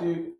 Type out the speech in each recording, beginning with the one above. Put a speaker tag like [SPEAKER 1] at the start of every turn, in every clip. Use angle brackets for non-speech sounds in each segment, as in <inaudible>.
[SPEAKER 1] Dude,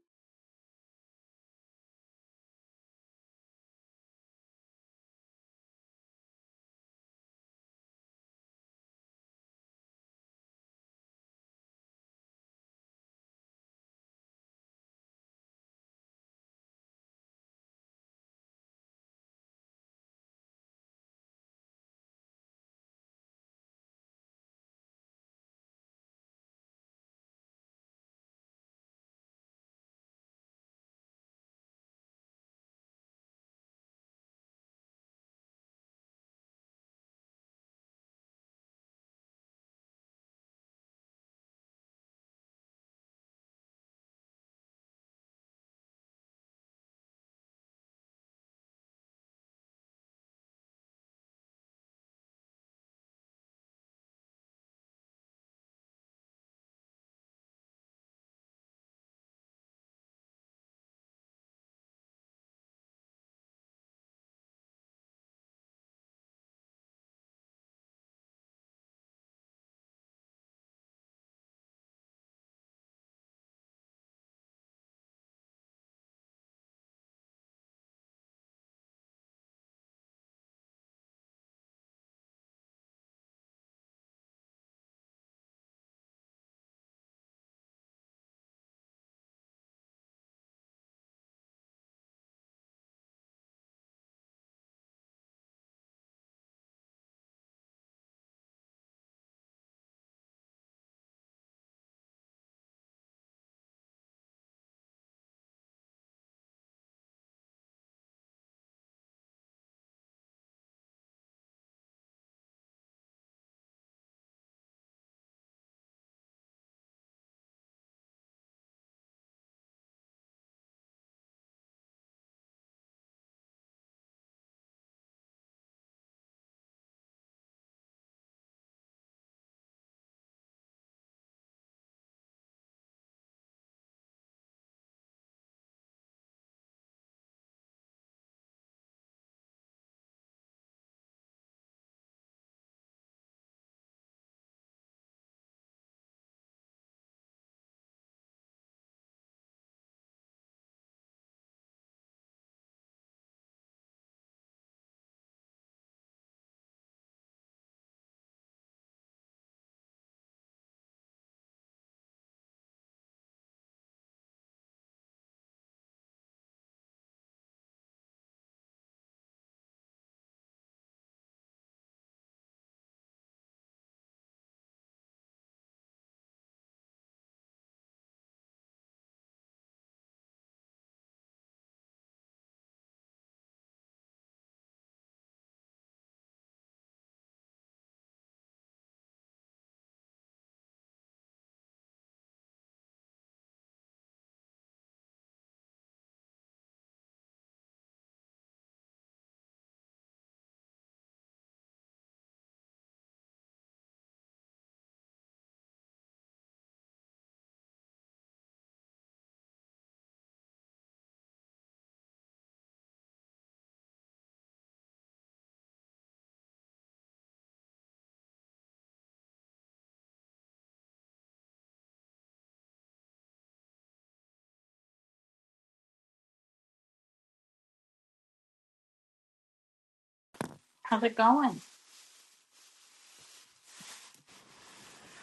[SPEAKER 1] How's it going?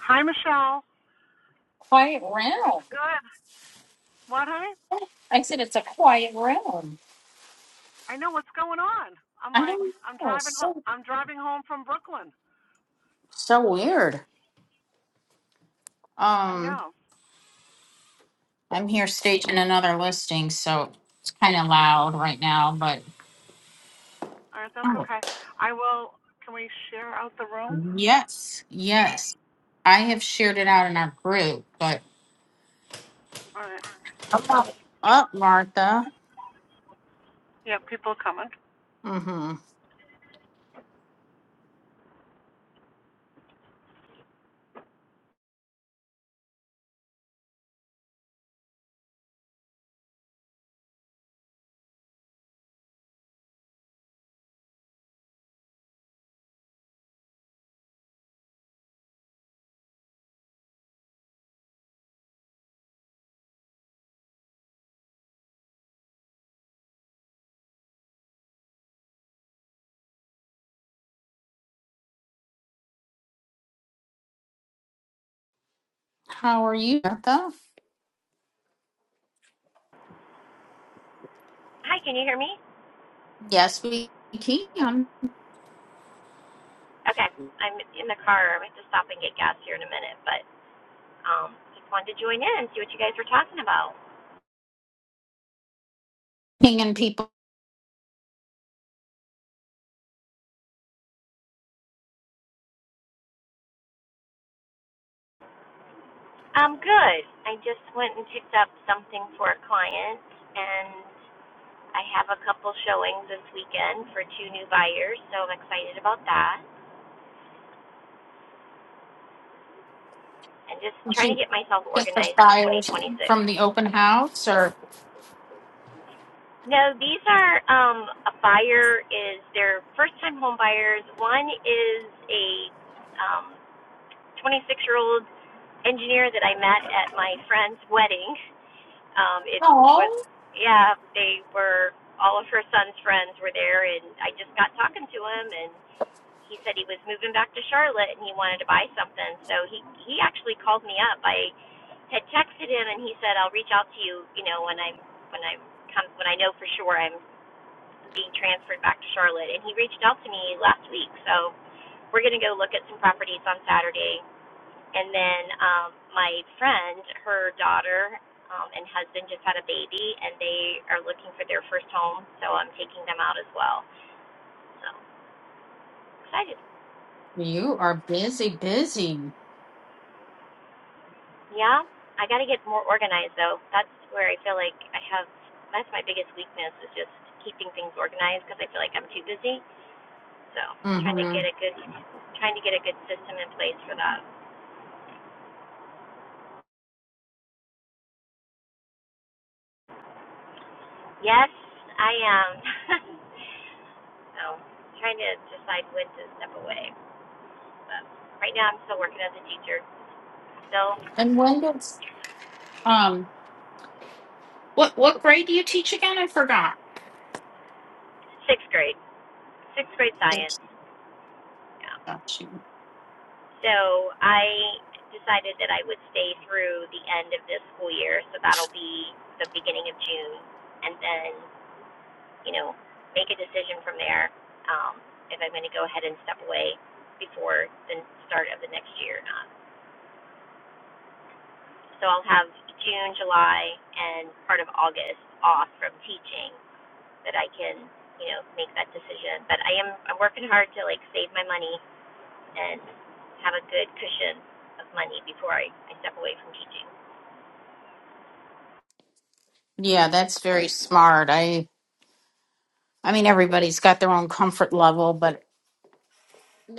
[SPEAKER 2] Hi, Michelle.
[SPEAKER 1] Quiet
[SPEAKER 2] It's
[SPEAKER 1] room.
[SPEAKER 2] good. What, honey?
[SPEAKER 1] I said it's a quiet room.
[SPEAKER 2] I know what's going on. I'm
[SPEAKER 1] I
[SPEAKER 2] like,
[SPEAKER 1] don't
[SPEAKER 2] I'm
[SPEAKER 1] know.
[SPEAKER 2] driving. Ho-
[SPEAKER 1] So
[SPEAKER 2] I'm driving home from Brooklyn.
[SPEAKER 1] so weird.
[SPEAKER 2] I
[SPEAKER 1] Um,
[SPEAKER 2] know.
[SPEAKER 1] I'm here staging another listing, so it's kind of loud right now. But
[SPEAKER 2] All right, that's
[SPEAKER 1] oh,
[SPEAKER 2] okay. I will. Can we share out the room?
[SPEAKER 1] yes, yes, I have shared it out in our group. But
[SPEAKER 2] All right.
[SPEAKER 1] up, up, Martha.
[SPEAKER 2] Yeah, people are coming.
[SPEAKER 1] Mm-hmm. How are you, Martha?
[SPEAKER 3] Hi, can you hear me?
[SPEAKER 1] Yes, we can.
[SPEAKER 3] Okay, I'm in the car. I have to stop and get gas here in a minute, but um, just wanted to join in and see what you guys were talking about.
[SPEAKER 1] Pinging people.
[SPEAKER 3] Um, good. I just went and picked up something for a client, and I have a couple showings this weekend for two new buyers, so I'm excited about that. And just
[SPEAKER 1] Did
[SPEAKER 3] trying to
[SPEAKER 1] you
[SPEAKER 3] get myself
[SPEAKER 1] get the
[SPEAKER 3] organized for
[SPEAKER 1] flyers
[SPEAKER 3] 2026.
[SPEAKER 1] from the open house or?
[SPEAKER 3] No, these are um, a buyer is their first time home buyers. One is a um, 26 year old engineer that I met at my friend's wedding. Um, it was, yeah, they were, all of her son's friends were there, and I just got talking to him, and he said he was moving back to Charlotte and he wanted to buy something. So he he actually called me up. I had texted him, and he said I'll reach out to you, you know, when I'm when I come when I know for sure I'm being transferred back to Charlotte. And he reached out to me last week, so we're gonna go look at some properties on Saturday and then um, my friend, her daughter um, and husband just had a baby, and they are looking for their first home. So I'm taking them out as well. So excited.
[SPEAKER 1] You are busy, busy.
[SPEAKER 3] Yeah, I got to get more organized though. That's where I feel like I have. That's my biggest weakness is just keeping things organized because I feel like I'm too busy. So trying to
[SPEAKER 1] hmm
[SPEAKER 3] get a good, trying to get a good system in place for that. Yes, I am. <laughs> so trying to decide when to step away. Um, right now, I'm still working as a teacher. Still
[SPEAKER 1] And when does um what what grade do you teach again? I forgot.
[SPEAKER 3] sixth grade, sixth grade science.
[SPEAKER 1] Six.
[SPEAKER 3] Yeah.
[SPEAKER 1] Got you.
[SPEAKER 3] So I decided that I would stay through the end of this school year. So that'll be the beginning of June, and then you know make a decision from there um, if I'm going to go ahead and step away before the start of the next year or not. So I'll have June, July, and part of August off from teaching that I can, you know, make that decision. But I am I'm working hard to like save my money and have a good cushion of money before I, I step away from teaching.
[SPEAKER 1] Yeah, that's very smart. I I mean everybody's got their own comfort level, but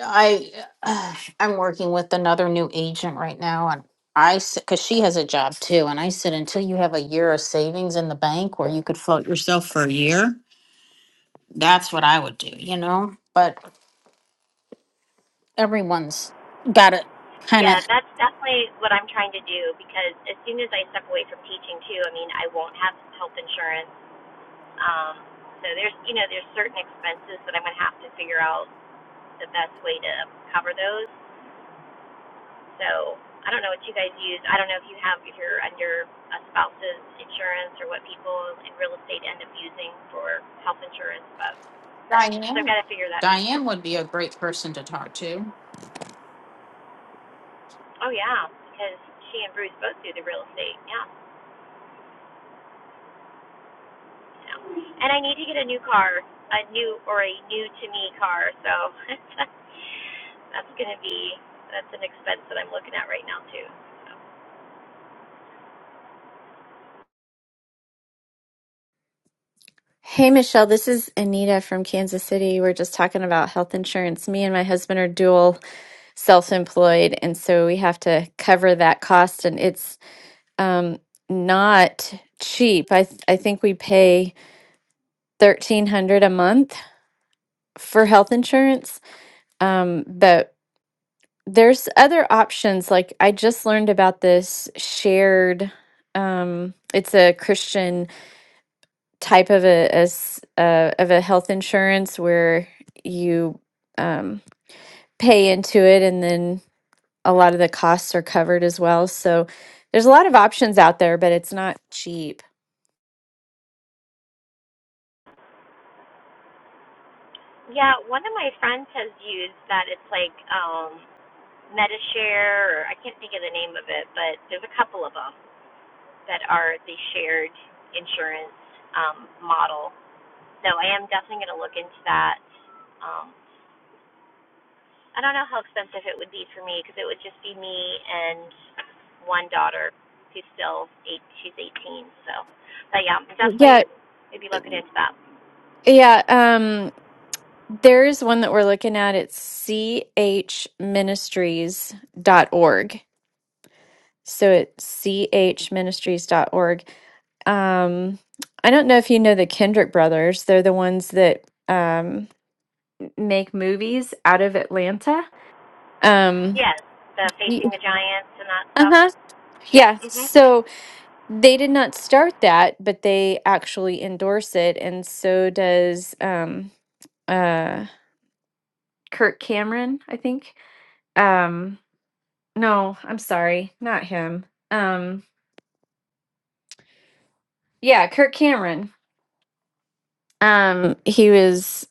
[SPEAKER 1] I uh, I'm working with another new agent right now, and I because she has a job too, and I said until you have a year of savings in the bank where you could float yourself for a year, that's what I would do, you know. But everyone's got to kind
[SPEAKER 3] Yeah,
[SPEAKER 1] of.
[SPEAKER 3] that's definitely what I'm trying to do because as soon as I step away from teaching too, I mean I won't have health insurance. Um so there's you know, there's certain expenses that I'm gonna have to figure out the best way to cover those So I don't know what you guys use. I don't know if you have if you're under a spouse's insurance or what people in real estate end up using for health insurance, but so I've
[SPEAKER 1] Diane.
[SPEAKER 3] got to figure that piece out.
[SPEAKER 1] Diane would be a great person to talk to.
[SPEAKER 3] Oh yeah, because she and Bruce both do the real estate. Yeah, you know. And I need to get a new car, a new or a new to me car. So <laughs> that's gonna be that's an expense that I'm looking at right now too. So.
[SPEAKER 4] Hey, Michelle, this is Anita from Kansas City. We're just talking about health insurance. Me and my husband are dual self employed, and so we have to cover that cost, and it's um, not cheap. I, th- I think we pay 1300 a month for health insurance, um, but there's other options. Like I just learned about this shared, um, it's a Christian type of a, a s- uh, of a health insurance where you um, pay into it and then a lot of the costs are covered as well. So there's a lot of options out there, but it's not cheap.
[SPEAKER 3] Yeah, one of my friends has used that. It's like um MetaShare, or I can't think of the name of it, but there's a couple of them that are the shared insurance um, model. So I am definitely going to look into that. Um, I don't know how expensive it would be for me because it would just be me and one daughter who's still eight. She's 18. So, but yeah,
[SPEAKER 4] Well, Yeah,
[SPEAKER 3] definitely maybe looking into that.
[SPEAKER 4] yeah. Um, there is one that we're looking at. It's dot org. So it's dot org. Um, I don't know if you know the Kendrick brothers. They're the ones that. um. make movies out of Atlanta. Um,
[SPEAKER 3] Yes, the
[SPEAKER 4] uh
[SPEAKER 3] facing the giants and that stuff.
[SPEAKER 4] huh.
[SPEAKER 3] Yeah.
[SPEAKER 4] Yeah.
[SPEAKER 3] Mhm.
[SPEAKER 4] So they did not start that, but they actually endorse it, and so does um uh Kirk Cameron, I think. Um, no, I'm sorry, not him. Um, yeah, Kirk Cameron. Um, he was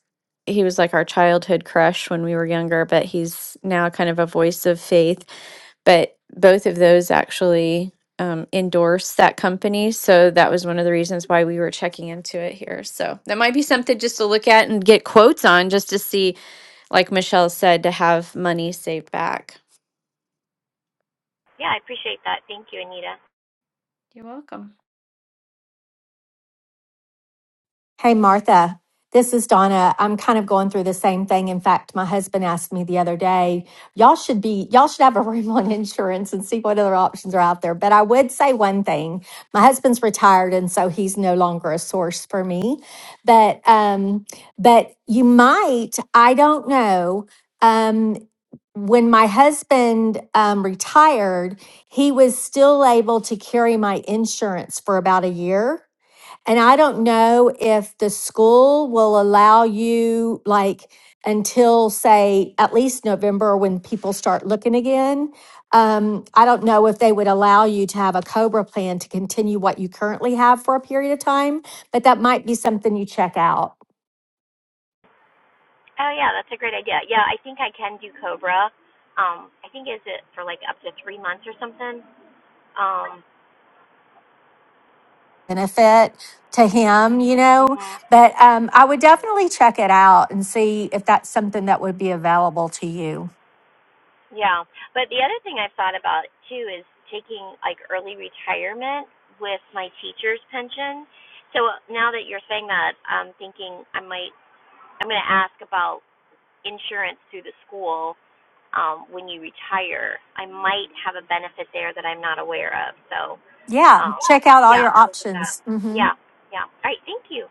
[SPEAKER 4] he was like our childhood crush when we were younger, but he's now kind of a voice of faith. But both of those actually um, endorse that company, so that was one of the reasons why we were checking into it here. So that might be something just to look at and get quotes on, just to see, like Michelle said, to have money saved back.
[SPEAKER 3] Yeah, I appreciate that. Thank you, Anita.
[SPEAKER 4] You're welcome.
[SPEAKER 5] Hey, Martha. This is Donna. I'm kind of going through the same thing. In fact, my husband asked me the other day, y'all should be, y'all should have a <laughs> room on insurance and see what other options are out there. But I would say one thing. My husband's retired and so he's no longer a source for me. But, um, but you might, I don't know. Um, when my husband um, retired, he was still able to carry my insurance for about a year and I don't know if the school will allow you, like, until say at least November when people start looking again. Um, I don't know if they would allow you to have a COBRA plan to continue what you currently have for a period of time, but that might be something you check out.
[SPEAKER 3] Oh yeah, that's a great idea. Yeah, I think I can do Cobra. Um, I think is it for like up to three months or something. Um,
[SPEAKER 5] Benefit to him, you
[SPEAKER 3] mhm.
[SPEAKER 5] know,
[SPEAKER 3] mhm.
[SPEAKER 5] but um, I would definitely check it out and see if that's something that would be available to you.
[SPEAKER 3] Yeah, but the other thing I've thought about too is taking like early retirement with my teacher's pension. So now that you're saying that, I'm thinking I might. I'm going to ask about insurance through the school um, when you retire. I might have a benefit there that I'm not aware of. So
[SPEAKER 5] Yeah,
[SPEAKER 3] Um,
[SPEAKER 5] check out all
[SPEAKER 3] yeah,
[SPEAKER 5] your options. hmm
[SPEAKER 3] yeah, yeah. All right, thank you.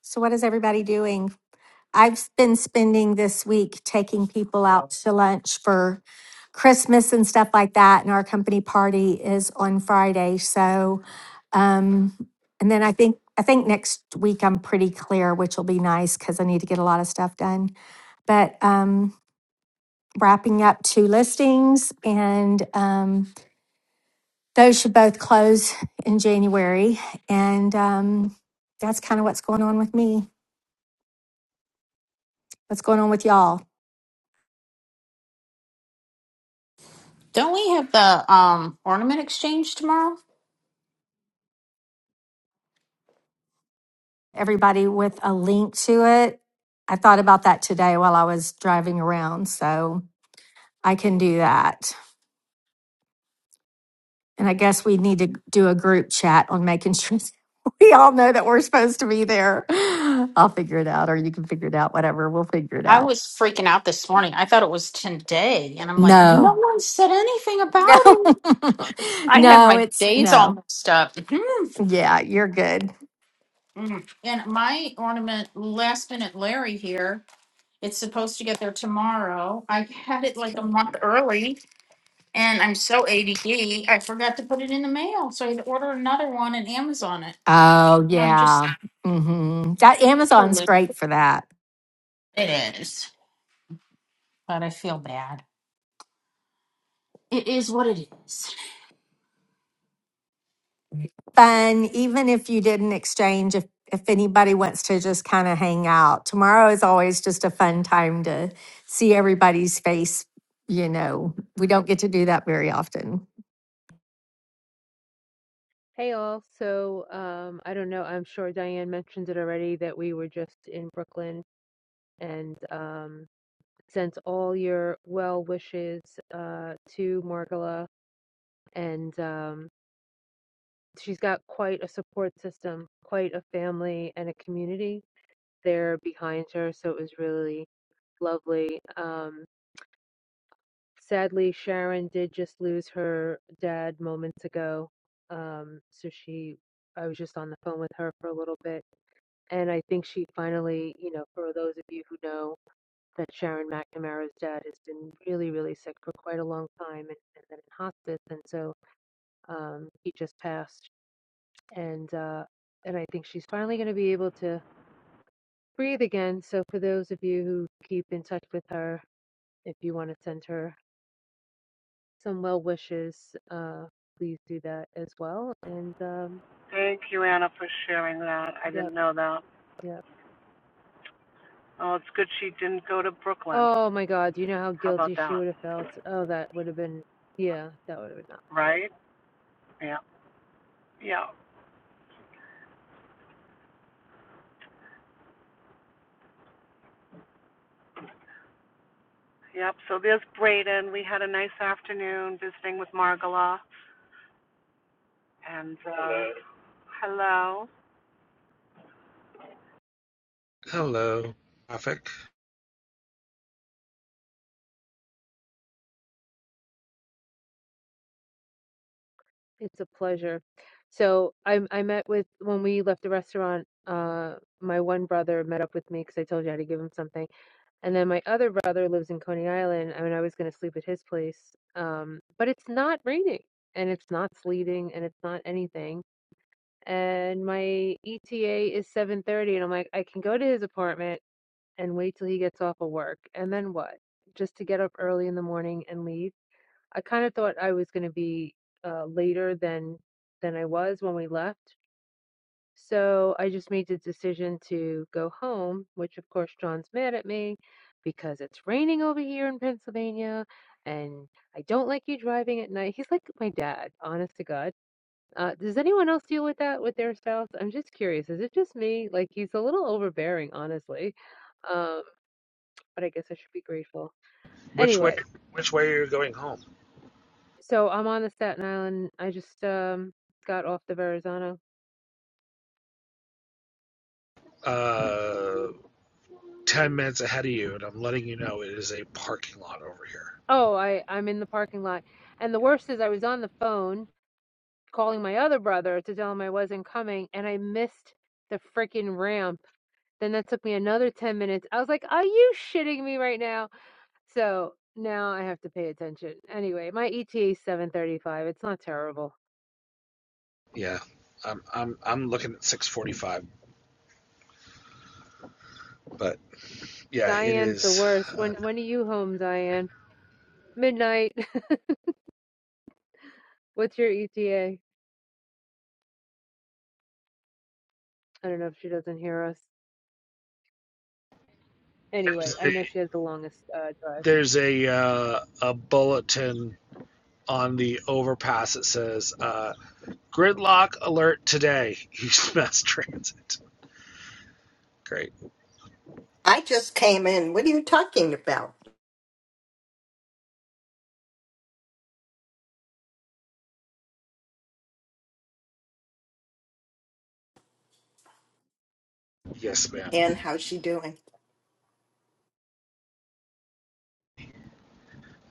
[SPEAKER 5] So, what is everybody doing? I've been spending this week taking people out to lunch for Christmas and stuff like that. And our company party is on Friday. So, um, and then I think, I think next week I'm pretty clear, which will be nice because I need to get a lot of stuff done. But, um, wrapping up two listings and, um, those should both close in January. And, um, that's kind of what's going on with me. What's going on with y'all?
[SPEAKER 1] Don't we have the um ornament exchange tomorrow?
[SPEAKER 5] everybody with a link to it. I thought about that today while I was driving around, so I can do that. And I guess we need to do a group chat on making sure <laughs> we all know that we're supposed to be there. I'll figure it out, or you can figure it out, whatever. We'll figure it
[SPEAKER 1] I
[SPEAKER 5] out.
[SPEAKER 1] was freaking out this morning. I thought it was today, and I'm like, no
[SPEAKER 5] No,
[SPEAKER 1] one said anything
[SPEAKER 5] no,
[SPEAKER 1] about it.
[SPEAKER 5] <laughs>
[SPEAKER 1] I had
[SPEAKER 5] no,
[SPEAKER 1] my
[SPEAKER 5] it's
[SPEAKER 1] days all
[SPEAKER 5] no.
[SPEAKER 1] mixed up. Mhm.
[SPEAKER 5] Yeah, you're good.
[SPEAKER 1] Mm. And my ornament, last minute Larry here, it's supposed to get there tomorrow. I had it like a month early, and I'm so ADD, I forgot to put it in the mail. So I had to order another one and Amazon it.
[SPEAKER 5] Oh,
[SPEAKER 1] I'm just
[SPEAKER 5] yeah. hmm That Amazon's great for that.
[SPEAKER 1] It is, but I feel bad. It is what it is.
[SPEAKER 5] fun, even if you didn't exchange, if, if anybody wants to just kind of hang out. Tomorrow is always just a fun time to see everybody's face. You know, we don't get to do that very often.
[SPEAKER 6] Hey all, so um, I don't know. I'm sure Diane mentioned it already that we were just in Brooklyn and um, sent all your well wishes uh, to Margola, and um, she's got quite a support system, quite a family, and a community there behind her. So it was really lovely. Um, sadly, Sharon did just lose her dad moments ago, um, so she. I was just on the phone with her for a little bit And I think she finally, you know, for those of you who know that Sharon McNamara's dad has been really, really sick for quite a long time and, and then in hospice. And so um, he just passed. And, uh, and I think she's finally going to be able to breathe again. So for those of you who keep in touch with her, if you want to send her some well wishes, uh, please do that as well. And um,
[SPEAKER 2] Thank you, Anna, for sharing that. I
[SPEAKER 6] yep,
[SPEAKER 2] didn't know that.
[SPEAKER 6] yep.
[SPEAKER 2] Oh, it's good she didn't go to Brooklyn.
[SPEAKER 6] Oh my God, do you know how
[SPEAKER 2] How about
[SPEAKER 6] guilty she
[SPEAKER 2] that?
[SPEAKER 6] would have felt? Oh, that would have been, yeah, that would have been not good.
[SPEAKER 2] Right? Yeah. Yeah. Yep. So there's Braden. We had a nice afternoon visiting with Margola. And uh, hello. hello.
[SPEAKER 7] Hello, traffic.
[SPEAKER 6] It's a pleasure. So I I met with when we left the restaurant. Uh, my one brother met up with me because I told you I had to give him something, and then my other brother lives in Coney Island. I mean, I was going to sleep at his place, um, but it's not raining and it's not sleeting and it's not anything. And my ETA is seven thirty, and I'm like, I can go to his apartment and wait till he gets off of work, and then what? Just to get up early in the morning and leave. I kind of thought I was going to be uh, later than than I was when we left. So I just made the decision to go home, which of course John's mad at me because it's raining over here in Pennsylvania and I don't like you driving at night. He's like my dad, honest to God. Uh, does anyone else deal with that with their spouse? I'm just curious. Is it just me? Like he's a little overbearing, honestly. Um, but I guess I should be grateful.
[SPEAKER 7] Which way?
[SPEAKER 6] Anyway,
[SPEAKER 7] Which way are you going home?
[SPEAKER 6] So I'm on the Staten Island. I just um got off the Verrazano.
[SPEAKER 7] Uh, ten minutes ahead of you, and I'm letting you know it is a parking lot over here.
[SPEAKER 6] Oh, I I'm in the parking lot. And the
[SPEAKER 7] Yeah,
[SPEAKER 6] worst is I was on the phone calling my other brother to tell him I wasn't coming and I missed the freaking ramp. Then that took me another 10 minutes. I was like, "Are you shitting me right now?" So now I have to pay attention. Anyway, my ETA 7:35. It's not terrible.
[SPEAKER 7] yeah. I'm I'm I'm looking at 6:45, but yeah, it
[SPEAKER 6] Diane's the
[SPEAKER 7] is.
[SPEAKER 6] worst.
[SPEAKER 7] Uh,
[SPEAKER 6] When when are you home, Diane? Midnight. <laughs> What's your ETA? I don't know if she doesn't hear us. Anyway,
[SPEAKER 7] there's
[SPEAKER 6] I
[SPEAKER 7] a,
[SPEAKER 6] know she has the longest uh, drive.
[SPEAKER 7] there's a uh, a bulletin on the overpass that says uh, gridlock alert today. <laughs> East Mass Transit. Great.
[SPEAKER 8] I just came in. What are you talking about?
[SPEAKER 7] Yes, ma'am.
[SPEAKER 8] And how's she doing?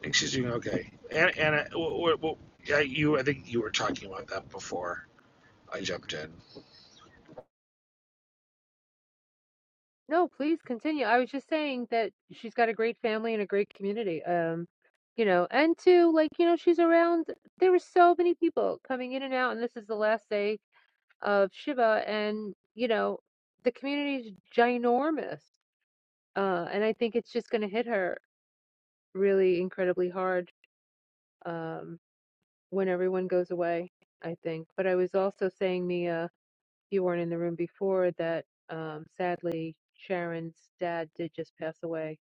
[SPEAKER 7] Excuse me. Okay, and and uh, w- w- yeah, you. I think you were talking about that before I jumped in.
[SPEAKER 6] No, please continue. I was just saying that she's got a great family and a great community. Um, you know, and two, like, you know, she's around. There were so many people coming in and out, and this is the last day of Shiva, and you know, the community is ginormous. Uh, and I think it's just going to hit her really incredibly hard um, when everyone goes away. I think. But I was also saying, Mia. you weren't in the room before that um, sadly Sharon's dad did just pass away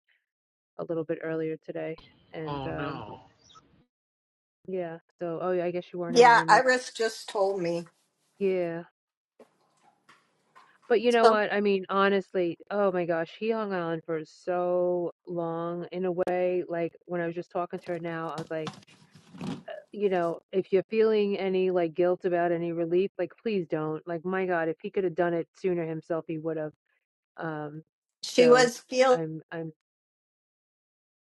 [SPEAKER 6] a little bit earlier today. And
[SPEAKER 7] Oh
[SPEAKER 6] um,
[SPEAKER 7] no.
[SPEAKER 6] yeah, so oh yeah, I guess you weren't in the
[SPEAKER 8] Yeah,
[SPEAKER 6] room yet.
[SPEAKER 8] Iris just told me.
[SPEAKER 6] Yeah. But you know
[SPEAKER 8] So
[SPEAKER 6] what? I mean, honestly, oh my gosh, he hung on for so long in a way. Like when I was just talking to her now, I was like, you know, if you're feeling any like guilt about any relief, like please don't. Like my God, if he could have done it sooner himself, he would have. Um,
[SPEAKER 8] she
[SPEAKER 6] so
[SPEAKER 8] was feel.
[SPEAKER 6] I'm I'm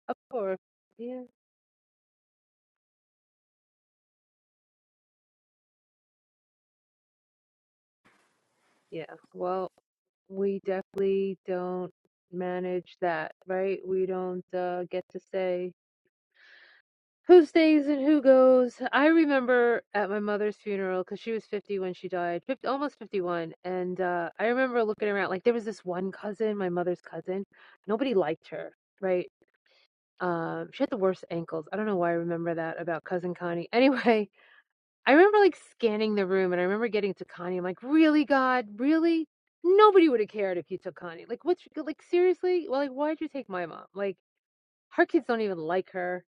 [SPEAKER 6] Of course. Yeah. Yeah. Well, we definitely don't manage that, right? We don't uh, get to say who stays and who goes. I remember at my mother's funeral because she was 50 when she died, 50, almost 51. And uh, I remember looking around, like, there was this one cousin, my mother's cousin. Nobody liked her, right? Um, she had the worst ankles. I don't know why I remember that about cousin Connie. <laughs> Anyway, I remember like scanning the room and I remember getting to Kanye. I'm like, really, God? Really? Nobody would have cared if you took Kanye. Like, what's like, seriously? Well, like, why'd you take my mom? Like, her kids don't even like her.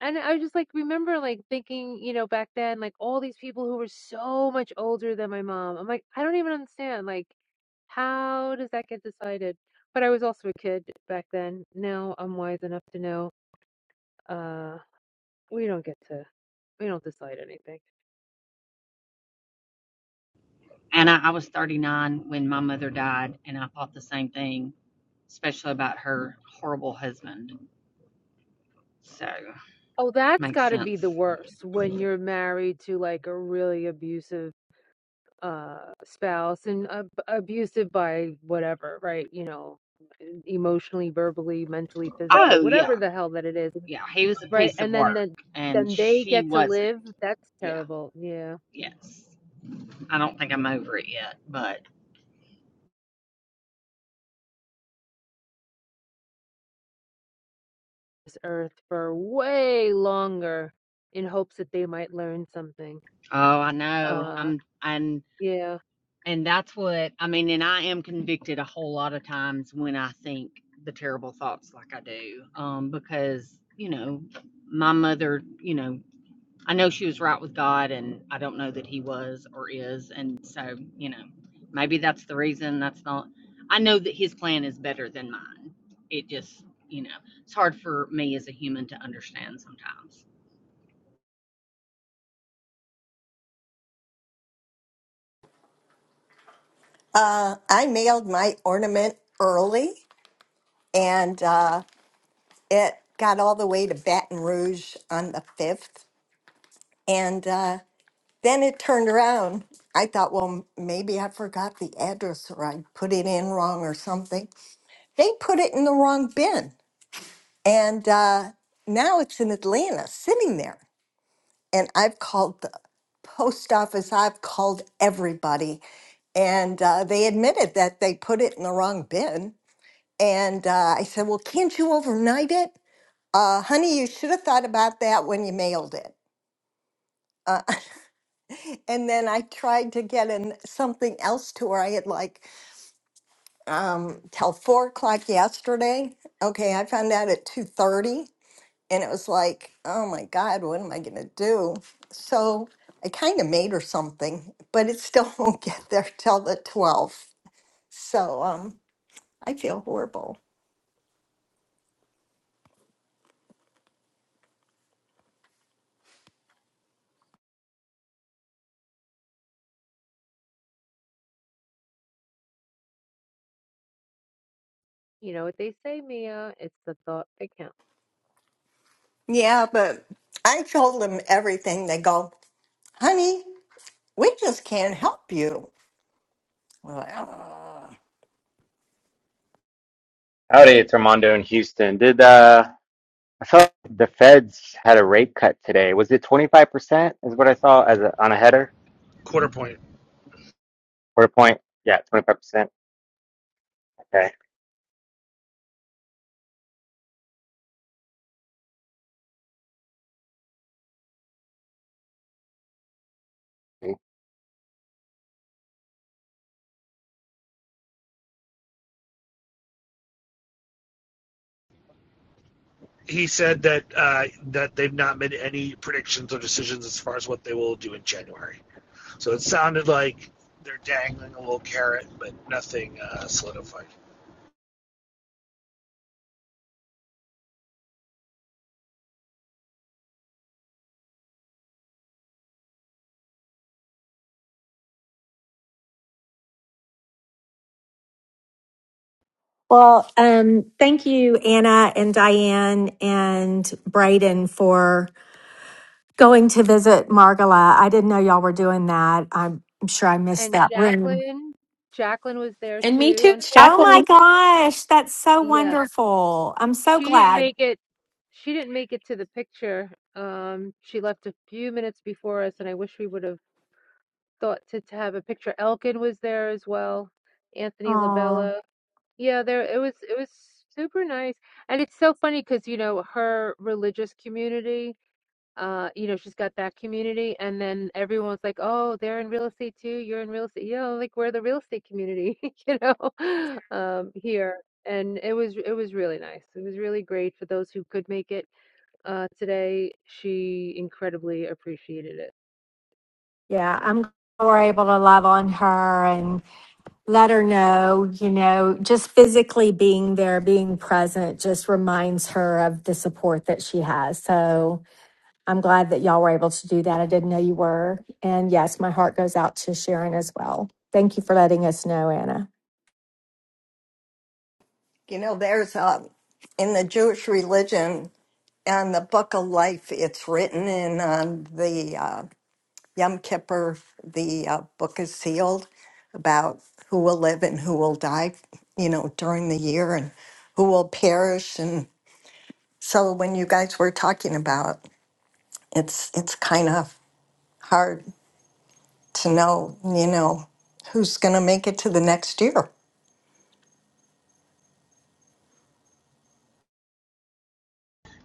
[SPEAKER 6] And I just like remember like thinking, you know, back then, like all these people who were so much older than my mom. I'm like, I don't even understand. Like, how does that get decided? But I was also a kid back then. Now I'm wise enough to know uh, we don't get to, we don't decide anything.
[SPEAKER 9] And I, I was 39 when my mother died, and I thought the same thing, especially about her horrible husband. So,
[SPEAKER 6] Oh, that's
[SPEAKER 9] makes
[SPEAKER 6] gotta be
[SPEAKER 9] sense.
[SPEAKER 6] the worst when you're married to like a really abusive uh spouse and ab abusive by whatever, right? You know, e, emotionally, verbally, mentally, physically,
[SPEAKER 9] Oh, yeah.
[SPEAKER 6] whatever the hell that it is,
[SPEAKER 9] Yeah. He was a
[SPEAKER 6] right?
[SPEAKER 9] piece of
[SPEAKER 6] And then
[SPEAKER 9] work,
[SPEAKER 6] the,
[SPEAKER 9] and
[SPEAKER 6] then they
[SPEAKER 9] she
[SPEAKER 6] get to
[SPEAKER 9] wasn't.
[SPEAKER 6] live. That's
[SPEAKER 9] Yeah.
[SPEAKER 6] terrible. Yeah.
[SPEAKER 9] Yes. I don't think I'm over it yet, but
[SPEAKER 6] This earth for way longer in hopes that they might learn something.
[SPEAKER 9] oh, I know.
[SPEAKER 6] Uh,
[SPEAKER 9] I'm, and,
[SPEAKER 6] yeah.
[SPEAKER 9] and that's what I mean. And I am convicted a whole lot of times when I think the terrible thoughts like I do, um, because, you know, my mother, you know, I know she was right with God, and I don't know that he was or is. And so, you know, maybe that's the reason. That's not, I know that his plan is better than mine. It just, you know, it's hard for me as a human to understand sometimes.
[SPEAKER 8] Uh, I mailed my ornament early, and uh, it got all the way to Baton Rouge on the fifth, and uh, then it turned around. I thought, well, m- maybe I forgot the address or I put it in wrong or something. They put it in the wrong bin, and uh, now it's in Atlanta, sitting there. and I've called the post office, I've called everybody, and uh, they admitted that they put it in the wrong bin. And uh, I said, Well, can't you overnight it? Uh, honey, you should have thought about that when you mailed it. Uh, <laughs> and then I tried to get in something else to where I had like um, till four o'clock yesterday. Okay, I found out at two thirty And it was like, oh my God, what am I going to do? So I kind of made her something, but it still <laughs> won't get there till the 12th. So um, I feel horrible.
[SPEAKER 6] You know what they say, Mia? It's the thought that counts.
[SPEAKER 8] Yeah, but I told them everything. They go, honey, we just can't help you. I'm like, "Ugh."
[SPEAKER 10] Howdy, it's Armando in Houston. Did uh, I saw the Feds had a rate cut today? Was it 25% is what I saw as a, on a header
[SPEAKER 7] Quarter point.
[SPEAKER 10] or a point? Yeah, 25%. Okay.
[SPEAKER 7] He said that uh, that they've not made any predictions or decisions as far as what they will do in January. So it sounded like they're dangling a little carrot, but nothing uh, solidified.
[SPEAKER 5] Well, um, thank you, Anna and Diane and Brayden, for going to visit Margala. I didn't know y'all were doing that. I'm, I'm sure I missed
[SPEAKER 6] And
[SPEAKER 5] that room.
[SPEAKER 6] Jacqueline, Jacqueline was there
[SPEAKER 11] And me
[SPEAKER 6] too.
[SPEAKER 11] too, it's
[SPEAKER 6] Unfor
[SPEAKER 5] Oh my
[SPEAKER 11] Jacqueline.
[SPEAKER 5] gosh, that's so
[SPEAKER 6] yeah,
[SPEAKER 5] wonderful. I'm so
[SPEAKER 6] she didn't
[SPEAKER 5] glad.
[SPEAKER 6] make it. She didn't make it to the picture. Um, she left a few minutes before us, and I wish we would have thought to, to have a picture. Elkin was there as well. Anthony
[SPEAKER 5] Oh,
[SPEAKER 6] Labella. Yeah, there it was. It was super nice, and it's so funny because you know her religious community. uh, you know, she's got that community, and then everyone's like, "Oh, they're in real estate too. You're in real estate. You know, like we're the real estate community, <laughs> you know, <laughs> um, here." And it was it was really nice. It was really great for those who could make it uh, today. She incredibly appreciated it.
[SPEAKER 5] yeah, I'm glad we're able to love on her and let her know, you know, just physically being there, being present, just reminds her of the support that she has. So, I'm glad that y'all were able to do that. I didn't know you were. And yes, my heart goes out to Sharon as well. Thank you for letting us know, Anna.
[SPEAKER 8] You know, there's um, in the Jewish religion, on the book of life, it's written in on the uh, Yom Kippur, the uh, book is sealed about who will live and who will die, you know, during the year and who will perish. And so when you guys were talking about it, it's it's kind of hard to know, you know, who's going to make it to the next year.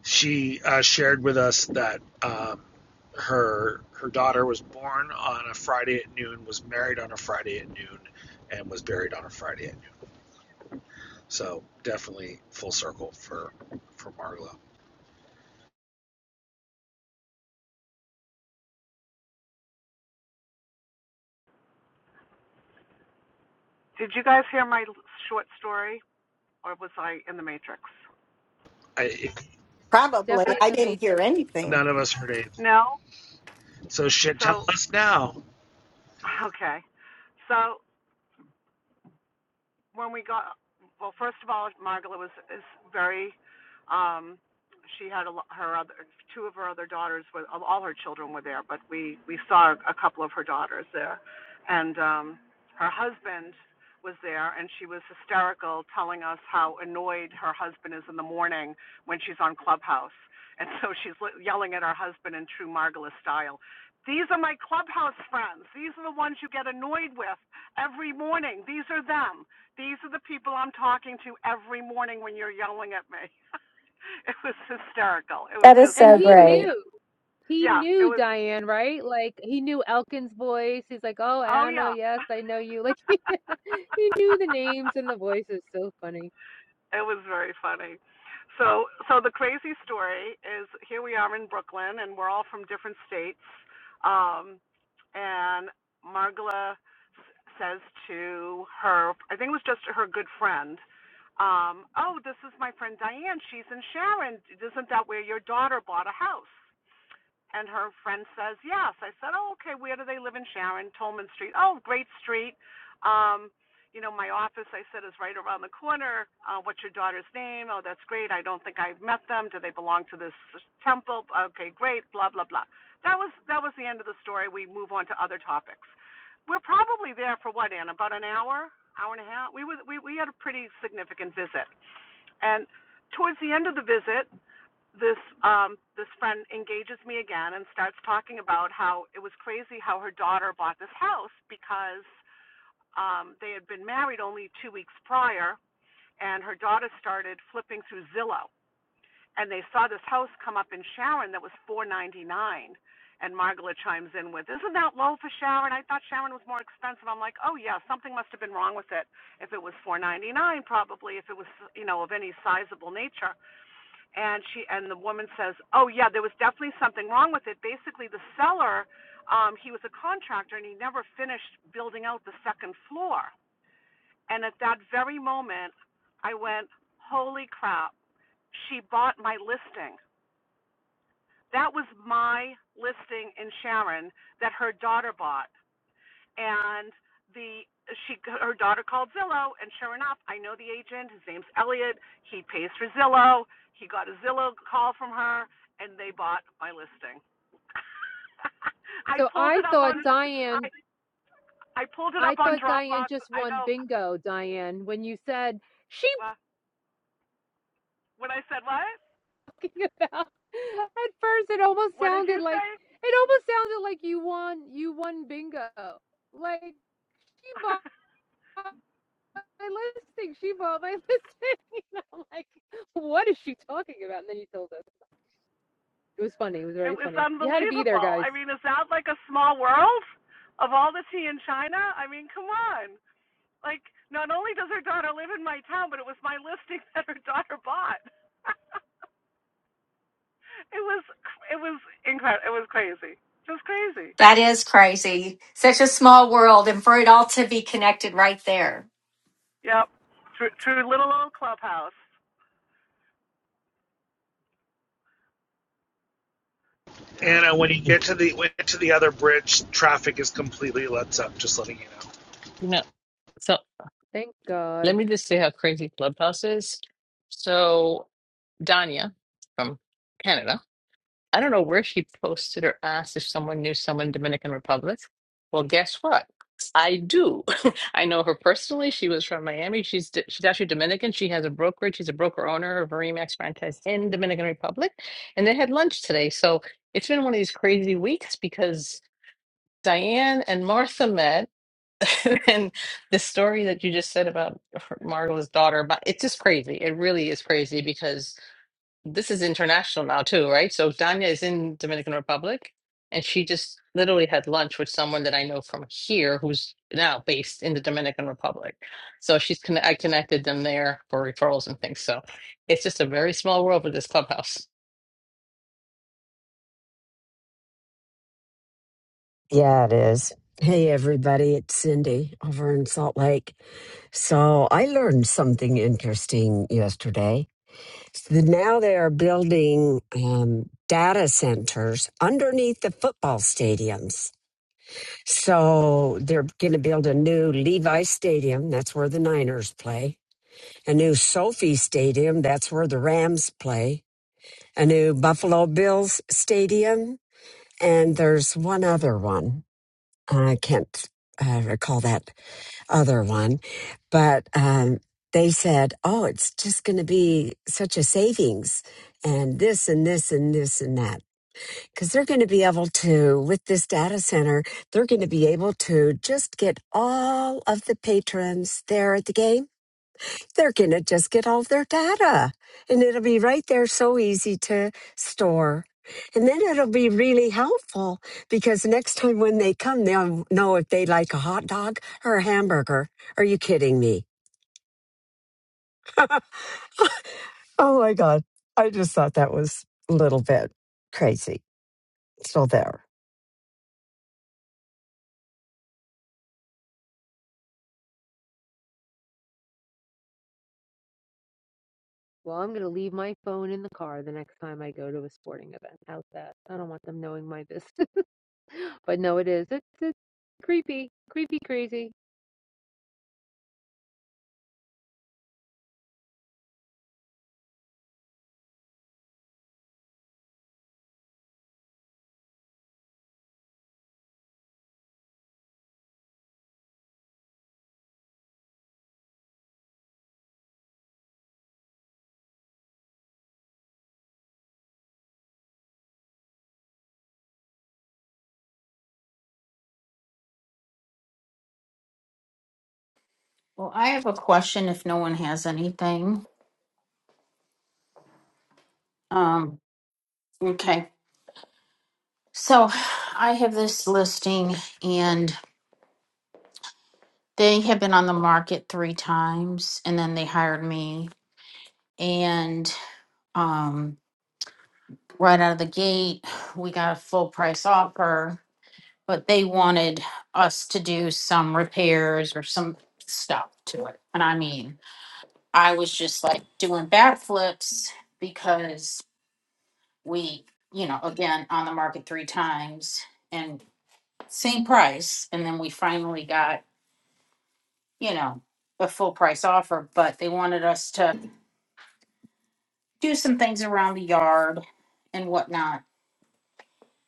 [SPEAKER 7] she uh, shared with us that um, her her daughter was born on a Friday at noon, was married on a Friday at noon, and was buried on a Friday at noon. So definitely full circle for for Marlo.
[SPEAKER 2] Did you guys hear my short story, or was I in the Matrix?
[SPEAKER 7] I,
[SPEAKER 8] Probably.
[SPEAKER 6] Definitely in
[SPEAKER 8] I
[SPEAKER 6] the
[SPEAKER 8] didn't hear
[SPEAKER 6] matrix.
[SPEAKER 8] anything.
[SPEAKER 7] none of us heard it.
[SPEAKER 2] No.
[SPEAKER 7] So shit, tell
[SPEAKER 2] So
[SPEAKER 7] us now,
[SPEAKER 2] <laughs> okay. So when we got well first of all margaret was is very um she had a, her other two of her other daughters were all her children were there but we we saw a couple of her daughters there and um her husband was there and she was hysterical telling us how annoyed her husband is in the morning when she's on clubhouse and so she's yelling at her husband in true margaret style these are my clubhouse friends these are the ones you get annoyed with every morning these are them these are the people I'm talking to every morning when you're yelling at me. <laughs> It was hysterical. It was
[SPEAKER 5] That is
[SPEAKER 2] just,
[SPEAKER 6] And
[SPEAKER 5] so
[SPEAKER 6] he
[SPEAKER 5] great.
[SPEAKER 6] knew. He
[SPEAKER 2] yeah, it
[SPEAKER 6] knew
[SPEAKER 2] was,
[SPEAKER 6] Diane, right? Like he knew Elkin's voice. He's like, "Oh,
[SPEAKER 2] oh
[SPEAKER 6] Anna,
[SPEAKER 2] yeah.
[SPEAKER 6] yes, I know you." Like <laughs> he knew the names and the
[SPEAKER 2] <laughs>
[SPEAKER 6] voices. So funny.
[SPEAKER 2] It was very funny. So, so the crazy story is here we are in Brooklyn, and we're all from different states. Um, and Margala says to her, I think it was just her good friend, um, "Oh, this is my friend Diane. She's in Sharon. Isn't that where your daughter bought a house?" And her friend says, Yes. I said, Oh, okay, where do they live in Sharon? Tolman Street. Oh, great street. Um, you know, my office, I said, is right around the corner. Uh, what's your daughter's name? Oh, that's great. I don't think I've met them. Do they belong to this temple? Okay, great. Blah, blah, blah. That was that was the end of the story. We move on to other topics. We're probably there for what, Ann? About an hour, hour and a half. We were we, we had a pretty significant visit. And towards the end of the visit, this um this friend engages me again and starts talking about how it was crazy how her daughter bought this house because um they had been married only 2 weeks prior and her daughter started flipping through Zillow and they saw this house come up in Sharon that was 499 and Margaret chimes in with isn't that low for Sharon I thought Sharon was more expensive I'm like oh yeah something must have been wrong with it if it was 499 probably if it was you know of any sizable nature and she and the woman says, "Oh yeah, there was definitely something wrong with it." Basically, the seller, um, he was a contractor and he never finished building out the second floor. And at that very moment, I went, "Holy crap! She bought my listing. That was my listing in Sharon that her daughter bought and the she her daughter called Zillow, and sure enough, I know the agent. His name's Elliot. He pays for Zillow. He got a Zillow call from her, and they bought my listing. <laughs> I
[SPEAKER 6] So
[SPEAKER 2] pulled
[SPEAKER 6] I
[SPEAKER 2] it up
[SPEAKER 6] thought
[SPEAKER 2] on I
[SPEAKER 6] Diane,
[SPEAKER 2] I pulled it
[SPEAKER 6] I
[SPEAKER 2] up on
[SPEAKER 6] thought Diane
[SPEAKER 2] Dropbox.
[SPEAKER 6] just
[SPEAKER 2] I
[SPEAKER 6] won
[SPEAKER 2] go
[SPEAKER 6] bingo, Diane, when you said she
[SPEAKER 2] well, when I said what?
[SPEAKER 6] talking about <laughs> at first it almost
[SPEAKER 2] What did
[SPEAKER 6] sounded
[SPEAKER 2] you
[SPEAKER 6] like
[SPEAKER 2] say?
[SPEAKER 6] it almost sounded like you won you won bingo. Like she bought
[SPEAKER 2] <laughs>
[SPEAKER 6] my listing, she bought my <laughs> listing. And I'm like, what is she talking about? And then you told us. It was funny, it was
[SPEAKER 2] it
[SPEAKER 6] very
[SPEAKER 2] was
[SPEAKER 6] funny. You had to be there,
[SPEAKER 2] unbelievable.
[SPEAKER 6] guys.
[SPEAKER 2] I mean, is that like a small world of all the tea in China? I mean, come on. Like, not only does her daughter live in my town, but it was my <laughs> listing that her daughter bought. <laughs> it was it was incredible. It was crazy, just crazy.
[SPEAKER 5] That is crazy. Such a small world and for it all to be connected right there.
[SPEAKER 2] Yep, through through little old clubhouse. Yeah.
[SPEAKER 7] Anna. When you get to the when you get to the other bridge, traffic is completely lets up. Just letting you know.
[SPEAKER 12] You know, so
[SPEAKER 6] Thank
[SPEAKER 12] let
[SPEAKER 6] God.
[SPEAKER 12] me just say how crazy Clubhouse is. So Danya from Canada, I don't know where she posted or asked if someone knew someone in Dominican Republic. Well, guess what? I do. <laughs> I know her personally. She was from Miami. She's D- she's actually Dominican. She has a brokerage. She's a broker owner of a Remax franchise in Dominican Republic, and they had lunch today. So it's been one of these crazy weeks because Diane and Martha met. <laughs> and the story that you just said about her- Margot's daughter, but it's just crazy. It really is crazy because this is international now too, right? So Danya is in Dominican Republic, and she just literally had lunch with someone that I know from here who's now based in the Dominican Republic. So she's conne- I connected them there for referrals and things. So it's just a very small world with this clubhouse.
[SPEAKER 13] Yeah, it is. Hey, everybody, it's Cindy over in Salt Lake. So I learned something interesting yesterday. So now they are building um, data centers underneath the football stadiums. So they're going to build a new Levi Stadium. That's where the Niners play. A new Sophie Stadium. That's where the Rams play. A new Buffalo Bills Stadium. And there's one other one. I can't uh, recall that other one, but um, they said, "Oh, it's just going to be such a savings, and this and this and this and that, because they're going to be able to, with this data center, they're going to be able to just get all of the patrons there at the game." they're going to just get all of their data and it'll be right there so easy to store. And then it'll be really helpful because next time when they come, they'll know if they like a hot dog or a hamburger. Are you kidding me? Oh my God. I just thought that was a little bit crazy. Still there.
[SPEAKER 6] Well, I'm gonna leave my phone in the car the next time I go to a sporting event. How's that? I don't want them knowing my business. <laughs> But no, it is. It's it's creepy, creepy, crazy.
[SPEAKER 1] Well, I have a question if no one has anything. Um, okay. So I have this listing and they have been on the market three times and then they hired me and um right out of the gate we got a full price offer, but they wanted us to do some repairs or some stuff to it. And I mean I was just like doing backflips because we, you know, again on the market three times and same price. And then we finally got, you know, a full price offer, but they wanted us to do some things around the yard and whatnot.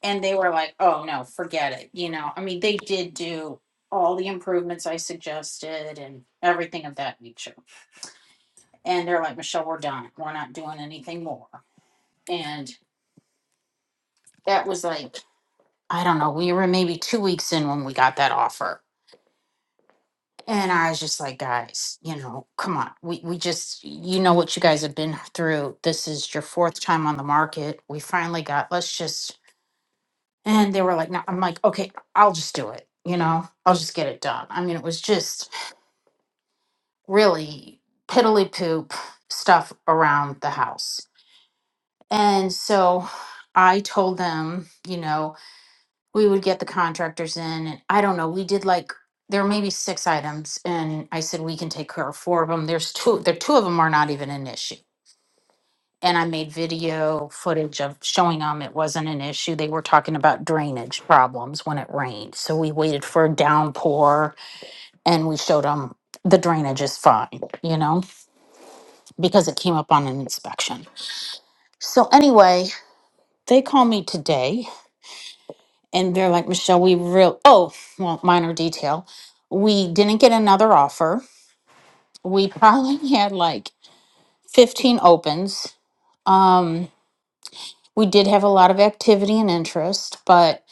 [SPEAKER 1] And they were like, oh no, forget it. You know, I mean, they did do all the improvements I suggested and everything of that nature. And they're like, Michelle, we're done. We're not doing anything more. And that was like I don't know, we were maybe two weeks in when we got that offer. And I was just like, guys, you know, come on. We we just you know what you guys have been through. This is your fourth time on the market. We finally got let's just and they were like, no, I'm like, okay, I'll just do it, you know, I'll just get it done. I mean, it was just really piddly poop stuff around the house. And so I told them, you know, we would get the contractors in and I don't know, we did like there were maybe six items and I said we can take care of four of them. There's two there two of them are not even an issue. And I made video footage of showing them it wasn't an issue. They were talking about drainage problems when it rained. So we waited for a downpour and we showed them the drainage is fine, you know, because it came up on an inspection. So anyway, they call me today and they're like, Michelle, we real oh, well, minor detail. We didn't get another offer. We <laughs> probably had like 15 opens. Um, we did have a lot of activity and interest, but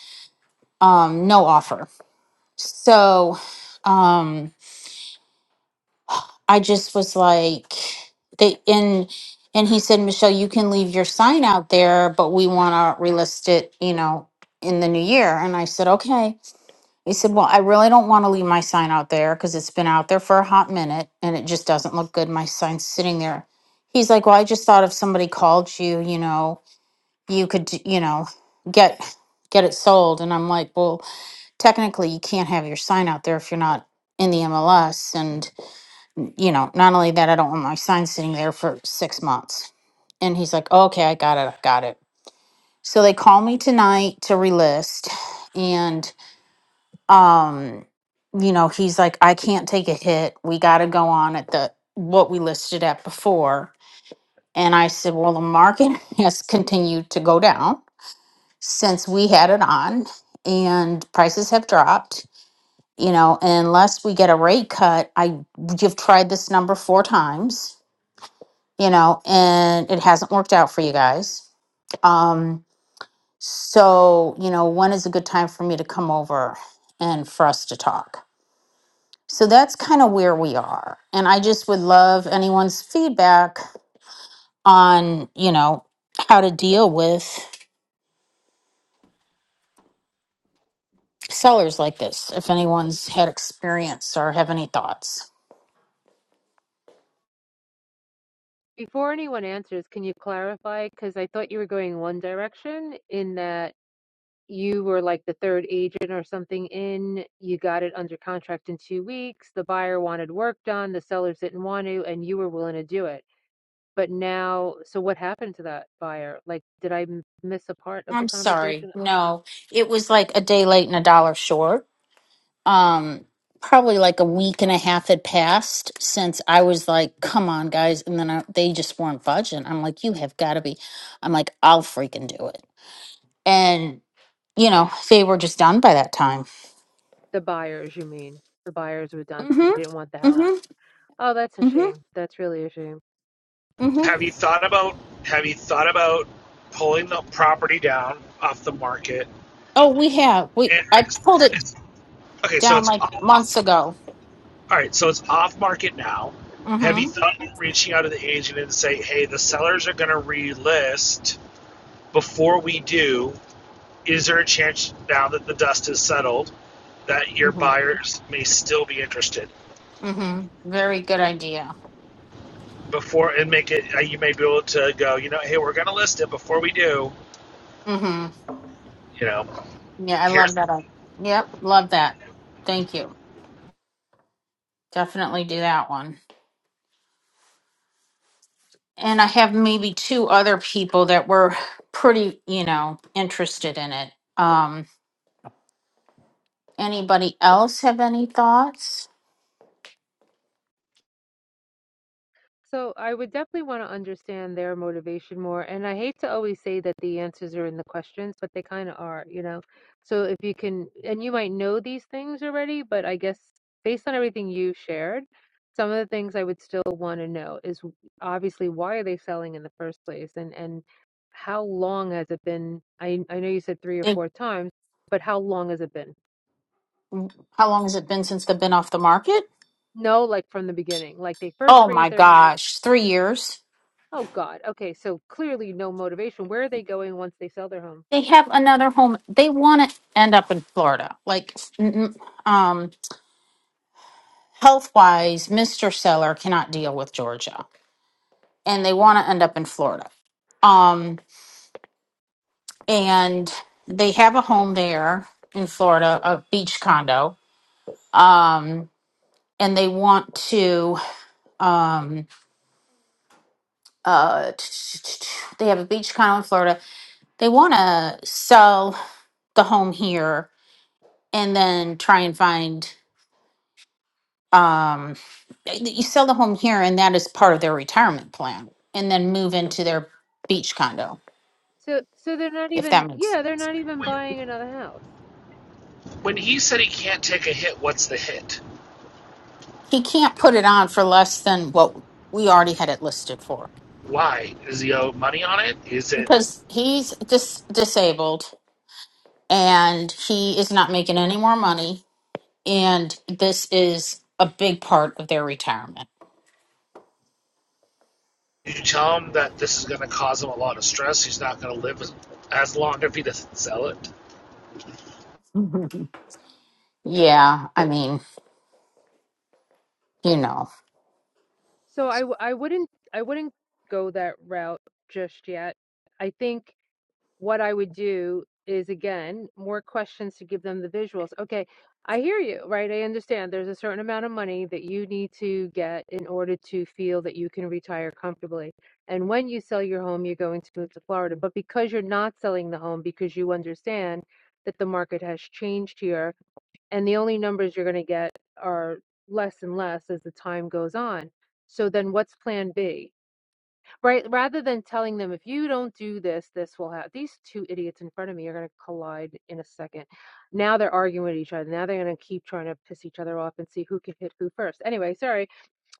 [SPEAKER 1] um, no offer. So um I just was like they and and he said, Michelle, you can leave your sign out there, but we wanna relist it, you know, in the new year. And I said, okay. He said, Well, I really don't want to leave my sign out there because it's been out there for a hot minute and it just doesn't look good. My sign's sitting there. He's like, Well, I just thought if somebody called you, you know, you could, d- you know, get get it sold. And I'm like, Well, technically you can't have your sign out there if you're not in the MLS. And, you know, not only that, I don't want my sign sitting there for six months. And he's like, Okay, I got it, I got it. So they call me tonight to relist. and." um you know he's like i can't take a hit we got to go on at the what we listed at before and i said well the market <laughs> has continued to go down since we had it on and prices have dropped you know unless we get a rate cut i you've tried this number four times you know and it hasn't worked out for you guys um so you know when is a good time for me to come over and for us to talk So that's kind of where we are. And I just would love anyone's feedback on, you know, how to deal with sellers like this, if anyone's had experience or have any thoughts.
[SPEAKER 6] Before anyone answers, can you clarify? Because I thought you were going one direction in that you were like the third agent or something in, you got it under contract in two weeks, the buyer wanted work done, the sellers didn't want to, and you were willing to do it. But now, so what happened to that buyer? Like, did I m- miss a part of the
[SPEAKER 1] I'm sorry.
[SPEAKER 6] conversation?
[SPEAKER 1] No, it was like a day late and a dollar short. Um, probably like a week and a half had passed since I was like, come on, guys. And then I, they just weren't budging. I'm like, you have got to be. I'm like, I'll freaking do it. And, you know, they were just done by that time.
[SPEAKER 6] The buyers, you mean. The buyers were done. They
[SPEAKER 1] Mhm.
[SPEAKER 6] didn't want the house.
[SPEAKER 1] Mhm.
[SPEAKER 6] Oh, that's a
[SPEAKER 1] Mhm.
[SPEAKER 6] shame. That's really a shame.
[SPEAKER 1] Mhm.
[SPEAKER 7] Have you thought about have you thought about pulling the property down off the market?
[SPEAKER 1] Oh, we have. We
[SPEAKER 7] And
[SPEAKER 1] I
[SPEAKER 7] it's,
[SPEAKER 1] pulled it
[SPEAKER 7] it's, okay, so
[SPEAKER 1] down
[SPEAKER 7] it's
[SPEAKER 1] like
[SPEAKER 7] off.
[SPEAKER 1] months ago.
[SPEAKER 7] All right, so it's off market now. Have you
[SPEAKER 1] Mhm.
[SPEAKER 7] thought of reaching out to the agent and say, "Hey, the sellers are going to relist before we do. Is there a chance now that the dust has settled that your
[SPEAKER 1] Mhm.
[SPEAKER 7] buyers may still be interested
[SPEAKER 1] Mhm. Very good idea.
[SPEAKER 7] before and make it? uh, You may be able to go, you know, hey, we're going to list it before we do.
[SPEAKER 1] Mhm.
[SPEAKER 7] You know,
[SPEAKER 1] Yeah, I love
[SPEAKER 7] here's
[SPEAKER 1] that. i- Yep, love that. Thank you. Definitely do that one. And I have maybe two other people that were pretty, you know, interested in it. Um anybody else have any thoughts?
[SPEAKER 6] So I would definitely want to understand their motivation more. And I hate to always say that the answers are in the questions, but they kind of are, you know? So if you can, and you might know these things already, but I guess based on everything you shared, some of the things I would still want to know is w- obviously why are they selling in the first place? And, and, how long has it been? I, I know you said three or
[SPEAKER 1] Think-
[SPEAKER 6] four times, but how long has it been?
[SPEAKER 1] How long has it been since they've been off the market?
[SPEAKER 6] No, like from the beginning. Like they first
[SPEAKER 1] Oh
[SPEAKER 6] raise
[SPEAKER 1] my
[SPEAKER 6] their hand.
[SPEAKER 1] gosh, 3 years.
[SPEAKER 6] Oh God. Okay, so clearly no motivation. Where are they going once they sell their home?
[SPEAKER 1] they have another home. They want to end up in Florida. Like, n- um, health wise, Mr. Seller cannot deal with Georgia and they want to end up in Florida. Um, and they have a home there in Florida, a beach condo. Um, and they want to, um, uh, they have a beach condo in Florida. They want to sell the home here and then try and find um, you sell the home here and that is part of their retirement plan and then move into their beach condo
[SPEAKER 6] So so they're not
[SPEAKER 1] if that
[SPEAKER 6] even
[SPEAKER 1] makes
[SPEAKER 6] yeah, they're not even
[SPEAKER 7] we
[SPEAKER 6] buying another house.
[SPEAKER 7] When he said he can't take a hit, what's the hit?
[SPEAKER 1] he can't put it on for less than what we already had it listed for
[SPEAKER 7] Why? Does he owe money on it? Is it?
[SPEAKER 1] because he's dis- disabled and he is not making any more money and this is a big part of their retirement
[SPEAKER 7] Did you tell him that this is going to cause him a lot of stress? He's not going to live as, as long if he doesn't sell it.
[SPEAKER 1] Mhm. yeah i mean you know
[SPEAKER 6] So I w- I wouldn't I wouldn't go that route just yet. I think what I would do is again more questions to give them the visuals. Okay, I hear you, right? I understand there's a certain amount of money that you need to get in order to feel that you can retire comfortably. And when you sell your home, you're going to move to Florida. But because you're not selling the home, because you understand that the market has changed here, and the only numbers you're going to get are less and less as the time goes on. So then what's plan B? Right, rather than telling them if you don't do this, this will happen. These two idiots in front of me are going to collide in a second. Now they're arguing with each other. Now they're going to keep trying to piss each other off and see who can hit who first. Anyway, sorry.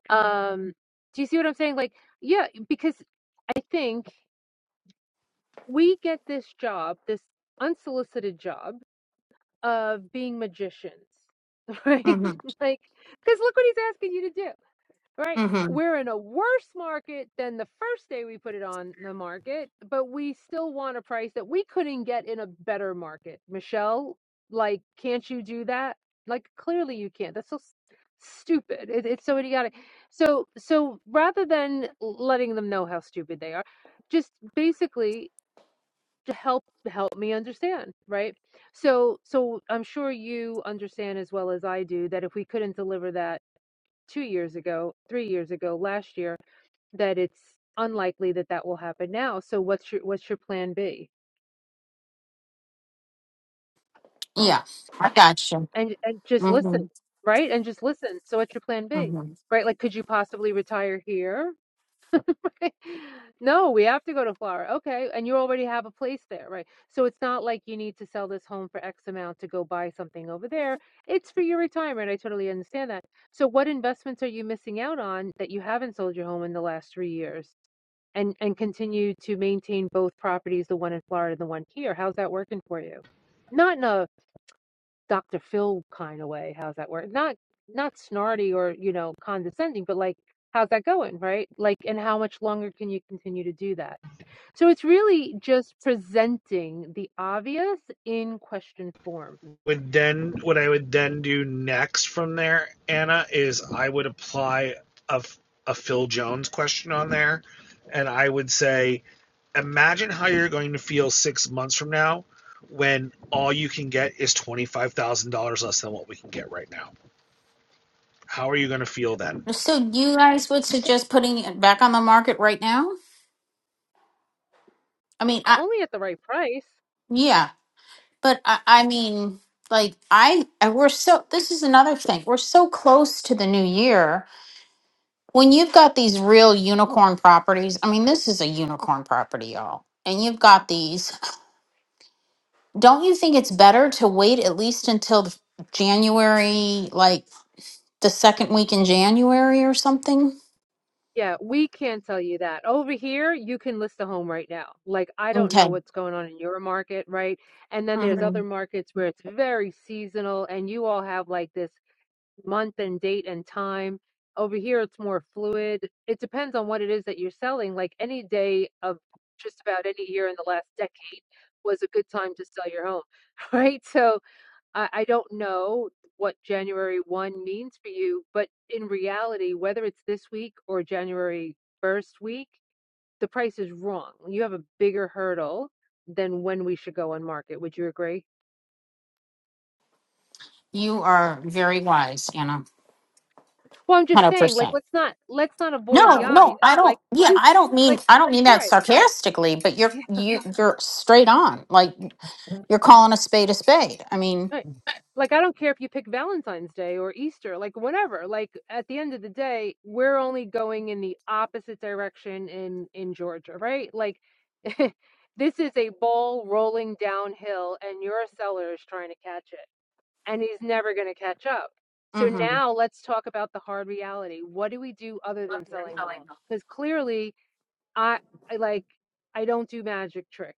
[SPEAKER 6] Um, do you see what I'm saying? Like, yeah, because I think we get this job, this unsolicited job of being magicians, <laughs> right?
[SPEAKER 1] hmm
[SPEAKER 6] Like, because look what he's asking you to do right?
[SPEAKER 1] hmm
[SPEAKER 6] We're in a worse market than the first day we put it on the market, but we still want a price that we couldn't get in a better market. Michelle, like, can't you do that? Like, clearly you can't. That's so s- stupid. It, it's so idiotic. So, so rather than letting them know how stupid they are, just basically to help help me understand, right? So, so I'm sure you understand as well as I do that if we couldn't deliver that 2 years ago, 3 years ago, last year, that it's unlikely that that will happen now. So what's your what's your plan B?
[SPEAKER 1] yeah i got you
[SPEAKER 6] And and just listen,
[SPEAKER 1] hmm
[SPEAKER 6] right? And just listen. So what's your plan B? Right? Like could you possibly retire here? <laughs> No, we have to go to Florida. Okay. And you already have a place there, right? So it's not like you need to sell this home for X amount to go buy something over there. It's for your retirement. I totally understand that. So what investments are you missing out on that you haven't sold your home in the last three years and and continue to maintain both properties, the one in Florida and the one here? How's that working for you? Not in a Dr. Phil kind of way. How's that work? Not not snarty or, you know, condescending, but like how's that going, right? Like and how much longer can you continue to do that? So it's really just presenting the obvious in question form.
[SPEAKER 7] Would then what I would then do next from there, Anna, is I would apply a, a Phil Jones question on there, and I would say, imagine how you're going to feel six months from now when all you can get is twenty five thousand dollars less than what we can get right now. How are you going to feel then?
[SPEAKER 1] So you guys would suggest putting it back on the market right now? I mean, I,
[SPEAKER 6] Only at the right price.
[SPEAKER 1] yeah, but I, I mean, like I, I, we're so, this is another thing. We're so close to the new year. When you've got these real unicorn properties, I mean, this is a unicorn property, y'all. And you've got these, don't you think it's better to wait at least until the January, like the second week in January or something?
[SPEAKER 6] Yeah, we can't tell you that. Over here, you can list a home right now. Like I don't know
[SPEAKER 1] Okay.
[SPEAKER 6] what's going on in your market, right? And then there's other
[SPEAKER 1] Mhm.
[SPEAKER 6] markets where it's very seasonal and you all have like this month and date and time. Over here, it's more fluid. It depends on what it is that you're selling. Like any day of just about any year in the last decade was a good time to sell your home, <laughs> right? So I, I don't know what January 1 means for you, but in reality, whether it's this week or January 1st week, the price is wrong. You have a bigger hurdle than when we should go on market. Would you agree?
[SPEAKER 1] You are very wise, Anna.
[SPEAKER 6] Well, I'm just saying,
[SPEAKER 1] 100%.
[SPEAKER 6] like, let's not let's not avoid the
[SPEAKER 1] No, no,
[SPEAKER 6] obvious.
[SPEAKER 1] I
[SPEAKER 6] Like,
[SPEAKER 1] don't.
[SPEAKER 6] <laughs>
[SPEAKER 1] Yeah,
[SPEAKER 6] who,
[SPEAKER 1] I don't mean
[SPEAKER 6] like,
[SPEAKER 1] I don't mean that
[SPEAKER 6] right?
[SPEAKER 1] sarcastically, but you're
[SPEAKER 6] Yeah,
[SPEAKER 1] you you're straight on. Like you're calling a spade a spade. I mean,
[SPEAKER 6] right. Like, I don't care if you pick Valentine's Day or Easter, like, whatever. Like, at the end of the day, we're only going in the opposite direction in in Georgia, right? Like, <laughs> this is a ball rolling downhill, and your seller is trying to catch it, and he's never going to catch up. So
[SPEAKER 1] mm-hmm,
[SPEAKER 6] now let's talk about the hard reality. What do we do other than selling the home? Because clearly I I like I don't do magic tricks.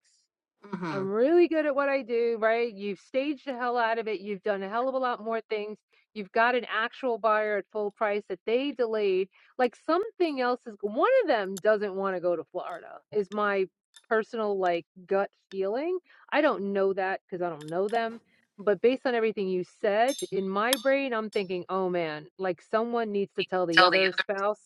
[SPEAKER 1] mm-hmm.
[SPEAKER 6] I'm really good at what I do, right? You've staged the hell out of it. You've done a hell of a lot more things. You've got an actual buyer at full price that they delayed. Like something else is one of them doesn't want to go to Florida. Is my personal like gut feeling. I don't know that cuz I don't know them, but based on everything you said, in my brain I'm thinking, "Oh man, like someone needs to tell the
[SPEAKER 1] Tell the
[SPEAKER 6] other
[SPEAKER 1] other.
[SPEAKER 6] spouse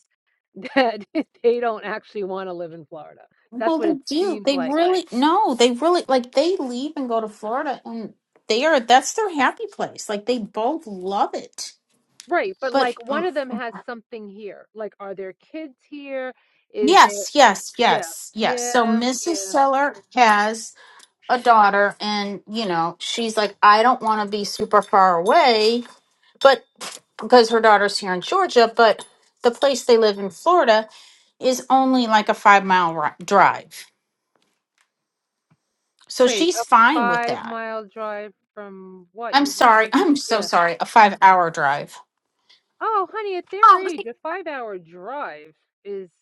[SPEAKER 6] that <laughs> they don't actually want to live in Florida. That's
[SPEAKER 1] Well,
[SPEAKER 6] what
[SPEAKER 1] they
[SPEAKER 6] it
[SPEAKER 1] do.
[SPEAKER 6] seems
[SPEAKER 1] They
[SPEAKER 6] like.
[SPEAKER 1] really no. They really like they leave and go to Florida, and they are that's their happy place. Like they both love it.
[SPEAKER 6] Right, but
[SPEAKER 1] But
[SPEAKER 6] like one
[SPEAKER 1] mm,
[SPEAKER 6] of them has something here. Like, are their kids here? Is there,
[SPEAKER 1] yes, yes,
[SPEAKER 6] yeah,
[SPEAKER 1] yes, yes. So
[SPEAKER 6] yeah,
[SPEAKER 1] Mrs.
[SPEAKER 6] yeah.
[SPEAKER 1] Seller has a daughter, and you know she's like, I don't want to be super far away but because her daughter's here in Georgia, but the place they live in Florida is only like a five mile ri- drive. So
[SPEAKER 6] Wait,
[SPEAKER 1] she's
[SPEAKER 6] a
[SPEAKER 1] fine with
[SPEAKER 6] five
[SPEAKER 1] that.
[SPEAKER 6] mile drive from what
[SPEAKER 1] I'm
[SPEAKER 6] you just,
[SPEAKER 1] sorry. <laughs> I'm so
[SPEAKER 6] yeah.
[SPEAKER 1] sorry. A five hour drive.
[SPEAKER 6] Oh, honey, at their
[SPEAKER 1] Oh,
[SPEAKER 6] age, a five hour drive is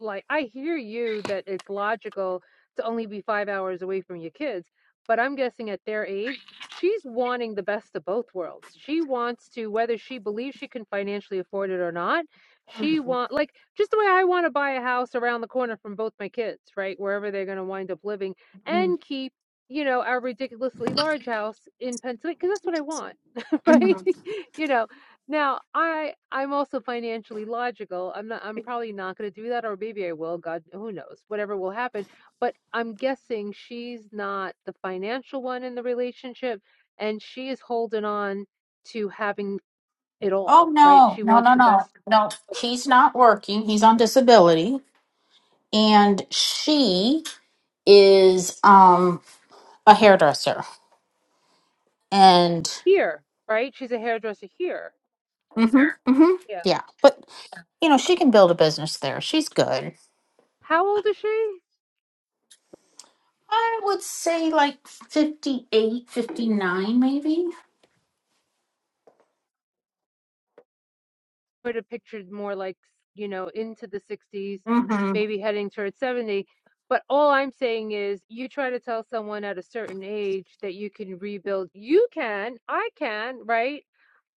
[SPEAKER 6] like I hear you that it's logical to only be five hours away from your kids, but I'm guessing at their age, she's wanting the best of both worlds. She wants to, whether she believes she can financially afford it or not, she want like just the way I want to buy a house around the corner from both my kids, right? Wherever they're going to wind up living
[SPEAKER 1] Mhm,
[SPEAKER 6] and keep, you know, our ridiculously large house in Pennsylvania because that's what I want, <laughs> right?
[SPEAKER 1] mhm.
[SPEAKER 6] <laughs> you know, now, I I'm also financially logical. I'm not I'm probably not going to do that or maybe I will, God, who knows. Whatever will happen, but I'm guessing she's not the financial one in the relationship and she is holding on to having it all,
[SPEAKER 1] oh
[SPEAKER 6] right?
[SPEAKER 1] no,
[SPEAKER 6] She
[SPEAKER 1] no,
[SPEAKER 6] wants
[SPEAKER 1] no,
[SPEAKER 6] the
[SPEAKER 1] no,
[SPEAKER 6] best
[SPEAKER 1] no.
[SPEAKER 6] of
[SPEAKER 1] He's not working. He's on disability, and she is um a hairdresser. And
[SPEAKER 6] here, right? She's a hairdresser here.
[SPEAKER 1] hmm hmm
[SPEAKER 6] Yeah.
[SPEAKER 1] yeah, but you know she can build a business there. She's good.
[SPEAKER 6] How old is she?
[SPEAKER 1] I would say like 58, 59 maybe.
[SPEAKER 6] would have pictured more like, you know, into the 60s,
[SPEAKER 1] Mhm.
[SPEAKER 6] maybe heading towards 70. But all I'm saying is, you try to tell someone at a certain age that you can rebuild. You can, I can, right?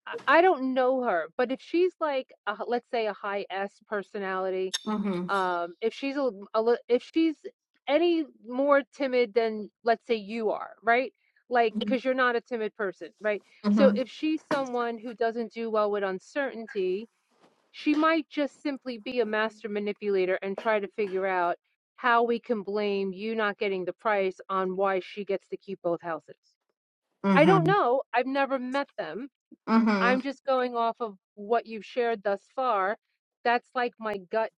[SPEAKER 6] I I don't know her, but if she's like, a, h- let's say, a high S personality,
[SPEAKER 1] Mhm.
[SPEAKER 6] um, if she's a, l- a, li- if she's any more timid than, let's say, you are, right? Like,
[SPEAKER 1] Mhm.
[SPEAKER 6] because you're not a timid person, right? So
[SPEAKER 1] Mhm.
[SPEAKER 6] if she's someone who doesn't do well with uncertainty, she might just simply be a master manipulator and try to figure out how we can blame you not getting the price on why she gets to keep both houses. I don't
[SPEAKER 1] Mhm.
[SPEAKER 6] know. I've never met them. I'm just going off of what you've shared thus far. That's like my gut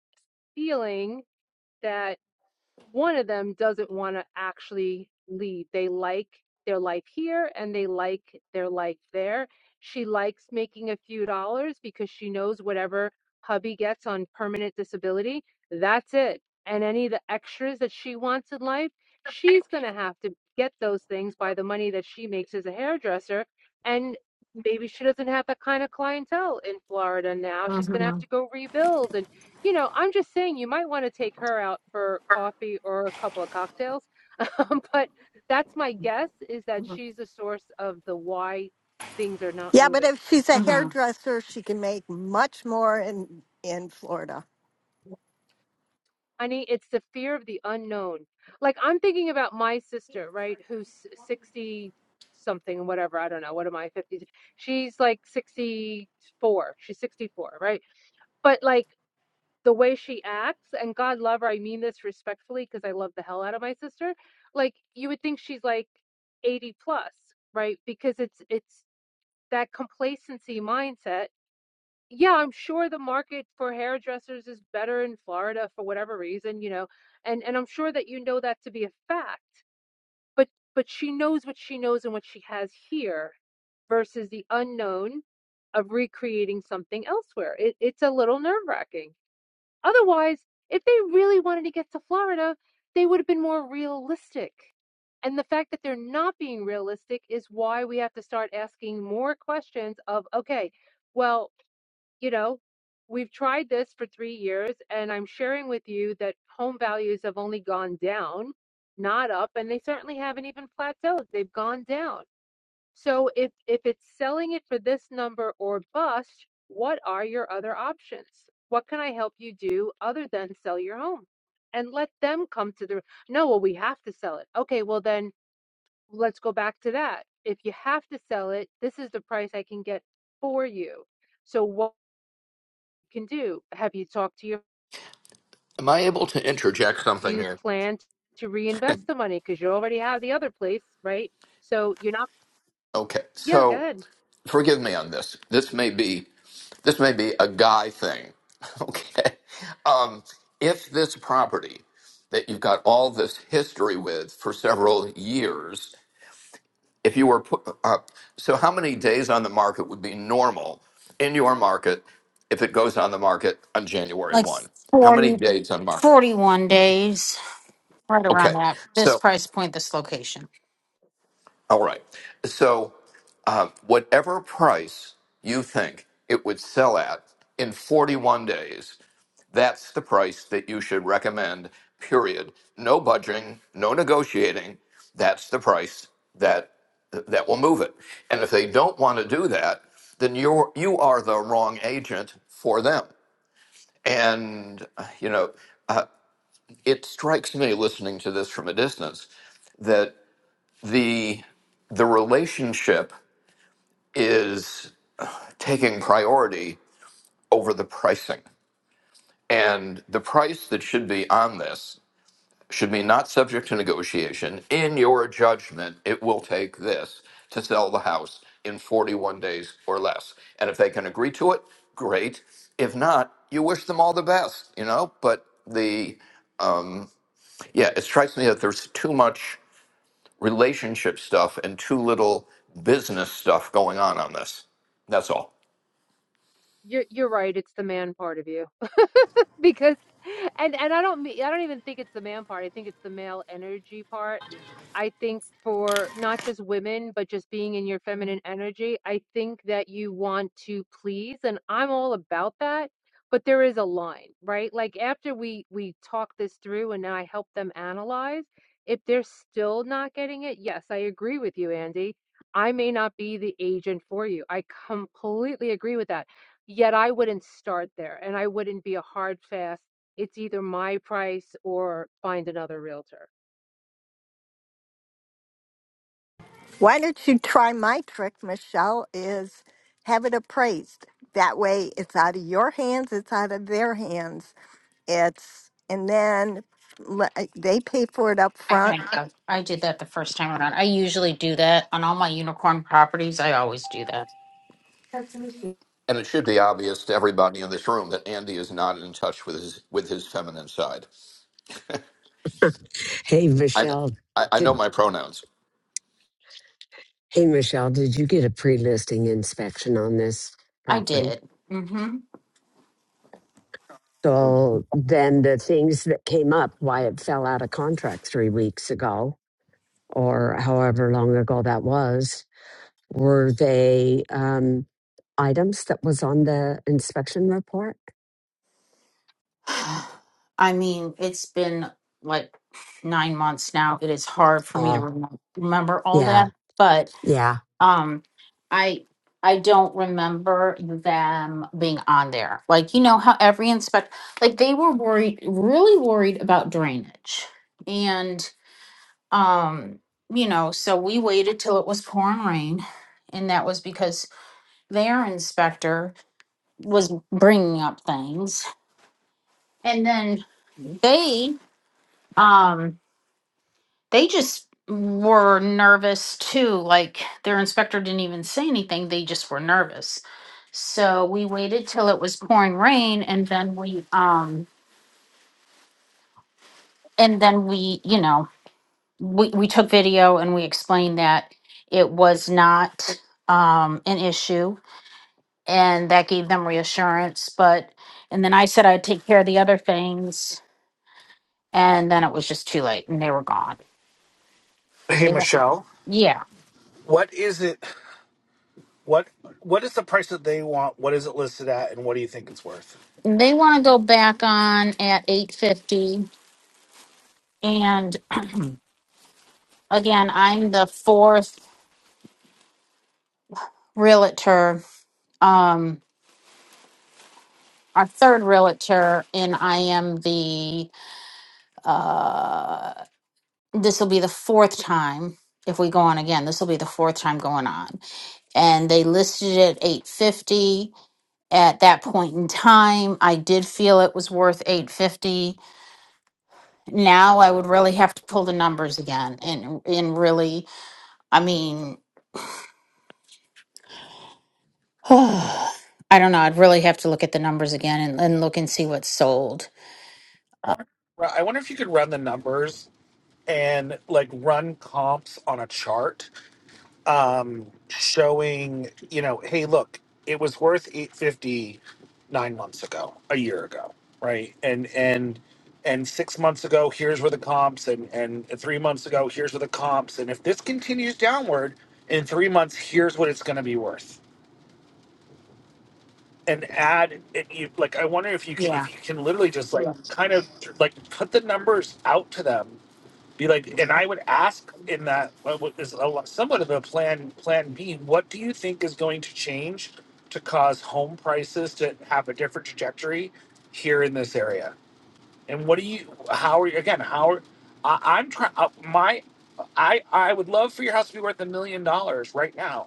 [SPEAKER 6] feeling that one of them doesn't want to actually lead. They like their life here and they like their life there. She likes making a few dollars because she knows whatever hubby gets on permanent disability, that's it. And any of the extras that she wants in life, she's going to have to get those things by the money that she makes as a hairdresser. And maybe she doesn't have that kind of clientele in Florida now. She's going to have to
[SPEAKER 1] Mhm.
[SPEAKER 6] go rebuild and you know, I'm just saying you might want to take her out for coffee or a couple of cocktails. <laughs> Um, but that's my guess is that
[SPEAKER 1] Mhm.
[SPEAKER 6] she's the source of the why things are not
[SPEAKER 8] Yeah, but
[SPEAKER 6] moving.
[SPEAKER 8] if she's a
[SPEAKER 1] Mhm.
[SPEAKER 8] hairdresser, she can make much more in in Florida.
[SPEAKER 6] I mean, it's the fear of the unknown. Like I'm thinking about my sister, right, who's 60 something, whatever, I don't know, what am I, 50? She's like 64. She's 64, right? But like the way she acts, and God love her, I mean this respectfully because I love the hell out of my sister. Like you would think she's like 80 plus, right? Because it's it's that complacency mindset. Yeah, I'm sure the market for hairdressers is better in Florida for whatever reason, you know. And and I'm sure that you know that to be a fact. But but she knows what she knows and what she has here versus the unknown of recreating something elsewhere. It, it's a little nerve wracking. Otherwise, if they really wanted to get to Florida, they would have been more realistic. And the fact that they're not being realistic is why we have to start asking more questions of, okay, well, you know, we've tried this for three years, and I'm sharing with you that home values have only gone down, not up, and they certainly haven't even plateaued. They've gone down. So if if it's selling it for this number or bust, what are your other options? What can I help you do other than sell your home? And let them come to the No, well we have to sell it. Okay, well then let's go back to that. If you have to sell it, this is the price I can get for you. So what you can do? Have you talked to your
[SPEAKER 14] Am I able to interject
[SPEAKER 6] do
[SPEAKER 14] something
[SPEAKER 6] you
[SPEAKER 14] here?
[SPEAKER 6] plan to reinvest the money because you already have the other place, right? So you're not
[SPEAKER 14] Okay,
[SPEAKER 6] Yeah, go
[SPEAKER 14] so
[SPEAKER 6] ahead.
[SPEAKER 14] forgive me on this. This may be this may be a guy thing. <laughs> Okay, um, if this property that you've got all this history with for several years, if you were put up, so how many days on the market would be normal in your market if it goes on the market on January
[SPEAKER 1] Like
[SPEAKER 14] one? How many
[SPEAKER 1] forty,
[SPEAKER 14] days on market?
[SPEAKER 1] forty one days right around
[SPEAKER 14] Okay,
[SPEAKER 1] that. This
[SPEAKER 14] so
[SPEAKER 1] price point this location.
[SPEAKER 14] All right. So, uh, whatever price you think it would sell at in 41 days, that's the price that you should recommend, period. No budging, no negotiating. That's the price that that will move it. And if they don't want to do that, then you're you are the wrong agent for them. And uh, you know, it strikes me listening to this from a distance that the the relationship is taking priority over the pricing. And the price that should be on this should be not subject to negotiation. In your judgment, it will take this to sell the house in 41 days or less. And if they can agree to it, great. If not, you wish them all the best, you know? But the, um, yeah, it strikes me that there's too much relationship stuff and too little business stuff going on on this. That's all.
[SPEAKER 6] You're you're right, it's the man part of you. <laughs> because and and I don't mean I don't even think it's the man part. I think it's the male energy part. I think for not just women, but just being in your feminine energy, I think that you want to please, and I'm all about that. But there is a line, right? Like after we we talk this through, and I help them analyze. If they're still not getting it, yes, I agree with you, Andy. I may not be the agent for you. I completely agree with that Yet I wouldn't start there and I wouldn't be a hard fast. It's either my price or find another realtor.
[SPEAKER 8] Why don't you try my trick, Michelle? Is have it appraised. That way it's out of your hands, it's out of their hands. It's and then le- uh, they pay for it up
[SPEAKER 1] I think
[SPEAKER 8] front.
[SPEAKER 1] of- I did that the first time around. I usually do that on all my unicorn properties. I always do that.
[SPEAKER 14] And it should be obvious to everybody in this room that Andy is not in touch with his with his feminine side.
[SPEAKER 13] Hey,
[SPEAKER 14] I
[SPEAKER 13] Michelle,
[SPEAKER 14] I, I know
[SPEAKER 13] did,
[SPEAKER 14] my pronouns.
[SPEAKER 13] hey, Michelle, did you get a pre-listing inspection on this
[SPEAKER 1] I
[SPEAKER 13] property?
[SPEAKER 1] did.
[SPEAKER 13] So then the things that came up, why it fell out of contract three weeks ago or however long ago that was, were they um, items that was on the inspection report?
[SPEAKER 1] I mean, it's been like nine months now. It is hard for me to
[SPEAKER 13] Oh,
[SPEAKER 1] remem- remember all
[SPEAKER 13] yeah,
[SPEAKER 1] that, but
[SPEAKER 13] yeah.
[SPEAKER 1] um, I I don't remember them being on there. Like you know how every inspect like they were worried, really worried about drainage, and um, you know, so we waited till it was pouring rain, and that was because their inspector was bringing up things, and then. they. um they just were nervous too like their inspector didn't even say anything they just were nervous so we waited till it was pouring rain and then we um and then we you know we, we took video and we explained that it was not um an issue and that gave them reassurance but and then i said i'd take care of the other things and then it was just too late and they were gone
[SPEAKER 7] Hey
[SPEAKER 1] They were-
[SPEAKER 7] Michelle,
[SPEAKER 1] yeah
[SPEAKER 7] what is it? What what is the price that they want? What is it listed at, and what do you think it's worth?
[SPEAKER 1] They want to go back on at 850. And again, I'm the fourth realtor, um, our third realtor, and I am the, uh, this will be the fourth time. If we go on again, this will be the fourth time going on. And they listed it 850 at that point in time. I did feel it was worth 850. Now I would really have to pull the numbers again and and really I mean <sighs> I don't know. I'd really have to look at the numbers again and, and look and see what's sold. Uh,
[SPEAKER 7] Ru- I wonder if you could run the numbers and like run comps on a chart um, showing you know, hey, look, it was worth eight fifty nine months ago, a year ago, right? And and and six months ago, here's where the comps, and and three months ago, here's where the comps, and if this continues downward in three months, here's what it's going to be worth. And add, it, you, like, I wonder if you can,
[SPEAKER 1] yeah.
[SPEAKER 7] if you can literally just like Yeah. kind of like put the numbers out to them be like and i would ask in that what what is a lot- somewhat of a plan plan b what do you think is going to change to cause home prices to have a different trajectory here in this area and what do you how are you again how are, I, i'm trying my i i would love for your house to be worth a million dollars right now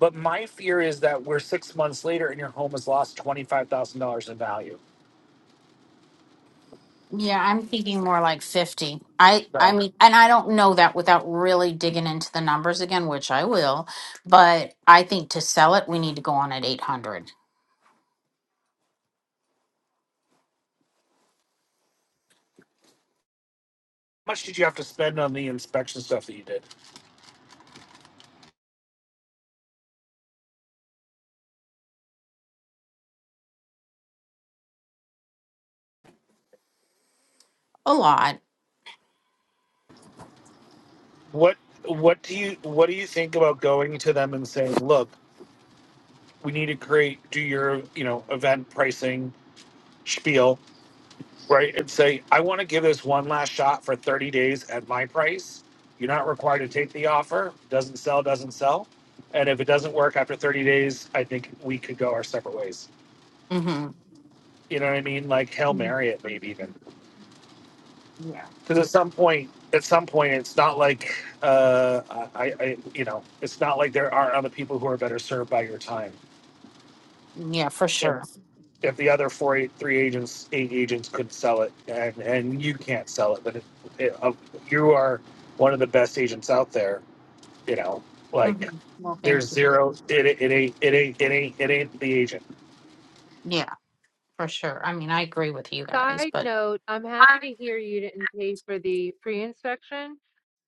[SPEAKER 7] but my fear is that we're six months later and your home has lost $25000 in value
[SPEAKER 1] Yeah, I'm thinking more like 50. I
[SPEAKER 7] so
[SPEAKER 1] I mean,
[SPEAKER 7] how
[SPEAKER 1] and I don't know that without really digging into the numbers again, which I will, but I think to sell it we need to go on at 800.
[SPEAKER 7] much did you have to spend on the inspection stuff that you did
[SPEAKER 1] A lot.
[SPEAKER 7] what what do you what do you think about going to them and saying look we need to create do your you know event pricing spiel right and say i want to give this one last shot for 30 days at my price you're not required to take the offer doesn't sell doesn't sell and if it doesn't work after 30 days i think we could go our separate ways
[SPEAKER 1] Mhm.
[SPEAKER 7] you know what i mean like hail
[SPEAKER 1] Mhm.
[SPEAKER 7] mary it maybe even
[SPEAKER 1] Yeah.
[SPEAKER 7] because at some point at some point it's not like uh i i you know it's not like there aren't other people who are better served by your time
[SPEAKER 1] Yeah, for
[SPEAKER 7] if
[SPEAKER 1] sure.
[SPEAKER 7] if the other four eight three agents eight agents could sell it and and you can't sell it but it, it, uh, you are one of the best agents out there you know like
[SPEAKER 1] hmm Well,
[SPEAKER 7] there's
[SPEAKER 1] thank you.
[SPEAKER 7] zero it, it it ain't it ain't it ain't it ain't the agent
[SPEAKER 1] Yeah, for sure. I mean, I agree with you guys,
[SPEAKER 6] Side
[SPEAKER 1] but
[SPEAKER 6] note, I'm happy
[SPEAKER 1] I-
[SPEAKER 6] to hear you didn't pay for the pre-inspection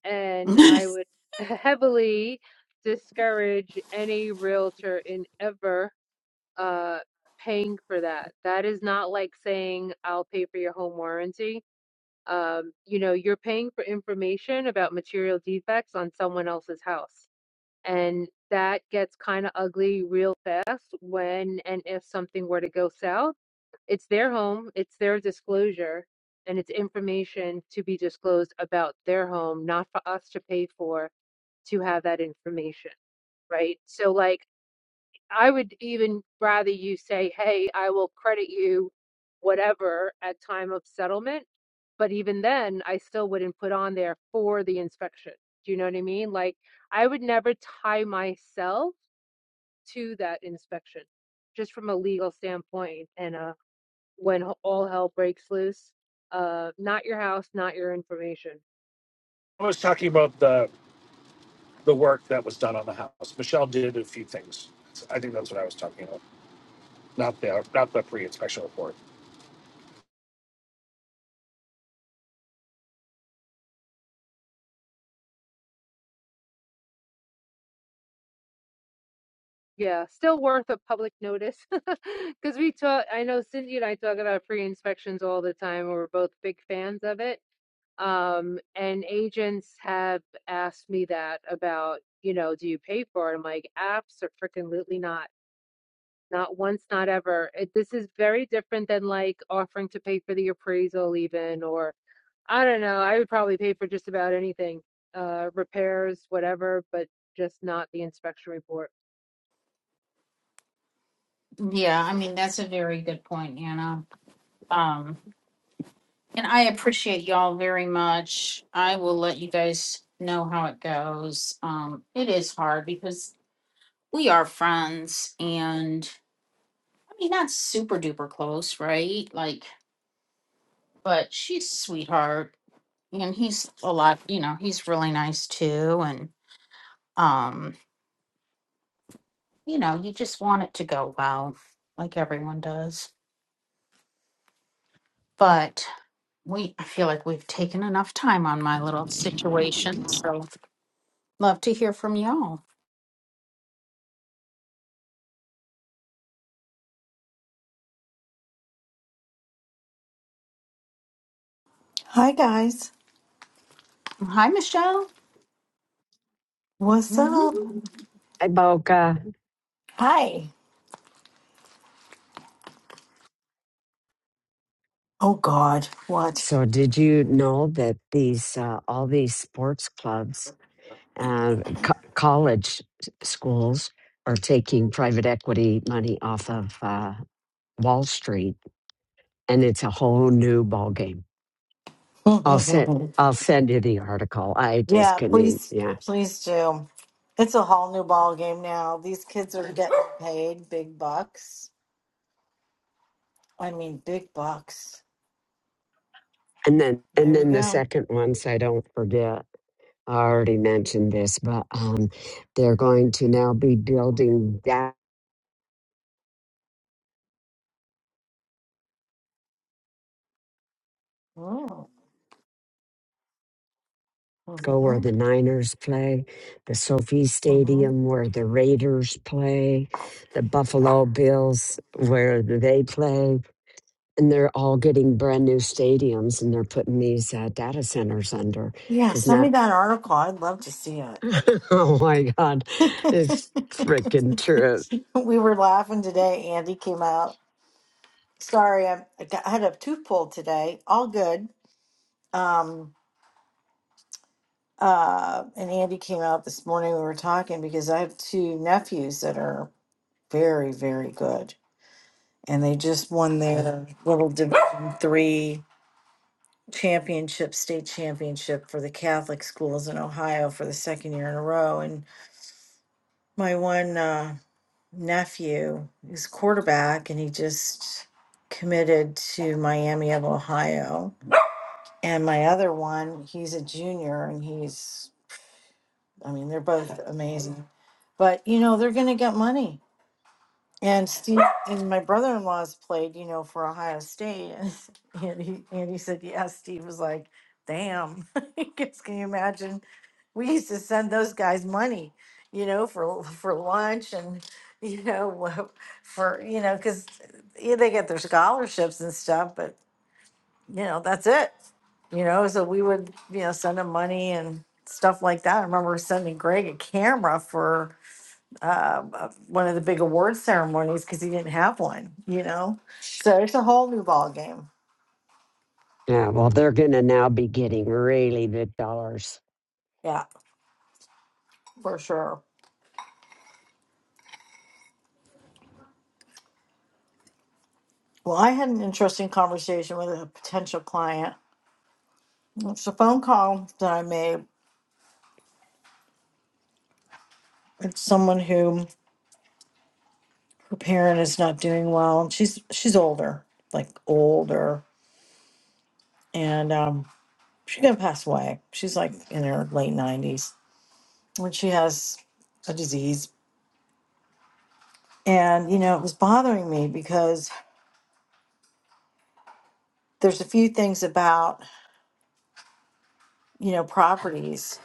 [SPEAKER 6] and I
[SPEAKER 1] <laughs>
[SPEAKER 6] would <laughs> heavily discourage any realtor in ever uh paying for that. That is not like saying I'll pay for your home warranty. Um, you know, you're paying for information about material defects on someone else's house. And that gets kind of ugly real fast when and if something were to go south. It's their home, it's their disclosure, and it's information to be disclosed about their home, not for us to pay for to have that information, right? So, like, I would even rather you say, hey, I will credit you whatever at time of settlement. But even then, I still wouldn't put on there for the inspection. Do you know what I mean? Like, I would never tie myself to that inspection, just from a legal standpoint. And uh, when h- all hell breaks loose, uh, not your house, not your information.
[SPEAKER 7] i was talking about the the work that was done on the house michelle did a few things i think that's what i was talking about not the not the pre-inspection report
[SPEAKER 6] Yeah, still worth a public notice <laughs> because we talk. I know Cindy and I talk about free inspections all the time. We're both big fans of it. Um, and agents have asked me that about, you know, do you pay for it? I'm like, apps are freaking lutely not. Not once, not ever. It, this is very different than like offering to pay for the appraisal, even, or I don't know. I would probably pay for just about anything, uh, repairs, whatever, but just not the inspection report.
[SPEAKER 1] Yeah, I mean, that's a very good point, Anna. Um And I appreciate y'all very much. I will let you guys know how it goes. Um, it is hard because we are friends and I mean not super duper close, right? Like, but she's a sweetheart and he's a lot, you know, he's really nice too. And um, you know, you just want it to go well, like everyone does. But we I feel like we've taken enough time on my little situation. So love to hear from y'all.
[SPEAKER 15] Hi guys.
[SPEAKER 1] Hi, Michelle.
[SPEAKER 15] What's up?
[SPEAKER 1] Mhm.
[SPEAKER 13] Hi, Boca.
[SPEAKER 15] Hi. Oh God, what?
[SPEAKER 13] So, did you know that these uh, all these sports clubs, uh, co- college s- schools, are taking private equity money off of uh, Wall Street, and it's a whole new ball game. I'll send
[SPEAKER 15] <laughs>
[SPEAKER 13] I'll send you the article. I just
[SPEAKER 15] yeah,
[SPEAKER 13] couldn't. Even,
[SPEAKER 15] please,
[SPEAKER 13] yeah,
[SPEAKER 15] please do. It's a whole new ball game now. These kids are getting paid big bucks. I mean, big bucks.
[SPEAKER 13] and then and
[SPEAKER 15] There you
[SPEAKER 13] then the
[SPEAKER 15] go.
[SPEAKER 13] second one, so I don't forget. I already mentioned this, but um, they're going to now be building
[SPEAKER 15] Mm,
[SPEAKER 13] go where
[SPEAKER 15] mhm,
[SPEAKER 13] the Niners play, the Sophie
[SPEAKER 15] mhm.
[SPEAKER 13] Stadium where the Raiders play, the Buffalo Bills where they play. And they're all getting brand new stadiums and they're putting these uh, data centers under
[SPEAKER 15] Yeah,
[SPEAKER 13] because
[SPEAKER 15] send me
[SPEAKER 13] now,
[SPEAKER 15] that article. I'd love to see it.
[SPEAKER 13] <laughs> oh my God,
[SPEAKER 15] <laughs>
[SPEAKER 13] it's freaking true.
[SPEAKER 15] we were laughing today. Andy came out. Sorry, I, I got- I had a tooth pulled today. All good. Um, Uh, and Andy came out this morning. We were talking because I have two nephews that are very, very good, and they just won their <laughs> little Division three championship, state championship for the Catholic schools in Ohio for the second year in a row. And my one uh, nephew is quarterback, and he just committed to Miami of Ohio. And my other one, he's a junior, and he's I mean, they're both amazing. But you know, they're gonna get money. And Steve and my brother in law's played, you know, for Ohio State <laughs> and he and he said, Yeah, Steve was like, damn. <laughs> Because can you imagine? We used to send those guys money, you know, for for lunch and you know, <laughs> for you know, because yeah, they get their scholarships and stuff, but you know, that's it. You know, so we would, you know, send him money and stuff like that. I remember sending Greg a camera for uh, uh, one of the big award ceremonies because he didn't have one, you know? So it's a whole new ball game.
[SPEAKER 13] Yeah, well, they're going to now be getting really big dollars.
[SPEAKER 15] Yeah, for sure. Well, I had an interesting conversation with a potential client. It's a phone call that I made. It's someone who her parent is not doing well. She's she's older, like older, and um, She's gonna pass away. She's like in her late nineties, and she has a disease. And you know, it was bothering me because there's a few things about you know properties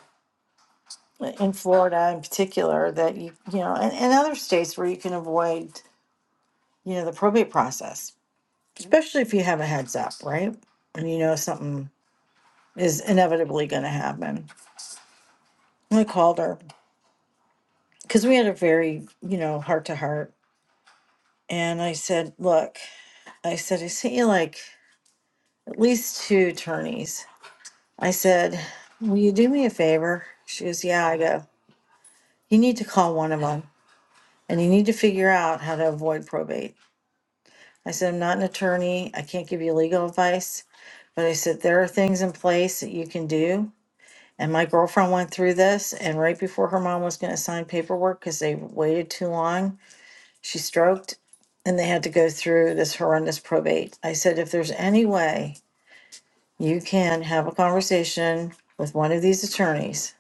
[SPEAKER 15] in Florida, in particular, that you you know, and, and other states where you can avoid you know the probate process, especially if you have a heads up, right? And you know something is inevitably going to happen. And I called her because we had a very you know heart to heart, and I said, "Look, I said I sent you like." at least two attorneys. I said, Will you do me a favor? She goes, Yeah, I go, You need to call one of them and you need to figure out how to avoid probate. I said, I'm not an attorney. I can't give you legal advice, but I said, There are things in place that you can do. And my girlfriend went through this, and right before her mom was going to sign paperwork because they waited too long, she stroked and they had to go through this horrendous probate. I said, If there's any way you can have a conversation with one of these attorneys,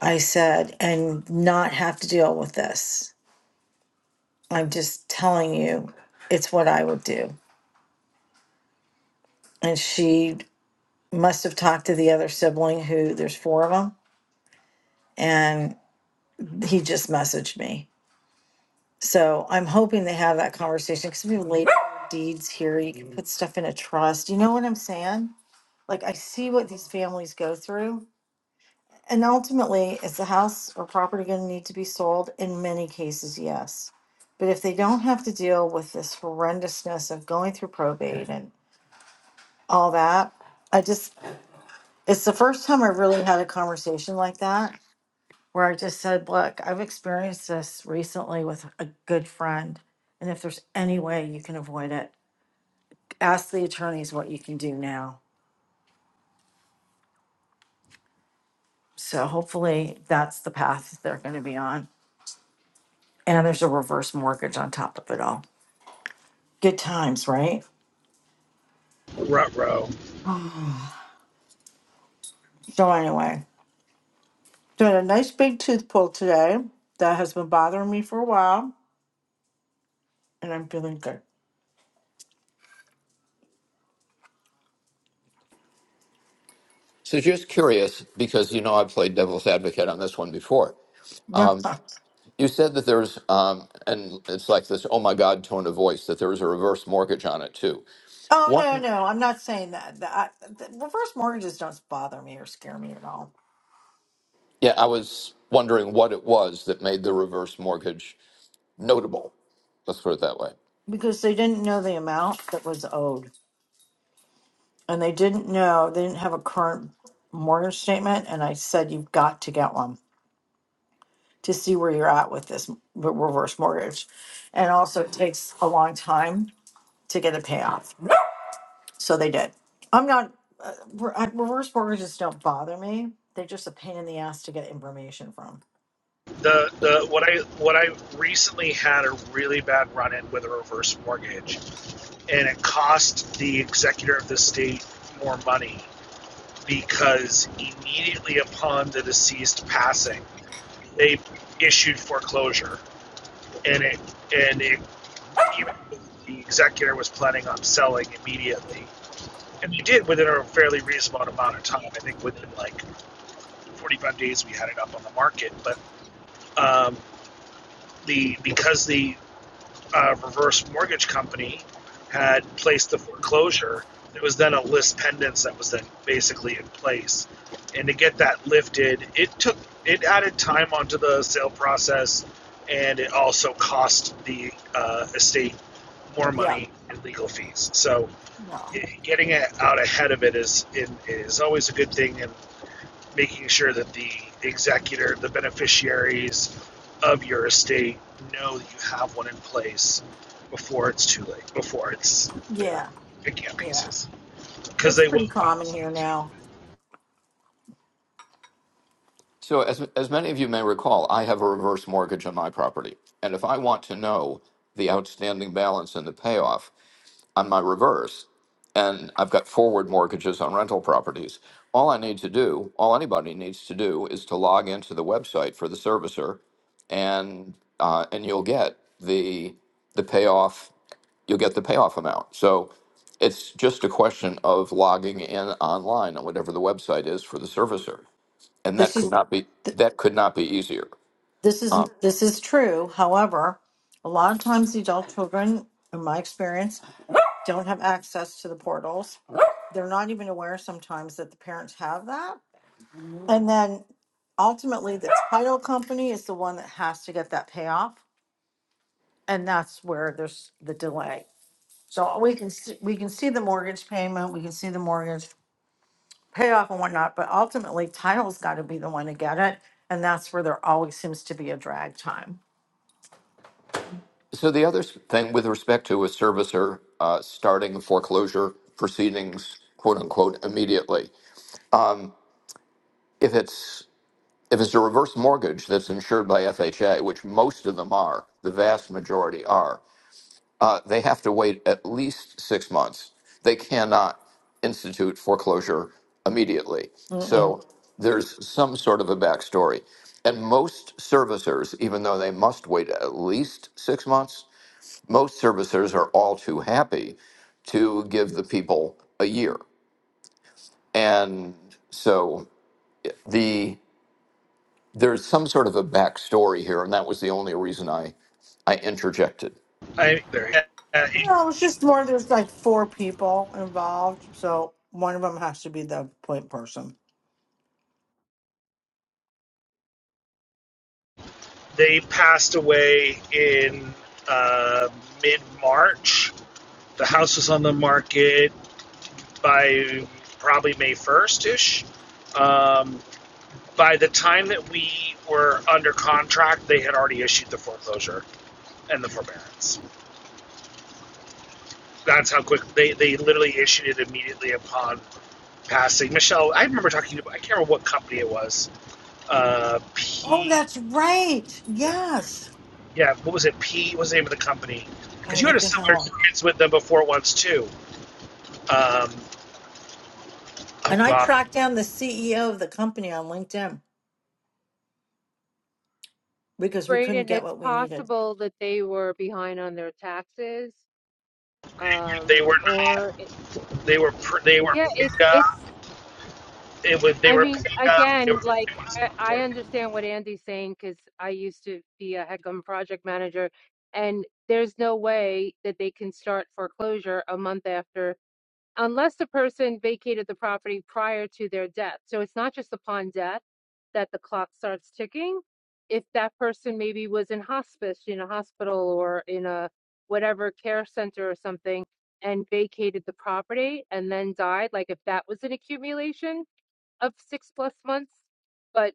[SPEAKER 15] I said, and not have to deal with this. I'm just telling you, it's what I would do. And she must have talked to the other sibling who there's four of them, and he just messaged me. So I'm hoping they have that conversation because we have late deeds here. You can put stuff in a trust. You know what I'm saying? Like, I see what these families go through And ultimately, is the house or property going to need to be sold? In many cases, yes. But if they don't have to deal with this horrendousness of going through probate and all that, I just, it's the first time I really had a conversation like that where I just said, look, I've experienced this recently with a good friend. And if there's any way you can avoid it, ask the attorneys what you can do now. So hopefully that's the path they're going to be on. And there's a reverse mortgage on top of it all. Good times, right?
[SPEAKER 7] Rutro.
[SPEAKER 15] <sighs> So anyway, doing a nice big tooth pull today. That has been bothering me for a while, and I'm feeling good.
[SPEAKER 14] So just curious, because you know I've played devil's advocate on this one before.
[SPEAKER 15] <laughs> oh
[SPEAKER 14] Um, you said that there's um, and it's like this oh my god tone of voice that there was a reverse mortgage on it too. What?
[SPEAKER 15] no, no, I'm not saying that. The, I, the reverse mortgages don't bother me or scare me at all
[SPEAKER 14] Yeah, I was wondering what it was that made the reverse mortgage notable. Let's put it that way.
[SPEAKER 15] because they didn't know the amount that was owed, and they didn't know they didn't have a current mortgage statement. And I said you've got to get one to see where you're at with this m- reverse mortgage, and also it takes a long time to get a payoff. So they did. I'm not, uh, re- I- reverse mortgages don't bother me. They're just a pain in the ass to get information from.
[SPEAKER 7] The the what I what I recently had a really bad run in with a reverse mortgage. and it cost the executor of the state more money because immediately upon the deceased passing, they issued foreclosure, and it and it even the executor was planning on selling immediately, and they did within a fairly reasonable amount of time. I think within like 45 days we had it up on the market, but um, the because the uh, reverse mortgage company had placed the foreclosure. It was then a list pendants that was then basically in place. And to get that lifted, it took it added time onto the sale process, and it also cost the uh, estate more
[SPEAKER 15] Yeah.
[SPEAKER 7] money in legal fees. So
[SPEAKER 15] No.
[SPEAKER 7] eh, getting it out ahead of it is is always a good thing, and making sure that the executor, the beneficiaries of your estate know that you have one in place before it's too late, before it's they're
[SPEAKER 15] Yeah.
[SPEAKER 7] picking up
[SPEAKER 15] Yeah.
[SPEAKER 7] pieces. Because
[SPEAKER 15] It's
[SPEAKER 7] they
[SPEAKER 15] pretty
[SPEAKER 7] will follow
[SPEAKER 15] common here
[SPEAKER 7] through.
[SPEAKER 15] now.
[SPEAKER 14] So, as, as many of you may recall, I have a reverse mortgage on my property. And if I want to know the outstanding balance and the payoff on my reverse, and I've got forward mortgages on rental properties, all I need to do, all anybody needs to do, is to log into the website for the servicer, and uh, and you'll get the the payoff. You'll get the payoff amount. So it's just a question of logging in online on whatever the website is for the servicer and that
[SPEAKER 15] This
[SPEAKER 14] could
[SPEAKER 15] is,
[SPEAKER 14] not be
[SPEAKER 15] th-
[SPEAKER 14] that could not be easier.
[SPEAKER 15] this is,
[SPEAKER 14] Uh,
[SPEAKER 15] this is true. However, a lot of times the adult children, in my experience, don't have access to the portals. They're not even aware sometimes that the parents have that. And then ultimately the title company is the one that has to get that payoff And that's where there's the delay. So we can, see- we can see the mortgage payment, we can see the mortgage payoff and whatnot, but ultimately title's gotta be the one to get it. And that's where there always seems to be a drag time.
[SPEAKER 14] so the other s- thing with respect to a servicer uh, starting foreclosure proceedings, quote unquote, immediately, if it's if it's a reverse mortgage that's insured by FHA, which most of them are, the vast majority are, uh, they have to wait at least six months. They cannot institute foreclosure immediately.
[SPEAKER 15] Mm-mm.
[SPEAKER 14] So there's some sort of a backstory. And most servicers, even though they must wait at least six months, most servicers are all too happy to give the people a year. And so the there's some sort of a backstory here, and that was the only reason I I interjected.
[SPEAKER 7] I, uh,
[SPEAKER 15] No, it's just more, there's like four people involved, so one of them has to be the point person.
[SPEAKER 7] they passed away in uh, mid March. The house was on the market by probably May 1st ish. Um, by the time that we were under contract, they had already issued the foreclosure. and the forbearance. That's how quick they, they literally issued it immediately upon passing. Michelle, I remember talking to I can't remember what company it was. Uh,
[SPEAKER 15] Oh,
[SPEAKER 7] P,
[SPEAKER 15] that's right. Yes.
[SPEAKER 7] yeah, what was it? P what was the name of the company? Because
[SPEAKER 15] Oh,
[SPEAKER 7] you had
[SPEAKER 15] what
[SPEAKER 7] a
[SPEAKER 15] the
[SPEAKER 7] similar
[SPEAKER 15] hell?
[SPEAKER 7] experience with them before once too. Um, oh
[SPEAKER 15] And I
[SPEAKER 7] God,
[SPEAKER 15] tracked down the CEO of the company on LinkedIn. because we couldn't
[SPEAKER 6] Brayden,
[SPEAKER 15] get
[SPEAKER 6] it's
[SPEAKER 15] what we needed.
[SPEAKER 6] possible that they were behind on their taxes,
[SPEAKER 7] they
[SPEAKER 6] um,
[SPEAKER 7] were
[SPEAKER 6] or it,
[SPEAKER 7] not, they were they were
[SPEAKER 6] yeah, it's
[SPEAKER 7] picked up.
[SPEAKER 6] it's.
[SPEAKER 7] It was they
[SPEAKER 6] I
[SPEAKER 7] were
[SPEAKER 6] mean,
[SPEAKER 7] picked It
[SPEAKER 6] again,
[SPEAKER 7] was,
[SPEAKER 6] like
[SPEAKER 7] it
[SPEAKER 6] I I
[SPEAKER 7] was
[SPEAKER 6] understand what Andy's saying because I used to be a HECM project manager, and there's no way that they can start foreclosure a month after unless the person vacated the property prior to their death. So it's not just upon death that the clock starts ticking. If that person maybe was in hospice, in a hospital or in a whatever care center or something and vacated the property and then died, like if that was an accumulation of six plus months. But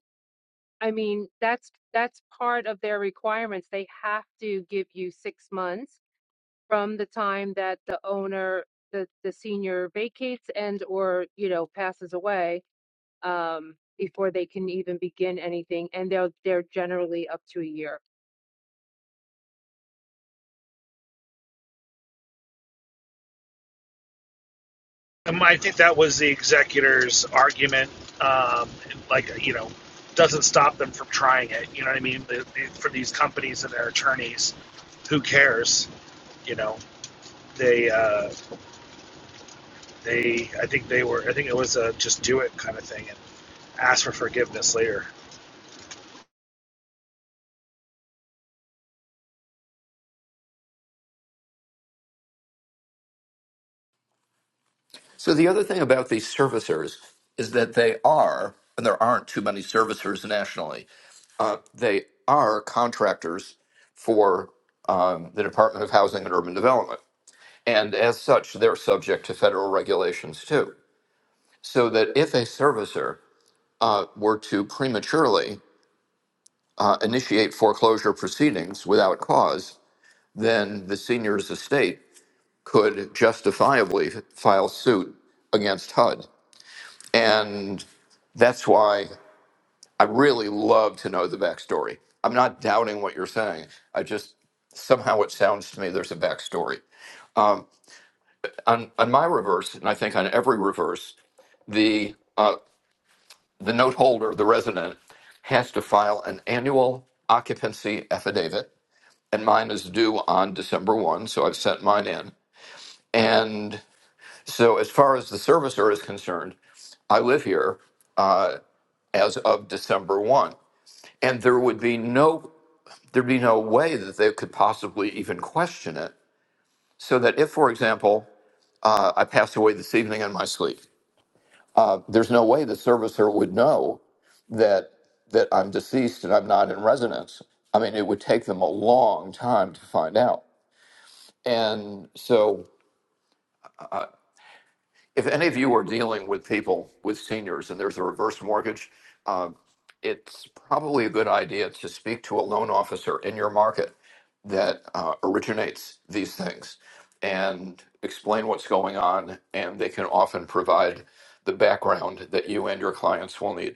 [SPEAKER 6] I mean, that's that's part of their requirements. They have to give you six months from the time that the owner, the, the senior vacates and or, you know, passes away, um, before they can even begin anything. And they're, they're generally up to a year.
[SPEAKER 7] Um, I think that was the executor's argument. Um, like, you know, doesn't stop them from trying it. You know what I mean? The- the- For these companies and their attorneys, who cares? You know, they, uh, they, I think they were, I think it was a just do it kind of thing and ask for forgiveness later.
[SPEAKER 14] So the other thing about these servicers is that they are, and there aren't too many servicers nationally. Uh, they are contractors for um, the Department of Housing and Urban Development, and as such, they're subject to federal regulations too. So that if a servicer uh, were to prematurely uh, initiate foreclosure proceedings without cause, then the senior's estate could justifiably file suit against HUD And that's why I really love to know the backstory. I'm not doubting what you're saying. I just somehow it sounds to me there's a backstory. On, on my reverse, and I think on every reverse, the uh, the note holder, the resident, has to file an annual occupancy affidavit, and mine is due on December one, so I've sent mine in. And so, as far as the servicer is concerned, I live here uh, as of December 1. and there would be no there'd be no way that they could possibly even question it so that if for example uh, i passed away this evening in my sleep uh, there's no way the servicer would know that that i'm deceased and i'm not in residence i mean it would take them a long time to find out and so if any of you are dealing with people with seniors and there's a reverse mortgage, uh, it's probably a good idea to speak to a loan officer in your market that uh, originates these things and explain what's going on, and they can often provide the background that you and your clients will need.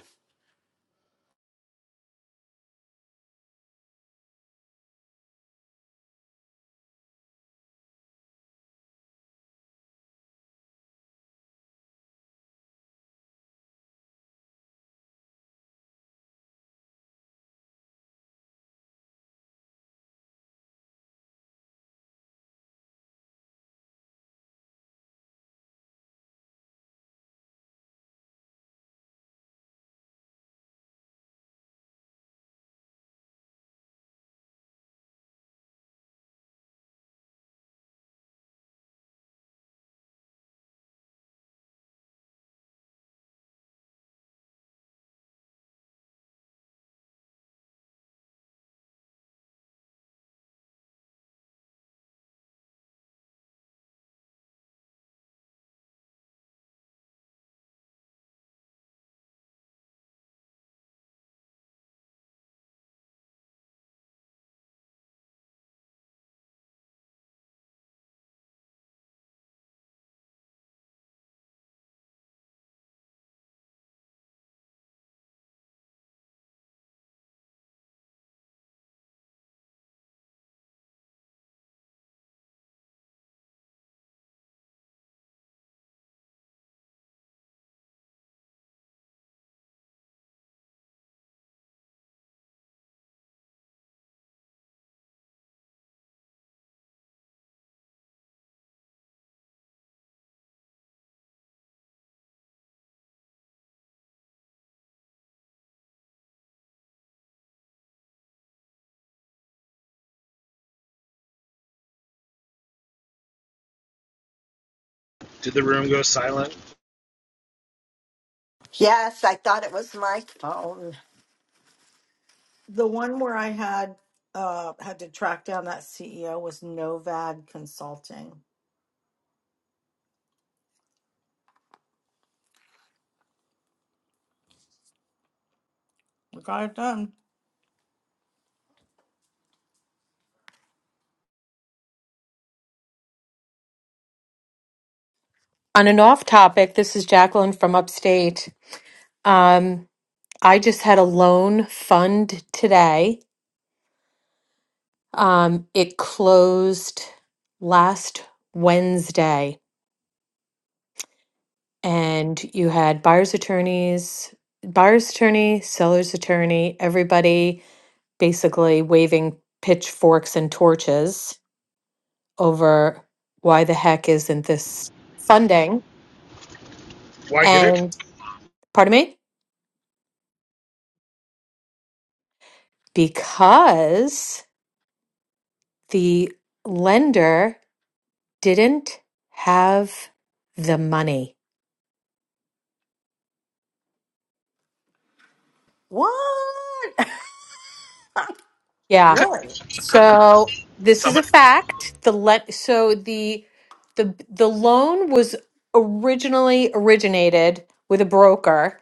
[SPEAKER 7] Did the room go silent?
[SPEAKER 8] Yes, I thought it was my phone,
[SPEAKER 15] The one where I had uh had to track down that CEO was Novad Consulting. We got it done.
[SPEAKER 11] On an off topic, this is Jacqueline from upstate. Um, I just had a loan fund today. Um, it closed last Wednesday, and you had buyer's attorneys, buyer's attorney, seller's attorney, everybody basically waving pitchforks and torches over why the heck isn't this funding?
[SPEAKER 7] Why did it?
[SPEAKER 11] And pardon me? Because the lender didn't have the money.
[SPEAKER 15] What? <laughs>
[SPEAKER 11] Yeah.
[SPEAKER 15] really?
[SPEAKER 11] So this is a
[SPEAKER 7] Someone,
[SPEAKER 11] fact. The let so the the the loan was originally originated with a broker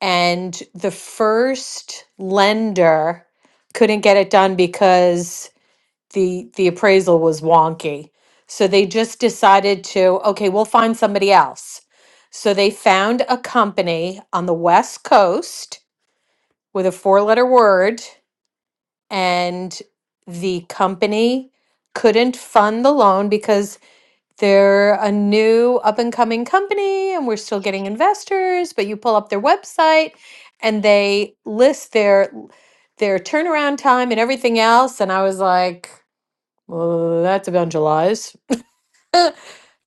[SPEAKER 11] and the first lender couldn't get it done because. the the appraisal was wonky. So they just decided to, okay, we'll find somebody else. So they found a company on the West Coast with a four-letter word and the company couldn't fund the loan because they're a new up and coming company and we're still getting investors, but you pull up their website and they list their their turnaround time and everything else and I was like well, that's evangelized.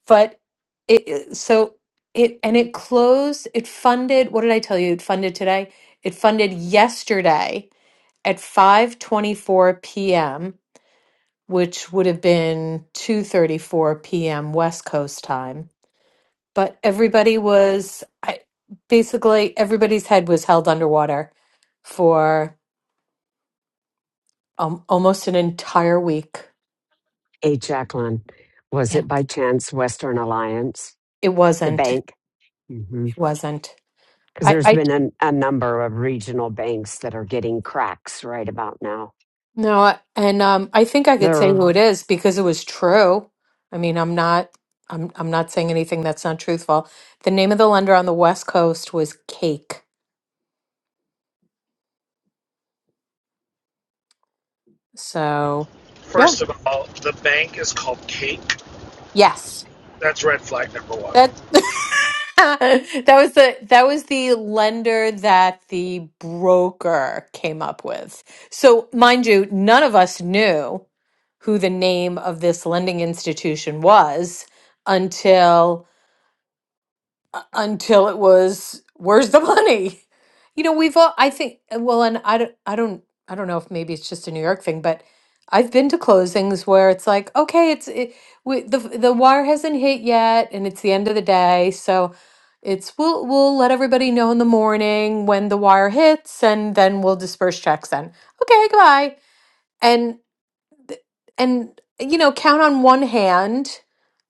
[SPEAKER 11] But it it- so it and it closed, it funded, what did I tell you? It funded today. It funded yesterday at 5:24 p.m., which would have been 2:34 p.m. West Coast time. But everybody was I, basically everybody's head was held underwater for um, almost an entire week.
[SPEAKER 13] Hey, Jacqueline, was
[SPEAKER 11] Yeah,
[SPEAKER 13] it by chance Western Alliance,
[SPEAKER 11] it
[SPEAKER 13] the
[SPEAKER 11] wasn't.
[SPEAKER 13] bank?
[SPEAKER 11] It wasn't.
[SPEAKER 13] because
[SPEAKER 11] I.
[SPEAKER 13] there's
[SPEAKER 11] I
[SPEAKER 13] been an, a number of regional banks that are getting cracks right about now.
[SPEAKER 11] No, I- and um, I think I could say who
[SPEAKER 13] They're,
[SPEAKER 11] it is because it was true. I mean, I'm not, I'm, I'm not saying anything that's not truthful. The name of the lender on the West Coast was Cake. So, yeah,
[SPEAKER 7] first of all, the bank is called Cake.
[SPEAKER 11] yes,
[SPEAKER 7] That's red flag number one.
[SPEAKER 11] that <laughs> that was the that was the lender that the broker came up with. So, mind you, none of us knew who the name of this lending institution was until. until it was where's the money <laughs> you know we've all i think uh, well and i don't i don't i don't know if maybe it's just a new york thing but i've been to closings where it's like okay it's it, we, the the wire hasn't hit yet and it's the end of the day so it's we'll we'll let everybody know in the morning when the wire hits and then we'll disperse checks then okay goodbye and and you know count on one hand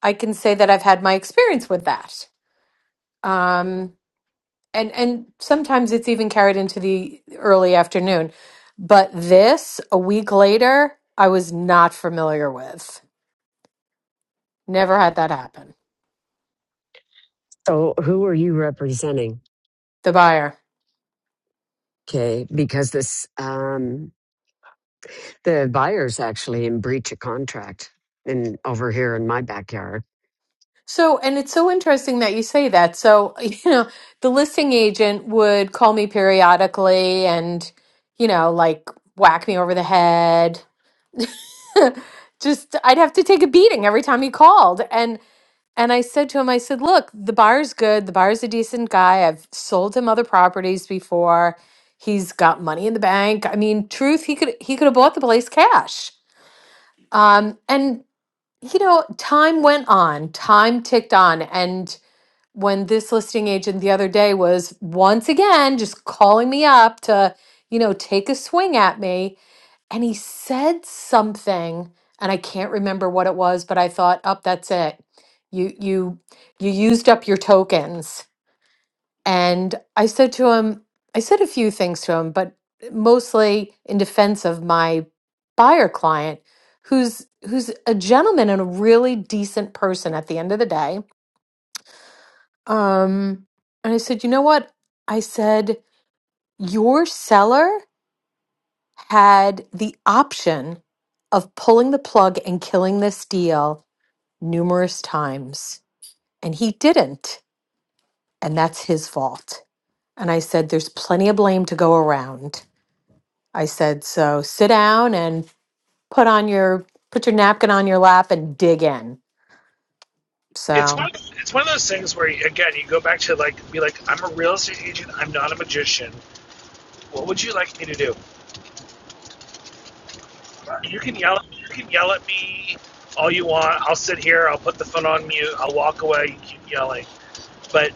[SPEAKER 11] i can say that i've had my experience with that Um and and sometimes it's even carried into the early afternoon but this a week later i was not familiar with never had that happen
[SPEAKER 13] so who are you representing?
[SPEAKER 11] the buyer
[SPEAKER 13] Okay, because this um, the buyer's actually in breach of contract, and over here in my backyard.
[SPEAKER 11] so and it's so interesting that you say that so <laughs> you know the listing agent would call me periodically and you know like whack me over the head <laughs> just i'd have to take a beating every time he called and And I said to him, I said, look, the bar's good. The bar's a decent guy. I've sold him other properties before. He's got money in the bank. I mean, truth, he could he could have bought the place cash. Um, and you know, time went on, time ticked on. And when this listing agent the other day was once again just calling me up to, you know, take a swing at me, and he said something and i can't remember what it was but i thought up that's it you you you used up your tokens and i said to him i said a few things to him but mostly in defense of my buyer client who's who's a gentleman and a really decent person at the end of the day um and i said you know what i said your seller had the option of pulling the plug and killing this deal numerous times, and he didn't. And that's his fault. And I said, There's plenty of blame to go around. I said, So sit down and put on your put your napkin on your lap and dig in.
[SPEAKER 7] it's one
[SPEAKER 11] So
[SPEAKER 7] it's one of those things where again you go back to like be like I'm a real estate agent I'm not a magician what would you like me to do you can yell you can yell at me all you want I'll sit here I'll put the phone on mute I'll walk away you keep yelling but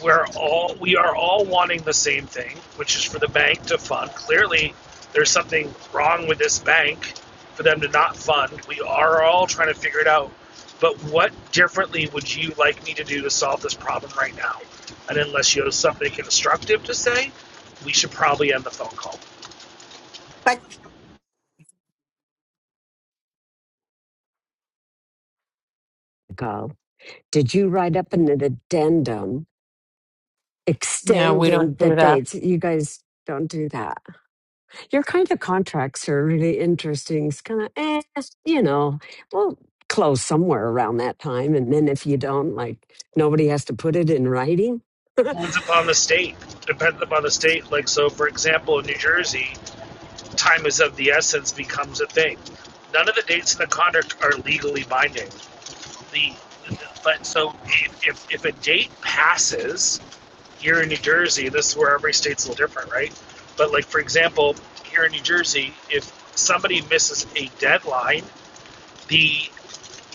[SPEAKER 7] we're all we are all wanting the same thing, which is for the bank to fund. Clearly, there's something wrong with this bank for them to not fund. We are all trying to figure it out. But what differently would you like me to do to solve this problem right now? And unless you have something constructive to say, we should probably end the phone call.
[SPEAKER 8] but
[SPEAKER 13] Go. Did you write up an addendum
[SPEAKER 11] no, we
[SPEAKER 13] extending
[SPEAKER 11] don't
[SPEAKER 13] the
[SPEAKER 11] do that.
[SPEAKER 13] dates? You guys don't do that your kind of contracts are really interesting. It's kind of, eh, you know, we'll close somewhere around that time. And then if you don't, like, nobody has to put it in writing.
[SPEAKER 7] Depends upon the state. Depends upon the state. Like so, for example, in New Jersey, time is of the essence becomes a thing. None of the dates in the contract are legally binding. the, but so if, if, if a date passes here in New Jersey, this is where every state's a little different, right? But like for example, here in New Jersey, if somebody misses a deadline, the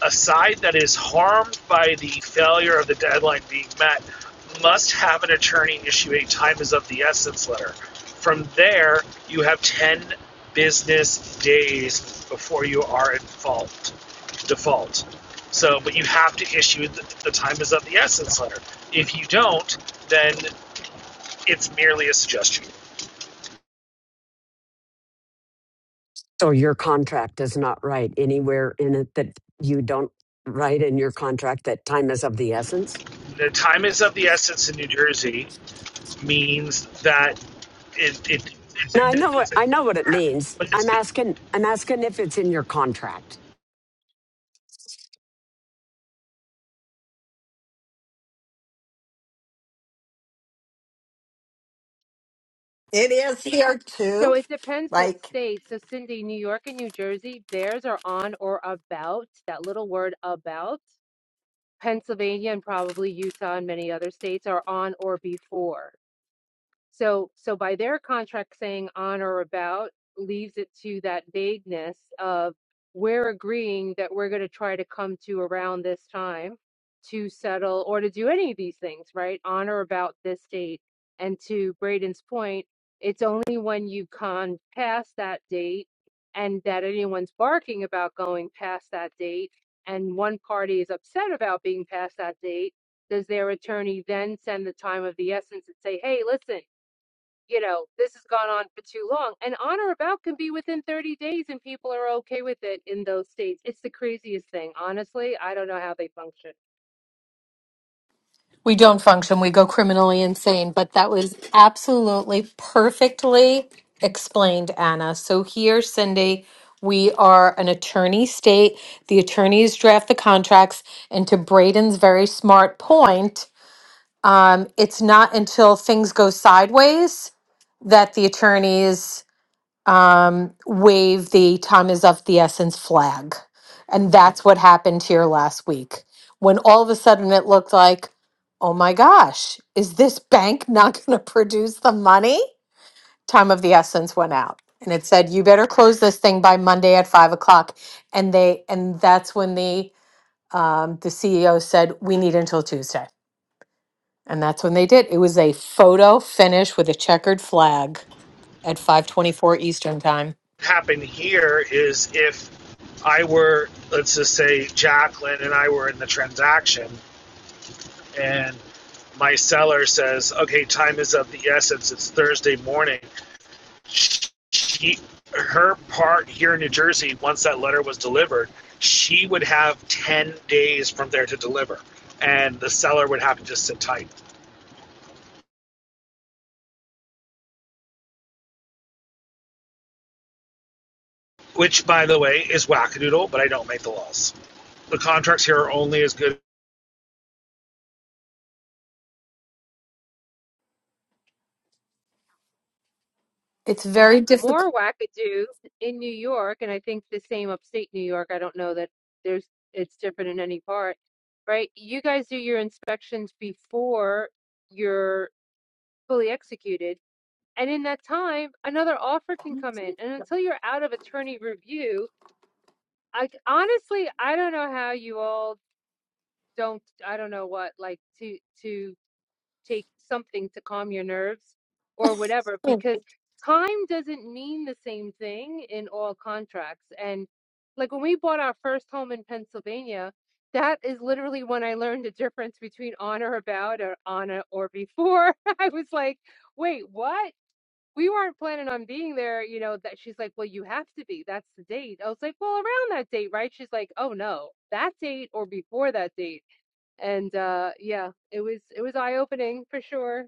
[SPEAKER 7] a side that is harmed by the failure of the deadline being met must have an attorney issue a time is of the essence letter. From there, you have 10 business days before you are in fault, default. So, but you have to issue the, the time is of the essence letter. If you don't, then it's merely a suggestion.
[SPEAKER 13] <laughs> so your contract does not write anywhere in it that you don't write in your contract that time is of the essence.
[SPEAKER 7] The time is of the essence in New Jersey means that it, it, it's, a,
[SPEAKER 13] Now I know what
[SPEAKER 7] it's, a,
[SPEAKER 13] I know what it means.
[SPEAKER 7] but
[SPEAKER 13] I'm
[SPEAKER 7] it's
[SPEAKER 13] asking. I'm asking if it's in your contract.
[SPEAKER 8] it is here
[SPEAKER 6] So
[SPEAKER 8] too.
[SPEAKER 6] it depends what
[SPEAKER 8] Like,
[SPEAKER 6] state. So Cindy, New York and New Jersey, theirs are on or about, that little word about. Pennsylvania and probably Utah and many other states are on or before. So, so by their contract saying on or about leaves it to that vagueness of we're agreeing that we're going to try to come to around this time to settle or to do any of these things, right? On or about this date. And to Braden's point, it's only when you con past that date and that anyone's barking about going past that date and one party is upset about being past that date does their attorney then send the time of the essence and say, hey, listen, you know, this has gone on for too long. And on or about can be within 30 days, and people are okay with it in those states. It's the craziest thing. Honestly, I don't know how they function.
[SPEAKER 11] We don't function, we go criminally insane. But that was absolutely perfectly explained, Anna. So here, Cindy, we are an attorney state. The attorneys draft the contracts. And to Braden's very smart point, um, it's not until things go sideways that the attorneys um, wave the time is of the essence flag. And that's what happened here last week when all of a sudden it looked like, oh my gosh, is this bank not <laughs> going to produce the money? Time of the essence went out. And it said, you better close this thing by Monday at five o'clock. And they, and that's when the, um, the CEO said, we need until Tuesday. And that's when they did. It was a photo finish with a checkered flag at 524 Eastern time.
[SPEAKER 7] happen here is if I were, let's just say, Jacqueline and I were in the transaction, and my seller says, "Okay, time is of the essence. It's Thursday morning." She, her part here in New Jersey, once that letter was delivered, she would have ten days from there to deliver, and the seller would have to just sit tight. Which, by the way, is wackadoodle, but I don't make the laws. The contracts here are only as good
[SPEAKER 11] It's very difficult.
[SPEAKER 6] More wackadoo in New York, and I think the same upstate New York. I don't know that there's it's different in any part, right? You guys do your inspections before you're fully executed. And in that time, another offer can come in. And until you're out of attorney review, I honestly, I don't know how you all don't I don't know what like to to take something to calm your nerves or whatever because time doesn't mean the same thing in all contracts and like when we bought our first home in Pennsylvania that is literally when I learned the difference between on or about or on a- or before <laughs> I was like wait what we weren't planning on being there you know that she's like well you have to be that's the date I was like well around that date right she's like oh no that date or before that date and uh yeah it was it was eye opening for sure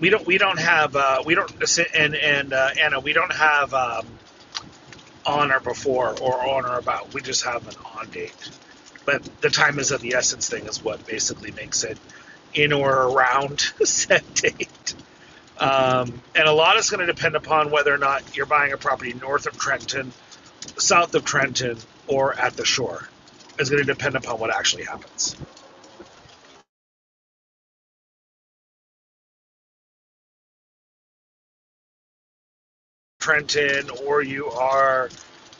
[SPEAKER 7] we don't we don't have uh, we don't and and uh, Anna we don't have um, on or before or on or about. We just have an on date, but the time is of the essence thing is what basically makes it in or around <laughs> set date. Um, and a lot is going to depend upon whether or not you're buying a property north of Trenton, south of Trenton, or at the shore. It's going to depend upon what actually happens. Trenton or you are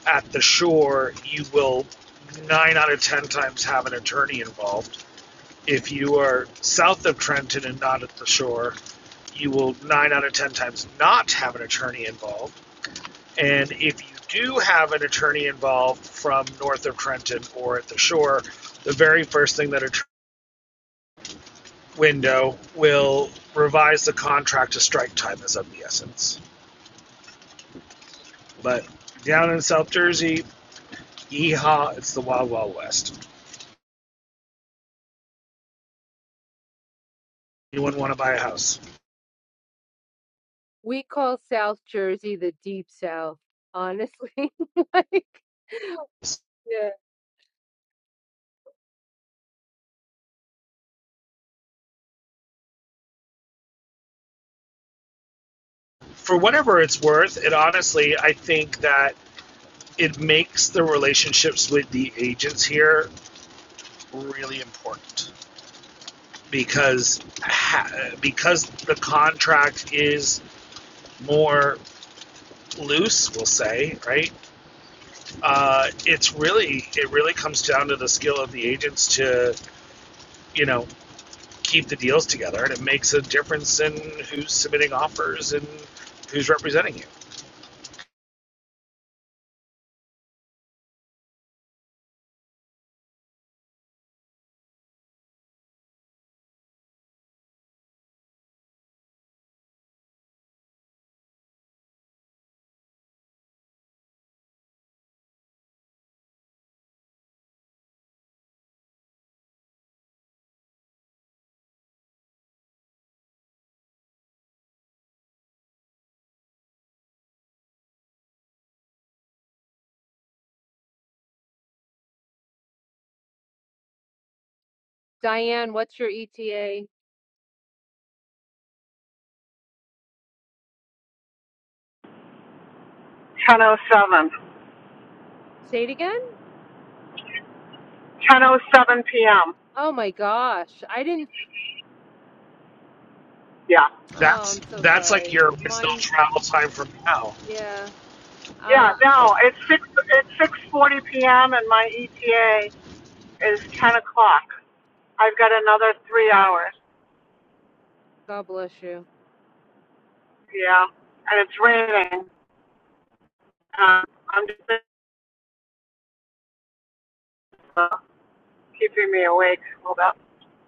[SPEAKER 7] at the shore, you will nine out of ten times have an attorney involved. If you are south of Trenton and not at the shore, you will nine out of ten times not have an attorney involved. And if you do have an attorney involved from north of Trenton or at the shore, the very first thing that a window will revise the contract to strike time is of the essence. But down in South Jersey, Yeehaw, it's the Wild Wild West. You wouldn't want to buy a house.
[SPEAKER 6] we call south jersey the deep south honestly <laughs> like yeah
[SPEAKER 7] For whatever it's worth, it honestly, I think that it makes the relationships with the agents here really important because because the contract is more loose, we'll say, right? Uh, it's really it really comes down to the skill of the agents to you know keep the deals together, and it makes a difference in who's submitting offers and who's representing you.
[SPEAKER 6] diane what's your eta
[SPEAKER 2] 10:07.
[SPEAKER 6] say it again
[SPEAKER 2] 10:07 p.m.
[SPEAKER 6] oh my gosh i didn't
[SPEAKER 2] Yeah.
[SPEAKER 6] oh
[SPEAKER 7] That's
[SPEAKER 6] i'm so
[SPEAKER 7] that's like
[SPEAKER 6] sorry
[SPEAKER 7] your wisdom
[SPEAKER 6] mine
[SPEAKER 7] travel time from now.
[SPEAKER 6] yeah
[SPEAKER 2] Yeah.
[SPEAKER 6] uh
[SPEAKER 7] Oh,
[SPEAKER 2] No, it's six. It's 6:40 p.m. and my ETA is 10 o'clock. I've got another three hours.
[SPEAKER 6] god bless you
[SPEAKER 2] Yeah, and it's raining. Um, I'm just. keeping me awake. Hold up.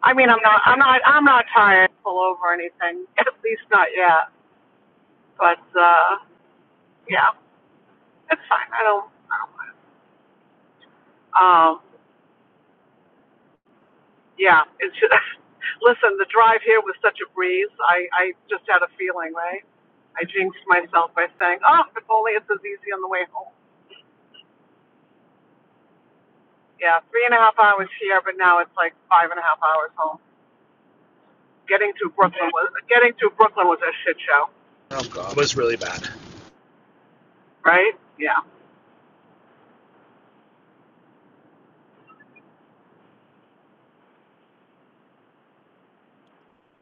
[SPEAKER 2] I mean, I'm not, I'm not, I'm not tired. to Pull over or anything. <laughs> At least not yet. But uh, yeah, it's fine. I don't. I don't Um, yeah. It's just, <laughs> listen. The drive here was such a breeze. I, I just had a feeling, right? I jinxed myself by saying, "Oh, if only it's as easy on the way home." Yeah, three and a half hours here, but now it's like five and a half hours home. Getting to Brooklyn was getting to Brooklyn was a shit show,
[SPEAKER 7] oh god, it was really bad.
[SPEAKER 2] right? Yeah.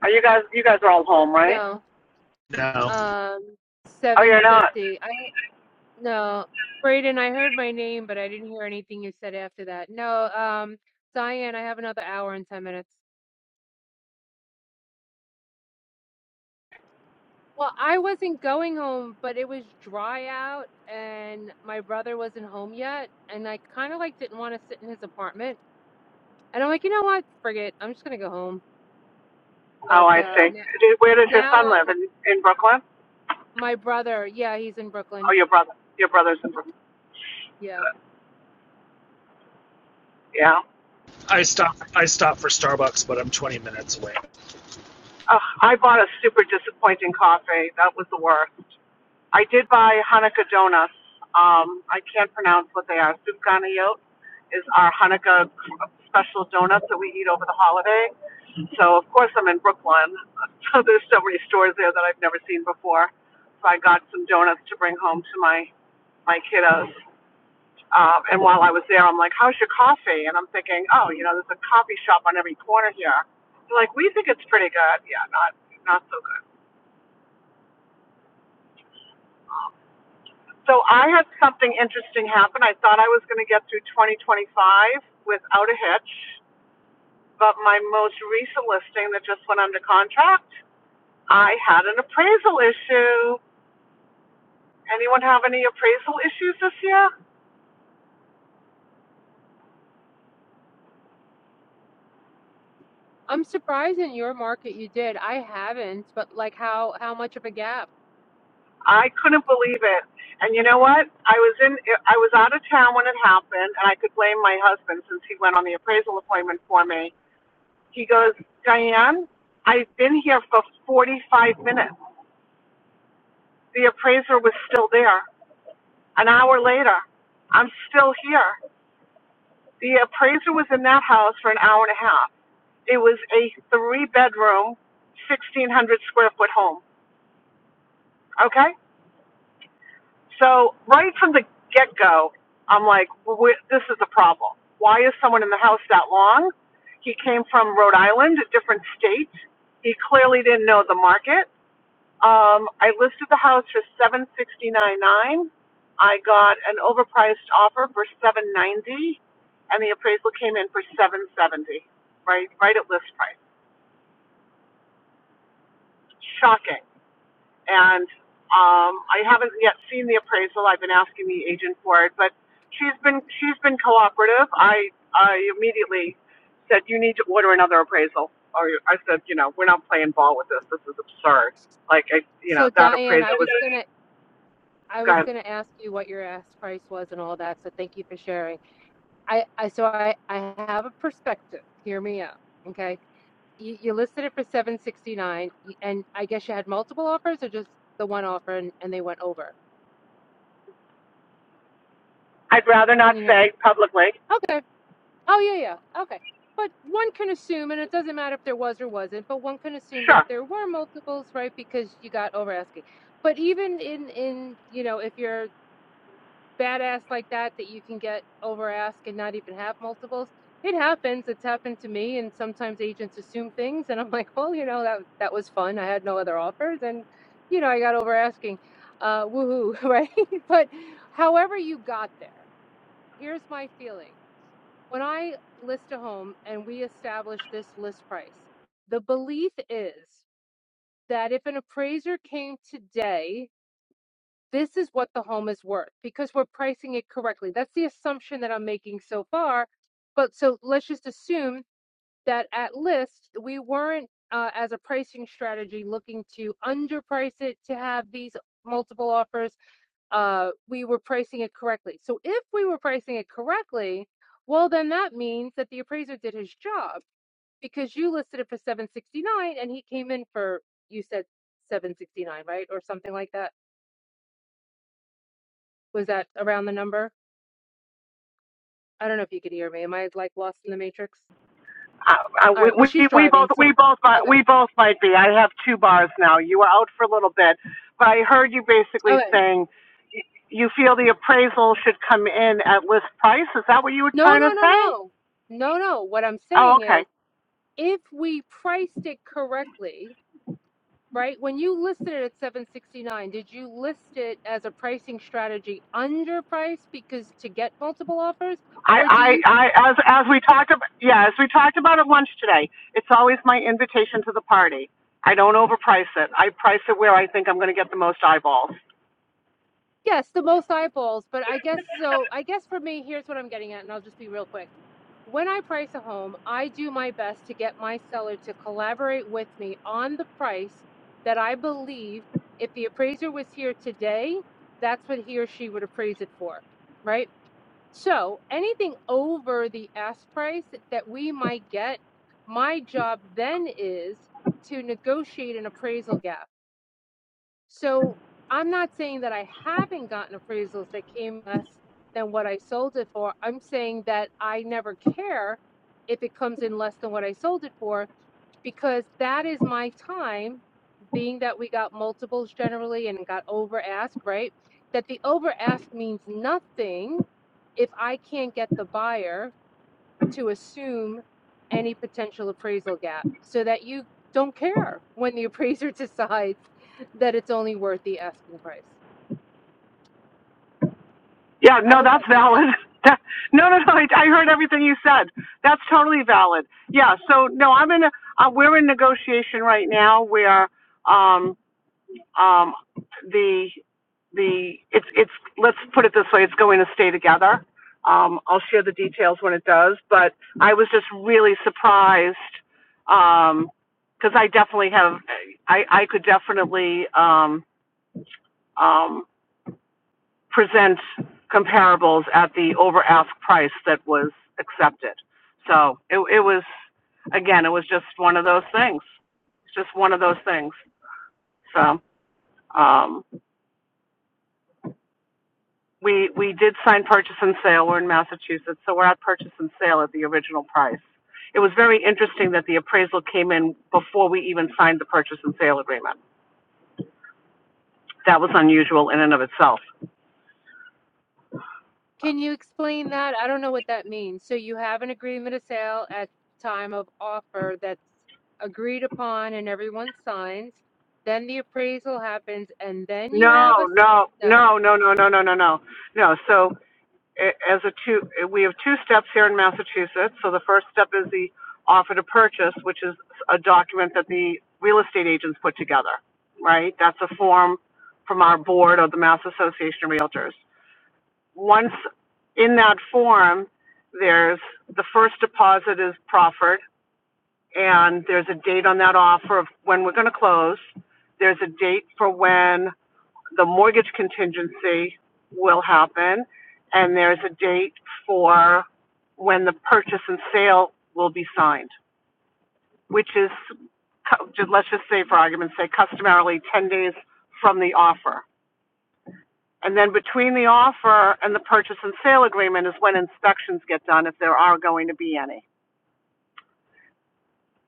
[SPEAKER 2] Are you guys? You guys are all home, right?
[SPEAKER 6] no
[SPEAKER 7] No,
[SPEAKER 6] um
[SPEAKER 2] Oh, you're not.
[SPEAKER 6] 750 i no braden i heard my name but i didn't hear anything you said after that no um diane i have another hour and 10 minutes Well, I wasn't going home, but it was dry out and my brother wasn't home yet. And I kind of like didn't want to sit in his apartment. And I'm like, you know what? Forget it. I'm just going to go home. But
[SPEAKER 2] Oh, I
[SPEAKER 6] uh,
[SPEAKER 2] see.
[SPEAKER 6] now,
[SPEAKER 2] Do- Where does your
[SPEAKER 6] now
[SPEAKER 2] son
[SPEAKER 6] um,
[SPEAKER 2] live? In in Brooklyn?
[SPEAKER 6] my brother, yeah, he's in Brooklyn.
[SPEAKER 2] Oh, your brother. Your brother's in
[SPEAKER 6] Mhm.
[SPEAKER 2] Brooklyn.
[SPEAKER 6] Yeah.
[SPEAKER 2] Yeah.
[SPEAKER 7] I stopped. I stopped for Starbucks, but I'm 20 minutes away.
[SPEAKER 2] Oh, I bought a super disappointing coffee. That was the worst. I did buy Hanukkah donuts. Um, I can't pronounce what they are. Sufganiyot is our Hanukkah special donuts that we eat over the holiday. So of course I'm in Brooklyn. <laughs> So there's so many stores there that I've never seen before. So I got some donuts to bring home to my my kiddos. Um, and while I was there, I'm like, how's your coffee? And I'm thinking, oh, you know, there's a coffee shop on every corner here. They're like, we think it's pretty good. Yeah, not not so good. Um, so I had something interesting happen. I thought I was going to get through 2025 without a hitch, but my most recent listing that just went under contract, I had an appraisal issue. Anyone have any appraisal issues this year?
[SPEAKER 6] I'm surprised in your market you did. I haven't, but like how how much of a gap?
[SPEAKER 2] I couldn't believe it. And you know what? I was in I was out of town when it happened and I could blame my husband since he went on the appraisal appointment for me. He goes, "Diane, I've been here for 45 minutes. The appraiser was still there. An hour later, I'm still here. The appraiser was in that house for an hour and a half. It was a three bedroom, 1600 square foot home. Okay? So right from the get go, I'm like, well, this is a problem. Why is someone in the house that long? He came from Rhode Island, a different state. He clearly didn't know the market. Um, I listed the house for seven sixty nine nine. I got an overpriced offer for seven ninety, and the appraisal came in for seven seventy. Right, right at list price. Shocking and um, I haven't yet seen the appraisal. I've been asking the agent for it, but she's been she's been cooperative. I I immediately said you need to order another appraisal, or I said you know we're not playing ball with this. This is absurd. Like I you know
[SPEAKER 6] So
[SPEAKER 2] that
[SPEAKER 6] Diane,
[SPEAKER 2] appraisal
[SPEAKER 6] I
[SPEAKER 2] was
[SPEAKER 6] was gonna I was
[SPEAKER 2] gone.
[SPEAKER 6] gonna ask you what your ask price was and all that. So thank you for sharing. I, I so I, I have a perspective. Hear me out. Okay. You, you listed it for 769 and I guess you had multiple offers or just the one offer and, and they went over.
[SPEAKER 2] I'd rather
[SPEAKER 6] Can
[SPEAKER 2] not
[SPEAKER 6] you hear me?
[SPEAKER 2] say publicly.
[SPEAKER 6] Okay. Oh yeah, yeah. Okay. But one can assume, and it doesn't matter if there was or wasn't, but one can assume that
[SPEAKER 2] Sure.
[SPEAKER 6] there were multiples, right? Because you got over asking. But even in in you know, if you're badass like that that you can get over ask and not even have multiples. It happens. It's happened to me, and sometimes agents assume things, and I'm like, well, you know, that that was fun. I had no other offers, and you know, I got over asking. Uh, woohoo, <laughs> right? <laughs> but however you got there, here's my feeling. When I list a home and we establish this list price, the belief is that if an appraiser came today this is what the home is worth because we're pricing it correctly. That's the assumption that I'm making so far. But so let's just assume that at list, we weren't, uh, as a pricing strategy, looking to underprice it to have these multiple offers. Uh, we were pricing it correctly. So if we were pricing it correctly, well, then that means that the appraiser did his job because you listed it for 769 and he came in for, you said 769, right? Or something like that. Was that around the number? I don't know if you could hear me. Am I like lost in the matrix?
[SPEAKER 2] Uh, uh,
[SPEAKER 6] All
[SPEAKER 2] we,
[SPEAKER 6] right. Well,
[SPEAKER 2] we
[SPEAKER 6] she's
[SPEAKER 2] we
[SPEAKER 6] driving.
[SPEAKER 2] both
[SPEAKER 6] So,
[SPEAKER 2] we both
[SPEAKER 6] okay.
[SPEAKER 2] we both might be. I have two bars now. You were out for a little bit, but I heard you basically
[SPEAKER 6] Okay.
[SPEAKER 2] saying you feel the appraisal should come in at list price? Is that what you were
[SPEAKER 6] No,
[SPEAKER 2] trying
[SPEAKER 6] no,
[SPEAKER 2] to
[SPEAKER 6] no,
[SPEAKER 2] say?
[SPEAKER 6] no. No, no. What I'm
[SPEAKER 2] Oh,
[SPEAKER 6] saying
[SPEAKER 2] okay.
[SPEAKER 6] is if we priced it correctly, right? When you listed it at 769, did you list it as a pricing strategy underpriced because to get multiple offers?
[SPEAKER 2] I,
[SPEAKER 6] Or do
[SPEAKER 2] I,
[SPEAKER 6] you
[SPEAKER 2] I, as, as we talked about, yeah, as we talked about at lunch today, it's always my invitation to the party. I don't overprice it. I price it where I think I'm going to get the most eyeballs.
[SPEAKER 6] Yes, the most eyeballs, but I guess so. I guess for me, here's what I'm getting at, and I'll just be real quick. When I price a home, I do my best to get my seller to collaborate with me on the price that I believe if the appraiser was here today, that's what he or she would appraise it for, right? So anything over the ask price that we might get, my job then is to negotiate an appraisal gap. So I'm not saying that I haven't gotten appraisals that came less than what I sold it for. I'm saying that I never care if it comes in less than what I sold it for because that is my time, being that we got multiples generally and got over ask, right? That the over ask means nothing if I can't get the buyer to assume any potential appraisal gap so that you don't care when the appraiser <laughs> decides that it's only worth the asking price.
[SPEAKER 2] Yeah,
[SPEAKER 6] I
[SPEAKER 2] no,
[SPEAKER 6] hope
[SPEAKER 2] that's
[SPEAKER 6] that makes sense.
[SPEAKER 2] valid. <laughs> no, no, no. I, I heard everything you said. That's totally valid. Yeah. So no, I'm in. A, uh, we're in negotiation right now where um, um, the, the, it's, it's, let's put it this way, it's going to stay together. Um, I'll share the details when it does, but I was just really surprised, because um, cause I definitely have, I, I could definitely, um, um, present comparables at the over ask price that was accepted. So it, it was, again, it was just one of those things. It's just one of those things. So, um, We, we did sign purchase and sale. We're in Massachusetts, so we're at purchase and sale at the original price. It was very interesting that the appraisal came in before we even signed the purchase and sale agreement. That was unusual in and of itself.
[SPEAKER 6] Can you explain that? I don't know what that means. So you have an agreement of sale at time of offer that's agreed upon and everyone signs. Then the appraisal happens and then you have a
[SPEAKER 2] No, no,
[SPEAKER 6] no,
[SPEAKER 2] no, no, no, no, no, no, no. No, so as a two, we have two steps here in Massachusetts. So the first step is the offer to purchase, which is a document that the real estate agents put together, right? That's a form from our board or the Mass Association of Realtors. once in that form, there's the first deposit is proffered, and there's a date on that offer of when we're going to close. There's a date for when the mortgage contingency will happen, and there's a date for when the purchase and sale will be signed, which is, let's just say for argument's sake, customarily 10 days from the offer. And then between the offer and the purchase and sale agreement is when inspections get done, if there are going to be any.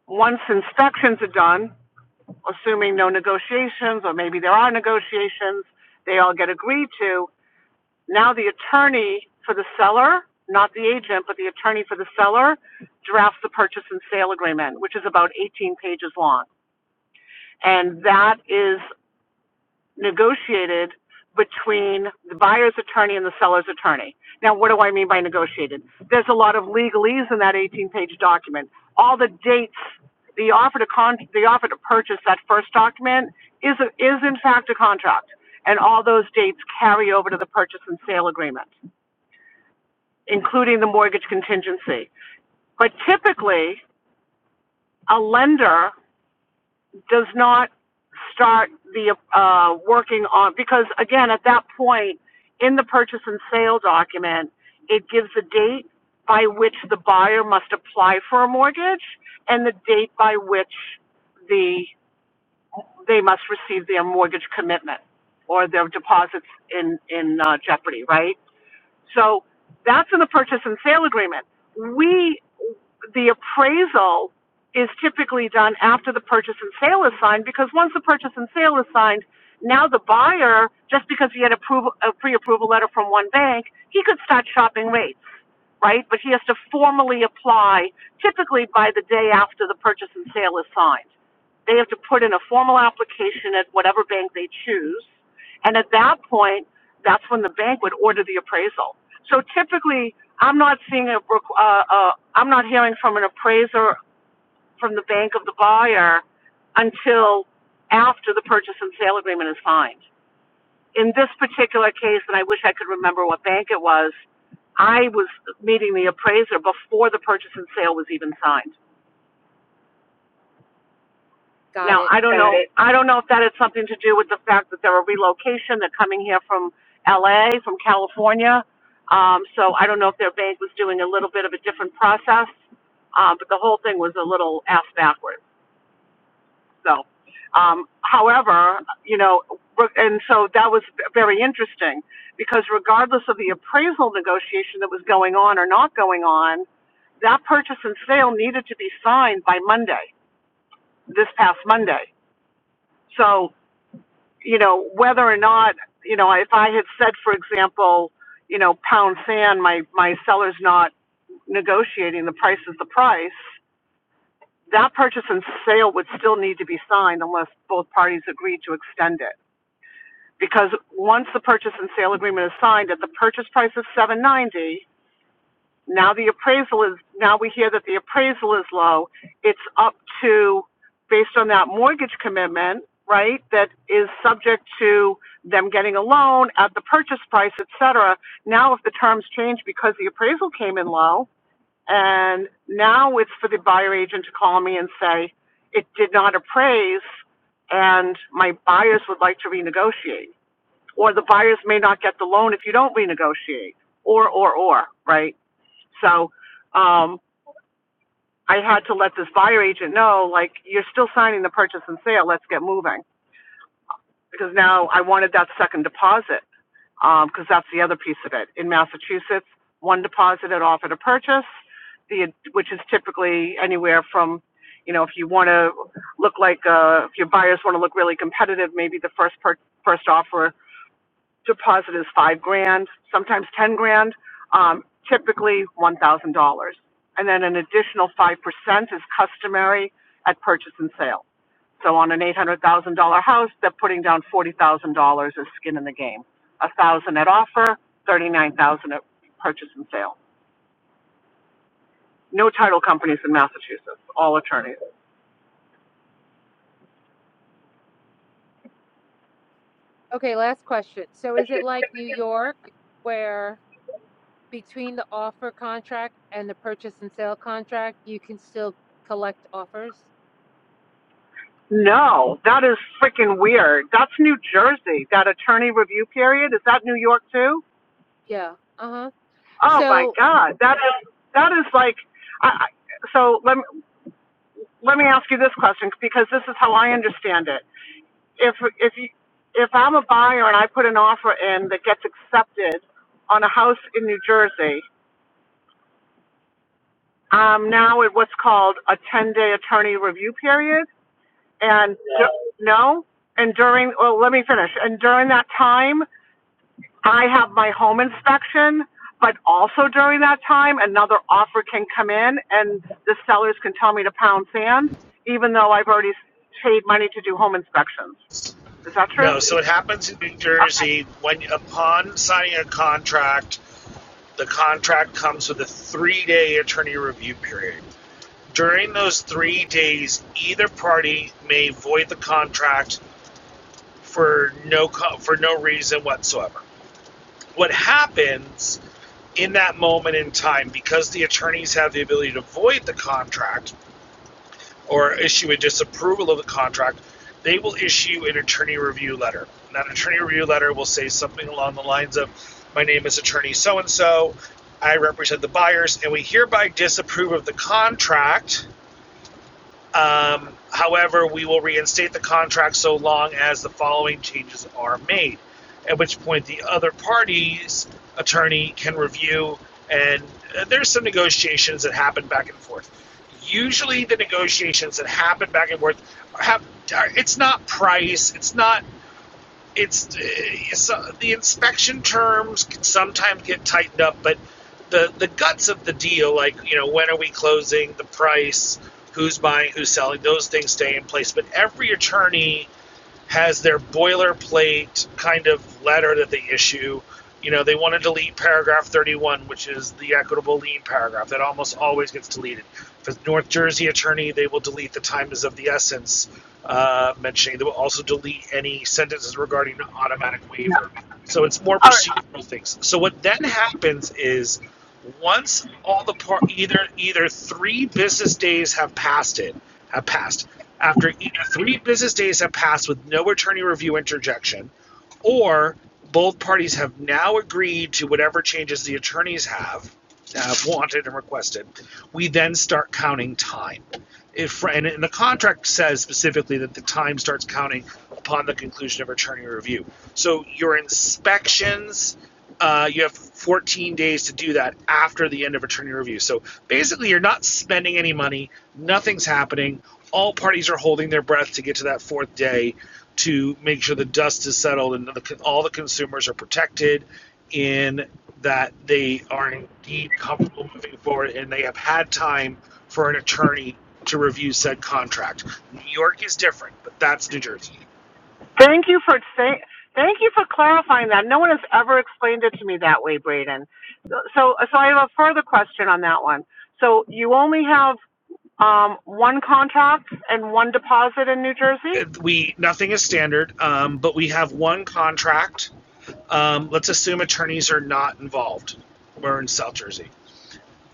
[SPEAKER 2] Once inspections are done, assuming no negotiations, or maybe there are negotiations, they all get agreed to, now the attorney for the seller, not the agent, but the attorney for the seller drafts the purchase and sale agreement, which is about 18 pages long. And that is negotiated between the buyer's attorney and the seller's attorney. Now, what do I mean by negotiated? There's a lot of legalese in that 18-page document. All the dates, the offer to con, the offer to purchase that first document is, a, is in fact a contract. And all those dates carry over to the purchase and sale agreement, including the mortgage contingency. But typically, a lender does not start the uh, working on because again at that point in the purchase and sale document it gives a date by which the buyer must apply for a mortgage and the date by which the they must receive their mortgage commitment or their deposits in in uh, jeopardy right so that's in the purchase and sale agreement. We, the appraisal is typically done after the purchase and sale is signed because once the purchase and sale is signed, now the buyer, just because he had a pre-approval letter from one bank, he could start shopping rates right? But he has to formally apply, typically by the day after the purchase and sale is signed. They have to put in a formal application at whatever bank they choose, and at that point, that's when the bank would order the appraisal. So typically, I'm not seeing a, uh, uh, I'm not hearing from an appraiser from the bank of the buyer until after the purchase and sale agreement is signed in this particular case, and I wish I could remember what bank it was, I was meeting the appraiser before the purchase and sale was even signed.
[SPEAKER 6] got
[SPEAKER 2] Now,
[SPEAKER 6] it.
[SPEAKER 2] I don't know, I don't know if that had something to do with the fact that they're a relocation, they're coming here from LA, from California. Um, so I don't know if their bank was doing a little bit of a different process, um, but the whole thing was a little ass backwards. So, um, however, you know, and so that was very interesting because regardless of the appraisal negotiation that was going on or not going on, that purchase and sale needed to be signed by Monday, this past Monday. So, you know, whether or not, you know, if I had said, for example, you know, pound sand, my, my seller's not negotiating, the price is the price, that purchase and sale would still need to be signed unless both parties agreed to extend it. because once the purchase and sale agreement is signed at the purchase price of seven ninety, now the appraisal is, now we hear that the appraisal is low. It's up to, based on that mortgage commitment, right, that is subject to them getting a loan at the purchase price, et cetera. Now, if the terms change because the appraisal came in low, and now it's for the buyer agent to call me and say, it did not appraise, and my buyers would like to renegotiate or the buyers may not get the loan if you don't renegotiate, or, or, or, right? So, um, I had to let this buyer agent know, like, you're still signing the purchase and sale, let's get moving. Because now I wanted that second deposit, um, because um, that's the other piece of it. In Massachusetts, one deposit at offer to purchase, the, which is typically anywhere from, you know, if you want to look like, uh, if your buyers want to look really competitive, maybe the first per, first offer deposit is five grand, sometimes ten grand, um, typically one thousand dollars. And then an additional five percent is customary at purchase and sale. So on an eight hundred thousand dollar house, they're putting down forty thousand dollars as skin in the game. A thousand at offer, thirty nine thousand at purchase and sale. No title companies in Massachusetts, all attorneys.
[SPEAKER 6] Okay, last question. So is it like New York where between the offer contract and the purchase and sale contract, you can still collect offers.
[SPEAKER 2] No, that is freaking weird. That's New Jersey. That attorney review period, is that New York too?
[SPEAKER 6] Yeah. Uh-huh.
[SPEAKER 2] Oh my
[SPEAKER 6] So
[SPEAKER 2] God, that is that is like. I, I- so let me, let me ask you this question because this is how I understand it. If if you, if I'm a buyer and I put an offer in that gets accepted on a house in New Jersey, I'm now at what's called a 10-day attorney review period, and du- no, and during well, let me finish. And during that time, I have my home inspection, but also during that time, another offer can come in and the sellers can tell me to pound sand, even though I've already paid money to do home inspections. Is that true?
[SPEAKER 7] No, so it happens in New
[SPEAKER 2] Okay.
[SPEAKER 7] Jersey when upon signing a contract, the contract comes with a three-day attorney review period. During those three days, either party may void the contract for no co- for no reason whatsoever. what happens in that moment in time, because the attorneys have the ability to void the contract or issue a disapproval of the contract, they will issue an attorney review letter. And that attorney review letter will say something along the lines of, My name is attorney so and so, I represent the buyers, and we hereby disapprove of the contract um, however, we will reinstate the contract so long as the following changes are made, at which point the other party's attorney can review, and uh, there's some negotiations that happen back and forth. Usually, the negotiations that happen back and forth have uh, it's not price, it's not it's, it's so the inspection terms can sometimes get tightened up, but the the guts of the deal, like you know, when are we closing, the price, who's buying, who's selling, those things stay in place. But every attorney has their boilerplate kind of letter that they issue. You know, they want to delete paragraph 31, which is the equitable lien paragraph. That almost always gets deleted. For the North Jersey attorney, they will delete the time is of the essence uh, mentioning. They will also delete any sentences regarding automatic waiver. So it's more procedural things. So what then happens is once all the par- either either three business days have passed it have passed after either three business days have passed with no attorney review interjection, or both parties have now agreed to whatever changes the attorneys have have wanted and requested. We then start counting time if and the contract says specifically that the time starts counting upon the conclusion of attorney review. So your inspections, uh, you have 14 days to do that after the end of attorney review. So basically, you're not spending any money. Nothing's happening. All parties are holding their breath to get to that fourth day to make sure the dust is settled and the, all the consumers are protected in that they are indeed comfortable moving forward and they have had time for an attorney to review said contract. New York is different, but that's New Jersey.
[SPEAKER 2] Thank you for saying, thank you for clarifying that. No one has ever explained it to me that way, Braden. So, so I have a further question on that one. So you only have, um, one contract and one deposit in New
[SPEAKER 7] Uh,
[SPEAKER 2] Jersey?
[SPEAKER 7] We nothing is standard, um, but we have one contract. Um, let's assume attorneys are not involved. We're in South Jersey.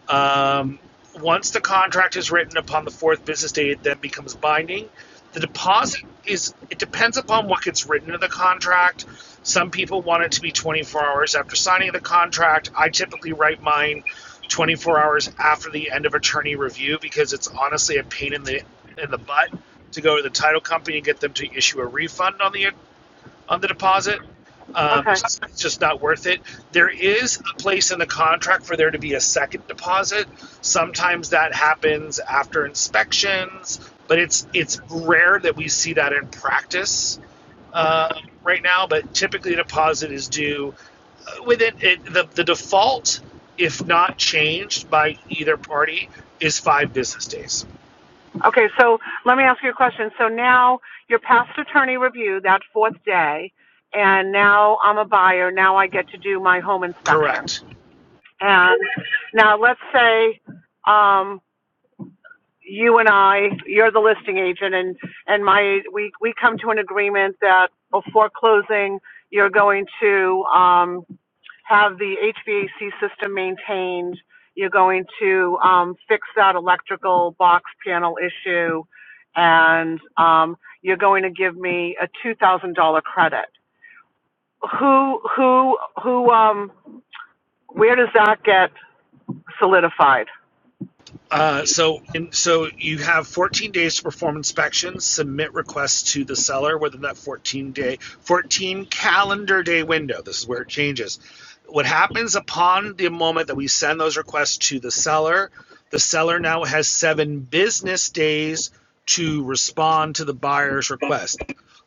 [SPEAKER 7] Um, once the contract is written upon the fourth business day, it then becomes binding. The deposit is, it depends upon what gets written in the contract. Some people want it to be 24 hours after signing the contract. I typically write mine 24 hours after the end of attorney review because it's honestly a pain in the in the butt to go to the title company and get them to issue a refund on the on the deposit. Um,
[SPEAKER 2] Okay,
[SPEAKER 7] it's, it's just not worth it. There is a place in the contract for there to be a second deposit. Sometimes that happens after inspections, but it's it's rare that we see that in practice
[SPEAKER 2] Okay.
[SPEAKER 7] uh, right now. But typically, a deposit is due uh, within it, the the default, if not changed by either party, is five business days.
[SPEAKER 2] Okay, so let me ask you a question. So now you're past attorney review, that fourth day, and now I'm a buyer. Now I get to do my home inspection.
[SPEAKER 7] Correct.
[SPEAKER 2] And now let's say um, you and I, you're the listing agent, and, and my, we, we come to an agreement that before closing, you're going to, um, have the HVAC system maintained. You're going to, um, fix that electrical box panel issue, and, um, you're going to give me a two thousand dollar credit. Who, who, who, um, where does that get solidified? <laughs>
[SPEAKER 7] Uh, so, and so you have 14 days to perform inspections, submit requests to the seller within that 14 day, 14 calendar day window. This is where it changes. What happens upon the moment that we send those requests to the seller, the seller now has seven business days to respond to the buyer's request.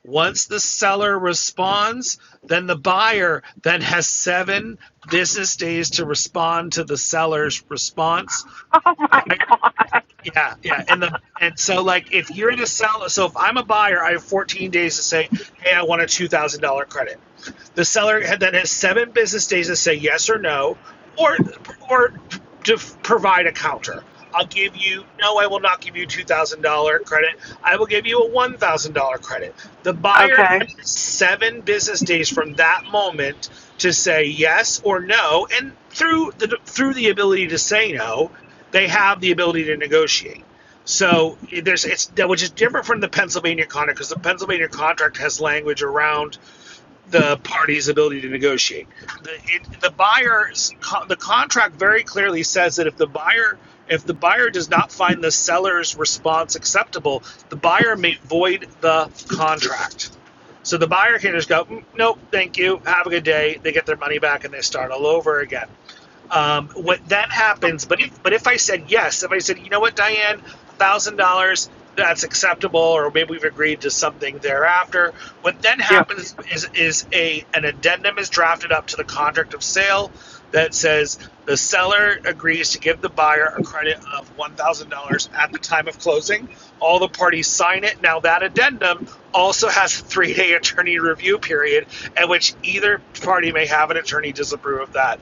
[SPEAKER 7] Once the seller responds, then the buyer then has seven business days to respond to the seller's response.
[SPEAKER 2] Oh my
[SPEAKER 7] Buyer
[SPEAKER 2] God.
[SPEAKER 7] yeah, yeah, and the and so like if you're in a seller, so if I'm a buyer, I have 14 days to say, hey, I want a two thousand dollar credit. The seller then has seven business days to say yes or no, or or to provide a counter. I'll give you no, I will not give you two thousand dollar credit. I will give you a one thousand dollar credit. The buyer
[SPEAKER 2] Okay.
[SPEAKER 7] then has seven business days from that moment to say yes or no, and through the through the ability to say no, they have the ability to negotiate. So there's it's that which is different from the Pennsylvania contract because the Pennsylvania contract has language around the party's ability to negotiate. The, it, the buyer's the contract very clearly says that if the buyer if the buyer does not find the seller's response acceptable, the buyer may void the contract. So the buyer can just go, "Mm, nope, thank you, have a good day. They get their money back and they start all over again. Um, what that happens, but if but if I said yes, if I said, you know what, Diane, one thousand dollars, that's acceptable, or maybe we've agreed to something thereafter. What then
[SPEAKER 2] Yeah.
[SPEAKER 7] happens is is a an addendum is drafted up to the contract of sale that says the seller agrees to give the buyer a credit of one thousand dollars at the time of closing. All the parties sign it. Now that addendum also has a three day attorney review period at which either party may have an attorney disapprove of that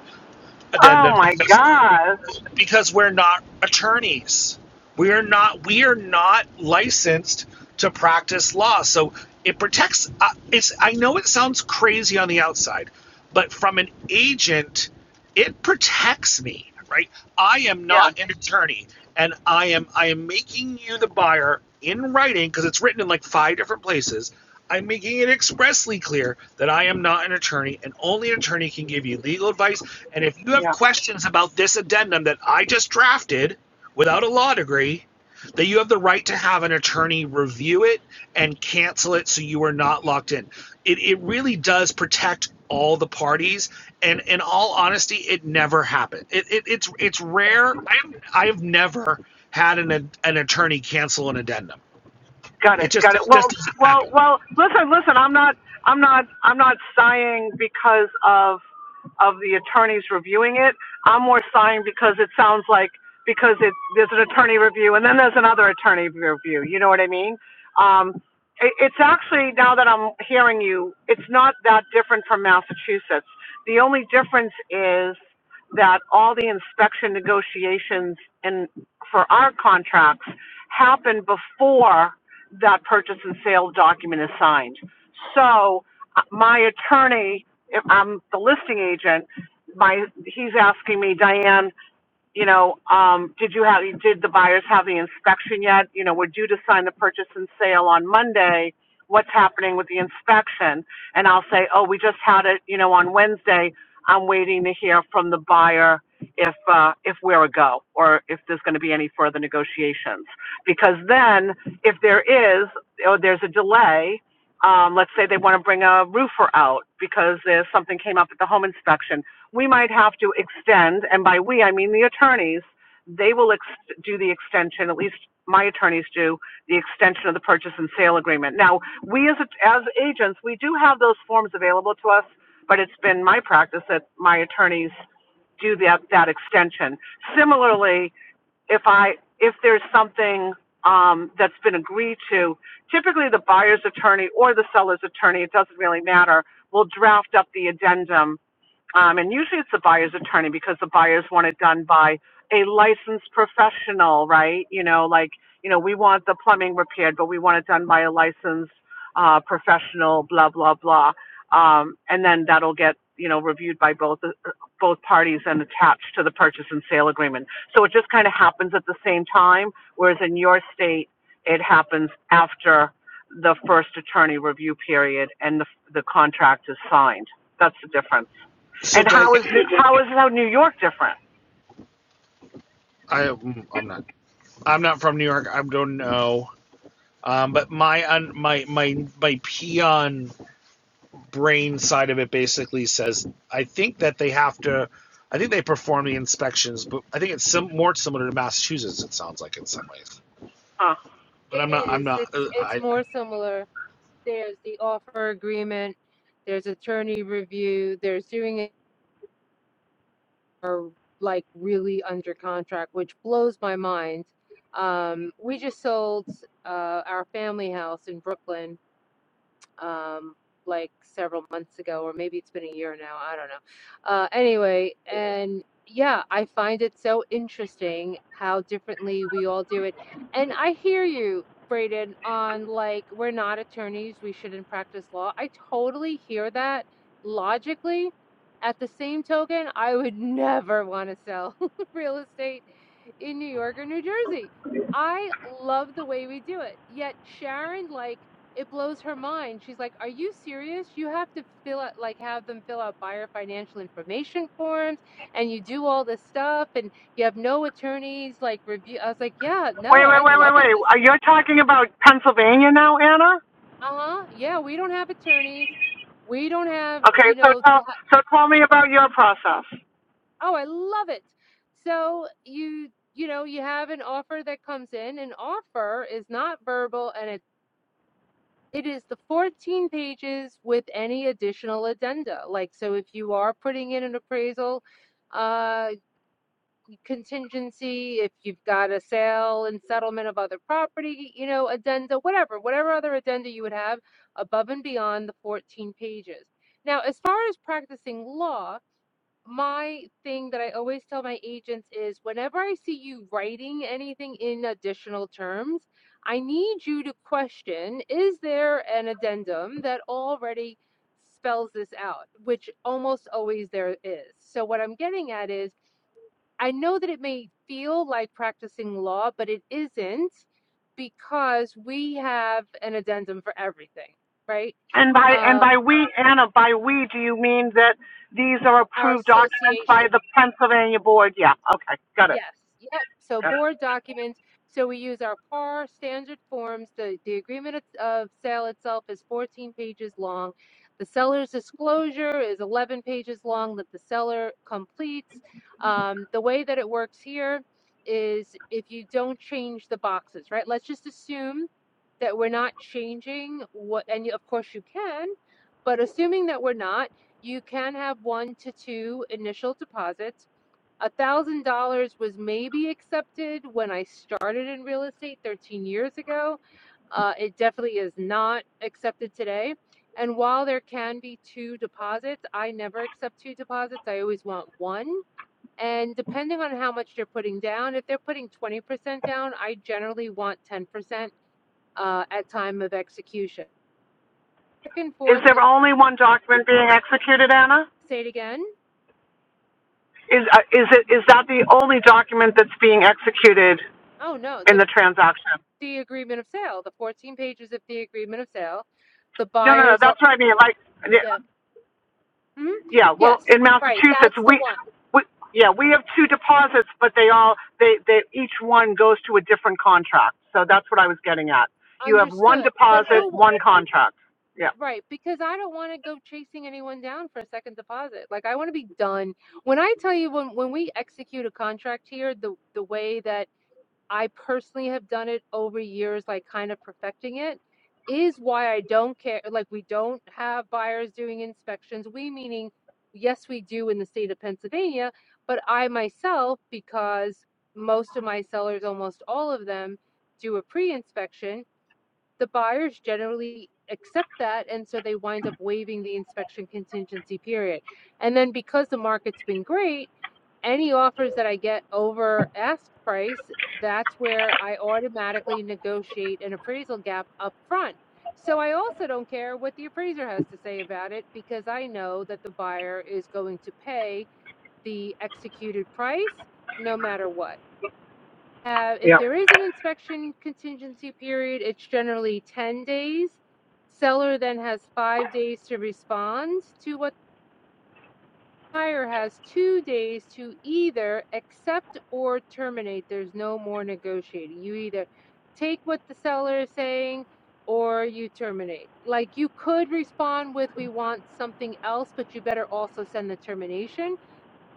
[SPEAKER 2] Oh
[SPEAKER 7] addendum
[SPEAKER 2] my
[SPEAKER 7] because,
[SPEAKER 2] God.
[SPEAKER 7] because we're not attorneys. We are not we are not licensed to practice law. So it protects uh, it's I know it sounds crazy on the outside, but from an agent it protects me, right? I am
[SPEAKER 2] Yeah,
[SPEAKER 7] not an attorney and I am I am making you the buyer in writing because it's written in like five different places I'm making it expressly clear that I am not an attorney, and only an attorney can give you legal advice. And if you
[SPEAKER 2] yeah.
[SPEAKER 7] have questions about this addendum that I just drafted without a law degree, that you have the right to have an attorney review it and cancel it so you are not locked in. It, it really does protect all the parties. And in all honesty, it never happened. It, it, it's it's rare. I have, I have never had an, an attorney cancel an addendum.
[SPEAKER 2] Got it.
[SPEAKER 7] It just,
[SPEAKER 2] Got it.
[SPEAKER 7] it just
[SPEAKER 2] Well,
[SPEAKER 7] doesn't
[SPEAKER 2] well,
[SPEAKER 7] happen.
[SPEAKER 2] well. Listen, listen. I'm not. I'm not. I'm not sighing because of of the attorneys reviewing it. I'm more sighing because it sounds like because it there's an attorney review and then there's another attorney review. You know what I mean? Um, it, it's actually now that I'm hearing you, it's not that different from Massachusetts. The only difference is that all the inspection negotiations in for our contracts happen before that purchase and sale document is signed. So uh, my attorney, if I'm the listing agent, my, he's asking me, Diane, you know, um, did you have, did the buyers have the inspection yet? You know, we're due to sign the purchase and sale on Monday. What's happening with the inspection? And I'll say, oh, we just had it, you know, on Wednesday. I'm waiting to hear from the buyer if, uh, if we're a go or if there's going to be any further negotiations. Because then if there is, or there's a delay, um, let's say they want to bring a roofer out because there's something came up at the home inspection we might have to extend, and by we, I mean the attorneys, they will ex- do the extension, at least my attorneys do, the extension of the purchase and sale agreement. Now, we as, as agents, we do have those forms available to us, but it's been my practice that my attorneys do that, that extension. Similarly, if I, if there's something, um, that's been agreed to, typically the buyer's attorney or the seller's attorney, it doesn't really matter, will draft up the addendum um, and usually it's the buyer's attorney because the buyers want it done by a licensed professional, right? You know, like, you know, we want the plumbing repaired, but we want it done by a licensed uh, professional, blah, blah, blah. Um, and then that'll get, you know, reviewed by both, uh, both parties and attached to the purchase and sale agreement. So it just kind of happens at the same time, whereas in your state, it happens after the first attorney review period and the, the contract is signed. That's the difference.
[SPEAKER 7] So,
[SPEAKER 2] And
[SPEAKER 7] Diane.
[SPEAKER 2] how is New- how is how New York different?
[SPEAKER 7] I I'm not I'm not from New York. I don't know. Um, but my un, my my my peon brain side of it basically says I think that they have to. I think they perform the inspections, but I think it's sim- more similar to Massachusetts. It sounds like in some ways,
[SPEAKER 2] Huh.
[SPEAKER 7] but
[SPEAKER 6] it
[SPEAKER 7] I'm not. I'm
[SPEAKER 6] is.
[SPEAKER 7] not.
[SPEAKER 6] It's
[SPEAKER 7] Uh,
[SPEAKER 6] it's
[SPEAKER 7] I
[SPEAKER 6] more similar. There's the offer agreement, there's attorney review, there's doing it or like really under contract, which blows my mind. Um, we just sold uh, our family house in Brooklyn um, like several months ago, or maybe it's been a year now. I don't know. Uh, anyway, and yeah, I find it so interesting how differently we all do it. And I hear you, Braden, on like, we're not attorneys, we shouldn't practice law. I totally hear that logically. At the same token, I would <laughs> never want to sell <laughs> real estate in New York or New Jersey. I love the way we do it. Yet Sharon like it blows her mind. She's like, "Are you serious? You have to fill out like have them fill out buyer financial information forms, and you do all this stuff, and you have no attorneys like review." I was like, "Yeah, no,
[SPEAKER 2] Wait,
[SPEAKER 6] I
[SPEAKER 2] wait, wait,
[SPEAKER 6] love
[SPEAKER 2] wait,
[SPEAKER 6] it.
[SPEAKER 2] wait.
[SPEAKER 6] This,
[SPEAKER 2] Are you talking about Pennsylvania now, Anna?
[SPEAKER 6] uh huh, yeah, we don't have attorneys, we don't have
[SPEAKER 2] Okay,
[SPEAKER 6] you
[SPEAKER 2] so
[SPEAKER 6] know
[SPEAKER 2] tell
[SPEAKER 6] to ha-
[SPEAKER 2] so tell me about your process.
[SPEAKER 6] oh, I love it." So you you know you have an offer that comes in. An offer is not verbal, and it's It is the 14 pages with any additional addenda. Like, so if you are putting in an appraisal uh, contingency, if you've got a sale and settlement of other property, you know, addenda, whatever, whatever other addenda you would have above and beyond the 14 pages. Now, as far as practicing law, my thing that I always tell my agents is whenever I see you writing anything in additional terms, I need you to question is there an addendum that already spells this out, which almost always there is. So, what I'm getting at is I know that it may feel like practicing law, but it isn't because we have an addendum for everything, right?
[SPEAKER 2] And by and
[SPEAKER 6] Uh,
[SPEAKER 2] by we, Anna, by we, do you mean that these are
[SPEAKER 6] our
[SPEAKER 2] approved documents by
[SPEAKER 6] association.
[SPEAKER 2] the Pennsylvania board? Yeah. Okay, got it.
[SPEAKER 6] Yes, yep. So
[SPEAKER 2] Got
[SPEAKER 6] board documents. So we use our PAR standard forms. The, the agreement of of sale itself is 14 pages long. The seller's disclosure is 11 pages long that the seller completes. Um, the way that it works here is if you don't change the boxes, right? Let's just assume that we're not changing what, and you- of course you can, but assuming that we're not, you can have one to two initial deposits a thousand dollars was maybe accepted when I started in real estate 13 years ago. Uh, it definitely is not accepted today. And while there can be two deposits, I never accept two deposits. I always want one. And depending on how much they're putting down, if they're putting 20% down, I generally want 10% uh, at time of execution. Back and
[SPEAKER 2] it. Is
[SPEAKER 6] forth,
[SPEAKER 2] there only one document being executed, Anna?
[SPEAKER 6] say it again.
[SPEAKER 2] Is uh, is it is that the only document that's being executed
[SPEAKER 6] Oh no,
[SPEAKER 2] in
[SPEAKER 6] the
[SPEAKER 2] the transaction?
[SPEAKER 6] the agreement of sale, the 14 pages of the agreement of sale. The
[SPEAKER 2] No, no, no.
[SPEAKER 6] buyers are
[SPEAKER 2] That's what I mean. Like,
[SPEAKER 6] yeah Hmm?
[SPEAKER 2] Yeah, well,
[SPEAKER 6] Yes,
[SPEAKER 2] in
[SPEAKER 6] right.
[SPEAKER 2] Massachusetts,
[SPEAKER 6] That's the
[SPEAKER 2] we,
[SPEAKER 6] one.
[SPEAKER 2] we, yeah, we have two deposits, but they all, they, they, each one goes to a different contract. So that's what I was getting at. You have one
[SPEAKER 6] Understood. But
[SPEAKER 2] deposit,
[SPEAKER 6] who,
[SPEAKER 2] one contract. Yeah,
[SPEAKER 6] right? Because I don't want to go chasing anyone down for a second deposit. Like I want to be done. When I tell you when when we execute a contract here, the the way that I personally have done it over years, like kind of perfecting it, is why I don't care. Like, we don't have buyers doing inspections. We, meaning, yes, we do in the state of Pennsylvania, but I myself, because most of my sellers, almost all of them, do a pre inspection, the buyers generally accept that. And so they wind up waiving the inspection contingency period. And then because the market's been great, any offers that I get over ask price, that's where I automatically negotiate an appraisal gap up front. So I also don't care what the appraiser has to say about it because I know that the buyer is going to pay the executed price no matter what. Uh, if
[SPEAKER 2] yeah,
[SPEAKER 6] there is an inspection contingency period, it's generally 10 days. Seller then has five days to respond to what Hire has two days to either accept or terminate. There's no more negotiating. You either take what the seller is saying or you terminate. Like you could respond with, we want something else, but you better also send the termination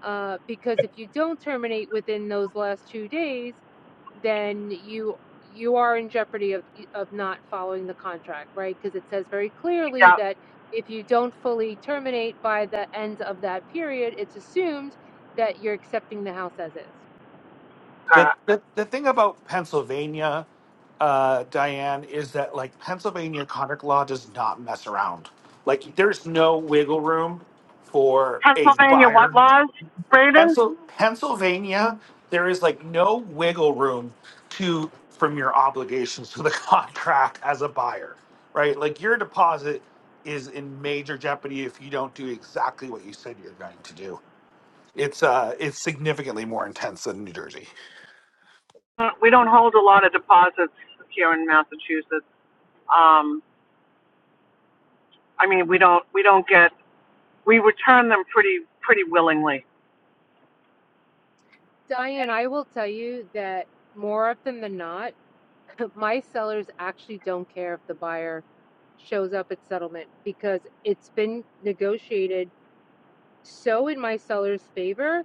[SPEAKER 6] uh, because if you don't terminate within those last two days, then you you are in jeopardy of of not following the contract, right? Because it says very clearly
[SPEAKER 2] yeah.
[SPEAKER 6] that if you don't fully terminate by the end of that period, it's assumed that you're accepting the house as is.
[SPEAKER 2] Uh,
[SPEAKER 7] The, the the thing about Pennsylvania, uh, Diane, is that like Pennsylvania contract law does not mess around. Like there's no wiggle room for a
[SPEAKER 2] Pennsylvania, what
[SPEAKER 7] buyer
[SPEAKER 2] laws, Braden?
[SPEAKER 7] Pencil, Pennsylvania, there is like no wiggle room to from your obligations to the <laughs> contract as a buyer, right? Like your deposit is in major jeopardy if you don't do exactly what you said you're going to do. It's uh, it's significantly more intense.
[SPEAKER 2] Uh, We don't hold a lot of deposits here in Massachusetts. Um, I mean, we don't, we don't get, we return them pretty, pretty willingly.
[SPEAKER 6] Diane, I will tell you that more often than not, <laughs> my sellers actually don't care if the buyer shows up at settlement because it's been negotiated so in my seller's favor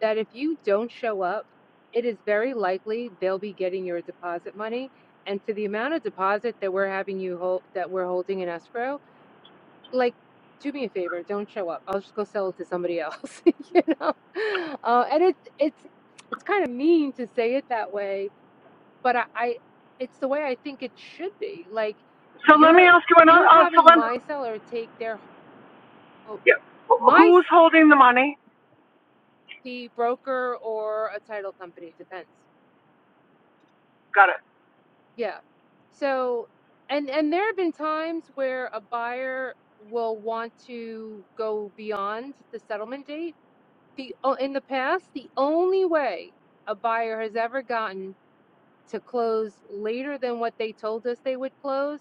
[SPEAKER 6] that if you don't show up, it is very likely they'll be getting your deposit money. And to the amount of deposit that we're having you hold, that we're holding in escrow, like, do me a favor, don't show up. I'll just go sell it to somebody else, <laughs> you know? Uh, and it's, it's, it's kind of mean to say it that way, but I, I, it's the way I think it should be. Like,
[SPEAKER 2] So let me
[SPEAKER 6] you're,
[SPEAKER 2] ask you another,
[SPEAKER 6] you're
[SPEAKER 2] uh, so
[SPEAKER 6] having
[SPEAKER 2] let,
[SPEAKER 6] my seller take their, whole-
[SPEAKER 2] yeah,
[SPEAKER 6] my, s-
[SPEAKER 2] who's holding the money?
[SPEAKER 6] the broker or a title company, depends
[SPEAKER 2] Got it,
[SPEAKER 6] Yeah. So, and and there have been times where a buyer will want to go beyond the settlement date. The oh, in the past, the only way a buyer has ever gotten to close later than what they told us they would close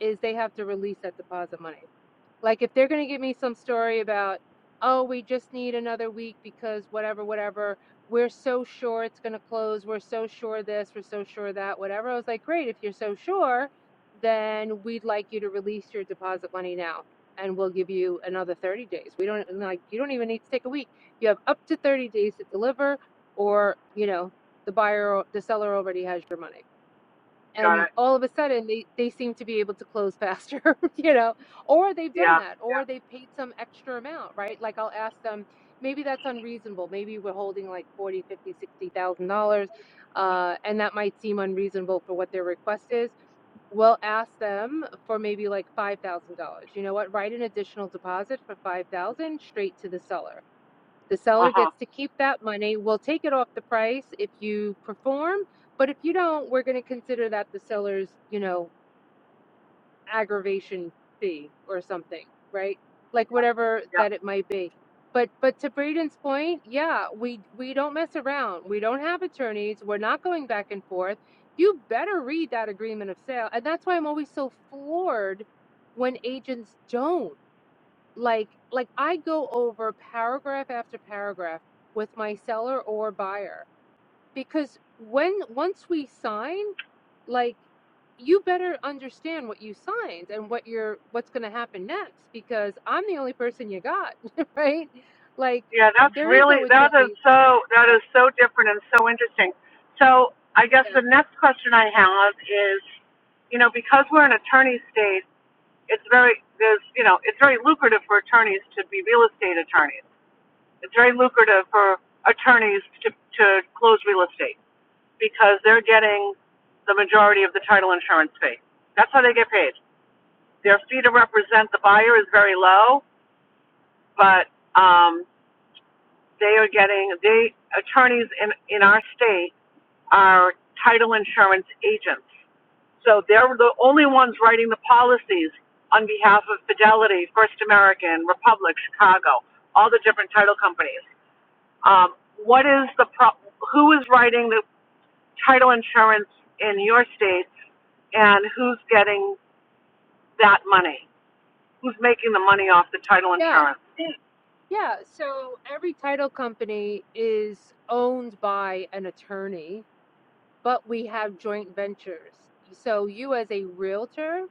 [SPEAKER 6] is they have to release that deposit money. Like if they're going to give me some story about, oh, we just need another week because whatever, whatever, we're so sure it's going to close. We're so sure this, we're so sure that, whatever. I was like, great. If you're so sure, then we'd like you to release your deposit money now and we'll give you another 30 days. We don't like, you don't even need to take a week. You have up to 30 days to deliver or, you know, the buyer, the seller already has your money
[SPEAKER 2] got
[SPEAKER 6] and
[SPEAKER 2] it.
[SPEAKER 6] all of a sudden they they seem to be able to close faster <laughs> you know or they've done
[SPEAKER 2] Yeah,
[SPEAKER 6] that
[SPEAKER 2] yeah,
[SPEAKER 6] or they've paid some extra amount right like i'll ask them maybe that's unreasonable maybe we're holding like forty, fifty, sixty thousand dollars uh and that might seem unreasonable for what their request is we'll ask them for maybe like five thousand dollars you know what write an additional deposit for five thousand straight to the seller the
[SPEAKER 2] uh
[SPEAKER 6] seller
[SPEAKER 2] huh,
[SPEAKER 6] gets to keep that money. We'll take it off the price if you perform, but if you don't, we're going to consider that the seller's, you know, aggravation fee or something, right? Like whatever
[SPEAKER 2] yeah,
[SPEAKER 6] that it might be. But but to Braden's point, yeah, we we don't mess around. We don't have attorneys. We're not going back and forth. You better read that agreement of sale. And that's why I'm always so floored when agents don't like like I go over paragraph after paragraph with my seller or buyer because when once we sign, like you better understand what you signed and what you're what's going to happen next because I'm the only person you got, <laughs> right? Like
[SPEAKER 2] yeah. That's
[SPEAKER 6] there is
[SPEAKER 2] really
[SPEAKER 6] no
[SPEAKER 2] that is
[SPEAKER 6] attorney. <laughs>
[SPEAKER 2] so that
[SPEAKER 6] Yeah,
[SPEAKER 2] is so different and so interesting. So I guess
[SPEAKER 6] yeah,
[SPEAKER 2] the next question I have is, you know, because we're an attorney state, it's very there's you know it's very lucrative for attorneys to be real estate attorneys. It's very lucrative for attorneys to to close real estate because they're getting the majority of the title insurance fee. That's how they get paid. Their fee to represent the buyer is very low, but um, They are getting the attorneys in in our state are title insurance agents, so they're the only ones writing the policies on behalf of Fidelity, First American, Republic, Chicago, all the different title companies. Um, what is the pro- who is writing the title insurance in your state, and who's getting that money? Who's making the money off the title
[SPEAKER 6] yeah.
[SPEAKER 2] insurance?
[SPEAKER 6] yeah. So every title company is owned by an attorney, but we have joint ventures. So you as a realtor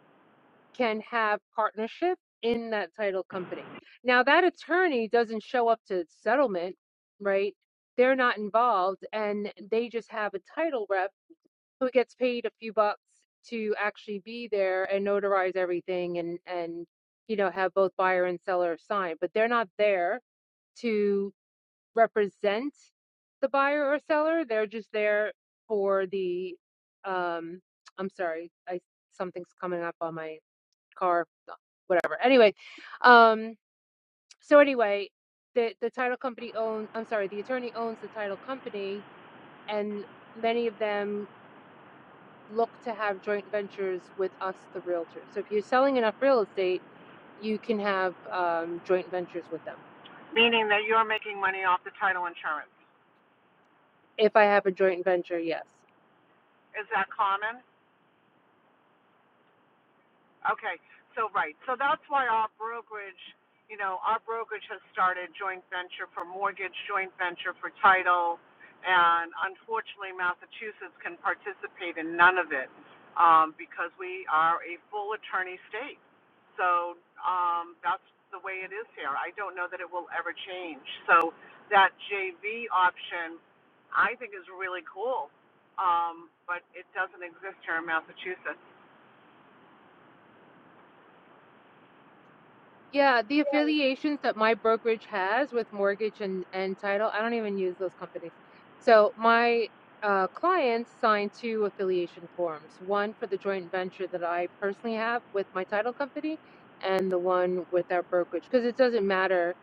[SPEAKER 6] can have partnership in that title company. Now that attorney doesn't show up to settlement, right? They're not involved and they just have a title rep who gets paid a few bucks to actually be there and notarize everything and and you know have both buyer and seller sign, but they're not there to represent the buyer or seller. They're just there for the um I'm sorry, I something's coming up on my car, uh, whatever. Anyway, um, so anyway, the the title company owns. I'm sorry, the attorney owns the title company, and many of them look to have joint ventures with us, the realtors. So if you're selling enough real estate, you can have um, joint ventures with them.
[SPEAKER 2] meaning that you're making money off the title insurance.
[SPEAKER 6] If I have a joint venture, yes.
[SPEAKER 2] Is that common? Okay, so right, so that's why our brokerage, you know, our brokerage has started joint venture for mortgage, joint venture for title, and unfortunately, Massachusetts can participate in none of it um, because we are a full attorney state. So um, that's the way it is here. I don't know that it will ever change. So that JV option, I think, is really cool, um, but it doesn't exist here in Massachusetts.
[SPEAKER 6] Yeah, the affiliations that my brokerage has with mortgage and, and title, I don't even use those companies. So my uh, clients sign two affiliation forms, one for the joint venture that I personally have with my title company and the one with our brokerage. Because it doesn't matter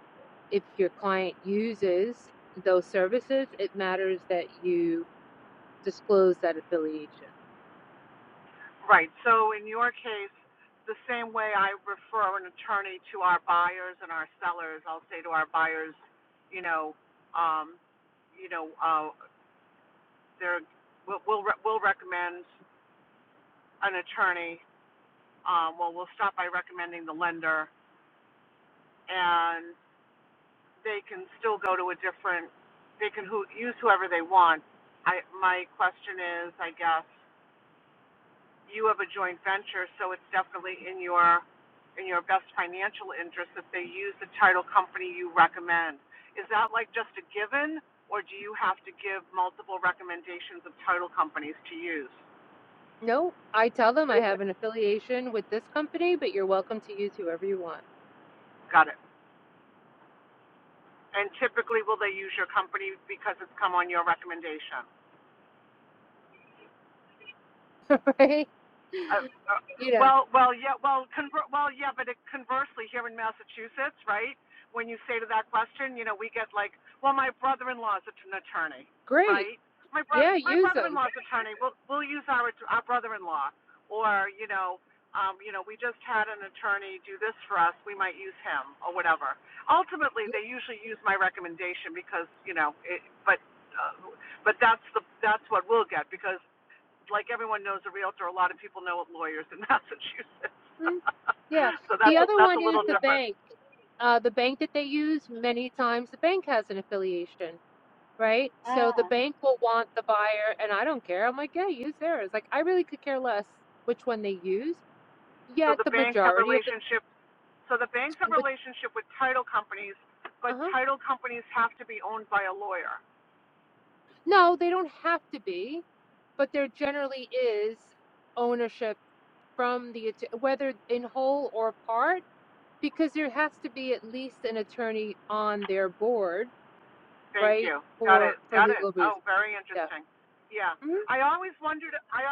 [SPEAKER 6] if your client uses those services, it matters that you disclose that affiliation.
[SPEAKER 2] Right. So in your case, the same way I refer an attorney to our buyers and our sellers, I'll say to our buyers, you know, um, you know, uh, they're, we'll, we'll, re- we'll recommend an attorney. Um, well, we'll start by recommending the lender and they can still go to a different, they can who, use whoever they want. I, my question is, I guess, you have a joint venture, so it's definitely in your in your best financial interest if they use the title company you recommend. Is that like just a given, or do you have to give multiple recommendations of title companies to use?
[SPEAKER 6] No, I tell them I have an affiliation with this company, but you're welcome to use whoever you want.
[SPEAKER 2] Got it. And typically, will they use your company because it's come on your recommendation?
[SPEAKER 6] <laughs> right?
[SPEAKER 2] Uh, uh,
[SPEAKER 6] You know,
[SPEAKER 2] well, well, yeah, well, conver- well, yeah, but it, conversely, here in Massachusetts, right? When you say to that question, you know, we get like, well, my brother-in-law's an attorney,
[SPEAKER 6] great.
[SPEAKER 2] right? My brother,
[SPEAKER 6] Yeah,
[SPEAKER 2] my
[SPEAKER 6] use them.
[SPEAKER 2] brother-in-law's attorney. We'll we'll use our our brother-in-law, or you know, um, you know, we just had an attorney do this for us. We might use him or whatever. Ultimately, they usually use my recommendation because you know, it, but uh, but that's the that's what we'll get because like everyone knows a realtor, a lot of people know lawyers in Massachusetts.
[SPEAKER 6] Yeah.
[SPEAKER 2] <laughs> so
[SPEAKER 6] The
[SPEAKER 2] that's a,
[SPEAKER 6] other
[SPEAKER 2] that's a
[SPEAKER 6] one is
[SPEAKER 2] little
[SPEAKER 6] the
[SPEAKER 2] different.
[SPEAKER 6] bank. Uh, the bank that they use, many times the bank has an affiliation, right? So the
[SPEAKER 2] Ah,
[SPEAKER 6] bank will want the buyer, and I don't care. I'm like, yeah, use theirs. Like, I really could care less which one they use.
[SPEAKER 2] So
[SPEAKER 6] Yet
[SPEAKER 2] the
[SPEAKER 6] the
[SPEAKER 2] banks have
[SPEAKER 6] majority of the,
[SPEAKER 2] relationship. So the banks have
[SPEAKER 6] with,
[SPEAKER 2] relationship with title companies, but
[SPEAKER 6] uh-huh.
[SPEAKER 2] title companies have to be owned by a lawyer.
[SPEAKER 6] No, they don't have to be, but there generally is ownership from the, att- whether in whole or part. because there has to be at least an attorney on their board,
[SPEAKER 2] Thank
[SPEAKER 6] right?
[SPEAKER 2] you. Got
[SPEAKER 6] For
[SPEAKER 2] it.
[SPEAKER 6] for
[SPEAKER 2] Got it.
[SPEAKER 6] legal reasons.
[SPEAKER 2] Oh, very
[SPEAKER 6] Yeah.
[SPEAKER 2] interesting. Yeah.
[SPEAKER 6] hmm
[SPEAKER 2] I always wondered. I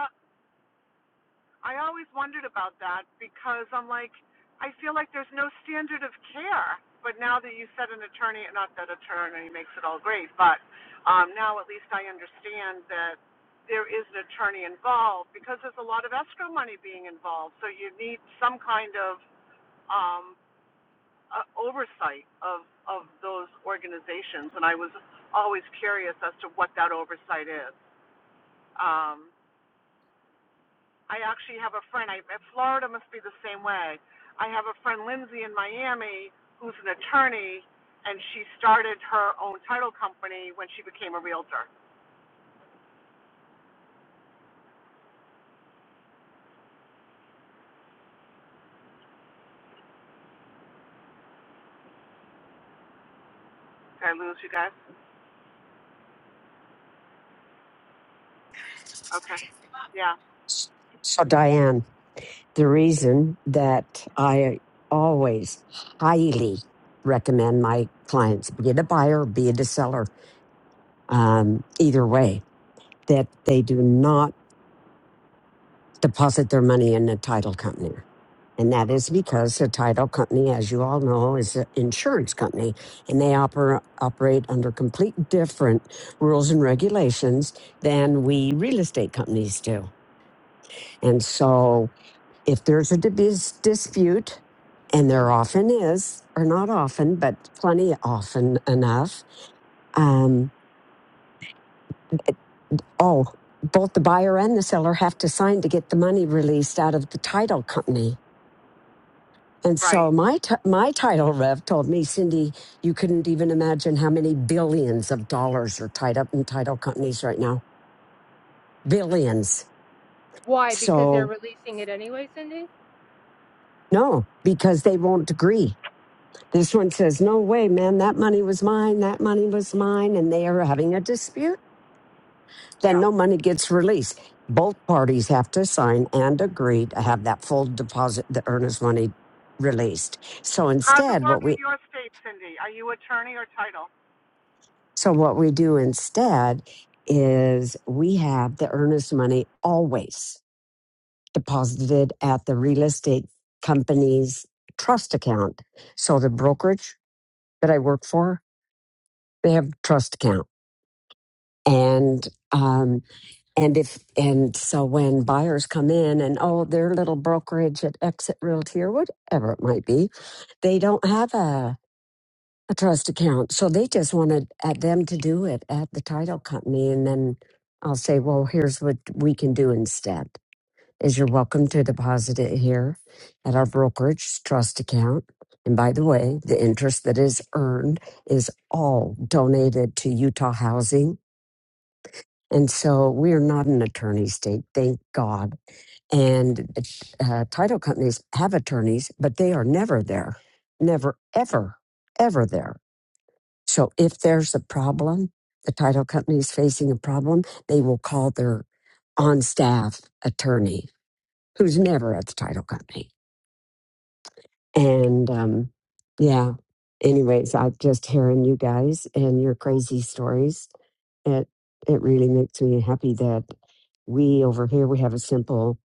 [SPEAKER 2] I always wondered about that because I'm like, I feel like there's no standard of care. But now that you said an attorney, not that attorney makes it all great, but um, now at least I understand that there is an attorney involved because there's a lot of escrow money being involved. So you need some kind of um, uh, oversight of, of those organizations. And I was always curious as to what that oversight is. Um, I actually have a friend. I, Florida must be the same way. I have a friend Lindsay in Miami who's an attorney, and she started her own title company when she became a realtor. Did I lose you guys? Okay. Yeah.
[SPEAKER 13] So Diane. the reason that I always highly recommend my clients be it a buyer, be it a seller, um, either way, that they do not deposit their money in a title company. And that is because a title company, as you all know, is an insurance company and they oper- operate under complete different rules and regulations than we real estate companies do. And so if there's a debis- dispute, and there often is, or not often, but plenty often enough, um, oh, both the buyer and the seller have to sign to get the money released out of the title company. And
[SPEAKER 2] Right.
[SPEAKER 13] so my t- my title rev told me, Cindy, you couldn't even imagine how many billions of dollars are tied up in title companies right now, billions.
[SPEAKER 6] Why? Because they're
[SPEAKER 13] So
[SPEAKER 6] releasing it anyway, Cindy.
[SPEAKER 13] no, because they won't agree This one says, No way, man, that money was mine, that money was mine, and they are having a dispute. Then
[SPEAKER 2] Yeah.
[SPEAKER 13] no money gets released. Both parties have to sign and agree to have that full deposit, the earnest money released. So
[SPEAKER 2] How's it
[SPEAKER 13] instead, what
[SPEAKER 2] work in
[SPEAKER 13] we
[SPEAKER 2] your state, Cindy? Are you attorney or title?
[SPEAKER 13] so what we do instead is we have the earnest money always deposited at the real estate company's trust account. So the brokerage that I work for, they have trust account. And um, And if and so when buyers come in and oh their little brokerage at Exit Realty or whatever it might be, they don't have a a trust account, so they just wanted at them to do it at the title company, and then I'll say, well, here's what we can do instead: is you're welcome to deposit it here at our brokerage trust account. And by the way, the interest that is earned is all donated to Utah Housing. And so we are not an attorney state, thank God and uh, title companies have attorneys, but they are never there, never, ever, ever there. So if there's a problem, the title company is facing a problem, they will call their on staff attorney who's never at the title company. And um, yeah, anyways, I just hearing you guys and your crazy stories, it it really makes me happy that we over here we have a simple,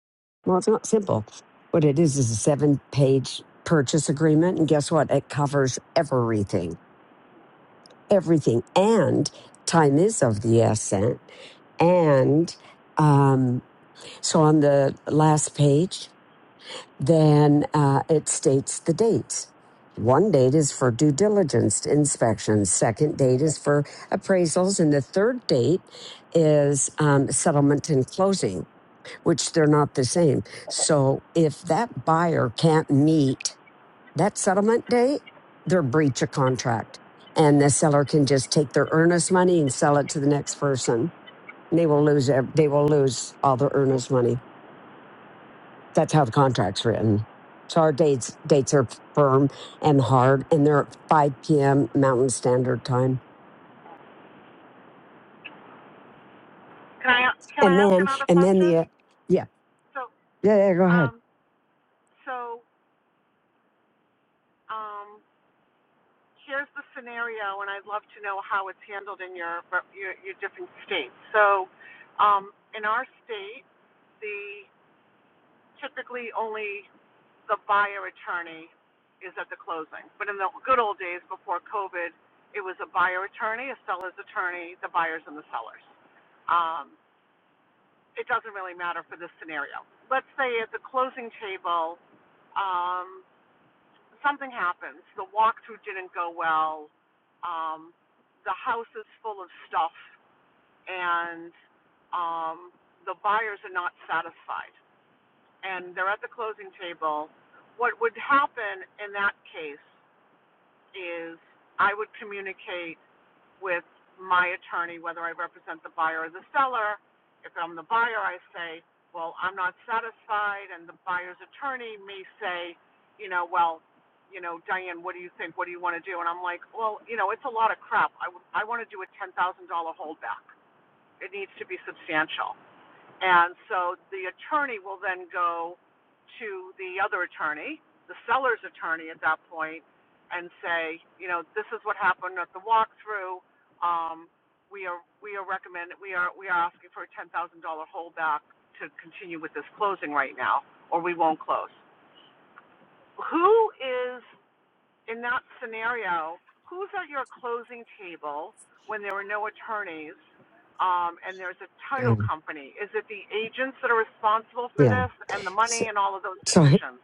[SPEAKER 13] well, it's not simple. What it is is a seven page purchase agreement, and guess what? It covers everything, everything, and time is of the essence. And um, so on the last page then uh, it states the dates. One date is for due diligence inspections. Second date is for appraisals, and the third date is um, settlement and closing, which they're not the same. So if that buyer can't meet that settlement date, they're breach of contract, and the seller can just take their earnest money and sell it to the next person. They will lose. ev- They will lose all their earnest money. That's how the contract's written. So our dates dates are firm and hard, and they're at 5 p.m. Mountain Standard Time.
[SPEAKER 2] Can I can
[SPEAKER 13] And
[SPEAKER 2] I ask
[SPEAKER 13] then,
[SPEAKER 2] another
[SPEAKER 13] and then
[SPEAKER 2] question?
[SPEAKER 13] the uh, yeah
[SPEAKER 2] So
[SPEAKER 13] yeah yeah. Go ahead.
[SPEAKER 2] um so um here's the scenario, and I'd love to know how it's handled in your your, your different states. So um in our state the typically only the buyer attorney is at the closing. But in the good old days before COVID, it was a buyer attorney, a seller's attorney, the buyers and the sellers. Um, it doesn't really matter for this scenario. Let's say at the closing table, um, something happens. The walkthrough didn't go well. Um, the house is full of stuff, and um, the buyers are not satisfied and they're at the closing table, what would happen in that case is I would communicate with my attorney, whether I represent the buyer or the seller. If I'm the buyer, I say, well, I'm not satisfied, and the buyer's attorney may say, you know, well, you know, Diane, what do you think? What do you want to do? And I'm like, well, you know, it's a lot of crap. I, w- I want to do a $10,000 holdback. It needs to be substantial. And so the attorney will then go to the other attorney, the seller's attorney at that point, and say, you know, this is what happened at the walkthrough. Um, we are we are recommend we are we are asking for a ten thousand dollar holdback to continue with this closing right now, or we won't close. Who is in that scenario, who's at your closing table when there were no attorneys um, and there's a title
[SPEAKER 13] Um,
[SPEAKER 2] company? Is it the agents that are responsible for
[SPEAKER 13] yeah.
[SPEAKER 2] this and the
[SPEAKER 13] So
[SPEAKER 2] money and all of those
[SPEAKER 13] so
[SPEAKER 2] decisions?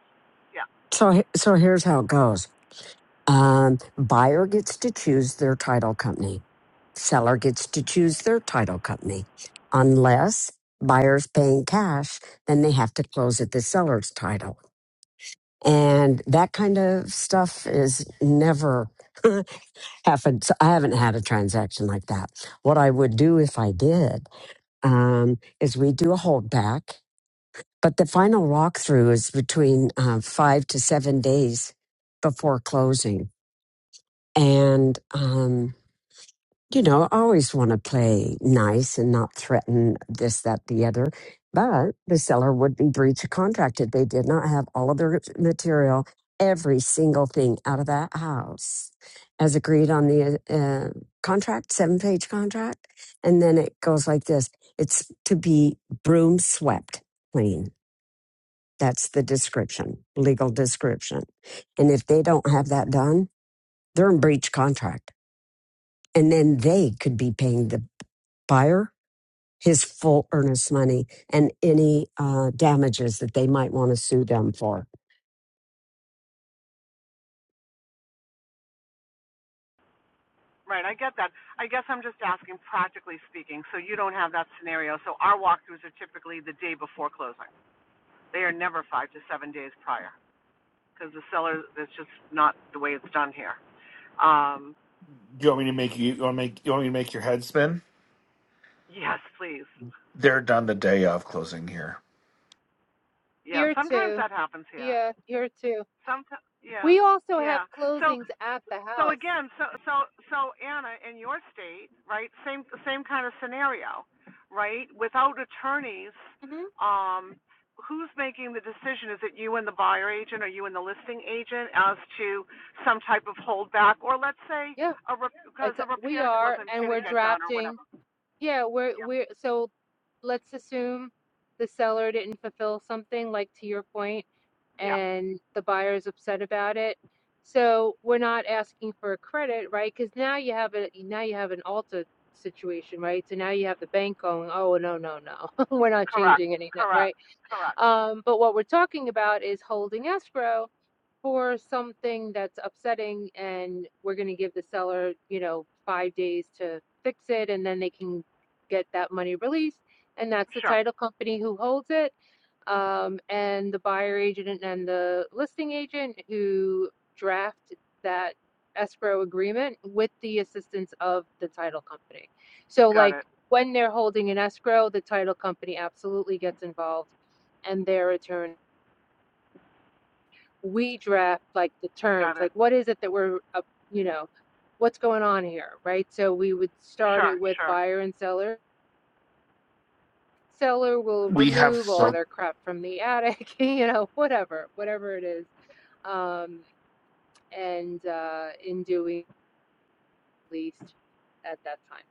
[SPEAKER 2] Yeah,
[SPEAKER 13] so, so here's how it goes. Um, buyer gets to choose their title company. Seller gets to choose their title company, unless buyer's paying cash. Then they have to close at the seller's title And that kind of stuff is never <laughs> happened. So I haven't had a transaction like that. What I would do if I did um, is we do a holdback, but the final walkthrough is between uh, five to seven days before closing. And um, you know, I always want to play nice and not threaten this, that, the other. But the seller would be breach of contract if they did not have all of their material, every single thing out of that house, as agreed on the uh, uh, contract, seven page contract. And then it goes like this it's to be broom swept clean. That's the description, legal description. And if they don't have that done, they're in breach contract. And then they could be paying the buyer his full earnest money and any uh, damages that they might want to sue them for.
[SPEAKER 2] right. I get that. I guess I'm just asking practically speaking. So you don't have that scenario. So our walkthroughs are typically the day before closing. They are never five to seven days prior because the seller, that's just not the way it's done here. Um,
[SPEAKER 7] Do you want me to make you, you want to make you want me to make your head spin?
[SPEAKER 2] yes, please.
[SPEAKER 7] They're done the day of closing here.
[SPEAKER 2] Yeah,
[SPEAKER 6] Here
[SPEAKER 2] sometimes
[SPEAKER 6] too.
[SPEAKER 2] that happens here.
[SPEAKER 6] Yeah, here too.
[SPEAKER 2] Sometimes, yeah,
[SPEAKER 6] We also have
[SPEAKER 2] yeah. So,
[SPEAKER 6] closings at the
[SPEAKER 2] so
[SPEAKER 6] house.
[SPEAKER 2] again, so, so, so Anna, in your state, right? Same, same kind of scenario, right? Without attorneys,
[SPEAKER 6] hmm
[SPEAKER 2] um, who's making the decision? Is it you and the buyer agent, or you and the listing agent, as to some type of holdback, or let's say
[SPEAKER 6] Yeah,
[SPEAKER 2] a rep- because
[SPEAKER 6] it's
[SPEAKER 2] a
[SPEAKER 6] we
[SPEAKER 2] repair
[SPEAKER 6] are,
[SPEAKER 2] wasn't
[SPEAKER 6] and we're
[SPEAKER 2] didn't get done or
[SPEAKER 6] drafting.
[SPEAKER 2] whatever?
[SPEAKER 6] Yeah, we're we're so. Let's assume the seller didn't fulfill something, like to your point
[SPEAKER 2] Yeah,
[SPEAKER 6] and the buyer is upset about it. So we're not asking for a credit, right? Because now you have a now you have an Alta situation, right? So now you have the bank going, oh no no no, <laughs> we're not
[SPEAKER 2] correct,
[SPEAKER 6] changing any, no,
[SPEAKER 2] correct,
[SPEAKER 6] right?
[SPEAKER 2] correct.
[SPEAKER 6] Um, but what we're talking about is holding escrow for something that's upsetting, and we're going to give the seller, you know, five days to fix it, and then they can get that money released, and that's the
[SPEAKER 2] Sure,
[SPEAKER 6] title company who holds it um, and the buyer agent and the listing agent who draft that escrow agreement with the assistance of the title company. So,
[SPEAKER 2] got
[SPEAKER 6] like
[SPEAKER 2] it,
[SPEAKER 6] when they're holding an escrow, the title company absolutely gets involved and their attorney. We draft like the
[SPEAKER 2] got
[SPEAKER 6] terms,
[SPEAKER 2] it.
[SPEAKER 6] like what is it that we're, uh, you know, what's going on here, right? So we would start
[SPEAKER 2] Sure,
[SPEAKER 6] it with
[SPEAKER 2] sure,
[SPEAKER 6] buyer and seller seller will
[SPEAKER 7] We have
[SPEAKER 6] remove all
[SPEAKER 7] so
[SPEAKER 6] their crap from the attic, <laughs> you know, whatever, whatever it is. Um, and uh, in doing least at that time.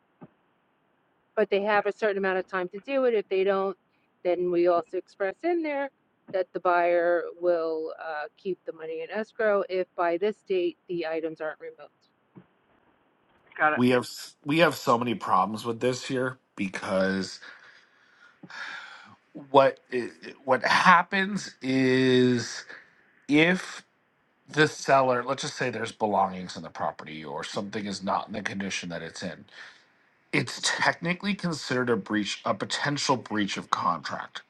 [SPEAKER 6] But they have a certain amount of time to do it. If they don't, then we also express in there that the buyer will uh, keep the money in escrow if by this date the items aren't removed.
[SPEAKER 2] got it.
[SPEAKER 7] we have s- we have so many problems with this here because what i- what happens is if the seller, let's just say there's belongings in the property or something is not in the condition that it's in, it's technically considered a breach, a potential breach of contract.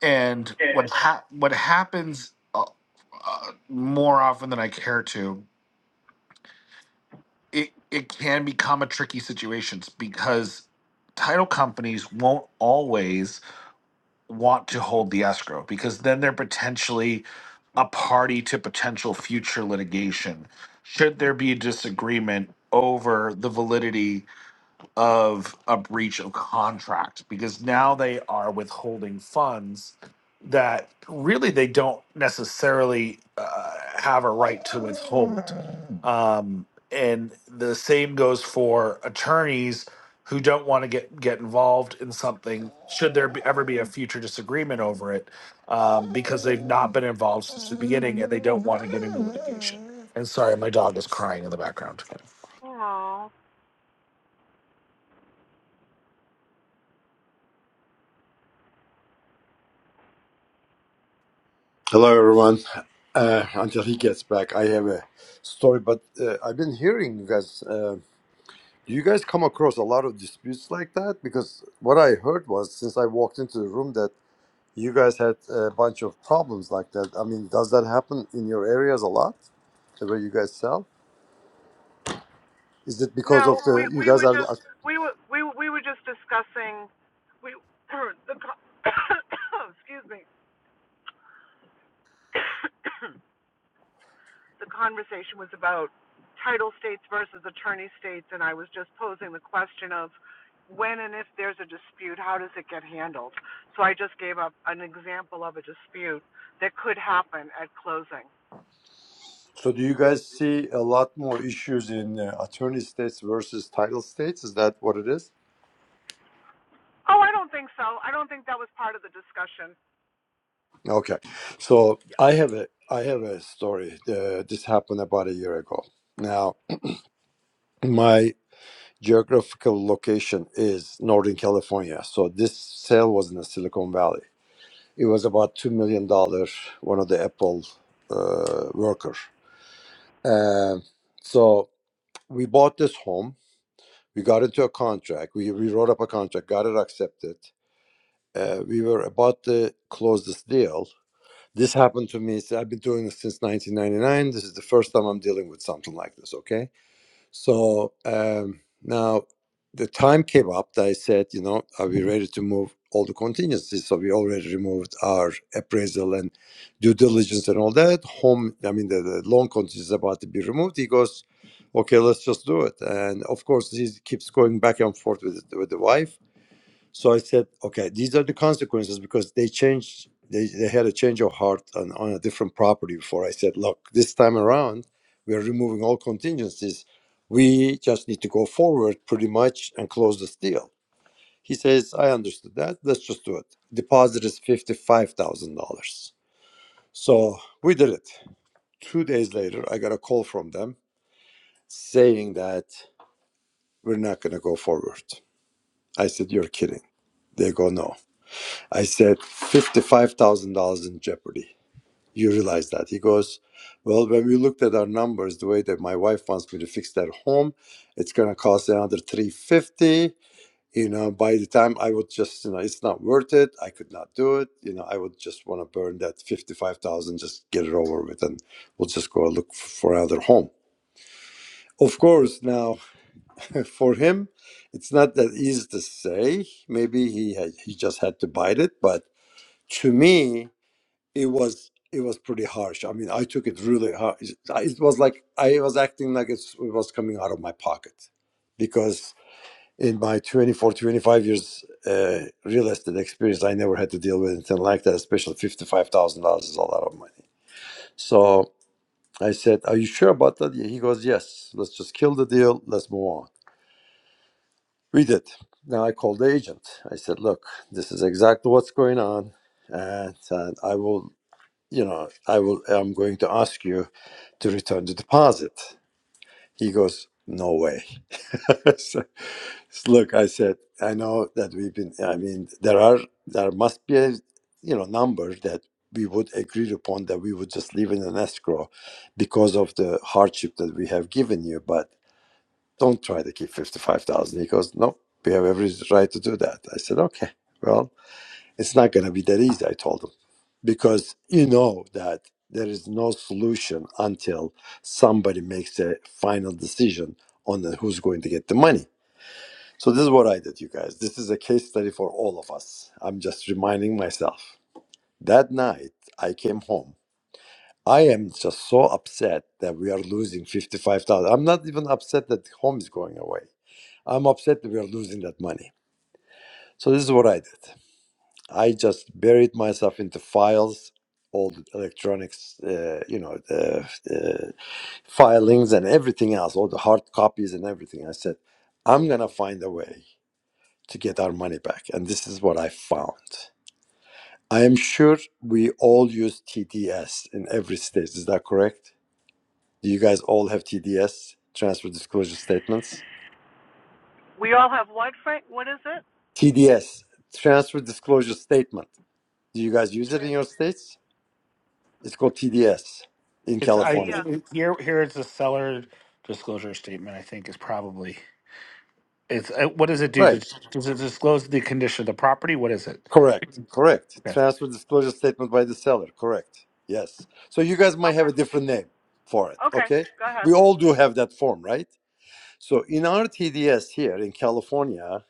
[SPEAKER 7] And what ha- what happens uh, uh, more often than I care to, it it can become a tricky situation because title companies won't always want to hold the escrow because then they're potentially a party to potential future litigation should there be a disagreement over the validity of a breach of contract because now they are withholding funds that really they don't necessarily uh, have a right to withhold. Um, and the same goes for attorneys who don't want to get get involved in something should there be, ever be a future disagreement over it um, because they've not been involved since the beginning and they don't want to get into litigation. And sorry, my dog is crying in the background.
[SPEAKER 2] Oh.
[SPEAKER 16] Hello, everyone. Uh, until he gets back, I have a story, but uh, I've been hearing you guys. Uh, do you guys come across a lot of disputes like that? Because what I heard was since I walked into the room that you guys had a bunch of problems like that. I mean, does that happen in your areas a lot, where you guys sell? Is it because of
[SPEAKER 2] No, we
[SPEAKER 16] the you
[SPEAKER 2] we
[SPEAKER 16] guys
[SPEAKER 2] were
[SPEAKER 16] are?
[SPEAKER 2] just we were we were- we were just discussing we <clears throat> the co- <coughs> excuse me <coughs> the conversation was about title states versus attorney states, and I was just posing the question of when and if there's a dispute, how does it get handled? So I just gave up an example of a dispute that could happen at closing.
[SPEAKER 16] So do you guys see a lot more issues in uh, attorney states versus title states? Is that what it is?
[SPEAKER 2] Oh, I don't think so. I don't think that was part of the discussion.
[SPEAKER 16] Okay, so I have a I have a story. Uh, this happened about a year ago. Now, my geographical location is Northern California, so this sale was in the Silicon Valley. It was about two million dollars. One of the Apple uh, worker. Um so we bought this home. We got into a contract. We we wrote up a contract. Got it accepted. Uh, we were about to close this deal, This happened to me. so I've been doing this since 1999. This is the first time I'm dealing with something like this. Okay. So um, now the time came up that I said, you know, are we ready to move all the contingencies? So we already removed our appraisal and due diligence and all that. Home, I mean, the, the loan contingency is about to be removed. He goes, okay, let's just do it. And of course, he keeps going back and forth with, with the wife so I said, okay, these are the consequences because they changed. They, they had a change of heart on, on a different property before. I said, look, this time around, we are removing all contingencies. We just need to go forward pretty much and close this deal. He says, I understood that. Let's just do it. Deposit is $55,000. So we did it. Two days later, I got a call from them saying that we're not going to go forward. I said, You're kidding. They go, No. I said, $55,000 in jeopardy. You realize that? He goes, Well, when we looked at our numbers, the way that my wife wants me to fix that home, it's going to cost another 350 You know, by the time I would just, you know, it's not worth it. I could not do it. You know, I would just want to burn that 55000 just get it over with, and we'll just go look for another home. Of course, now <laughs> for him, it's not that easy to say. Maybe he had, he just had to bite it, but to me, it was it was pretty harsh. I mean, I took it really hard. It was like I was acting like it's, it was coming out of my pocket, because in my 24, 25 years uh, real estate experience, I never had to deal with anything like that. Especially fifty five thousand dollars is a lot of money. So I said, "Are you sure about that?" He goes, "Yes. Let's just kill the deal. Let's move on." We did. Now I called the agent. I said, "Look, this is exactly what's going on, and, and I will. you know, I will, I'm going to ask you to return the deposit. He goes, no way. <laughs> so, look, I said, I know that we've been, I mean, there are, there must be a, you know, number that we would agree upon that we would just leave in an escrow because of the hardship that we have given you, but don't try to keep 55,000. He goes, no, we have every right to do that. I said, okay, well, it's not going to be that easy, I told him, because you know that there is no solution until somebody makes a final decision on the- who's going to get the money. So, this is what I did, you guys. This is a case study for all of us. I'm just reminding myself. That night, I came home. I am just so upset that we are losing 55,000. I'm not even upset that home is going away. I'm upset that we are losing that money. So, this is what I did. I just buried myself into files, all the electronics, uh, you know, the uh, filings and everything else, all the hard copies and everything. I said, I'm going to find a way to get our money back. And this is what I found. I am sure we all use TDS in every state. Is that correct? Do you guys all have TDS, transfer disclosure statements?
[SPEAKER 2] We all have what, Frank? What is it?
[SPEAKER 16] TDS, transfer disclosure statement. Do you guys use it in
[SPEAKER 2] Trans-
[SPEAKER 16] your states? It's called TDS in
[SPEAKER 7] It's I it,
[SPEAKER 16] California.
[SPEAKER 2] TDS.
[SPEAKER 7] here Here is it's a seller disclosure statement. I think is probably it's uh, what does it do? Does,
[SPEAKER 16] Right.
[SPEAKER 7] does it disclose the condition of the property? What is it?
[SPEAKER 16] Correct. Correct.
[SPEAKER 7] Yes.
[SPEAKER 16] Transfer disclosure statement by the seller. Correct. Yes. So you guys might
[SPEAKER 2] Okay.
[SPEAKER 16] have a different name for it.
[SPEAKER 2] Okay,
[SPEAKER 16] Okay.
[SPEAKER 2] go ahead.
[SPEAKER 16] We all do have that form, right? So in our TDS here in California,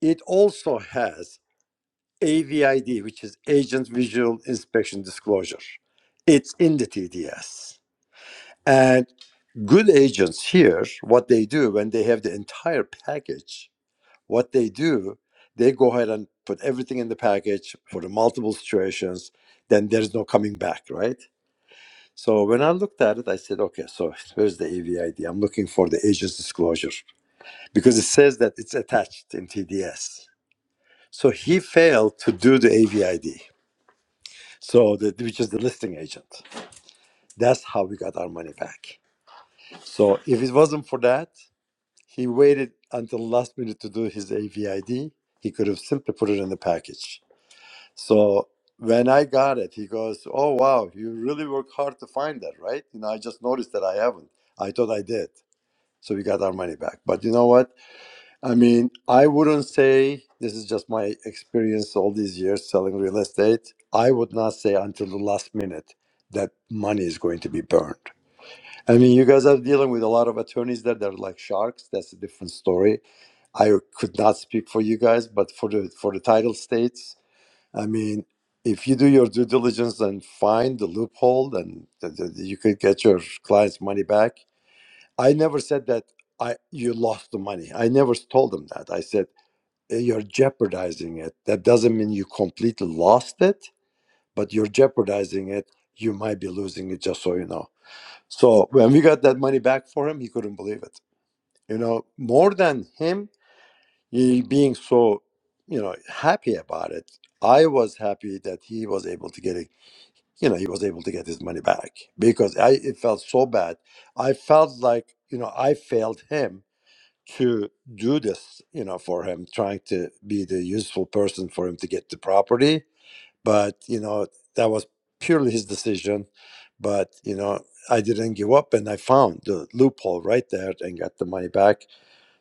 [SPEAKER 16] it also has AVID, which is Agent Visual Inspection Disclosure. It's in the TDS. And good agents here, what they do when they have the entire package What they do, they go ahead and put everything in the package for the multiple situations. Then there's no coming back, right? So when I looked at it, I said, okay, so where's the AVID? I'm looking for the agent's disclosure because it says that it's attached in TDS. So he failed to do the AVID, so the, which is the listing agent. That's how we got our money back. So if it wasn't for that, he waited until last minute to do his AVID. He could have simply put it in the package. So when I got it, he goes, "Oh wow, you really work hard to find that, right?" You know, I just noticed that I haven't. I thought I did, so we got our money back. But you know what? I mean, I wouldn't say this is just my experience all these years selling real estate. I would not say until the last minute that money is going to be burned. I mean, you guys are dealing with a lot of attorneys that are like sharks. That's a different story. I could not speak for you guys, but for the for the title states I mean, if you do your due diligence and find the loophole, then th- th- you could get your client's money back. I never said that I you lost the money. I never told them that. I said "Eh, you're jeopardizing it. That doesn't mean you completely lost it, but you're jeopardizing it. You might be losing it, just so you know. So when we got that money back for him, he couldn't believe it. You know, more than him he being so, you know, happy about it. I was happy that he was able to get it you know he was able to get his money back because i it felt so bad i felt like you know i failed him to do this you know for him trying to be the useful person for him to get the property but you know that was purely his decision but you know i didn't give up and i found the loophole right there and got the money back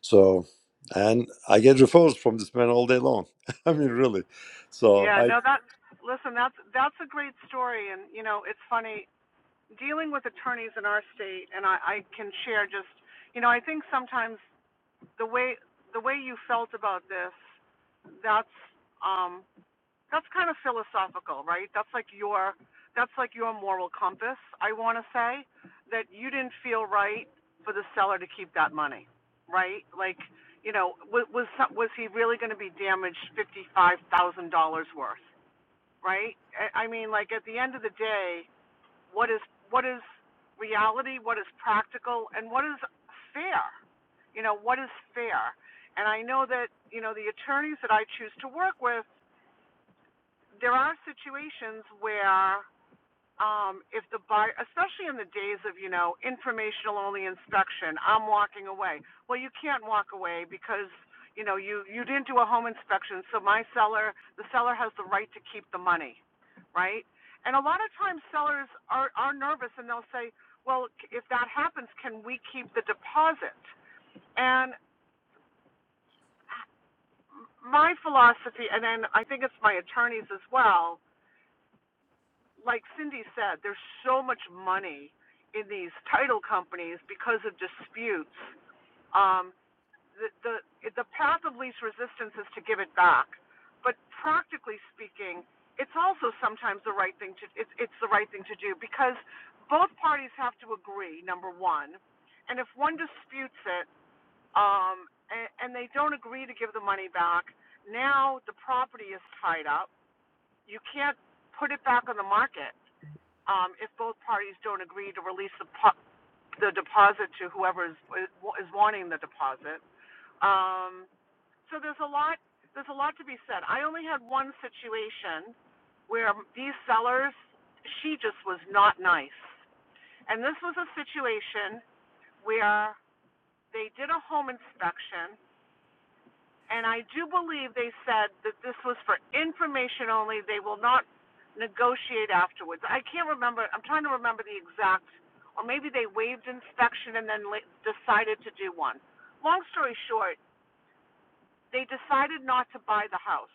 [SPEAKER 16] so and i get referrals from this man all day long <laughs> i mean really so
[SPEAKER 2] Yeah,
[SPEAKER 16] i
[SPEAKER 2] no, that listen, that's that's a great story, and you know, it's funny dealing with attorneys in our state, and I, I can share just, you know, I think sometimes the way the way you felt about this, that's um, that's kind of philosophical, right? That's like your that's like your moral compass. I want to say that you didn't feel right for the seller to keep that money, right? Like, you know, was was, was he really going to be damaged fifty five thousand dollars worth, right? I mean, like at the end of the day, what is what is reality? What is practical? And what is fair? You know, what is fair? And I know that you know the attorneys that I choose to work with there are situations where um if the buyer especially in the days of you know informational only inspection i'm walking away well you can't walk away because you know you you didn't do a home inspection so my seller the seller has the right to keep the money right and a lot of times sellers are are nervous and they'll say well if that happens can we keep the deposit and my philosophy and then i think it's my attorneys as well like Cindy said, there's so much money in these title companies because of disputes. Um, the, the the path of least resistance is to give it back, but practically speaking, it's also sometimes the right thing to it's it's the right thing to do because both parties have to agree. Number one, and if one disputes it, um, and, and they don't agree to give the money back, now the property is tied up. You can't put it back on the market um, if both parties don't agree to release the, the deposit to whoever is, is wanting the deposit. Um, so there's a lot there's a lot to be said. I only had one situation where these sellers she just was not nice, and this was a situation where they did a home inspection And I do believe they said that this was for information only. They will not negotiate afterwards. I can't remember. I'm trying to remember the exact, or maybe they waived inspection and then decided to do one. Long story short, they decided not to buy the house.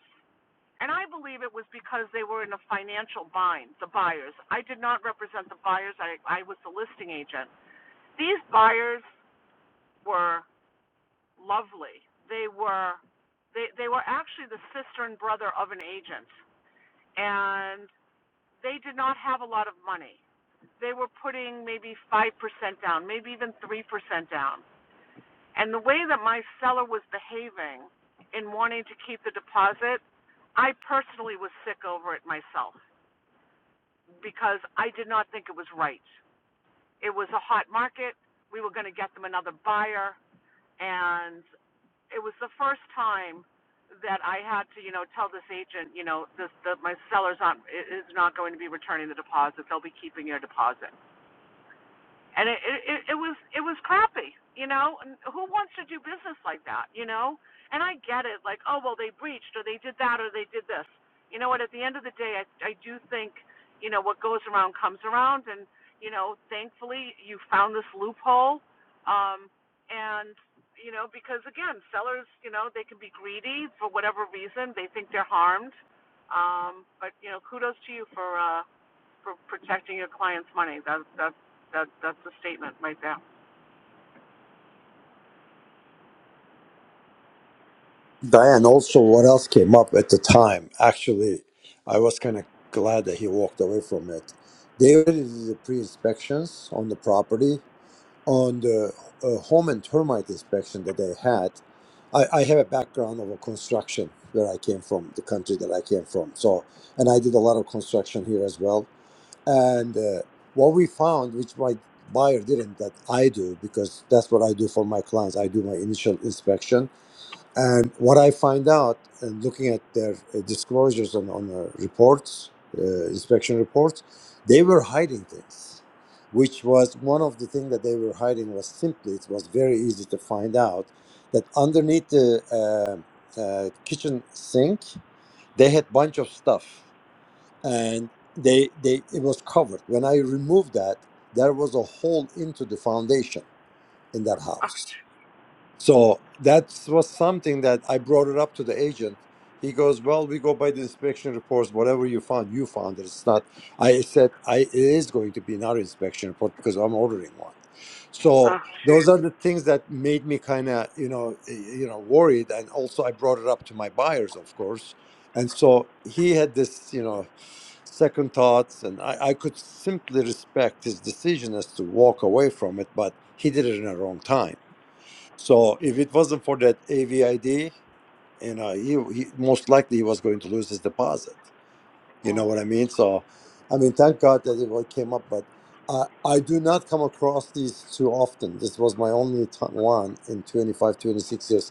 [SPEAKER 2] And I believe it was because they were in a financial bind, the buyers. I did not represent the buyers, I, I was the listing agent. These buyers were lovely. They were they they were actually the sister and brother of an agent, and they did not have a lot of money. They were putting maybe five percent down, maybe even three percent down. And the way that my seller was behaving in wanting to keep the deposit, I personally was sick over it myself because I did not think it was right. It was a hot market. We were going to get them another buyer, and it was the first time that I had to, you know, tell this agent, you know, this the my seller's not is not going to be returning the deposit. They'll be keeping your deposit and it, it it was it was crappy you know and who wants to do business like that you know and i get it like oh well they breached or they did that or they did this you know what at the end of the day i i do think you know what goes around comes around and you know thankfully you found this loophole um and you know because again sellers you know they can be greedy for whatever reason they think they're harmed um but you know kudos to you for uh for protecting your client's money. That's that's that that's a statement right there.
[SPEAKER 16] Diane, also, what else came up at the time? Actually, I was kind of glad that he walked away from it. They already did the pre inspections on the property, on the uh, home and termite inspection that they had. I, I have a background of a construction where I came from, the country that I came from. So, and I did a lot of construction here as well. And uh, what we found, which my buyer didn't, that I do, because that's what I do for my clients, I do my initial inspection and what I find out, uh, looking at their uh, disclosures on, on uh, reports, uh, inspection reports, they were hiding things, which was one of the things that they were hiding was simply, it was very easy to find out that underneath the uh, uh, kitchen sink, they had bunch of stuff and they, they it was covered. When I removed that, there was a hole into the foundation in that
[SPEAKER 2] <laughs>
[SPEAKER 16] house so that was something that I brought it up to the agent. He goes, "Well, we go by the inspection reports. Whatever you found, you found it. It's not." I said, "I it is going to be another inspection report because I'm ordering one." So
[SPEAKER 2] Oh
[SPEAKER 16] those
[SPEAKER 2] shoot.
[SPEAKER 16] are the things that made me kind of you know eh, you know worried, and also I brought it up to my buyers, of course, and so he had this you know second thoughts, and I, I could simply respect his decision as to walk away from it, but he did it in a wrong time so if it wasn't for that AVID, you know, he, he most likely he was going to lose his deposit. You
[SPEAKER 2] Yeah.
[SPEAKER 16] know what I mean? So, I mean, thank God that it all came up, but I, I do not come across these too often. This was my only t- one in 25, 26 years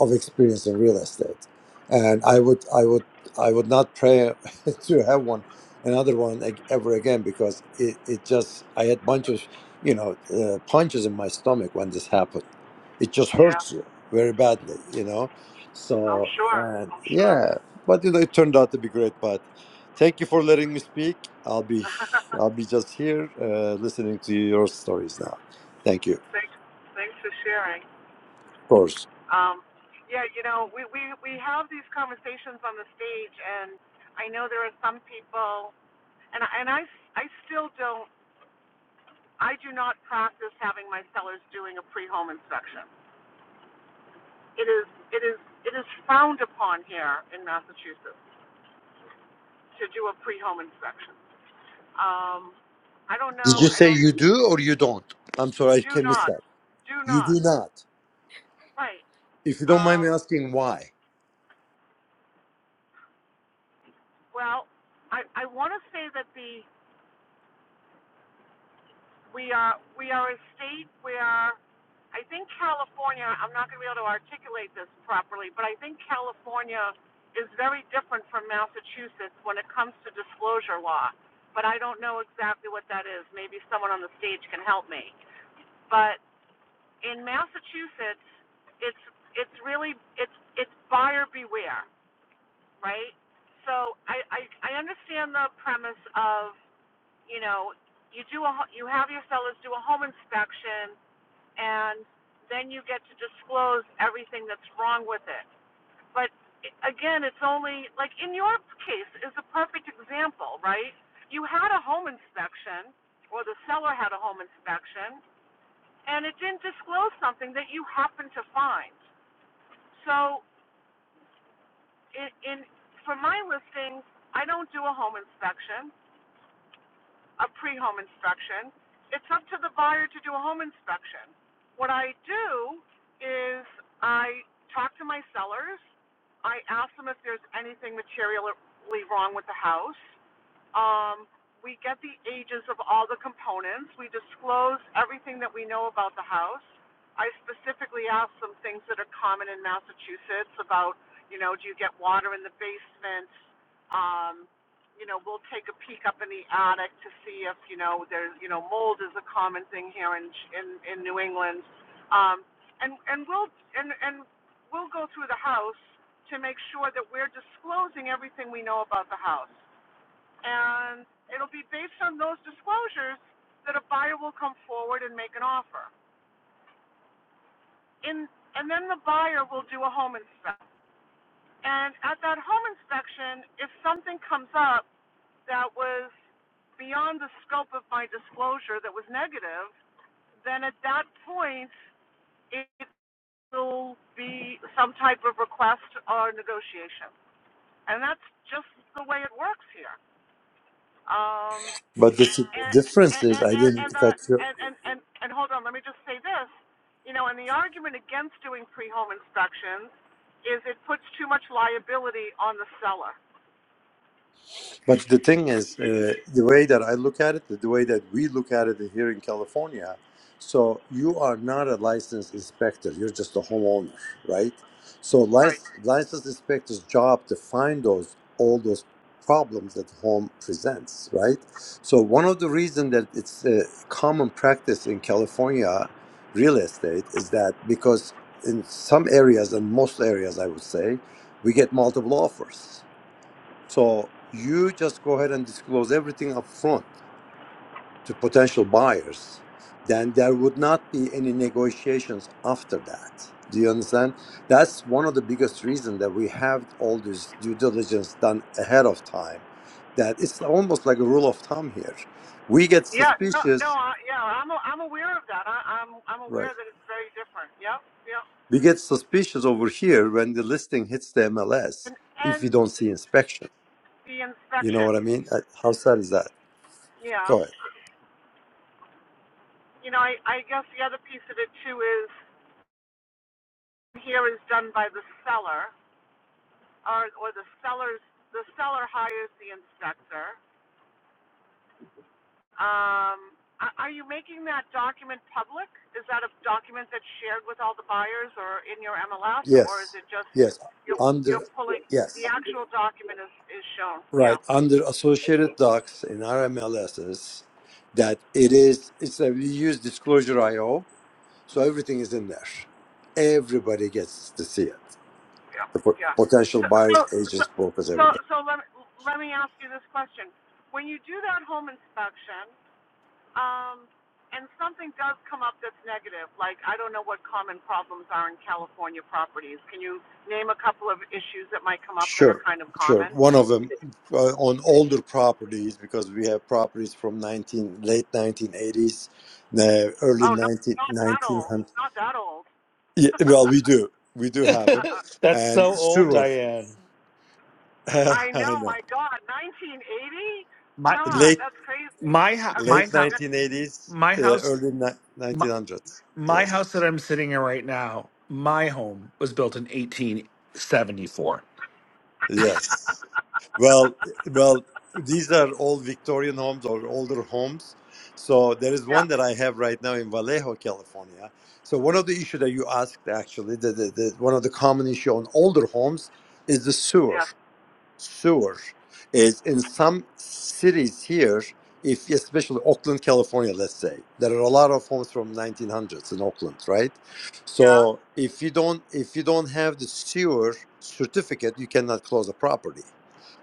[SPEAKER 16] of experience in real estate and i would i would i would not pray <laughs> to have one another one ag- ever again because it, it just i had bunch of you know uh, punches in my stomach when this happened it just
[SPEAKER 2] Yeah,
[SPEAKER 16] hurts you very badly you know
[SPEAKER 2] I'm
[SPEAKER 16] so
[SPEAKER 2] sure.
[SPEAKER 16] and
[SPEAKER 2] I'm sure.
[SPEAKER 16] yeah but you know it turned out to be great but thank you for letting me speak i'll be i'll
[SPEAKER 2] <laughs>
[SPEAKER 16] be just here uh, listening to your stories now thank you of
[SPEAKER 2] thanks thanks for sharing.
[SPEAKER 16] course
[SPEAKER 2] Um yeah, you know, we, we, we have these conversations on the stage and I know there are some people and and I I still don't I do not practice having my sellers doing a pre home inspection. It is it is it is frowned upon here in Massachusetts to do a pre home inspection. Um, I don't
[SPEAKER 16] Did
[SPEAKER 2] know.
[SPEAKER 16] you
[SPEAKER 2] I
[SPEAKER 16] say
[SPEAKER 2] don't
[SPEAKER 16] you
[SPEAKER 2] think.
[SPEAKER 16] do
[SPEAKER 2] Do
[SPEAKER 16] or you don't? I'm sorry, I can miss
[SPEAKER 2] not.
[SPEAKER 16] that.
[SPEAKER 2] Do
[SPEAKER 16] You do
[SPEAKER 2] not.
[SPEAKER 16] not.
[SPEAKER 2] Right.
[SPEAKER 16] If you don't mind me
[SPEAKER 2] Um,
[SPEAKER 16] asking why.
[SPEAKER 2] well, I I want to say that the we are we are a state where I think California. I'm not going to be able to articulate this properly, but I think California is very different from Massachusetts when it comes to disclosure law. But I don't know exactly what that is. Maybe someone on the stage can help me. But in Massachusetts, it's it's really it's it's buyer beware, right? So I I, I understand the premise of you know you do a you have your sellers do a home inspection and then you get to disclose everything that's wrong with it. But again, it's only like in your case is a perfect example, right? You had a home inspection, or the seller had a home inspection and it didn't disclose something that you happen to find. So, in, in for my listings, I don't do a home inspection, a pre-home inspection. It's up to the buyer to do a home inspection. What I do is I talk to my sellers. I ask them if there's anything materially wrong with the house. Um, we get the ages of all the components. We disclose everything that we know about the house. I specifically ask some things that are common in Massachusetts about, you know, do you get water in the basement? Um, you know, we'll take a peek up in the attic to see if, you know, there's, you know, mold is a common thing here in in, in New England. Um, and and we'll and and we'll go through the house to make sure that we're disclosing everything we know about the house and it'll be based on those disclosures that a buyer will come forward and make an offer. In, and then the buyer will do a home inspection. And at that home inspection, if something comes up that was beyond the scope of my disclosure that was negative, then at that point, it will be some type of request or negotiation. And that's just the way it works here. Um,
[SPEAKER 16] But the s-
[SPEAKER 2] and
[SPEAKER 16] difference
[SPEAKER 2] and
[SPEAKER 16] is, I
[SPEAKER 2] and and,
[SPEAKER 16] didn't
[SPEAKER 2] uh,
[SPEAKER 16] cut you
[SPEAKER 2] and and and and hold on, let me just say this. You know, and the argument against doing pre-home inspections is it puts too much liability on the seller.
[SPEAKER 16] But the thing is, uh, the way that I look at it, the way that we look at it here in California, so you are not a licensed inspector. You're just a homeowner, right? So
[SPEAKER 2] Right.
[SPEAKER 16] lic- licensed inspector's job to find those all those problems that home presents, right? So one of the reasons that it's a common practice in California real estate is that because in some areas and most areas, I would say, we get multiple offers so you just go ahead and disclose everything up front to potential buyers. Then there would not be any negotiations after that. Do you understand? That's one of the biggest reasons that we have all this due diligence done ahead of time. That it's almost like a rule of thumb here. We get
[SPEAKER 2] Yeah, no, no,
[SPEAKER 16] suspicious,
[SPEAKER 2] I, yeah, I'm a, I'm aware of that. I, I'm I'm
[SPEAKER 16] right?
[SPEAKER 2] aware that it's very different. Yeah. Yeah.
[SPEAKER 16] We get suspicious over here when the listing hits the MLS
[SPEAKER 2] And
[SPEAKER 16] if
[SPEAKER 2] and
[SPEAKER 16] we don't see inspection.
[SPEAKER 2] the
[SPEAKER 16] You know
[SPEAKER 2] inspection.
[SPEAKER 16] what I mean? Uh, How sad is that?
[SPEAKER 2] Yeah.
[SPEAKER 16] Go ahead.
[SPEAKER 2] You know, I I guess the other piece of it too is here is done by the seller or or the seller's the seller hires the inspector Um, are you making that document public? Is that a document that's shared with all the buyers or in your MLS, or is
[SPEAKER 16] Yes,
[SPEAKER 2] it just
[SPEAKER 16] yes,
[SPEAKER 2] you're
[SPEAKER 16] under
[SPEAKER 2] pulling the
[SPEAKER 16] yes,
[SPEAKER 2] actual document is, is shown?
[SPEAKER 16] right
[SPEAKER 2] Yeah,
[SPEAKER 16] under associated docs in RMLSs that it is it's a, we use disclosure IO, so everything is in there. Everybody gets to see it.
[SPEAKER 2] yeah,
[SPEAKER 16] The po-
[SPEAKER 2] yeah.
[SPEAKER 16] potential
[SPEAKER 2] So, so,
[SPEAKER 16] buyers,
[SPEAKER 2] so,
[SPEAKER 16] agents, brokers,
[SPEAKER 2] so,
[SPEAKER 16] everybody.
[SPEAKER 2] so let, me, let me ask you this question. When you do that home inspection, um, and something does come up that's negative, like I don't know what common problems are in California properties. Can you name a couple of issues that might come up that are
[SPEAKER 16] Sure,
[SPEAKER 2] kind of
[SPEAKER 16] sure.
[SPEAKER 2] common?
[SPEAKER 16] One of them uh, on older properties because we have properties from nineteen late nineteen eighties, uh, early
[SPEAKER 2] Oh, no, not that old.
[SPEAKER 16] 19,
[SPEAKER 2] Not that old.
[SPEAKER 16] Yeah,
[SPEAKER 2] <laughs>
[SPEAKER 16] well, we do. We do have him.
[SPEAKER 7] <laughs>
[SPEAKER 2] I'm
[SPEAKER 7] That's
[SPEAKER 16] And
[SPEAKER 7] so old,
[SPEAKER 2] kidding.
[SPEAKER 16] Stewart,
[SPEAKER 7] Diane.
[SPEAKER 16] <laughs> I
[SPEAKER 2] I know,
[SPEAKER 16] know.
[SPEAKER 2] my God. 1980?
[SPEAKER 7] My
[SPEAKER 2] God,
[SPEAKER 16] Late
[SPEAKER 2] that's crazy.
[SPEAKER 7] my house
[SPEAKER 2] Okay.
[SPEAKER 7] my
[SPEAKER 16] late
[SPEAKER 7] house
[SPEAKER 16] 1980s,
[SPEAKER 7] my
[SPEAKER 16] uh,
[SPEAKER 7] house
[SPEAKER 16] early ni-
[SPEAKER 7] my,
[SPEAKER 16] 1900s.
[SPEAKER 7] my
[SPEAKER 16] Yes.
[SPEAKER 7] house that I'm sitting in right now. My home was built in 1874.
[SPEAKER 16] Yes. Well, well, these are all Victorian homes or older homes. So there is
[SPEAKER 2] Yeah,
[SPEAKER 16] one that I have right now in Vallejo, California. So one of the issues that you asked, actually, the, the, the, one of the common issue on older homes is the sewer.
[SPEAKER 2] yes,
[SPEAKER 16] sewer is in some cities here if especially oakland california let's say there are a lot of homes from 1900s in oakland right
[SPEAKER 2] yeah.
[SPEAKER 16] so if you don't if you don't have the sewer certificate you cannot close a property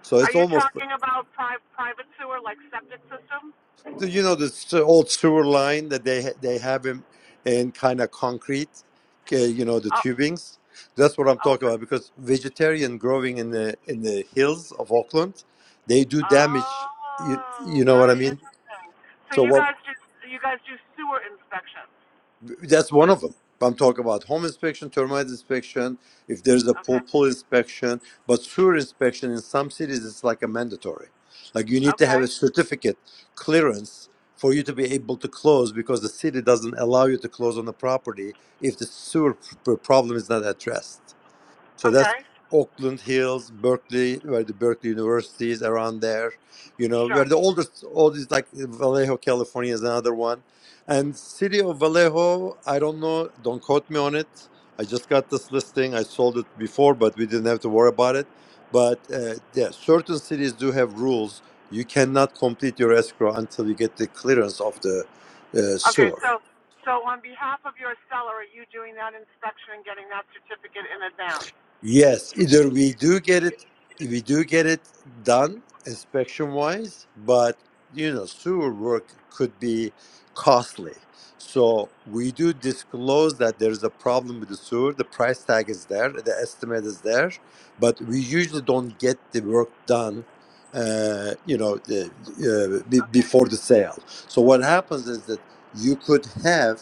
[SPEAKER 16] so
[SPEAKER 2] Are
[SPEAKER 16] it's
[SPEAKER 2] you
[SPEAKER 16] almost
[SPEAKER 2] talking about pri- private sewer, like septic system?
[SPEAKER 16] So, you know this uh, old sewer line that they they have in, in kind of concrete uh, you know the
[SPEAKER 2] Oh,
[SPEAKER 16] tubings that's what i'm
[SPEAKER 2] oh,
[SPEAKER 16] talking about because vegetarian growing in the in the hills of auckland they do damage you,
[SPEAKER 2] oh,
[SPEAKER 16] you know what i
[SPEAKER 2] very
[SPEAKER 16] mean
[SPEAKER 2] interesting. So
[SPEAKER 16] so
[SPEAKER 2] you
[SPEAKER 16] what
[SPEAKER 2] guys do, you guys do sewer inspections.
[SPEAKER 16] That's one of them. I'm talking about home inspection, termite inspection, if there's a pool,
[SPEAKER 2] Okay,
[SPEAKER 16] pool inspection, but sewer inspection in some cities it's like a mandatory. Like you need to have a
[SPEAKER 2] okay,
[SPEAKER 16] certificate clearance for you to be able to close because the city doesn't allow you to close on the property if the sewer p- problem is not addressed. So that's
[SPEAKER 2] okay,
[SPEAKER 16] Oakland Hills, Berkeley, where the Berkeley University is around there. You know,
[SPEAKER 2] sure.
[SPEAKER 16] where the oldest, oldest like Vallejo, California is another one. And city of Vallejo, I don't know, don't quote me on it. I just got this listing. I sold it before, but we didn't have to worry about it. But uh, yeah, certain cities do have rules. You cannot complete your escrow until you get the clearance of the uh,
[SPEAKER 2] Okay,
[SPEAKER 16] sewer.
[SPEAKER 2] so so on behalf of your seller, are you doing that inspection and getting that certificate in advance?
[SPEAKER 16] Yes, either we do get it, we do get it done inspection wise, but you know, sewer work could be costly. So we do disclose that there's a problem with the sewer. The price tag is there, the estimate is there, but we usually don't get the work done. Uh, you know, the, uh, be, before the sale. So what happens is that you could have,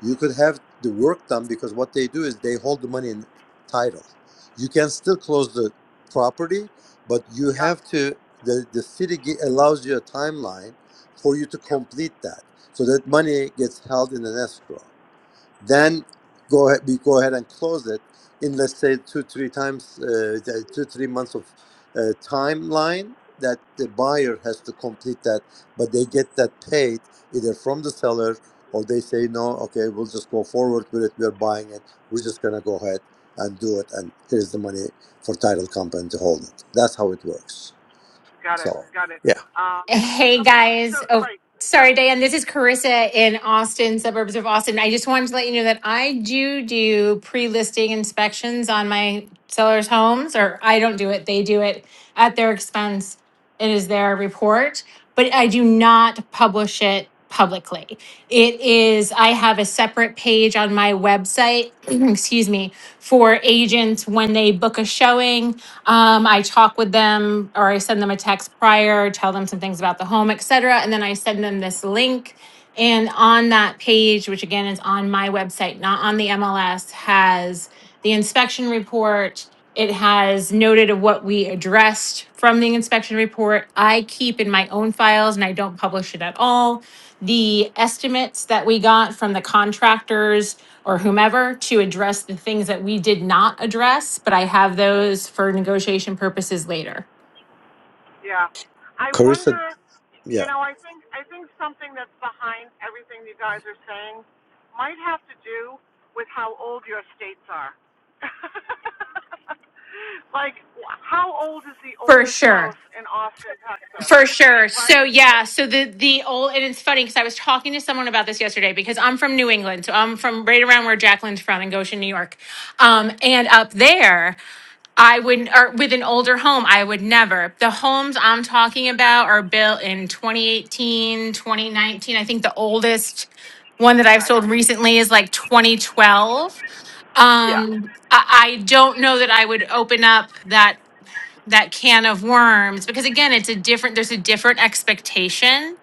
[SPEAKER 16] you could have the work done because what they do is they hold the money in title you can still close the property but you
[SPEAKER 2] Yeah.
[SPEAKER 16] have to the, the city gi- allows you a timeline for you to complete that so that money gets held in an escrow then go ahead, we go ahead and close it in let's say two three times uh, two three months of uh, timeline that the buyer has to complete that but they get that paid either from the seller or they say no okay we'll just go forward with it we're buying it we're just going to go ahead and do it and here's the money for title company to hold it that's how it works
[SPEAKER 2] Got
[SPEAKER 16] so
[SPEAKER 2] it. Got it.
[SPEAKER 16] yeah
[SPEAKER 2] Um,
[SPEAKER 17] Hey
[SPEAKER 2] okay.
[SPEAKER 17] guys.
[SPEAKER 2] So
[SPEAKER 17] Oh,
[SPEAKER 2] right. So
[SPEAKER 17] sorry, Diane. This is Carissa in Austin, suburbs of Austin. I just wanted to let you know that I do do pre listing inspections on my sellers' homes, or I don't do it, they do it at their expense. It is their report, but I do not publish it publicly. It is, I have a separate page on my website, <clears throat> excuse me, for agents when they book a showing. Um, I talk with them or I send them a text prior, tell them some things about the home, et cetera. And then I send them this link. And on that page, which again is on my website, not on the MLS, has the inspection report it has noted of what we addressed from the inspection report. I keep in my own files and I don't publish it at all. The estimates that we got from the contractors or whomever to address the things that we did not address, but I have those for negotiation purposes later.
[SPEAKER 2] yeah. I
[SPEAKER 16] carissa
[SPEAKER 2] wonder. You
[SPEAKER 16] yeah
[SPEAKER 2] know, I think I think something that's behind everything you guys are saying might have to do with how old your states are. <laughs> like, how old is the
[SPEAKER 17] For
[SPEAKER 2] oldest
[SPEAKER 17] sure.
[SPEAKER 2] house in Austin, Texas?
[SPEAKER 17] For sure. So
[SPEAKER 2] Right.
[SPEAKER 17] yeah, so the the old and it's funny because I was talking to someone about this yesterday because I'm from New England. So I'm from right around where Jacqueline's from in Goshen, New York. Um, and up there, I would or with an older home, I would never. The homes I'm talking about are built in 2018, 2019. I think the oldest one that I've
[SPEAKER 2] Right.
[SPEAKER 17] sold recently is like 2012.
[SPEAKER 2] Yeah.
[SPEAKER 17] Um, I, I don't know that I would open up that that can of worms because again it's a different there's a different expectation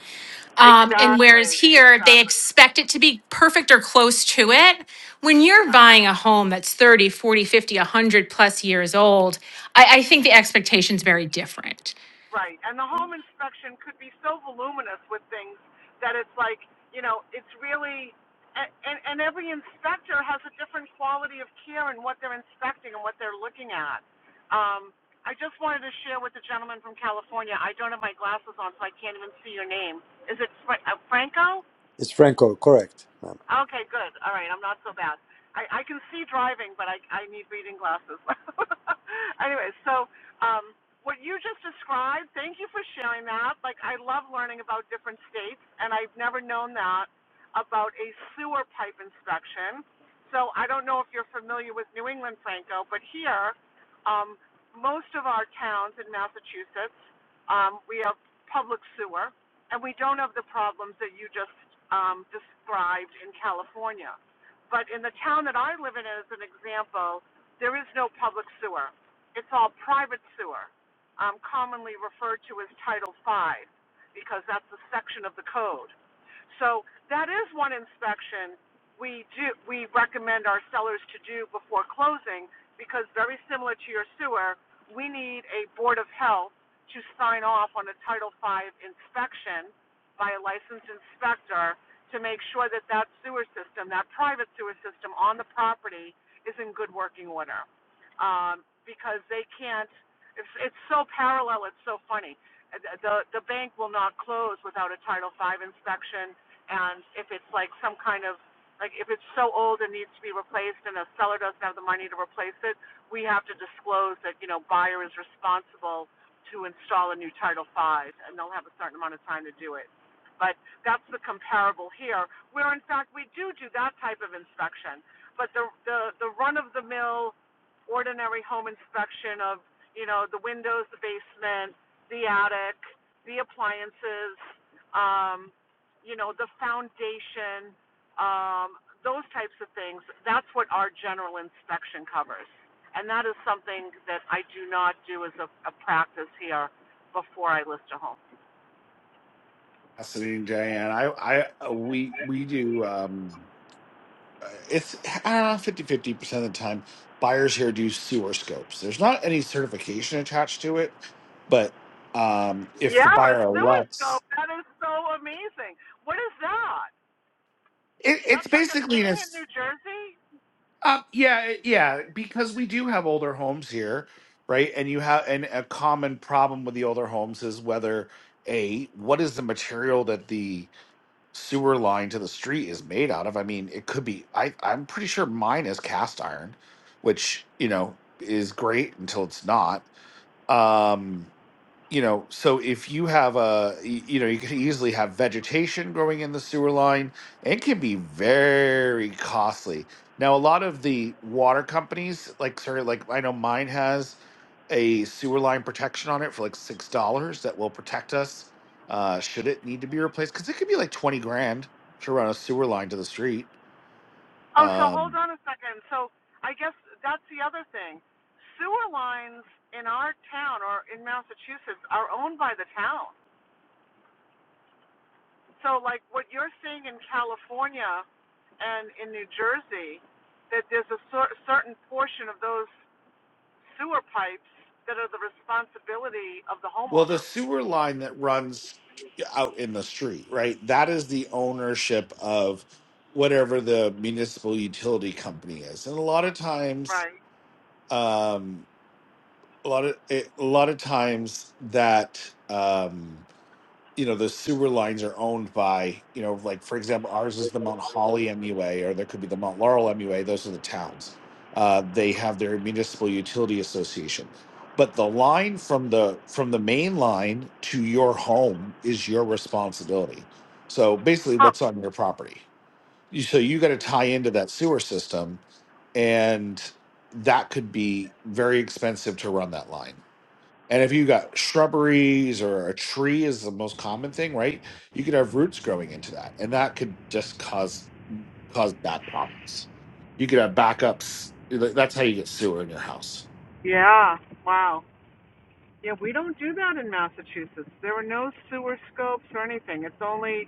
[SPEAKER 17] um and whereas
[SPEAKER 2] Exactly,
[SPEAKER 17] here they
[SPEAKER 2] exactly.
[SPEAKER 17] expect it to be perfect or close to it when you're
[SPEAKER 2] Yeah,
[SPEAKER 17] buying a home that's 30 40 100 plus years old i, I think the expectation's very different
[SPEAKER 2] right. And the home inspection could be so voluminous with things that it's like, you know, it's really, a- and, and every inspector has a different quality of care in what they're inspecting and what they're looking at. Um, I just wanted to share with the gentleman from California. I don't have my glasses on, so I can't even see your name. Is it Fra- uh, Franco?
[SPEAKER 16] it's franco correct ma'am.
[SPEAKER 2] Okay, good. All right, I'm not so bad. I, I can see driving, but I, I need reading glasses. <laughs> anyway, so um, what you just described, thank you for sharing that. Like, I love learning about different states, and I've never known that about a sewer pipe inspection. So I don't know if you're familiar with New England, Franco, but here, um, most of our towns in Massachusetts, um, we have public sewer and we don't have the problems that you just um, described in California. But in the town that I live in, as an example, there is no public sewer. It's all private sewer, um, commonly referred to as Title V, because that's a section of the code. So that is one inspection we do we recommend our sellers to do before closing, because very similar to your sewer, we need a board of health to sign off on a Title V inspection by a licensed inspector to make sure that that sewer system, that private sewer system on the property is in good working order. Um, because they can't, it's, it's so parallel, it's so funny. Uh, The, the bank will not close without a Title V inspection, and if it's like some kind of, like if it's so old and needs to be replaced and a seller doesn't have the money to replace it, we have to disclose that, you know, buyer is responsible to install a new Title V, and they'll have a certain amount of time to do it. But that's the comparable here, where in fact we do do that type of inspection. But the the the run of the mill, ordinary home inspection of you know the windows, the basement, the attic, the appliances, um, you know the foundation, um, those types of things. That's what our general inspection covers. And that is something that I do not do as a, a practice here before I list a home.
[SPEAKER 7] Fascinating, Diane. I, I, uh, we, we do. Um, uh, it's I don't know, 50 fifty percent of the time, buyers here do sewer scopes. There's not any certification attached to it, but um, if
[SPEAKER 2] Yeah,
[SPEAKER 7] the
[SPEAKER 2] a
[SPEAKER 7] buyer
[SPEAKER 2] sewer
[SPEAKER 7] elects,
[SPEAKER 2] scope. That is so amazing. What is that?
[SPEAKER 7] it, it's
[SPEAKER 2] That's like a
[SPEAKER 7] basically
[SPEAKER 2] thing
[SPEAKER 7] an.
[SPEAKER 2] in New Jersey?
[SPEAKER 7] Um, yeah, it- yeah, because we do have older homes here, right? And you have, and a common problem with the older homes is whether A, what is the material that the sewer line to the street is made out of? I mean, it could be, I, I'm pretty sure mine is cast iron, which, you know, is great until it's not. Um, you know, so if you have a, y- you know, you could easily have vegetation growing in the sewer line. It can be very costly. Now, a lot of the water companies, like sorry, like I know mine has a sewer line protection on it for like six dollars that will protect us uh, should it need to be replaced because it could be like twenty grand to run a sewer line to the street.
[SPEAKER 2] Oh, so hold
[SPEAKER 7] Um,
[SPEAKER 2] on a second. So I guess that's the other thing. Sewer lines in our town or in Massachusetts are owned by the town. So, like what you're seeing in California and in New Jersey, that there's a cer- certain portion of those sewer pipes that are the responsibility of the
[SPEAKER 7] Well, the
[SPEAKER 2] homeowner.
[SPEAKER 7] sewer line that runs out in the street, right? That is the ownership of whatever the municipal utility company is, and a lot of times,
[SPEAKER 2] Right.
[SPEAKER 7] um, a lot of it, a lot of times that. Um, you know the sewer lines are owned by you know like for example ours is the mount holly mua or there could be the mount laurel mua those are the towns uh, they have their municipal utility association but the line from the from the main line to your home is your responsibility so basically
[SPEAKER 2] Huh.
[SPEAKER 7] what's on your property You- so you got to tie into that sewer system and that could be very expensive to run that line and if you got shrubberies or a tree is the most common thing, right? You could have roots growing into that, and that could just cause cause bad problems. You could have backups. Th- That's how you get sewer in your house.
[SPEAKER 2] Yeah, wow. Yeah, we don't do that in Massachusetts. There are no sewer scopes or anything. It's only,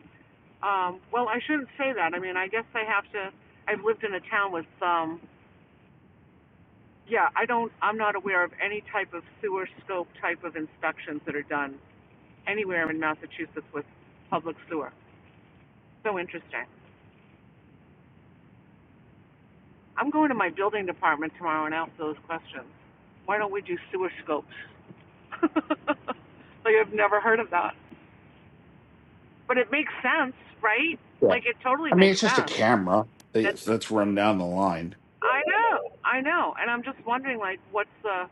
[SPEAKER 2] um, well, I shouldn't say that. I mean, I guess they have to. I've lived in a town with, um, yeah, I don't, I'm not aware of any type of sewer scope type of inspections that are done anywhere in Massachusetts with public sewer. So interesting. I'm going to my building department tomorrow and ask those questions. Why don't we do sewer scopes? <laughs> like I've never heard of that. But it makes sense, right?
[SPEAKER 7] Yeah,
[SPEAKER 2] Like it totally
[SPEAKER 7] I mean
[SPEAKER 2] makes
[SPEAKER 7] it's just a
[SPEAKER 2] sense.
[SPEAKER 7] camera
[SPEAKER 2] And
[SPEAKER 7] that- that's run down the line.
[SPEAKER 2] I know, I know. And I'm just wondering like what's the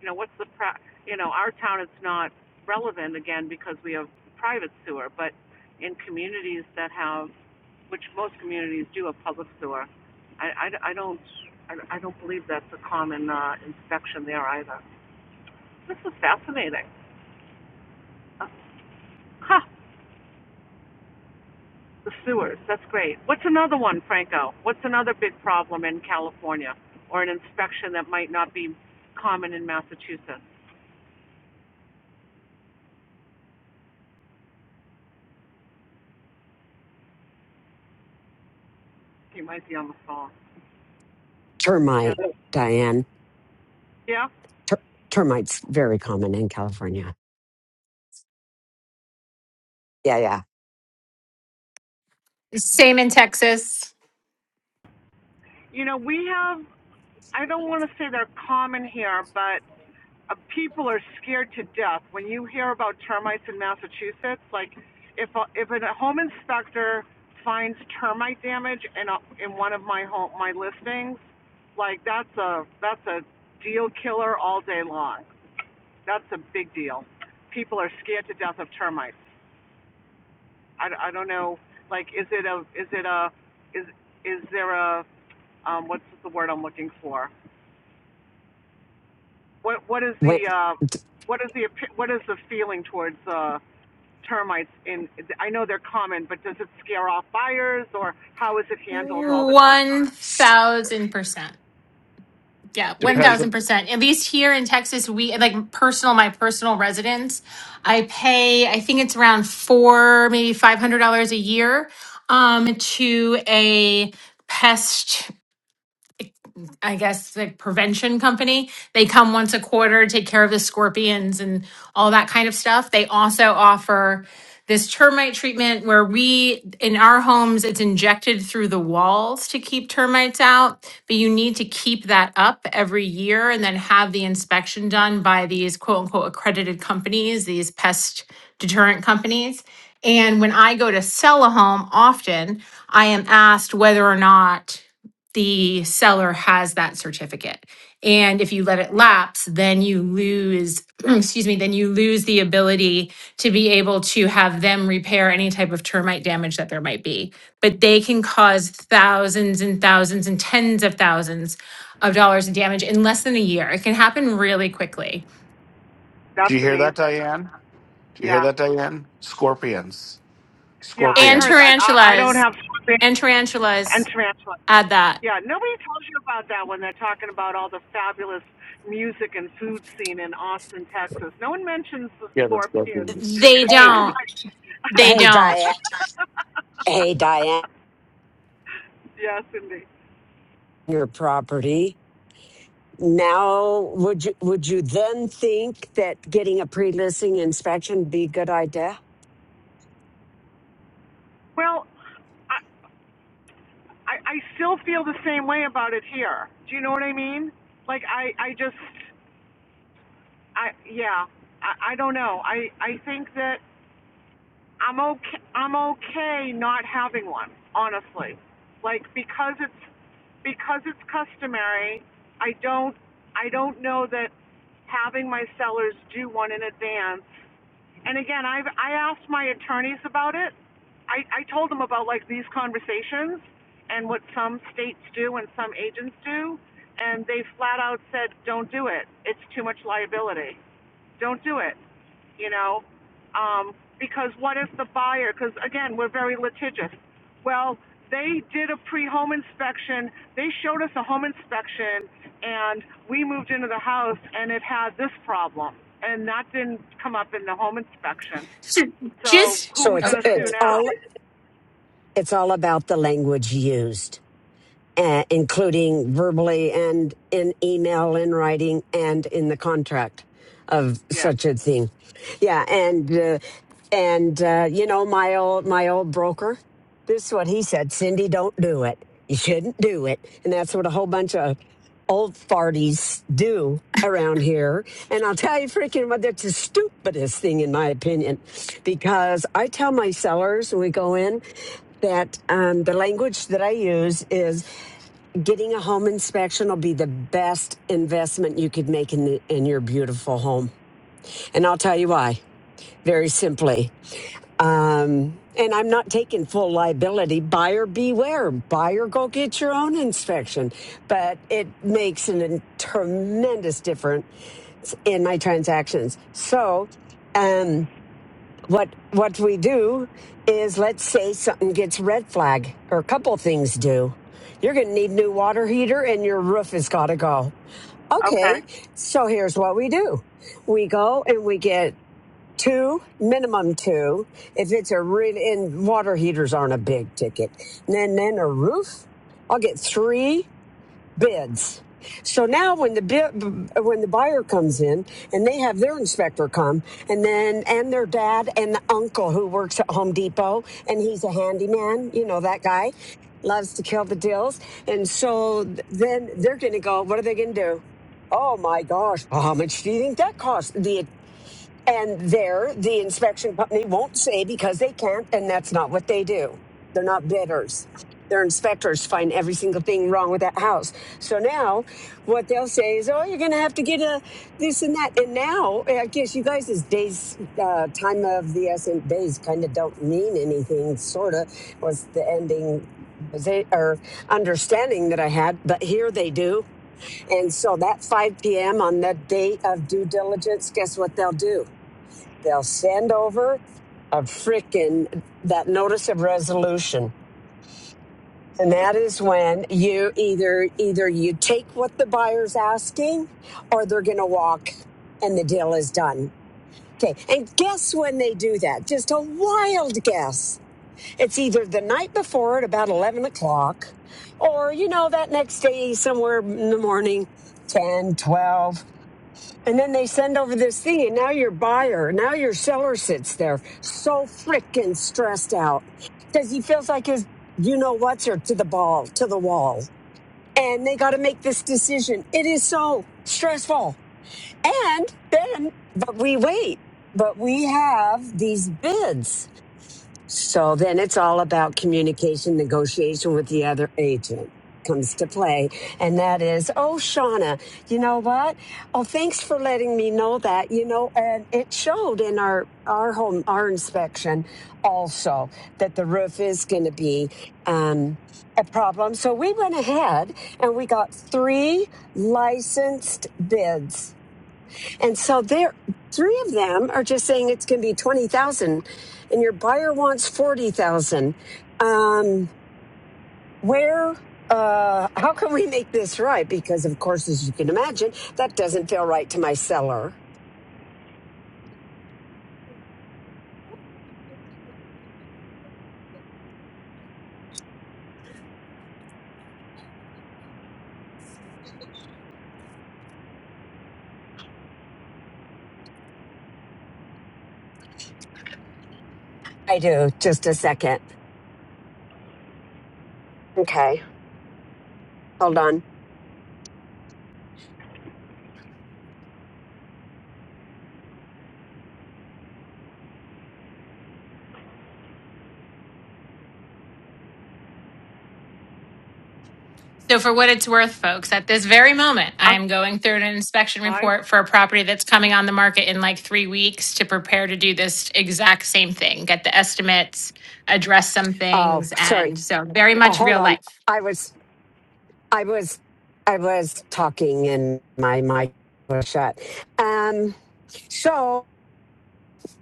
[SPEAKER 2] you know, what's the pra- you know, our town it's not relevant again because we have private sewer, but in communities that have which most communities do have public sewer. I, I, I don't I, don't believe that's a common uh, inspection there either. This is fascinating. Uh, Huh, the sewers. That's great. What's another one, Franco? What's another big problem in California or an inspection that might not be common in Massachusetts? You might be on the phone. Yeah.
[SPEAKER 13] Termite, Diane.
[SPEAKER 2] Yeah.
[SPEAKER 13] Ter- termites very common in California. Yeah, yeah.
[SPEAKER 17] same in texas
[SPEAKER 2] You know, we have, I don't want to say they're common here, but uh, people are scared to death when you hear about termites in Massachusetts. Like, if a, if a home inspector finds termite damage in, a, in one of my home, my listings, Like that's a that's a deal killer all day long. That's a big deal. People are scared to death of termites. I, I don't know. Like, is it a is it a is is there a um, what's the word I'm looking for? What what is
[SPEAKER 13] When,
[SPEAKER 2] the uh, what is the what is the feeling towards uh, termites? In I know they're common, but does it scare off buyers or how is it handled all the time?
[SPEAKER 17] 1000% Yeah,
[SPEAKER 2] Big
[SPEAKER 7] Depends.
[SPEAKER 2] deal.
[SPEAKER 7] on-
[SPEAKER 17] 1000%. At least here in Texas, we like personal, my personal residence, I pay, I think it's around four, maybe $500 a year um, to a pest. I guess the prevention company. They come once a quarter, take care of the scorpions and all that kind of stuff. They also offer this termite treatment where we in our homes it's injected through the walls to keep termites out, but you need to keep that up every year and then have the inspection done by these quote unquote accredited companies, these pest deterrent companies. And when I go to sell a home, often I am asked whether or not the seller has that certificate. And if you let it lapse, then you lose, <clears throat> excuse me, then you lose the ability to be able to have them repair any type of termite damage that there might be. But they can cause thousands and thousands and tens of thousands of dollars in damage in less than a year. It can happen really quickly.
[SPEAKER 7] Do
[SPEAKER 2] That's
[SPEAKER 7] you hear that,
[SPEAKER 2] amazing.
[SPEAKER 7] Diane? Do you hear
[SPEAKER 2] Yeah,
[SPEAKER 7] that, Diane? Scorpions,
[SPEAKER 2] yeah. I
[SPEAKER 17] And
[SPEAKER 2] heard
[SPEAKER 7] scorpions.
[SPEAKER 2] that. I, I don't
[SPEAKER 17] tarantulas,
[SPEAKER 2] have scorpions
[SPEAKER 17] and
[SPEAKER 2] and
[SPEAKER 17] tarantulas
[SPEAKER 2] tarantulas.
[SPEAKER 17] add that.
[SPEAKER 2] Yeah, nobody tells you about that when they're talking about all the fabulous music and food scene in Austin, Texas. No one mentions the
[SPEAKER 7] Yeah, the
[SPEAKER 2] scorpions,
[SPEAKER 7] scorpions.
[SPEAKER 17] They
[SPEAKER 2] the
[SPEAKER 13] hey,
[SPEAKER 17] don't,
[SPEAKER 2] termites.
[SPEAKER 17] they
[SPEAKER 13] hey,
[SPEAKER 17] don't. <laughs>
[SPEAKER 13] Diane. Hey,
[SPEAKER 2] <laughs>
[SPEAKER 13] Diane.
[SPEAKER 2] yes, indeed.
[SPEAKER 13] Your property. Now, would you would you then think that getting a pre-listing inspection be a good idea?
[SPEAKER 2] Well, I, I, I still feel the same way about it here. Do you know what I mean? Like, I, I just, I, yeah, I, I don't know. I, I think that I'm okay, I'm okay not having one, honestly like because it's because it's customary, I don't, I don't know that having my sellers do one in advance. And again, I've, I asked my attorneys about it. I, I told them about like these conversations and what some states do and some agents do. And they flat out said, don't do it. It's too much liability. Don't do it you know, um, because what if the buyer, because again, we're very litigious. Well, they did a pre-home inspection. They showed us a home inspection, and we moved into the house, and it had this problem, and that didn't come up in the home inspection.
[SPEAKER 17] So
[SPEAKER 2] So
[SPEAKER 17] just
[SPEAKER 2] who are
[SPEAKER 13] So
[SPEAKER 2] we
[SPEAKER 13] it's
[SPEAKER 2] going to sue
[SPEAKER 13] it's
[SPEAKER 2] now?
[SPEAKER 13] all it's all about the language used uh, including verbally and in email, in writing, and in the contract of
[SPEAKER 2] Yeah.
[SPEAKER 13] such a thing. Yeah, and uh, and uh, you know my old my old broker. This is what he said: Cindy, don't do it. You shouldn't do it, and that's what a whole bunch of old farties do around here. And I'll tell you freaking what that's the stupidest thing in my opinion. Because I tell my sellers when we go in that um, the language that I use is Getting a home inspection will be the best investment you could make in the, in your beautiful home. And I'll tell you why. Very simply. Um, and I'm not taking full liability. Buyer beware. Buyer go get your own inspection. But it makes a tremendous difference in my transactions. So, um, what what we do is let's say something gets red flag or a couple things do you're going to need new water heater and your roof has got to go okay
[SPEAKER 2] Okay.
[SPEAKER 13] so here's what we do we go and we get two minimum two if it's a really and water heaters aren't a big ticket and then then a roof i'll get three bids. So now when the bid, when the buyer comes in and they have their inspector come and then and their dad and the uncle who works at Home Depot and he's a handyman, you know that guy loves to kill the deals and so th- then they're going to go what are they going to do? Oh my gosh, how much do you think that costs? The and there, the inspection company won't say because they can't, and that's not what they do. They're not bidders. Their inspectors find every single thing wrong with that house. So now, what they'll say is, "Oh, you're going to have to get a this and that." And now, I guess you guys' days, uh, time of the essence, days kind of don't mean anything. Sort of was the ending, they or understanding that I had, but here they do. And so that 5 p.m. on that day of due diligence, guess what they'll do? They'll send over a frickin' that notice of resolution. And that is when you either either you take what the buyer's asking or they're gonna walk and the deal is done. Okay. And guess when they do that? Just a wild guess. It's either the night before at about eleven o'clock, or you know, that next day somewhere in the morning, 10, 12. And then they send over this thing, and now your buyer, now your seller sits there so freaking stressed out because he feels like his you know what's her to the ball, to the wall. And they got to make this decision. It is so stressful. And then, but we wait, but we have these bids. So then it's all about communication, negotiation with the other agent comes to play. And that is, oh, Shauna, you know what? Oh, thanks for letting me know that. You know, and it showed in our our home our inspection also that the roof is going to be um a problem so we went ahead and we got three licensed bids and so there, three of them are just saying it's going to be 20,000 and your buyer wants 40,000. Um, where, uh, how can we make this right? Because of course, as you can imagine, that doesn't feel right to my seller. I do. Just a second. Okay. Hold on.
[SPEAKER 17] So, for what it's worth, folks, at this very moment, I
[SPEAKER 2] I'm
[SPEAKER 17] am going through an inspection
[SPEAKER 2] live.
[SPEAKER 17] report for a property that's coming on the market in like three weeks to prepare to do this exact same thing, get the estimates, address some
[SPEAKER 13] Oh,
[SPEAKER 17] things.
[SPEAKER 13] sorry.
[SPEAKER 17] And so, very
[SPEAKER 2] Yeah.
[SPEAKER 13] Oh,
[SPEAKER 17] much
[SPEAKER 13] hold
[SPEAKER 17] real
[SPEAKER 13] on.
[SPEAKER 17] life.
[SPEAKER 13] I was, I was, I was talking and my mic was shut. Um, so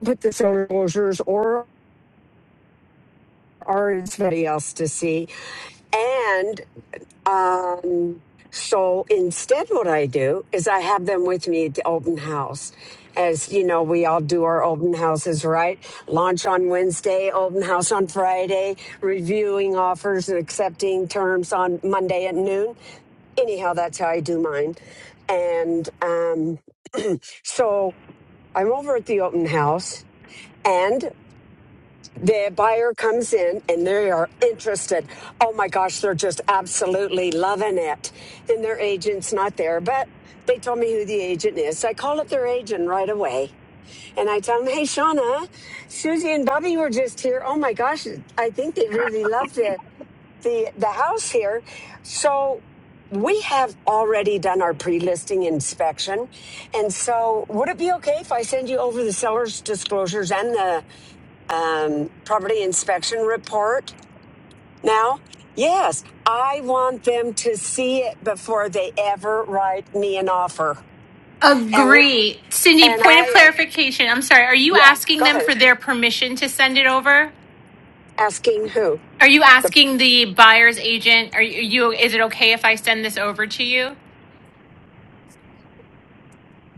[SPEAKER 13] put the on closures or or anybody else to see. And um, so instead, what I do is I have them with me at the open house. As you know, we all do our open houses, right? Launch on Wednesday, open house on Friday, reviewing offers and accepting terms on Monday at noon. Anyhow, that's how I do mine. And um, so I'm over at the open house. and. the buyer comes in and they are interested. Oh my gosh, they're just absolutely loving it. And their agent's not there, but they told me who the agent is. So I call up their agent right away and I tell them, Hey, Shauna, Susie and Bobby were just here. Oh my gosh, I think they really love the, the, the house here. So we have already done our pre-listing inspection. And so would it be okay if I send you over the seller's disclosures and the um, property inspection report now. Yes, I want them to see it before they ever write me an offer. And we,
[SPEAKER 17] Agree. Cindy,
[SPEAKER 13] and
[SPEAKER 17] point of
[SPEAKER 13] I am
[SPEAKER 17] clarification. I'm sorry. Are you
[SPEAKER 13] yeah.
[SPEAKER 17] asking
[SPEAKER 13] Go
[SPEAKER 17] them
[SPEAKER 13] ahead.
[SPEAKER 17] for their permission to send it over?
[SPEAKER 13] Asking who
[SPEAKER 17] Are you
[SPEAKER 13] the
[SPEAKER 17] asking the buyer's agent, are you, is it okay if I send this over to you?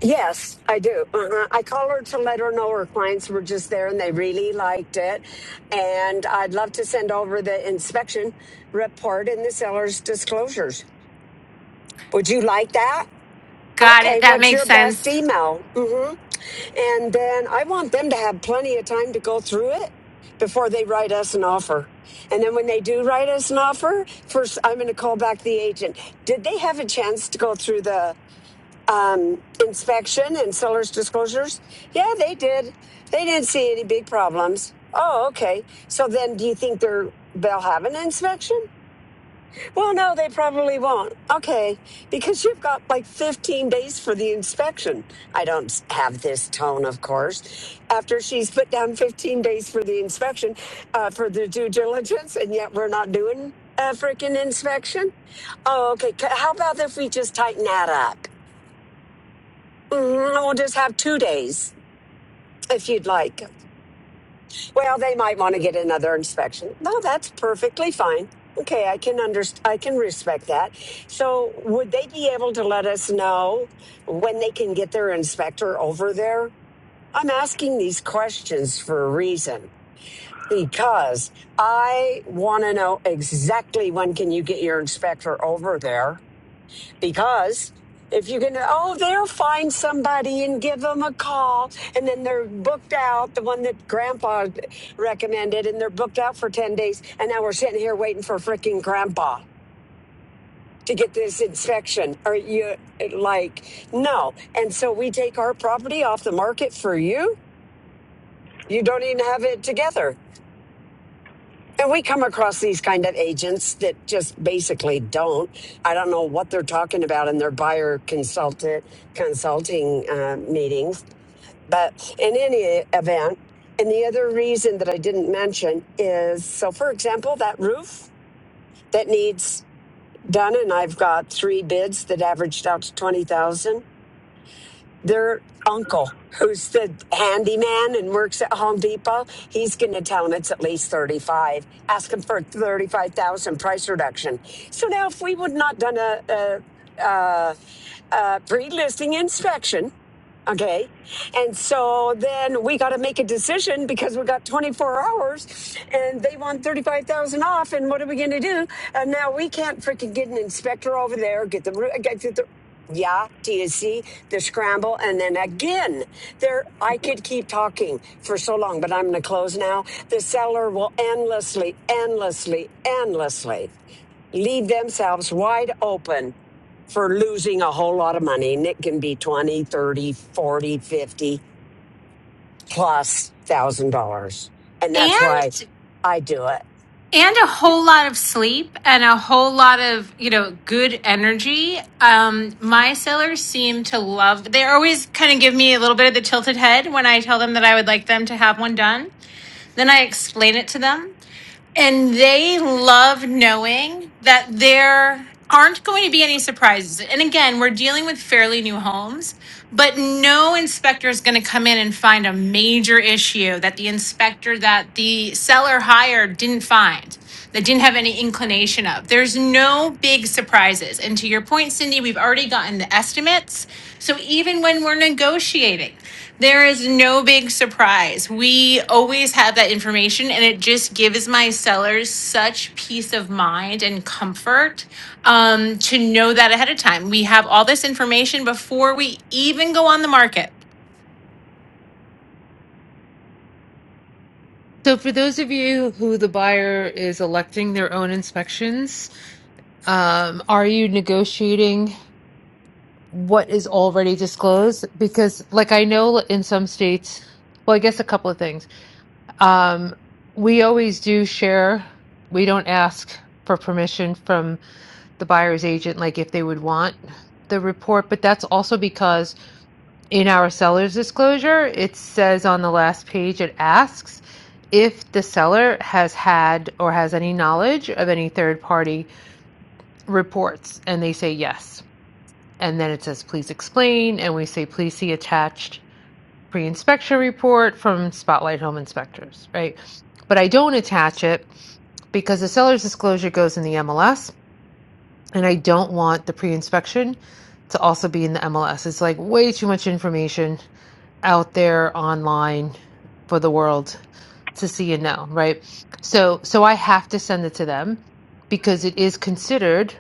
[SPEAKER 13] yes I do. Uh-huh. I call her to let her know her clients were just there and they really liked it, and I'd love to send over the inspection report and the seller's disclosures. Would you like that?
[SPEAKER 17] Got it.
[SPEAKER 13] Okay,
[SPEAKER 17] That
[SPEAKER 13] what's
[SPEAKER 17] makes
[SPEAKER 13] your best
[SPEAKER 17] sense.
[SPEAKER 13] email? hmm And then I want them to have plenty of time to go through it before they write us an offer. And then when they do write us an offer, first I'm going to call back the agent. Did they have a chance to go through the um, inspection and seller's disclosures? Yeah, they did. They didn't see any big problems. Oh, okay. So then do you think they're, they'll have an inspection? Well, no, they probably won't. Okay, because you've got like 15 days for the inspection. I don't s- have this tone, of course. After she's put down 15 days for the inspection, uh, for the due diligence, and yet we're not doing a freaking inspection. Oh, okay. C- How about if we just tighten that up? Mm, We'll just have two days if you'd like. Well, they might want to get another inspection. No, that's perfectly fine. Okay, I can underst- I can respect that. So, would they be able to let us know when they can get their inspector over there? I'm asking these questions for a reason because I want to know exactly when can you get your inspector over there because if you can, oh, they'll find somebody and give them a call, and then they're booked out. The one that Grandpa recommended, and they're booked out for ten days, and now we're sitting here waiting for freaking Grandpa to get this inspection. Are you like no? And so we take our property off the market for you. You don't even have it together. And we come across these kind of agents that just basically don't. I don't know what they're talking about in their buyer consultant consulting uh, meetings. But in any event, and the other reason that I didn't mention is so, for example, that roof that needs done, and I've got three bids that averaged out to twenty thousand their uncle who's the handyman and works at Home Depot, he's going to tell him it's at least 35, ask him for a 35,000 price reduction. So now if we would not done a, a, a, a pre-listing inspection, Okay. And so then we got to make a decision because we got 24 hours and they want 35,000 off. And what are we going to do? And now we can't freaking get an inspector over there, get the, ru- get the, yeah, do you see the scramble? And then again, there, I could keep talking for so long, but I'm going to close now. The seller will endlessly, endlessly, endlessly leave themselves wide open for losing a whole lot of money and it can be twenty, thirty, forty, fifty plus thousand dollars and that's why
[SPEAKER 17] And
[SPEAKER 13] i do it
[SPEAKER 17] and a whole lot of sleep and a whole lot of you know good energy um my sailors seem to love they always kind of give me a little bit of the tilted head when i tell them that i would like them to have one done then i explain it to them and they love knowing that there aren't going to be any surprises. And again, we're dealing with fairly new homes, but no inspector is going to come in and find a major issue that the inspector that the seller hired didn't find, that didn't have any inclination of. There's no big surprises. And to your point, Cindy, we've already gotten the estimates. So even when we're negotiating. There is no big surprise. We always have that information, and it just gives my sellers such peace of mind and comfort um, to know that ahead of time. We have all this information before we even go on the market.
[SPEAKER 6] So, for those of you who the buyer is electing their own inspections, um, are you negotiating? what is already disclosed because like i know in some states well i guess a couple of things um we always do share we don't ask for permission from the buyer's agent like if they would want the report but that's also because in our seller's disclosure it says on the last page it asks if the seller has had or has any knowledge of any third party reports and they say yes and then it says please explain and we say please see attached pre-inspection report from spotlight home inspectors right but i don't attach it because the seller's disclosure goes in the mls and i don't want the pre-inspection to also be in the mls it's like way too much information out there online for the world to see and know right so so i have to send it to them because it is considered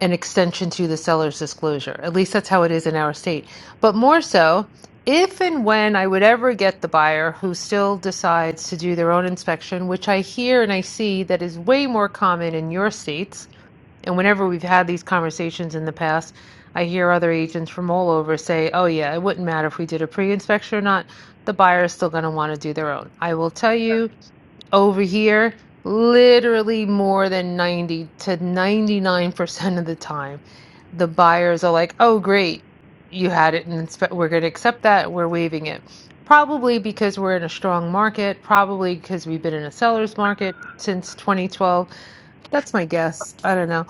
[SPEAKER 6] an extension to the seller's disclosure. At least that's how it is in our state. But more so, if and when I would ever get the buyer who still decides to do their own inspection, which I hear and I see that is way more common in your states, and whenever we've had these conversations in the past, I hear other agents from all over say, oh, yeah, it wouldn't matter if we did a pre inspection or not. The buyer is still going to want to do their own. I will tell you over here literally more than 90 to 99% of the time the buyers are like oh great you had it and inspe- we're going to accept that we're waiving it probably because we're in a strong market probably because we've been in a seller's market since 2012 that's my guess i don't know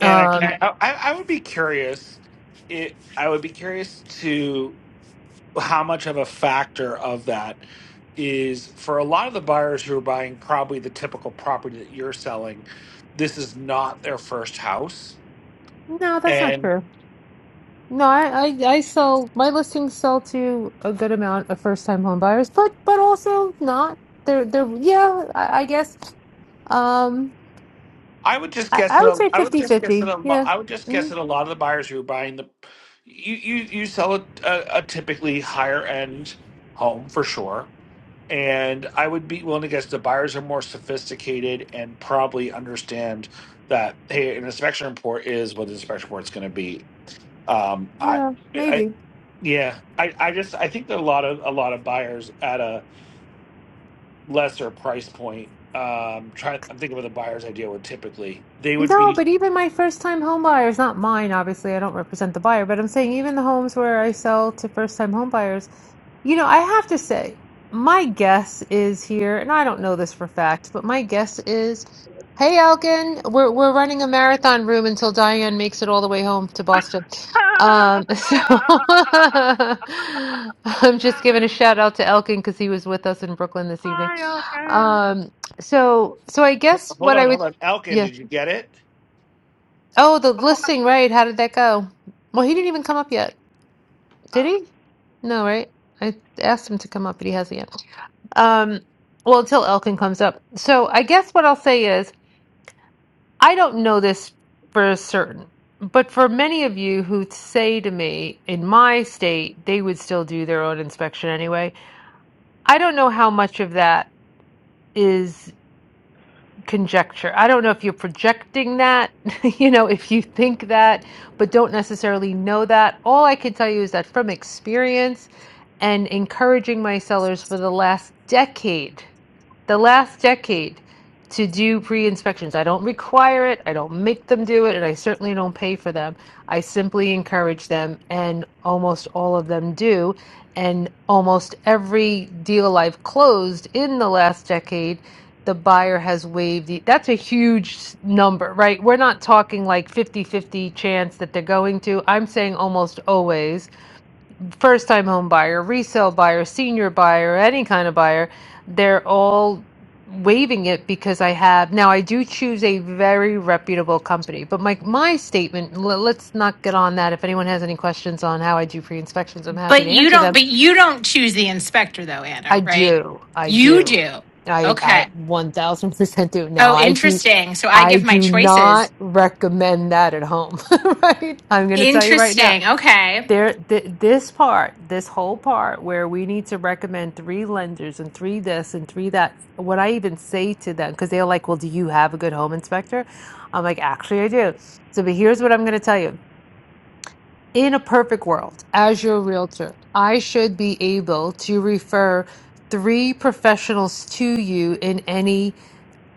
[SPEAKER 7] And I can.
[SPEAKER 6] um
[SPEAKER 7] I, oh, I I would be curious. It. I would be curious to. how much of a factor of that is for a lot of the buyers who are buying probably the typical property that you're selling this is not their first house
[SPEAKER 6] no that's not
[SPEAKER 7] and
[SPEAKER 6] true no i i, I sell my listings sell to a good amount of first time home buyers but but also not they're they're yeah i, I guess Um,
[SPEAKER 7] i would just
[SPEAKER 6] I,
[SPEAKER 7] guess
[SPEAKER 6] I
[SPEAKER 7] that
[SPEAKER 6] would
[SPEAKER 7] a,
[SPEAKER 6] say
[SPEAKER 7] i would just guess that
[SPEAKER 6] fifty-fifty.
[SPEAKER 7] a lot
[SPEAKER 6] Yeah.
[SPEAKER 7] i would just guess
[SPEAKER 6] Mm,
[SPEAKER 7] that a lot of the buyers who are buying the you you, you sell a, a, a typically higher end home for sure and i would be willing to guess the buyers are more sophisticated and probably understand that hey an inspection report is what the inspection report is going to be Um, I,
[SPEAKER 6] yeah,
[SPEAKER 7] I,
[SPEAKER 6] maybe.
[SPEAKER 7] yeah, I, I just, I think that a lot of, a lot of buyers at a lesser price point, um, try, I'm thinking of the buyers I deal with typically, they would
[SPEAKER 6] No,
[SPEAKER 7] be,
[SPEAKER 6] but even my first time home buyers, not mine, obviously, I don't represent the buyer, but I'm saying even the homes where I sell to first time home buyers, you know, I have to say, my guess is here, and I don't know this for fact, but my guess is, hey Elgin, we're we're running a marathon room until Diane makes it all the way home to
[SPEAKER 2] <laughs>
[SPEAKER 6] Boston. Um, <laughs> so I'm just giving a shout out to Elgin because he was with us in Brooklyn this evening.
[SPEAKER 2] Hi, Elkin.
[SPEAKER 6] Um, so so I guess
[SPEAKER 7] hold
[SPEAKER 6] what I
[SPEAKER 7] on,
[SPEAKER 6] would
[SPEAKER 7] hold on. Elkin,
[SPEAKER 6] yeah,
[SPEAKER 7] did you get it?
[SPEAKER 6] Oh, the listing, right. How did that go? Well, he didn't even come up yet.
[SPEAKER 2] <laughs>
[SPEAKER 6] Did he? No, right? I asked him to come up, but he hasn't yet. Um, well, until Elkin comes up. So I guess what I'll say is I don't know this for certain, but for many of you who say to me in my state, they would still do their own inspection anyway. I don't know how much of that is. conjecture. I don't know if you're projecting that, <laughs> you know, if you think that, but don't necessarily know that. All I can tell you is that from experience and encouraging my sellers for the last decade the last decade to do pre-inspections. I don't require it, I don't make them do it, and I certainly don't pay for them. I simply encourage them, and almost all of them do. And almost every deal I've closed in the last decade, the buyer has waived the, that's a huge s- number, right? We're not talking like fifty-fifty chance that they're going to. I'm saying almost always first time home buyer, resale buyer, senior buyer, any kind of buyer, they're all waiving it because I have now I do choose a very reputable company. But my my statement, le- let's not get on that. If anyone has any questions on how I do pre-inspections, I'm happy
[SPEAKER 17] But
[SPEAKER 6] to
[SPEAKER 17] you
[SPEAKER 6] answer
[SPEAKER 17] don't.
[SPEAKER 6] them.
[SPEAKER 17] But you don't choose the inspector, though,
[SPEAKER 6] I
[SPEAKER 17] Anna. Right?
[SPEAKER 6] do. I
[SPEAKER 17] You
[SPEAKER 6] do.
[SPEAKER 17] do.
[SPEAKER 6] I I
[SPEAKER 17] Okay.
[SPEAKER 6] 1000% do. Now
[SPEAKER 17] Oh,
[SPEAKER 6] I do
[SPEAKER 17] interesting. So I
[SPEAKER 6] I
[SPEAKER 17] give my
[SPEAKER 6] do not
[SPEAKER 17] choices.
[SPEAKER 6] recommend that at home, <laughs> right? I'm going to tell you right now
[SPEAKER 17] Interesting. Okay.
[SPEAKER 6] there th- this part this whole part where we need to recommend three lenders and three this and three that what i even say to them because they're like well do you have a good home inspector i'm like actually i do so but here's what i'm going to tell you in a perfect world as your realtor i should be able to refer three professionals to you in any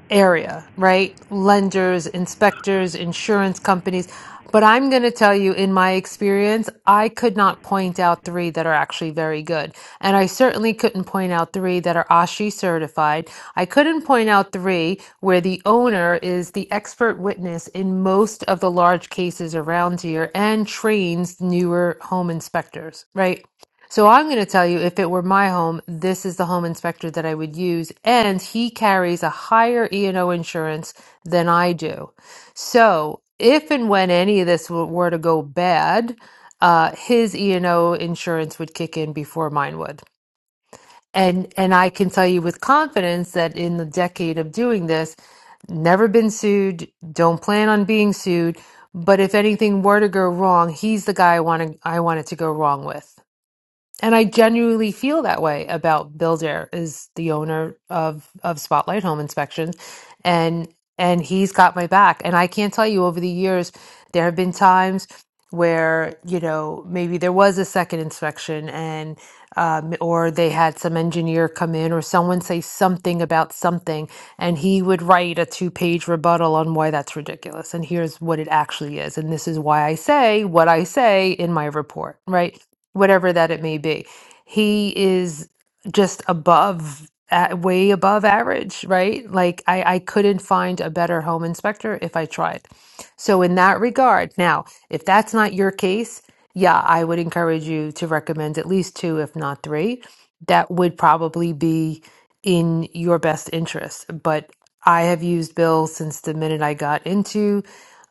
[SPEAKER 6] area, right? Lenders, inspectors, insurance companies. But I'm going to tell you, in my experience, I could not point out three that are actually very good. And I certainly couldn't point out three that are ASHI certified. I couldn't point out three where the owner is the expert witness in most of the large cases around here and trains newer home inspectors, right? So I'm going to tell you, if it were my home, this is the home inspector that I would use, and he carries a higher E&O insurance than I do. So if and when any of this w- were to go bad, uh, his E&O insurance would kick in before mine would. And and I can tell you with confidence that in the decade of doing this, never been sued, don't plan on being sued. But if anything were to go wrong, he's the guy I want to, I want it to go wrong with. And I genuinely feel that way about Bill Dare is the owner of of Spotlight Home Inspections and and he's got my back. And I can't tell you over the years there have been times where, you know, maybe there was a second inspection and um, or they had some engineer come in or someone say something about something and he would write a two-page rebuttal on why that's ridiculous and here's what it actually is and this is why I say what I say in my report, right? whatever that it may be. He is just above, a- way above average, right? Like I, I couldn't find a better home inspector if I tried. So in that regard, now, if that's not your case, yeah, I would encourage you to recommend at least two, if not three. That would probably be in your best interest. But I have used Bill since the minute I got into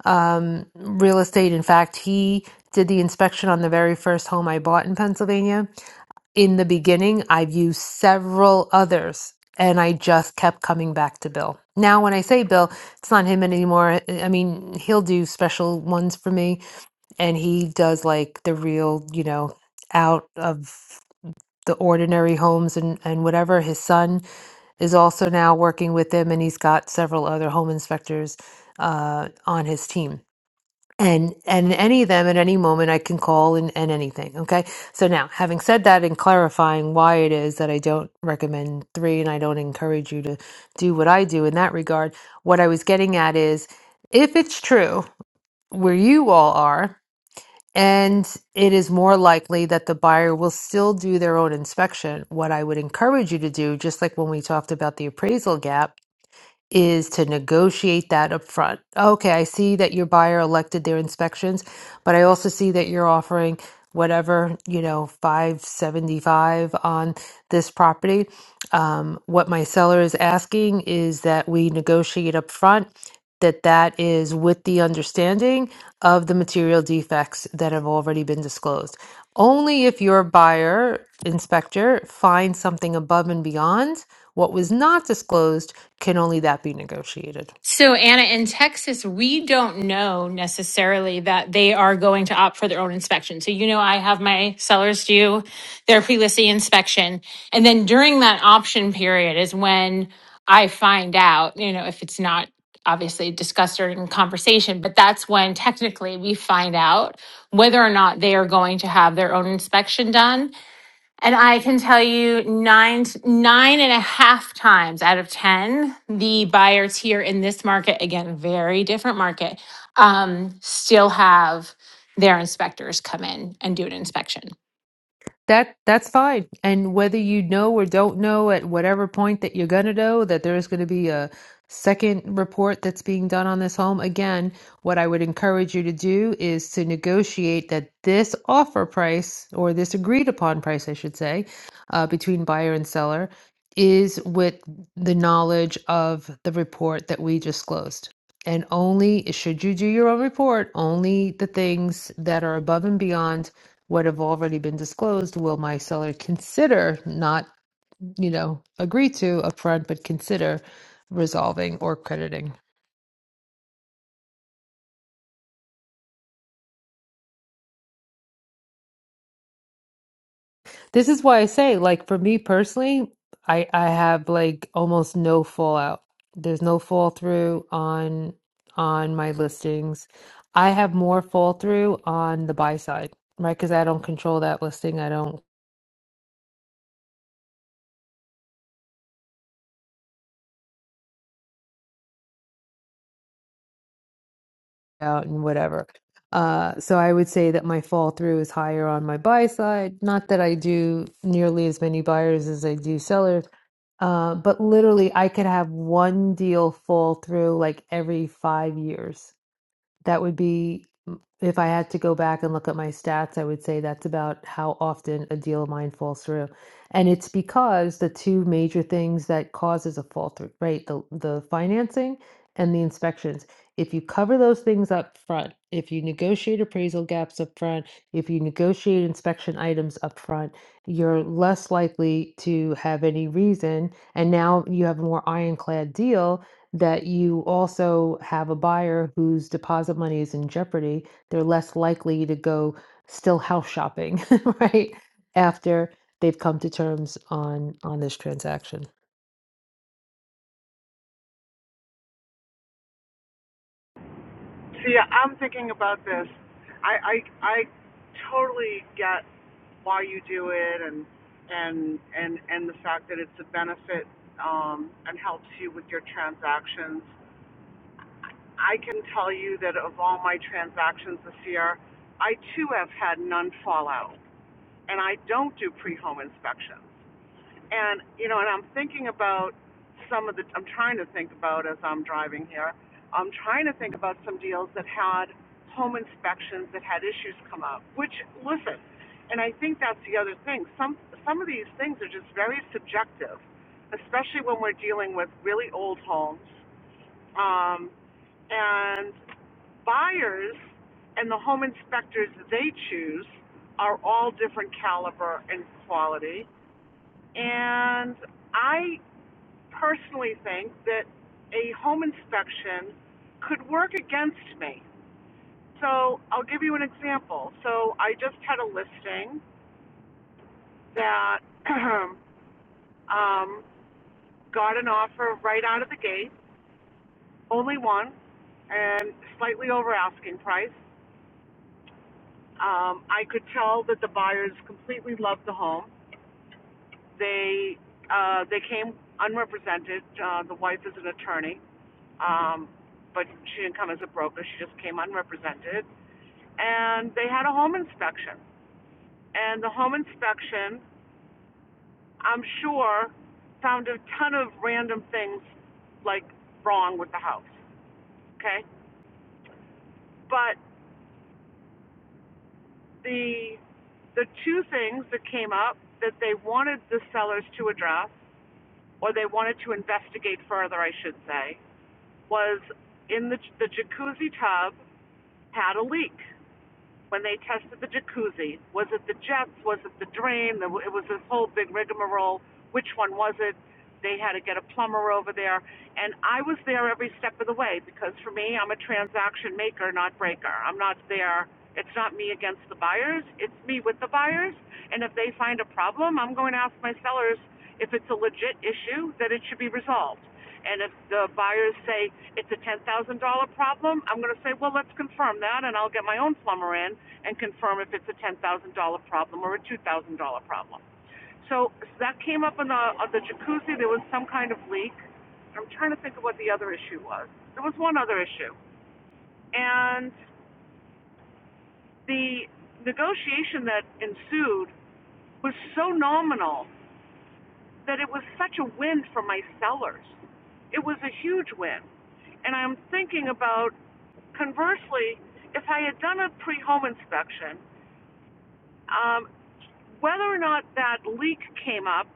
[SPEAKER 6] um, real estate. In fact, he did the inspection on the very first home I bought in Pennsylvania. In the beginning, I've used several others and I just kept coming back to Bill. Now, when I say Bill, it's not him anymore. I I mean, he'll do special ones for me and he does like the real, you know, out of the ordinary homes and, and whatever. His son is also now working with him and he's got several other home inspectors uh, on his team and and any of them at any moment I can call and, and anything. Okay. So now, having said that and clarifying why it is that I don't recommend three and I don't encourage you to do what I do in that regard, what I was getting at is if it's true where you all are, and it is more likely that the buyer will still do their own inspection. What I would encourage you to do, just like when we talked about the appraisal gap is to negotiate that up front. Okay, I see that your buyer elected their inspections, but I also see that you're offering whatever, you know, 575 on this property. Um, what my seller is asking is that we negotiate up front that that is with the understanding of the material defects that have already been disclosed. Only if your buyer inspector finds something above and beyond what was not disclosed can only that be negotiated?
[SPEAKER 17] So, Anna, in Texas, we don't know necessarily that they are going to opt for their own inspection. So, you know, I have my sellers do their pre listing inspection. And then during that option period is when I find out, you know, if it's not obviously discussed or in conversation, but that's when technically we find out whether or not they are going to have their own inspection done. And I can tell you nine, nine and a half times out of 10, the buyers here in this market, again, very different market, um, still have their inspectors come in and do an inspection.
[SPEAKER 6] That that's fine. And whether you know or don't know at whatever point that you're gonna know that there is gonna be a second report that's being done on this home, again, what I would encourage you to do is to negotiate that this offer price or this agreed upon price, I should say, uh, between buyer and seller is with the knowledge of the report that we just closed. And only should you do your own report, only the things that are above and beyond what have already been disclosed will my seller consider not you know agree to upfront but consider resolving or crediting this is why i say like for me personally i i have like almost no fallout there's no fall through on on my listings i have more fall through on the buy side right because i don't control that listing i don't out and whatever. Uh, so I would say that my fall through is higher on my buy side. Not that I do nearly as many buyers as I do sellers, uh, but literally I could have one deal fall through like every five years. That would be, if I had to go back and look at my stats, I would say that's about how often a deal of mine falls through. And it's because the two major things that causes a fall through, right? The the financing and the inspections. If you cover those things up front, if you negotiate appraisal gaps up front, if you negotiate inspection items up front, you're less likely to have any reason. And now you have a more ironclad deal that you also have a buyer whose deposit money is in jeopardy, they're less likely to go still house shopping, <laughs> right? After they've come to terms on on this transaction.
[SPEAKER 2] See, I'm thinking about this. I, I, I totally get why you do it and, and, and, and the fact that it's a benefit um, and helps you with your transactions. I can tell you that of all my transactions this year, I too have had none fall out, and I don't do pre-home inspections. And you know, and I'm thinking about some of the. I'm trying to think about as I'm driving here. I'm trying to think about some deals that had home inspections that had issues come up. Which listen, and I think that's the other thing. Some some of these things are just very subjective, especially when we're dealing with really old homes. Um, and buyers and the home inspectors they choose are all different caliber and quality. And I personally think that a home inspection could work against me. So I'll give you an example. So I just had a listing that <clears throat> um, got an offer right out of the gate, only one, and slightly over asking price. Um, I could tell that the buyers completely loved the home. They uh, they came unrepresented. Uh, the wife is an attorney Um, but she didn't come as a broker, she just came unrepresented. And they had a home inspection. And the home inspection, I'm sure, found a ton of random things like wrong with the house. Okay? But the the two things that came up that they wanted the sellers to address or they wanted to investigate further, I should say, was in the the jacuzzi tub had a leak when they tested the jacuzzi. Was it the jets? Was it the drain? It was this whole big rigmarole. Which one was it? They had to get a plumber over there. And I was there every step of the way because for me, I'm a transaction maker, not breaker. I'm not there. It's not me against the buyers. It's me with the buyers. And if they find a problem, I'm going to ask my sellers if it's a legit issue that it should be resolved. And if the buyers say it's a ten thousand dollar problem, I'm going to say, well, let's confirm that, and I'll get my own plumber in and confirm if it's a ten thousand dollar problem or a two thousand dollar problem. So that came up in the on the jacuzzi. There was some kind of leak. I'm trying to think of what the other issue was. There was one other issue, and the negotiation that ensued was so nominal that it was such a win for my sellers. It was a huge win. And I'm thinking about Conversely, if I had done a pre-home inspection, um, whether or not that leak came up,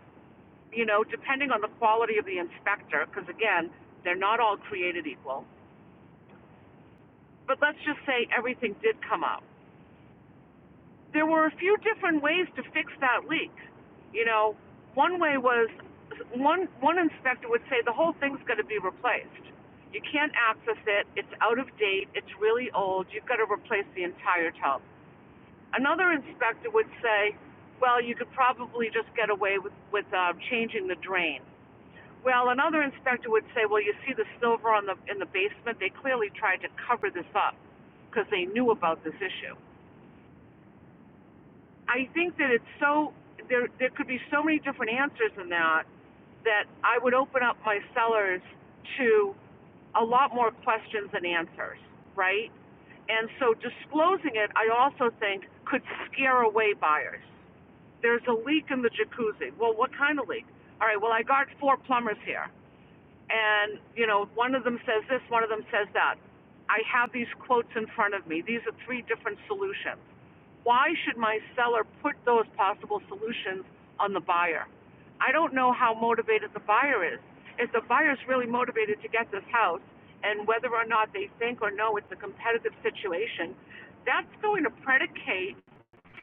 [SPEAKER 2] you know, depending on the quality of the inspector, because again, they're not all created equal. But let's just say everything did come up. There were a few different ways to fix that leak. You know, one way was one one inspector would say the whole thing's going to be replaced. You can't access it. It's out of date. It's really old. You've got to replace the entire tub. Another inspector would say, well, you could probably just get away with, with uh, changing the drain. Well, another inspector would say, well, you see the silver on the, in the basement? They clearly tried to cover this up because they knew about this issue. I think that it's so, there, there could be so many different answers in that that I would open up my sellers to a lot more questions than answers, right? And so disclosing it, I also think, could scare away buyers there's a leak in the jacuzzi. Well, what kind of leak? All right, well, I got four plumbers here. And, you know, one of them says this, one of them says that. I have these quotes in front of me. These are three different solutions. Why should my seller put those possible solutions on the buyer? I don't know how motivated the buyer is. If the buyer's really motivated to get this house and whether or not they think or know it's a competitive situation, that's going to predicate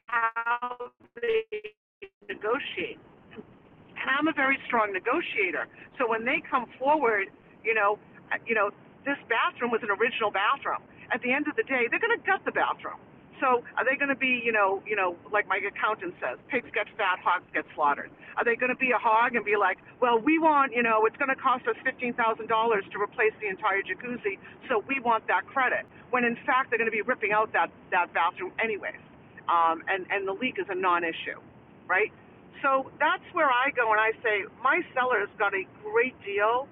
[SPEAKER 2] how they negotiate and I'm a very strong negotiator. So when they come forward, you know, uh, you know, this bathroom was an original bathroom. At the end of the day, they're going to gut the bathroom. So are they going to be, you know, you know, like my accountant says, pigs get fat, hogs get slaughtered. Are they going to be a hog and be like, well, we want, you know, it's going to cost us fifteen thousand dollars to replace the entire jacuzzi, so we want that credit. When in fact they're going to be ripping out that that bathroom anyways, um, and and the leak is a non-issue, right? So that's where I go and I say, my seller's got a great deal.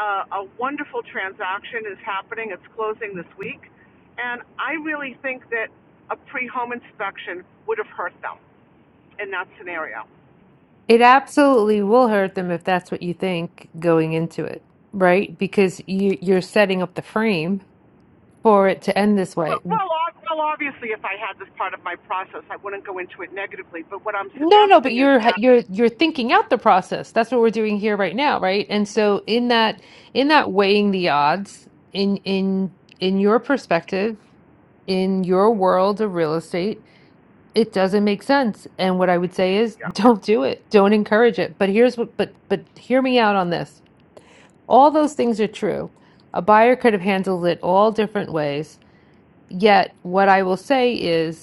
[SPEAKER 2] Uh, a wonderful transaction is happening. It's closing this week. And I really think that a pre home inspection would have hurt them in that scenario.
[SPEAKER 6] It absolutely will hurt them if that's what you think going into it, right? Because you you're setting up the frame for it to end this way.
[SPEAKER 2] Well, well, ob- well, obviously, if I had this part of my process, I wouldn't go into it negatively. But what I'm
[SPEAKER 6] No, no, but
[SPEAKER 2] suggesting is
[SPEAKER 6] you're
[SPEAKER 2] that,
[SPEAKER 6] you're you're thinking out the process. That's what we're doing here right now, right? And so in that in that weighing the odds in in in your perspective, in your world of real estate, it doesn't make sense. And what I would say is
[SPEAKER 2] yeah,
[SPEAKER 6] <laughs> don't do it. Don't encourage it. But here's what but but hear me out on this. All those things are true. A buyer could have handled it all different ways. Yet what I will say is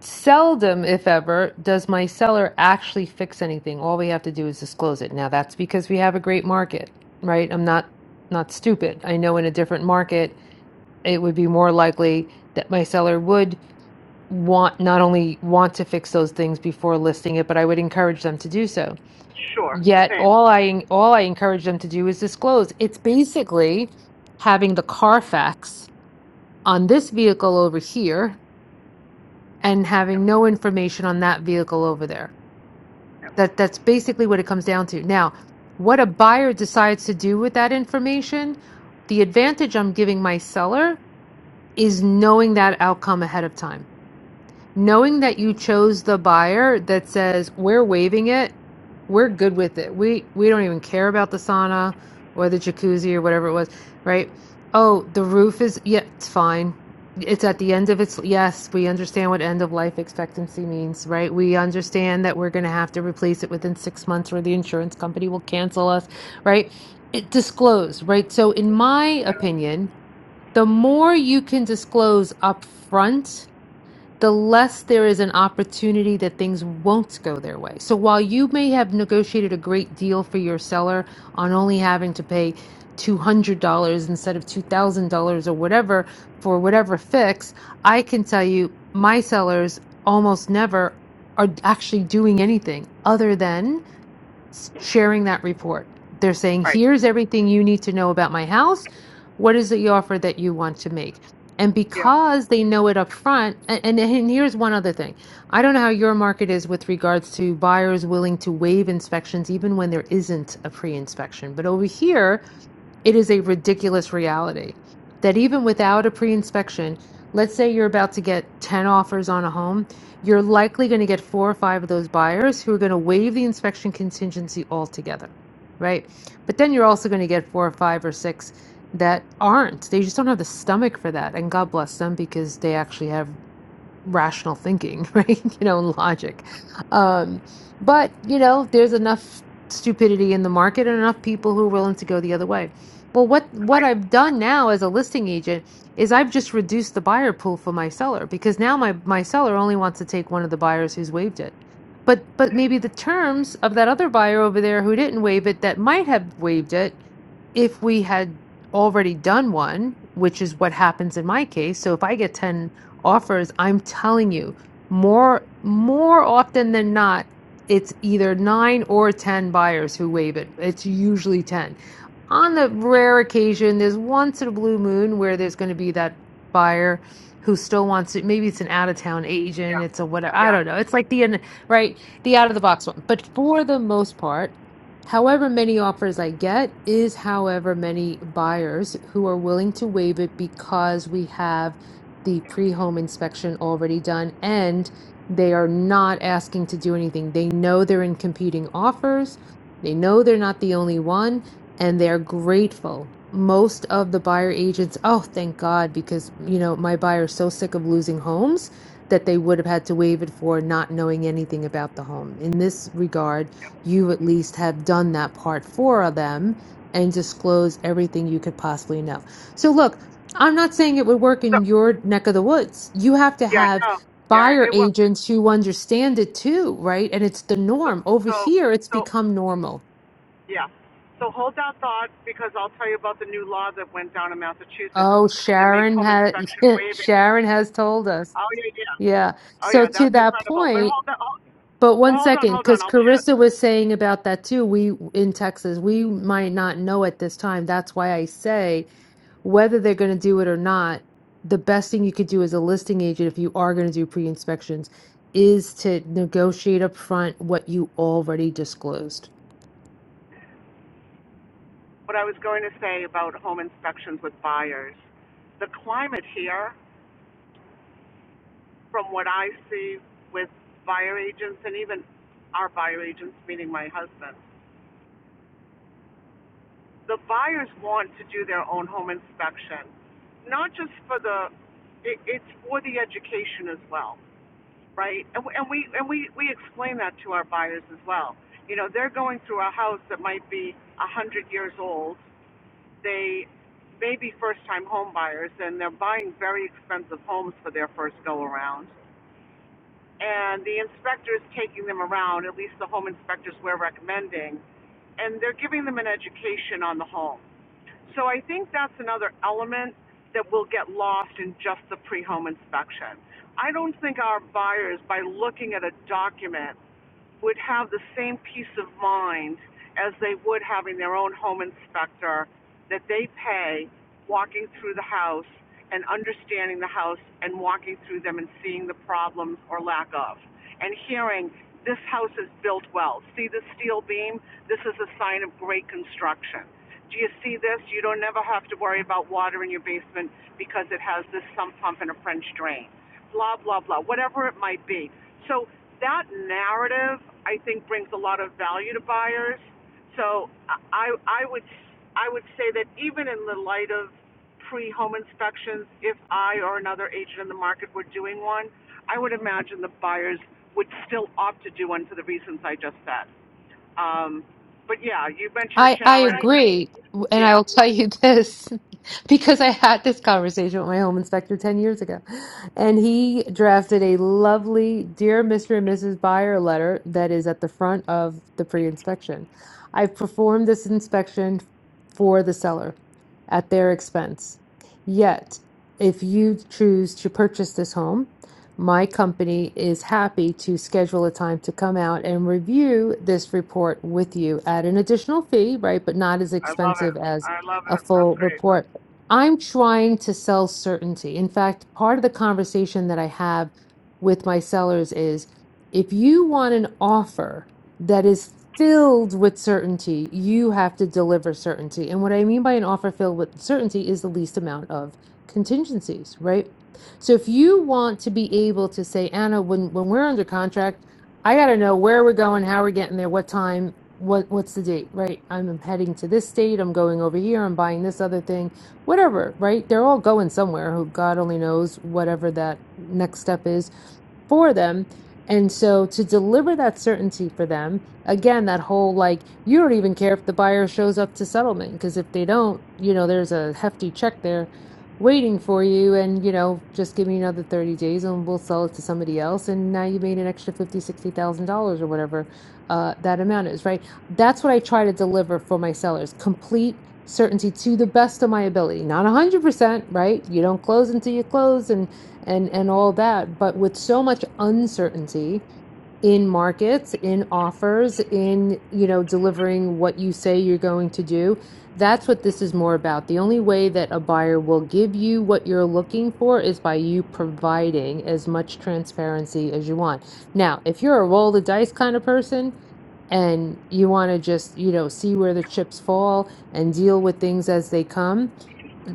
[SPEAKER 6] Seldom, if ever, does my seller actually fix anything. All we have to do is disclose it. Now, that's because we have a great market, right? I'm not not stupid. I know in a different market, it would be more likely that my seller would want not only want to fix those things before listing it, but I would encourage them to do so.
[SPEAKER 2] sure,
[SPEAKER 6] Yet,
[SPEAKER 2] same,
[SPEAKER 6] all I all I encourage them to do is disclose. It's basically having the Carfax on this vehicle over here and having no information on that vehicle over there That that's basically what it comes down to. Now, what a buyer decides to do with that information, the advantage I'm giving my seller is knowing that outcome ahead of time knowing that you chose the buyer that says we're waiving it we're good with it we we don't even care about the sauna or the jacuzzi or whatever it was right oh the roof is yeah it's fine it's at the end of its yes we understand what end of life expectancy means right we understand that we're going to have to replace it within six months or the insurance company will cancel us right it disclose right so in my opinion the more you can disclose upfront the less there is an opportunity that things won't go their way. So while you may have negotiated a great deal for your seller on only having to pay $200 instead of $2,000 or whatever for whatever fix, I can tell you my sellers almost never are actually doing anything other than s- sharing that report. They're saying,
[SPEAKER 2] right,
[SPEAKER 6] here's everything you need to know about my house. What is the offer that you want to make? And
[SPEAKER 2] yeah,
[SPEAKER 6] because they know it up front, and, and, and here's one other thing. I don't know how your market is with regards to buyers willing to waive inspections even when there isn't a pre-inspection. But over here, it is a ridiculous reality that even without a pre inspection, let's say you're about to get 10 offers on a home, you're likely going to get four or five of those buyers who are going to waive the inspection contingency altogether, right? But then you're also going to get four or five or six that aren't. They just don't have the stomach for that. And God bless them because they actually have rational thinking, <laughs> right? You know, and logic. Um, but you know, there's enough stupidity in the market and enough people who are willing to go the other way. Well, what what
[SPEAKER 2] I,
[SPEAKER 6] I've done now as a listing agent is I've just reduced the buyer pool for my seller because now my my seller only wants to take one of the buyers who's waived it. But but maybe the terms of that other buyer over there who didn't waive it that might have waived it if we had already done one, which is what happens in my case, so if I get 10 offers, I'm telling you, more more often than not, it's either 9 or 10 buyers who waive it. It's usually 10 on the rare occasion, there's once in a blue moon where there's going to be that buyer who still wants it. Maybe it's an out of town agent.
[SPEAKER 2] yeah,
[SPEAKER 6] It's a whatever. I
[SPEAKER 2] yeah.
[SPEAKER 6] don't know. It's like the right, the out of the box one. But for the most part, however many offers I get is however many buyers who are willing to waive it because we have the pre home inspection already done and they are not asking to do anything. They know they're in competing offers. They know they're not the only one and they're grateful. Most of the buyer agents, oh, thank God, because you know, my buyer is so sick of losing homes that they would have had to waive it for not knowing anything about the home. In this regard, you at least have done that part for them and disclosed everything you could possibly know. So look, I'm not saying it would work
[SPEAKER 2] So,
[SPEAKER 6] in your neck of the woods. You have to
[SPEAKER 2] yeah,
[SPEAKER 6] have
[SPEAKER 2] no, yeah,
[SPEAKER 6] buyer
[SPEAKER 2] it was.
[SPEAKER 6] agents who understand it too, right? And it's the
[SPEAKER 2] So,
[SPEAKER 6] norm. Over
[SPEAKER 2] so
[SPEAKER 6] here, it's
[SPEAKER 2] so
[SPEAKER 6] become normal
[SPEAKER 2] Yeah. So hold that thought because I'll tell you about the new law that went down in Massachusetts
[SPEAKER 6] Oh,
[SPEAKER 2] that makes
[SPEAKER 6] Sharon
[SPEAKER 2] home
[SPEAKER 6] has
[SPEAKER 2] inspection
[SPEAKER 6] <laughs>
[SPEAKER 2] waiving.
[SPEAKER 6] Sharon has told us.
[SPEAKER 2] Oh yeah, yeah.
[SPEAKER 6] Yeah.
[SPEAKER 2] Oh
[SPEAKER 6] So
[SPEAKER 2] yeah,
[SPEAKER 6] to
[SPEAKER 2] that's
[SPEAKER 6] that
[SPEAKER 2] incredible. But
[SPEAKER 6] point,
[SPEAKER 2] hold that. Hold,
[SPEAKER 6] but
[SPEAKER 2] well,
[SPEAKER 6] one
[SPEAKER 2] hold on,
[SPEAKER 6] second,
[SPEAKER 2] hold on.
[SPEAKER 6] because
[SPEAKER 2] I'll share
[SPEAKER 6] Carissa was saying about that too. We in Texas, we might not know at this time. That's why I say whether they're going to do it or not. The best thing you could do as a listing agent, if you are going to do pre-inspections, is to negotiate up front what you already disclosed.
[SPEAKER 2] what I was going to say about home inspections with buyers. The climate here, from what I see with buyer agents and even our buyer agents, meaning my husband. the buyers want to do their own home inspection, not just for the, it, it's for the education as well, right? And, and we and we we explain that to our buyers as well. You know, they're going through a house that might be a hundred years old. They may be first-time home buyers, and they're buying very expensive homes for their first go-around. And the inspector is taking them around, at least the home inspectors we're recommending, and they're giving them an education on the home so I think that's another element that will get lost in just the pre-home inspection. I don't think our buyers, by looking at a document would have the same peace of mind as they would having their own home inspector that they pay walking through the house and understanding the house and walking through them and seeing the problems or lack of and hearing this house is built well see the steel beam this is a sign of great construction do you see this you don't never have to worry about water in your basement because it has this sump pump and a french drain blah blah blah whatever it might be so that narrative I think brings a lot of value to buyers. So I I would I would say that even in the light of pre-home inspections, if I or another agent in the market were doing one, I would imagine the buyers would still opt to do one for the reasons I just said. Um, but yeah, you mentioned
[SPEAKER 6] I I
[SPEAKER 2] Sharon. I,
[SPEAKER 6] agree, and I
[SPEAKER 2] yeah,
[SPEAKER 6] will tell you this <laughs> because I had this conversation with my home inspector 10 years ago, and he drafted a lovely Dear Mr. and Mrs. Buyer letter that is at the front of the pre-inspection. I've performed this inspection for the seller at their expense. Yet, if you choose to purchase this home, my company is happy to schedule a time to come out and review this report with you at an additional fee, right? But not as expensive as a full report. I'm trying to sell certainty. In fact, part of the conversation that I have with my sellers is if you want an offer that is filled with certainty, you have to deliver certainty. And what I mean by an offer filled with certainty is the least amount of contingencies, right? So if you want to be able to say, Anna, when when we're under contract, I got to know where we're going, how we're getting there, what time, what what's the date, right? I'm heading to this state, I'm going over here, I'm buying this other thing, whatever, right? They're all going somewhere. Who God only knows whatever that next step is for them. And so to deliver that certainty for them, again, that whole like, you don't even care if the buyer shows up to settlement, because if they don't, you know, there's a hefty check there waiting for you and you know just give me another 30 days and we'll sell it to somebody else and now you made an extra fifty, sixty thousand dollars or whatever uh that amount is right that's what i try to deliver for my sellers complete certainty to the best of my ability not 100% right you don't close until you close and and and all that but with so much uncertainty in markets, in offers, in, you know, delivering what you say you're going to do. That's what this is more about. The only way that a buyer will give you what you're looking for is by you providing as much transparency as you want. Now, if you're a roll the dice kind of person and you want to just, you know, see where the chips fall and deal with things as they come,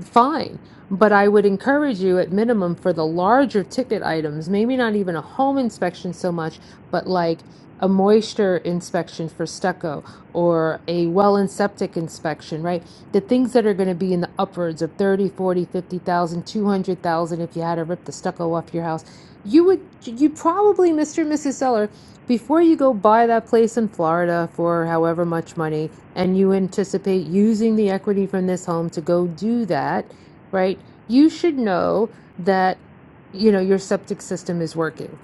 [SPEAKER 6] fine. But I would encourage you at minimum for the larger ticket items, maybe not even a home inspection so much, but like a moisture inspection for stucco or a well and septic inspection, right? The things that are going to be in the upwards of 30, 40, 50,000, 200,000. if you had to rip the stucco off your house. You would you probably Mr. and Mrs. Seller before you go buy that place in Florida for however much money and you anticipate using the equity from this home to go do that, right? You should know that you know your septic system is working,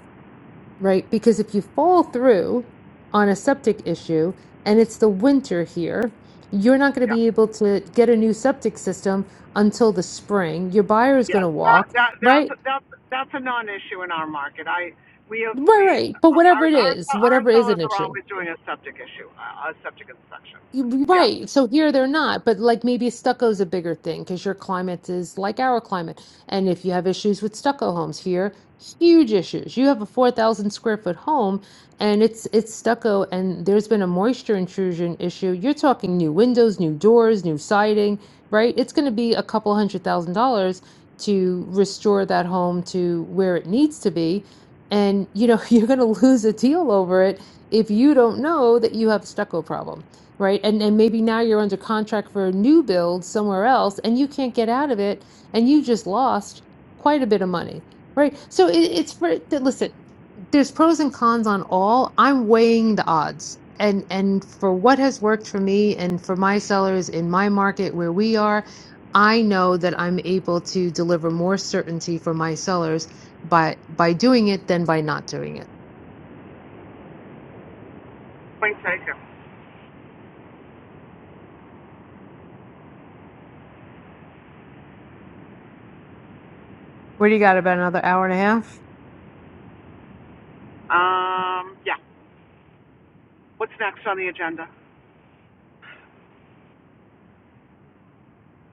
[SPEAKER 6] right? Because if you fall through on a septic issue and it's the winter here, you're not going to
[SPEAKER 2] yeah.
[SPEAKER 6] be able to get a new septic system until the spring. Your buyer is going
[SPEAKER 2] Yes,
[SPEAKER 6] to
[SPEAKER 2] that,
[SPEAKER 6] walk,
[SPEAKER 2] that,
[SPEAKER 6] right?
[SPEAKER 2] that's, that's, that's a non-issue in our market. I, we have,
[SPEAKER 6] Right,
[SPEAKER 2] we,
[SPEAKER 6] right. But whatever
[SPEAKER 2] our,
[SPEAKER 6] it
[SPEAKER 2] our,
[SPEAKER 6] is,
[SPEAKER 2] our
[SPEAKER 6] whatever is
[SPEAKER 2] sellers
[SPEAKER 6] an
[SPEAKER 2] are
[SPEAKER 6] issue.
[SPEAKER 2] always doing a septic issue, a a septic inspection.
[SPEAKER 6] You-
[SPEAKER 2] Yeah,
[SPEAKER 6] Right. So here they're not, but like maybe stucco is a bigger thing because your climate is like our climate. And if you have issues with stucco homes here, huge issues. You have a 4,000 square foot home and it's it's stucco and there's been a moisture intrusion issue. You're talking new windows, new doors, new siding, right? It's going to be a couple hundred thousand dollars to restore that home to where it needs to be. And you know, <laughs> you're going to lose a deal over it if you don't know that you have a stucco problem right? And and maybe now you're under contract for a new build somewhere else and you can't get out of it and you just lost quite a bit of money, right? So it, it's for th- listen, there's pros and cons on all. I'm weighing the odds. And and for what has worked for me and for my sellers in my market where we are, I know that I'm able to deliver more certainty for my sellers by by doing it than by not doing it.
[SPEAKER 2] point taken.
[SPEAKER 6] What do you got about another hour and a half?
[SPEAKER 2] Um, yeah, what's next on the agenda?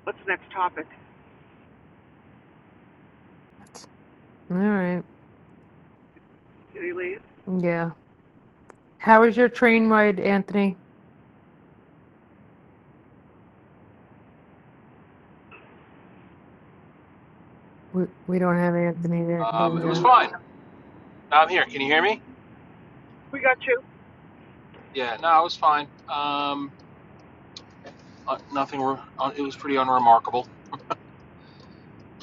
[SPEAKER 2] What's the next topic?
[SPEAKER 6] All right.
[SPEAKER 2] Did he leave?
[SPEAKER 6] Yeah. How was your train ride, Anthony? We we don't have Anthony that
[SPEAKER 18] Um, it
[SPEAKER 6] being
[SPEAKER 18] was
[SPEAKER 6] uh
[SPEAKER 18] fine. I'm here. Can you hear me?
[SPEAKER 2] We got you.
[SPEAKER 18] Yeah, no, it was fine. Um, uh, nothing. Re- uh, it was pretty unremarkable.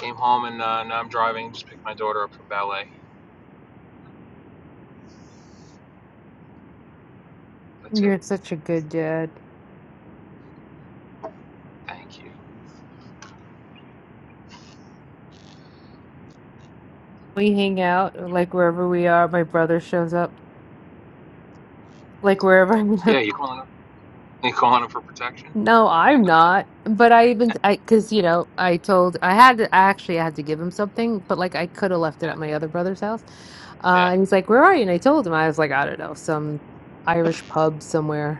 [SPEAKER 18] Came home and uh, now I'm driving. Just picked my daughter up from ballet. That's it.
[SPEAKER 6] You're such a good dad.
[SPEAKER 18] Thank you.
[SPEAKER 6] We hang out like wherever we are. My brother shows up like wherever. I'm
[SPEAKER 18] Yeah,
[SPEAKER 6] <laughs>
[SPEAKER 18] you calling? Her? You calling her for protection?
[SPEAKER 6] no, I'm not. But I even I because you know I told I had to I actually had to give him something, but like I could have left it
[SPEAKER 18] Yeah,
[SPEAKER 6] at my other brother's house. Uh,
[SPEAKER 18] yeah.
[SPEAKER 6] and he's like, "Where are you?" And I told him I was like, "I don't know, some Irish pub somewhere."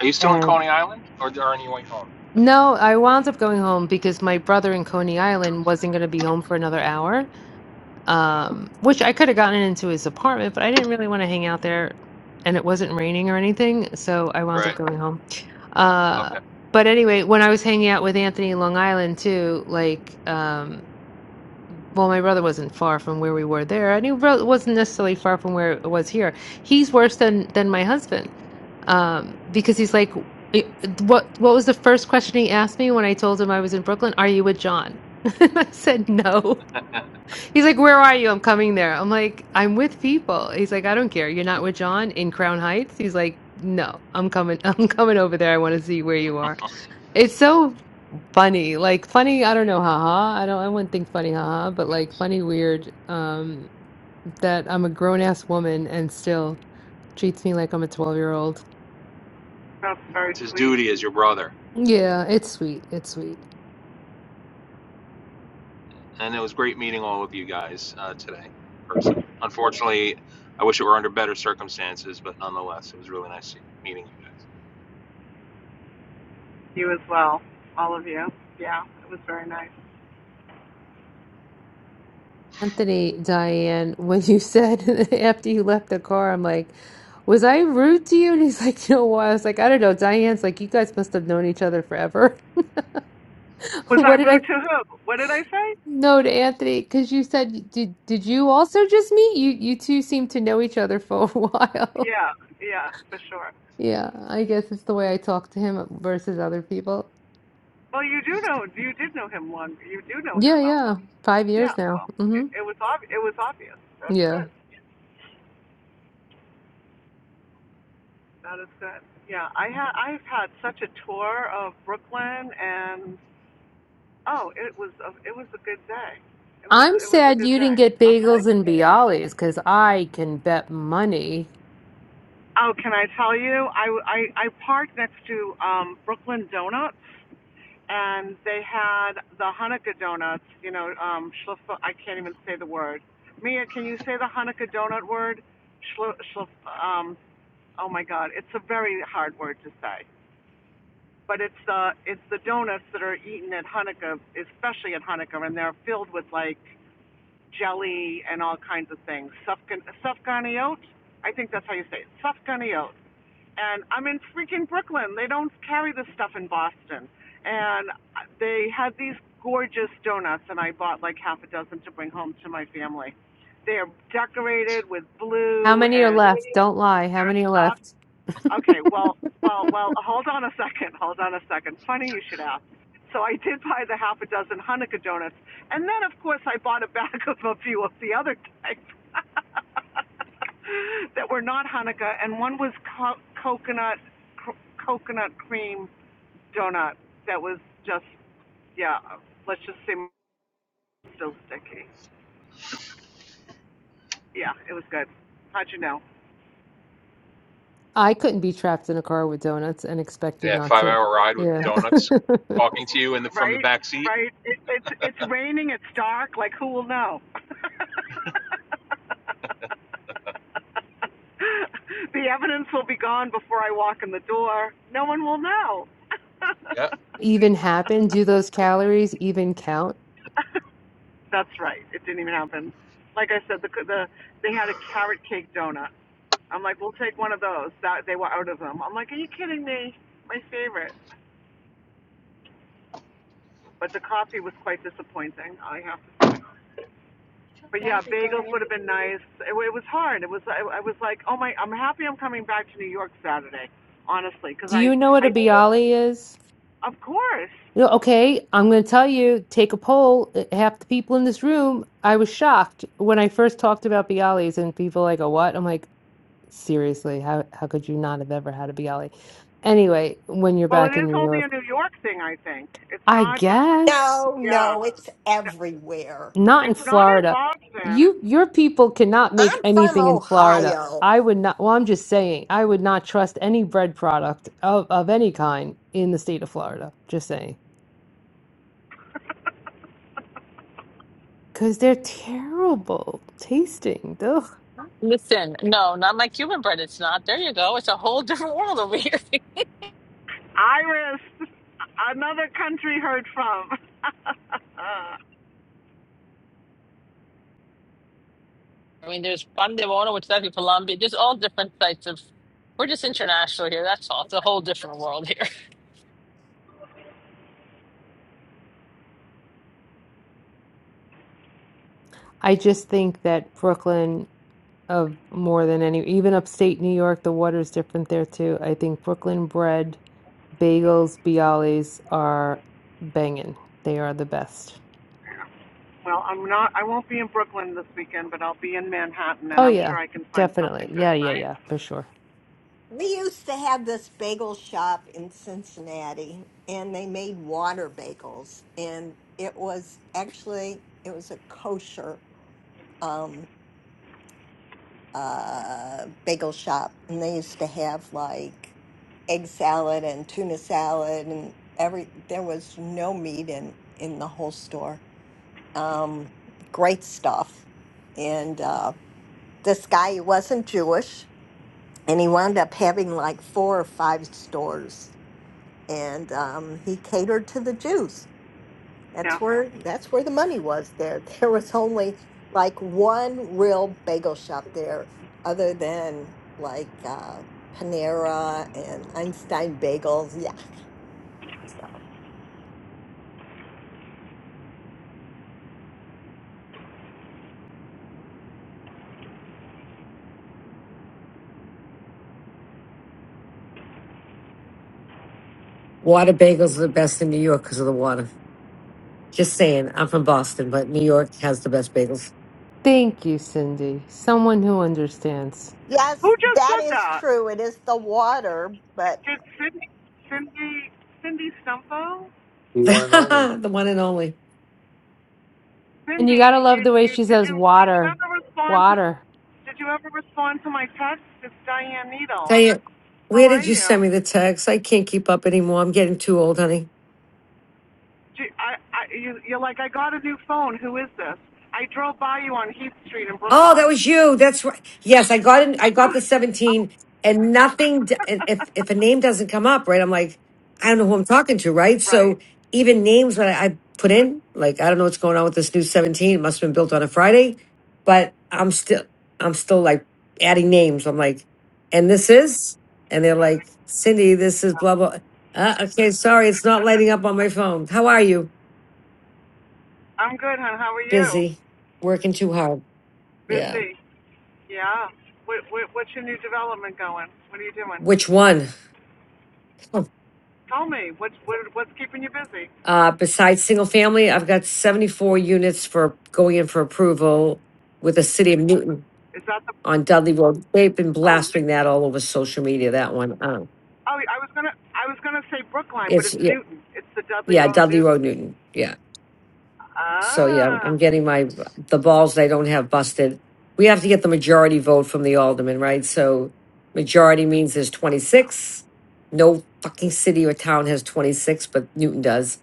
[SPEAKER 18] Are you still in
[SPEAKER 6] And
[SPEAKER 18] Coney Island, or are on your way home?
[SPEAKER 6] no, I wound up going home because my brother in Coney Island wasn't going to be home for another hour. um, which I could have gotten into his apartment, but I didn't really want to hang out there, and it wasn't raining or anything, so I wound up
[SPEAKER 18] Right.
[SPEAKER 6] going home. Uh,
[SPEAKER 18] Okay.
[SPEAKER 6] but anyway, when I was hanging out with Anthony in Long Island too, like, um, well, my brother wasn't far from where we were there, and he ro- wasn't necessarily far from where it was here. He's worse than than my husband, um, because he's like, it- what what was the first question he asked me when I told him I was in Brooklyn? Are you with John? <laughs> And I said no. He's like, Where are you? I'm coming there. I'm like, I'm with people. He's like, I don't care. You're not with John in Crown Heights? He's like, No, I'm coming. <laughs> I'm coming over there. I want to see where you are.
[SPEAKER 18] <laughs>
[SPEAKER 6] It's so funny. Like funny, I don't know, haha. I don't I wouldn't think funny, haha, but
[SPEAKER 18] Yeah.
[SPEAKER 6] like funny weird, um, that I'm a grown ass woman and still treats me like I'm a twelve year old.
[SPEAKER 2] That's very
[SPEAKER 18] It's his
[SPEAKER 2] sweet.
[SPEAKER 18] duty as your brother.
[SPEAKER 6] Yeah, it's sweet. It's sweet.
[SPEAKER 18] And it was great meeting all of you guys uh, today in person. Unfortunately, I wish it were under better circumstances, but nonetheless, it was really nice meeting you guys.
[SPEAKER 2] You as well, all of you. Yeah, it was very nice.
[SPEAKER 6] Anthony, Diane, when you said <laughs> after you left the car, I'm like, was I rude to you? And he's like, you know what? I was like, I don't know. Diane's like, you guys must have known each other forever. <laughs>
[SPEAKER 2] Was I
[SPEAKER 6] What did
[SPEAKER 2] rude
[SPEAKER 6] I
[SPEAKER 2] to who? What did I say?
[SPEAKER 6] know to Anthony? Because you said, did did you also just meet? You you two seem to know each other for a <laughs> while.
[SPEAKER 2] Yeah, yeah, for sure.
[SPEAKER 6] Yeah, I guess it's the way I talk to him versus other people.
[SPEAKER 2] Well, you do know, you did know him long, you do know him
[SPEAKER 6] Yeah,
[SPEAKER 2] well.
[SPEAKER 6] yeah, five
[SPEAKER 2] Yeah,
[SPEAKER 6] years now.
[SPEAKER 2] well, it,
[SPEAKER 6] hmm
[SPEAKER 2] it was ob- it was obvious. That's
[SPEAKER 6] Yeah.
[SPEAKER 2] good. That is good. Yeah, I had I've had such a tour of Brooklyn, and oh, it was a, it was a good day. It was
[SPEAKER 6] I'm
[SPEAKER 2] it was a
[SPEAKER 6] sad
[SPEAKER 2] good
[SPEAKER 6] you didn't
[SPEAKER 2] day.
[SPEAKER 6] get
[SPEAKER 2] I'll
[SPEAKER 6] bagels
[SPEAKER 2] just,
[SPEAKER 6] and Bialys because I can bet money.
[SPEAKER 2] oh, can I tell you? I, I I parked next to um Brooklyn Donuts, and they had the Hanukkah donuts. You know, um, schliff- I can't even say the word. Mia, can you say the Hanukkah donut word? Schlo, schlo, um, oh my God, it's a very hard word to say. But it's the it's the donuts that are eaten at Hanukkah, especially at Hanukkah, and they're filled with like jelly and all kinds of things. Sufgan I think that's how you say it. Sufganiyot. And I'm in freaking Brooklyn. They don't carry this stuff in Boston. And they had these gorgeous donuts, and I bought like half a dozen to bring home to my family. They are decorated with
[SPEAKER 6] How
[SPEAKER 2] blue
[SPEAKER 6] many are
[SPEAKER 2] and
[SPEAKER 6] left?
[SPEAKER 2] they're
[SPEAKER 6] Don't lie. How many are
[SPEAKER 2] soft
[SPEAKER 6] left? <laughs>
[SPEAKER 2] Okay, well, well, well, hold on a second. Hold on a second. Funny you should ask. So I did buy the half a dozen Hanukkah donuts, and then of course I bought a bag of a few of the other types <laughs> that were not Hanukkah, and one was co- coconut cr- coconut cream donut that was just yeah. Let's just say still sticky. Yeah, it was good. How'd you know?
[SPEAKER 6] I couldn't be trapped in a car with donuts and expected
[SPEAKER 18] Yeah,
[SPEAKER 6] not
[SPEAKER 18] five
[SPEAKER 6] to.
[SPEAKER 18] hour ride with
[SPEAKER 2] Yeah.
[SPEAKER 6] Yeah.
[SPEAKER 18] donuts,
[SPEAKER 6] <laughs>
[SPEAKER 18] talking to you in the from the
[SPEAKER 2] Right?
[SPEAKER 18] back seat.
[SPEAKER 2] Right? It, it's it's raining. It's dark. Like who will know? <laughs> the evidence will be gone before I walk in the door. No one will know.
[SPEAKER 18] Yeah.
[SPEAKER 6] even happen? Do those calories even count?
[SPEAKER 2] <laughs> That's right. It didn't even happen. Like I said, the the they had a carrot cake donut. I'm like, we'll take one of those. That they were out of them. I'm like, are you kidding me? My favorite. But the coffee was quite disappointing. I have to say.
[SPEAKER 18] You felt
[SPEAKER 2] But yeah,
[SPEAKER 18] bad like going
[SPEAKER 2] bagels would have been nice. It, it was hard. It was I, I was like, oh my, I'm happy I'm coming back to New York Saturday, honestly, because
[SPEAKER 6] Do
[SPEAKER 2] I
[SPEAKER 6] you know what a
[SPEAKER 2] I
[SPEAKER 6] Bialy is?
[SPEAKER 2] of course.
[SPEAKER 6] No, okay, I'm going to tell you, take a poll. Uh, Half the people in this room, I was shocked when I first talked about Bialys, and people like, "A what?" I'm like, seriously, how how could you not have ever had a Bialy? Anyway, when you're
[SPEAKER 2] Well, it
[SPEAKER 6] back in
[SPEAKER 2] is
[SPEAKER 6] New
[SPEAKER 2] only
[SPEAKER 6] York,
[SPEAKER 2] a New York thing, I think. It's
[SPEAKER 6] I
[SPEAKER 2] not. It's
[SPEAKER 6] guess.
[SPEAKER 8] no,
[SPEAKER 2] yeah.
[SPEAKER 8] no, it's everywhere.
[SPEAKER 6] Not in
[SPEAKER 2] It's not in
[SPEAKER 6] Florida.
[SPEAKER 2] Boston.
[SPEAKER 6] You, your people cannot make
[SPEAKER 8] I'm from
[SPEAKER 6] anything in Florida.
[SPEAKER 8] Ohio.
[SPEAKER 6] I would not, well, I'm just saying, I would not trust any bread product of, of any kind in the state of Florida. Just saying. Because they're terrible tasting. Ugh.
[SPEAKER 12] Listen, no, not my Cuban bread. It's not. There you go. It's a whole <laughs> different world over here.
[SPEAKER 2] Iris, <laughs> another country heard from. <laughs>
[SPEAKER 12] I mean, there's Pandevona, which is actually Colombia, There's all different types of. We're just international here. That's all. It's a whole different world here.
[SPEAKER 6] I just think that Brooklyn, of more than any, even upstate New York, the water's different there too. I think Brooklyn bread, bagels, bialys are banging. They are the best.
[SPEAKER 2] well, I'm not. I won't be in Brooklyn this weekend, but I'll be in Manhattan, and
[SPEAKER 6] Oh,
[SPEAKER 2] I'm
[SPEAKER 6] yeah,
[SPEAKER 2] sure I can find something
[SPEAKER 6] definitely.
[SPEAKER 2] good,
[SPEAKER 6] Yeah, yeah,
[SPEAKER 2] right?
[SPEAKER 6] yeah, for sure.
[SPEAKER 8] We used to have this bagel shop in Cincinnati and they made water bagels and it was actually it was a kosher um uh bagel shop and they used to have like egg salad and tuna salad and every there was no meat in in the whole store. Um great stuff. And uh this guy he wasn't Jewish and he wound up having like four or five stores and um, he catered to the Jews.
[SPEAKER 2] Yeah.
[SPEAKER 8] That's where that's where the money was. There, <laughs> there was only like one real bagel shop there, other than like uh, Panera and Einstein Bagels. Yeah,
[SPEAKER 19] Water bagels are the best in New York because of the water. Just saying. I'm from Boston, but New York has the best bagels.
[SPEAKER 6] Thank you, Cindy. Someone who understands.
[SPEAKER 8] yes,
[SPEAKER 2] Who just
[SPEAKER 8] that
[SPEAKER 2] said
[SPEAKER 8] is
[SPEAKER 2] that?
[SPEAKER 8] true. It is the water,
[SPEAKER 2] Did
[SPEAKER 8] but
[SPEAKER 2] Cindy, Cindy, Cindy Stumpo?
[SPEAKER 7] The
[SPEAKER 19] <laughs>
[SPEAKER 7] one and only.
[SPEAKER 19] the one and only.
[SPEAKER 6] And you gotta
[SPEAKER 2] Cindy, you,
[SPEAKER 6] love the way
[SPEAKER 2] you,
[SPEAKER 6] she
[SPEAKER 2] did
[SPEAKER 6] says
[SPEAKER 2] you, did you
[SPEAKER 6] water.
[SPEAKER 2] ever respond to,
[SPEAKER 6] Water.
[SPEAKER 2] did you ever respond to my text? It's Diane Needle.
[SPEAKER 19] Tell you,
[SPEAKER 2] How
[SPEAKER 19] where
[SPEAKER 2] are
[SPEAKER 19] did you send
[SPEAKER 2] you?
[SPEAKER 19] me the text? I can't keep up anymore. I'm getting too old, honey.
[SPEAKER 2] Do, I, I, you, you're like, I got a new phone. Who is this? I drove by you on Heath Street in
[SPEAKER 19] Oh, that
[SPEAKER 2] Brookline.
[SPEAKER 19] was you. That's right. Yes, I got in, I
[SPEAKER 2] <laughs>
[SPEAKER 19] got the 17 and nothing d- and if if a name doesn't come up, right? I'm like, I don't know who I'm talking to, right?
[SPEAKER 2] right.
[SPEAKER 19] So even names that I, I put in, like I don't know what's going on with this new 17, it must have been built on a Friday, but I'm still I'm still like adding names. I'm like, and this is and they're like, "Cindy, this is blah blah." Uh, okay, sorry, it's not lighting up on my phone. How are you?
[SPEAKER 2] I'm good, hon. How are you?
[SPEAKER 19] Busy. Working too hard. Yeah.
[SPEAKER 2] Busy. Yeah. What, what, what's your new development going? What are you doing?
[SPEAKER 19] Which one? <laughs>
[SPEAKER 2] Tell me. What's, what, what's keeping you busy?
[SPEAKER 19] Uh, besides single family, I've got seventy-four units for going in for approval with the city of Newton
[SPEAKER 2] Is that the?
[SPEAKER 19] on Dudley Road. They've been
[SPEAKER 2] Oh
[SPEAKER 19] blastering that all over social media, that one. Um,
[SPEAKER 2] Oh, I was gonna, I was gonna say Brookline, but
[SPEAKER 19] it's,
[SPEAKER 2] it's
[SPEAKER 19] yeah,
[SPEAKER 2] Newton. It's the Dudley
[SPEAKER 19] yeah,
[SPEAKER 2] Road
[SPEAKER 19] Dudley
[SPEAKER 2] Newton.
[SPEAKER 19] Road, Newton, yeah. So, yeah, I'm
[SPEAKER 2] Ah.
[SPEAKER 19] I'm getting my, the balls that I don't have busted. We have to get the majority vote from the alderman, right? So majority means there's twenty-six. No fucking city or town has twenty-six, but Newton does.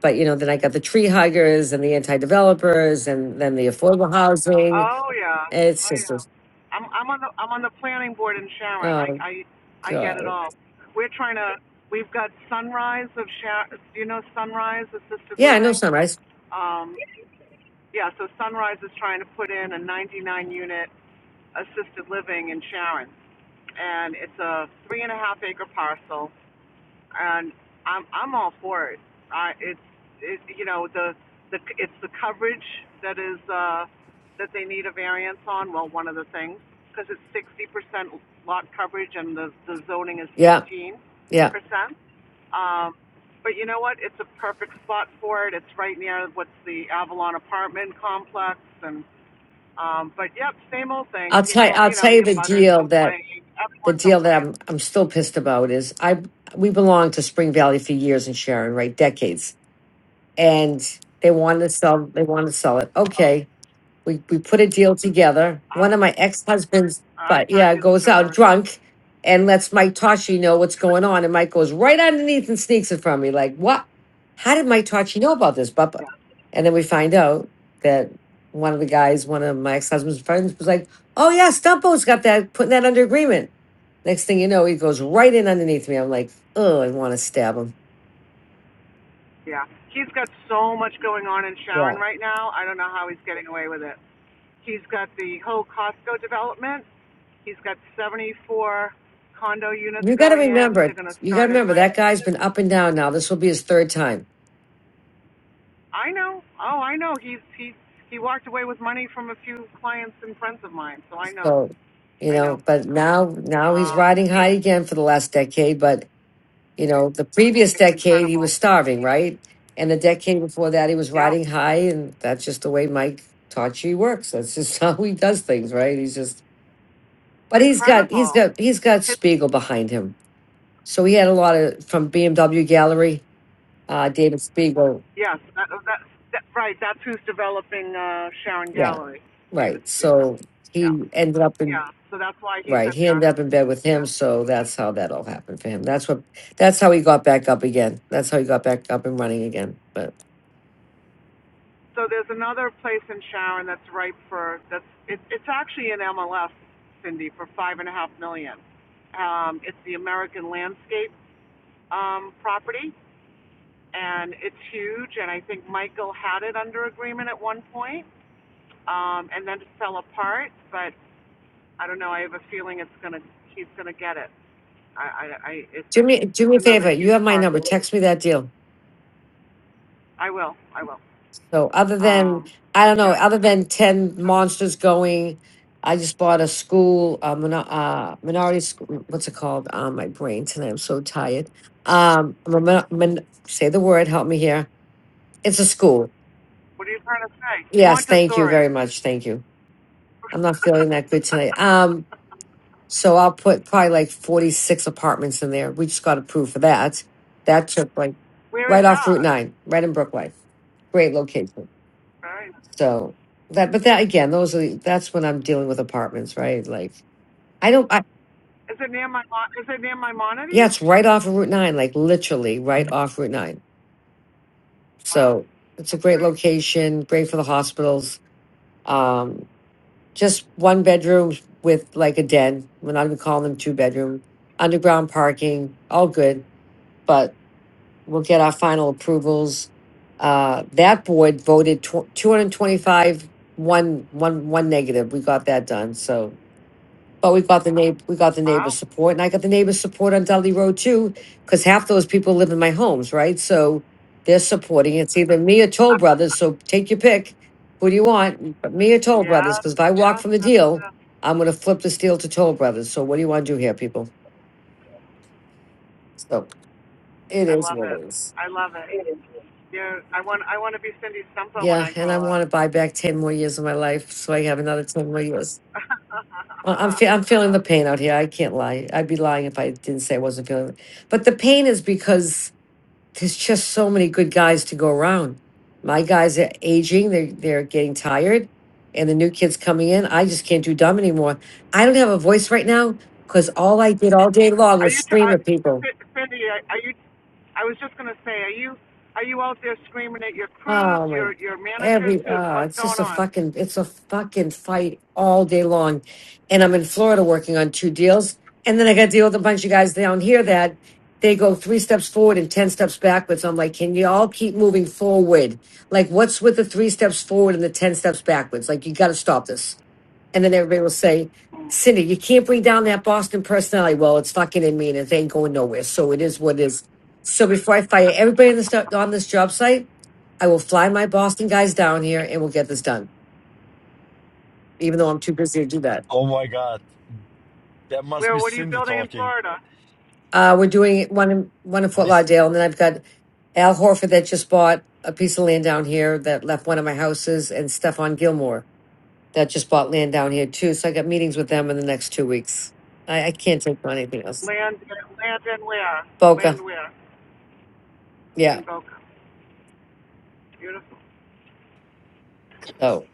[SPEAKER 19] But you know, then I got the tree huggers and the anti-developers, and then the affordable housing.
[SPEAKER 2] Oh yeah.
[SPEAKER 19] It's
[SPEAKER 2] Oh
[SPEAKER 19] just,
[SPEAKER 2] yeah.
[SPEAKER 19] a-
[SPEAKER 2] I'm, I'm on the, I'm on the planning board in Sharon. I,
[SPEAKER 19] oh
[SPEAKER 2] I, I get it
[SPEAKER 19] god,
[SPEAKER 2] all. We're trying to. We've got Sunrise of Sharon. Do you know Sunrise Assisted
[SPEAKER 19] yeah, I know
[SPEAKER 2] Living?
[SPEAKER 19] Sunrise.
[SPEAKER 2] Um, yeah. So Sunrise is trying to put in a 99 unit assisted living in Sharon, and it's a three and a half acre parcel and I'm I'm all for it. I it's it, you know the the it's the coverage that is uh that they need a variance on. Well, one of the things because it's 60% lot coverage and the the zoning is
[SPEAKER 19] Yeah,
[SPEAKER 2] 15%.
[SPEAKER 19] yeah.
[SPEAKER 2] Um, but you know what? It's a perfect spot for it. It's right near what's the Avalon apartment complex and. Um, but yep, same old thing.
[SPEAKER 19] I'll tell
[SPEAKER 2] People,
[SPEAKER 19] I'll
[SPEAKER 2] you know,
[SPEAKER 19] tell
[SPEAKER 2] the
[SPEAKER 19] you the
[SPEAKER 2] abutters
[SPEAKER 19] deal
[SPEAKER 2] complain.
[SPEAKER 19] that the
[SPEAKER 2] Everyone
[SPEAKER 19] deal that
[SPEAKER 2] complains.
[SPEAKER 19] I'm I'm still pissed about is I we belonged to Spring Valley for years and Sharon, right, decades, and they wanted to sell they wanted to sell it. Okay, we we put a deal together.
[SPEAKER 2] I,
[SPEAKER 19] One of my ex-husbands,
[SPEAKER 2] I've
[SPEAKER 19] but
[SPEAKER 2] heard
[SPEAKER 19] yeah,
[SPEAKER 2] your
[SPEAKER 19] goes out
[SPEAKER 2] story.
[SPEAKER 19] drunk and lets Mike Toshi know what's going on. And Mike goes right underneath and sneaks it from me. Like, what? How did Mike Toshi know about this, Bubba? And then we find out that one of the guys, one of my ex-husband's friends, was like, Oh yeah, Stumpo's got that, putting that under agreement. Next thing you know, he goes right in underneath me. I'm like, oh, I want to stab him.
[SPEAKER 2] Yeah, he's got so much going on in Sharon
[SPEAKER 19] Yeah.
[SPEAKER 2] right now. I don't know how he's getting away with it. He's got the whole Costco development. He's got 74 condo units
[SPEAKER 19] You gotta
[SPEAKER 2] going in.
[SPEAKER 19] remember,
[SPEAKER 2] They're going to
[SPEAKER 19] you gotta
[SPEAKER 2] start it
[SPEAKER 19] remember
[SPEAKER 2] like
[SPEAKER 19] that guy's been up and down now. This will be his third time
[SPEAKER 2] I know. Oh, I know. He's he he walked away with money from a few clients and friends of mine. So I know.
[SPEAKER 19] So, you
[SPEAKER 2] I know.
[SPEAKER 19] know, but now
[SPEAKER 2] Um,
[SPEAKER 19] now he's
[SPEAKER 2] yeah.
[SPEAKER 19] riding
[SPEAKER 2] it,
[SPEAKER 19] high again for the last decade. But you know, the previous
[SPEAKER 2] it's
[SPEAKER 19] decade he
[SPEAKER 2] incredible.
[SPEAKER 19] was starving, right? And the decade before that he was
[SPEAKER 2] Yep,
[SPEAKER 19] riding high, and that's just the way Mike Tachi works. That's just <laughs> how he does things, right? He's just,
[SPEAKER 2] it's
[SPEAKER 19] but he's got he's
[SPEAKER 2] incredible.
[SPEAKER 19] got he's got
[SPEAKER 2] His,
[SPEAKER 19] Spiegel behind him, so he had a lot of from BMW Gallery. Uh, David Spiegel,
[SPEAKER 2] yes, that, that, that right. That's who's developing uh, Sharon
[SPEAKER 19] yeah,
[SPEAKER 2] Gallery, David
[SPEAKER 19] right.
[SPEAKER 2] Spiegel.
[SPEAKER 19] So
[SPEAKER 2] Yeah.
[SPEAKER 19] he ended up in
[SPEAKER 2] Yeah, so that's why he's
[SPEAKER 19] Right.
[SPEAKER 2] in
[SPEAKER 19] He
[SPEAKER 2] there.
[SPEAKER 19] ended up in bed with
[SPEAKER 2] Yeah.
[SPEAKER 19] him, so that's how that all happened for him. That's what that's how he got back up again. That's how he got back up and running again. But
[SPEAKER 2] So there's another place in Sharon that's ripe for that's it, it's actually in MLS, Cindy, for five and a half million. Um, it's the American Landscape um, property, and it's huge. And I think Michael had it under agreement at one point, um, and then it fell apart. But I don't know. I have a feeling it's gonna he's gonna get it. I, I, I it's
[SPEAKER 19] do me do
[SPEAKER 2] it's
[SPEAKER 19] me a
[SPEAKER 2] another
[SPEAKER 19] favor, you
[SPEAKER 2] huge
[SPEAKER 19] have my number.
[SPEAKER 2] parcel.
[SPEAKER 19] Text me that deal.
[SPEAKER 2] I will. I will.
[SPEAKER 19] So other than
[SPEAKER 2] Um,
[SPEAKER 19] I don't
[SPEAKER 2] yeah.
[SPEAKER 19] know, other than ten monsters going, I just bought a school, uh, min- uh minority school, what's it called? Uh, my brain tonight. I'm so tired. Um I'm a min- min- say the word, help me here. It's a school.
[SPEAKER 2] What are you trying to say?
[SPEAKER 19] Yes, thank you
[SPEAKER 2] Montessori.
[SPEAKER 19] very much. Thank you. I'm not
[SPEAKER 2] <laughs>
[SPEAKER 19] feeling that good tonight. Um, so I'll put probably like 46 apartments in there. We just got approved for that. That took like
[SPEAKER 2] Where is
[SPEAKER 19] right off Route
[SPEAKER 2] that?
[SPEAKER 19] 9, right in Brookline. Great location.
[SPEAKER 2] Very.
[SPEAKER 19] So that, but that again, those are, that's when I'm dealing with apartments, right? Like I don't, I,
[SPEAKER 2] Is it near my Is it near my
[SPEAKER 19] yeah,
[SPEAKER 2] Maimonides?
[SPEAKER 19] it's right off of Route 9, like literally right off Route 9.
[SPEAKER 2] Wow,
[SPEAKER 19] So it's a
[SPEAKER 2] that's
[SPEAKER 19] great
[SPEAKER 2] great.
[SPEAKER 19] location, great for the hospitals. Um. just one bedroom with like a den. We're not even calling them two bedroom. Underground parking, all good. But we'll get our final approvals. Uh, that board voted tw- 225, negative. We got that done. So but we got the neighbor, we got the neighbor
[SPEAKER 2] Wow.
[SPEAKER 19] support, and I got the neighbor support on Dudley Road too, because half those people live in my homes, right? So they're supporting. It's either me or Toll Brothers. So take your pick. Who do you want? But me or Toll Brothers?
[SPEAKER 2] Yeah,
[SPEAKER 19] Because if I walk
[SPEAKER 2] yeah. yes,
[SPEAKER 19] from the deal,
[SPEAKER 2] yes.
[SPEAKER 19] I'm going to flip this deal to Toll Brothers. So what do you want to do here, people? So it
[SPEAKER 2] I
[SPEAKER 19] is
[SPEAKER 2] love
[SPEAKER 19] what
[SPEAKER 2] it.
[SPEAKER 19] it is.
[SPEAKER 2] I love it. Yeah. I want. I want to be Cindy Stumpa when
[SPEAKER 19] Yeah,
[SPEAKER 2] I
[SPEAKER 19] and I
[SPEAKER 2] grow up.
[SPEAKER 19] want to buy back ten more years of my life, so I have another ten more years.
[SPEAKER 2] <laughs>
[SPEAKER 19] I- I'm fe- I'm feeling the pain out here. I can't lie. I'd be lying if I didn't say I wasn't feeling. it. But the pain is because there's just so many good guys to go around. My guys are aging; they're they're getting tired, and the new kids coming in. I just can't do dumb anymore. I don't have a voice right now because all I did all day long
[SPEAKER 2] are
[SPEAKER 19] was
[SPEAKER 2] you, t-
[SPEAKER 19] scream
[SPEAKER 2] are,
[SPEAKER 19] at people.
[SPEAKER 2] Cindy? are you? I was just gonna say, are you? Are you out there screaming at your crews,
[SPEAKER 19] Oh my,
[SPEAKER 2] your your managers?
[SPEAKER 19] every,
[SPEAKER 2] Who?
[SPEAKER 19] uh,
[SPEAKER 2] What's
[SPEAKER 19] it's
[SPEAKER 2] going
[SPEAKER 19] just a
[SPEAKER 2] on?
[SPEAKER 19] fucking, it's a fucking fight all day long. And I'm in Florida working on two deals. And then I got to deal with a bunch of guys down here that they go three steps forward and 10 steps backwards. I'm like, can you all keep moving forward? Like, what's with the three steps forward and the 10 steps backwards? Like, you got to stop this. And then everybody will say, Cindy, you can't bring down that Boston personality. Well, it's fucking in me and it ain't going nowhere. So it is what it is. So before I fire everybody in this, on this job site, I will fly my Boston guys down here and we'll get this done, even though I'm too busy to do that.
[SPEAKER 16] Oh my God, that must
[SPEAKER 2] Where?
[SPEAKER 16] be
[SPEAKER 2] What are you
[SPEAKER 16] Cindy
[SPEAKER 2] building in
[SPEAKER 16] talking.
[SPEAKER 2] Florida?
[SPEAKER 19] Uh, we're doing one in, one in Fort
[SPEAKER 16] Hi,
[SPEAKER 19] Lauderdale, and then I've got Al Horford that just bought a piece of land down here that left one of my houses, and Stefan Gilmore that just bought land down here too. So I got meetings with them in the next two weeks. I, I can't take on anything else.
[SPEAKER 2] Land, land and where? Land
[SPEAKER 19] Boca,
[SPEAKER 2] where?
[SPEAKER 19] yeah.
[SPEAKER 2] In Boca. Beautiful.
[SPEAKER 19] Oh,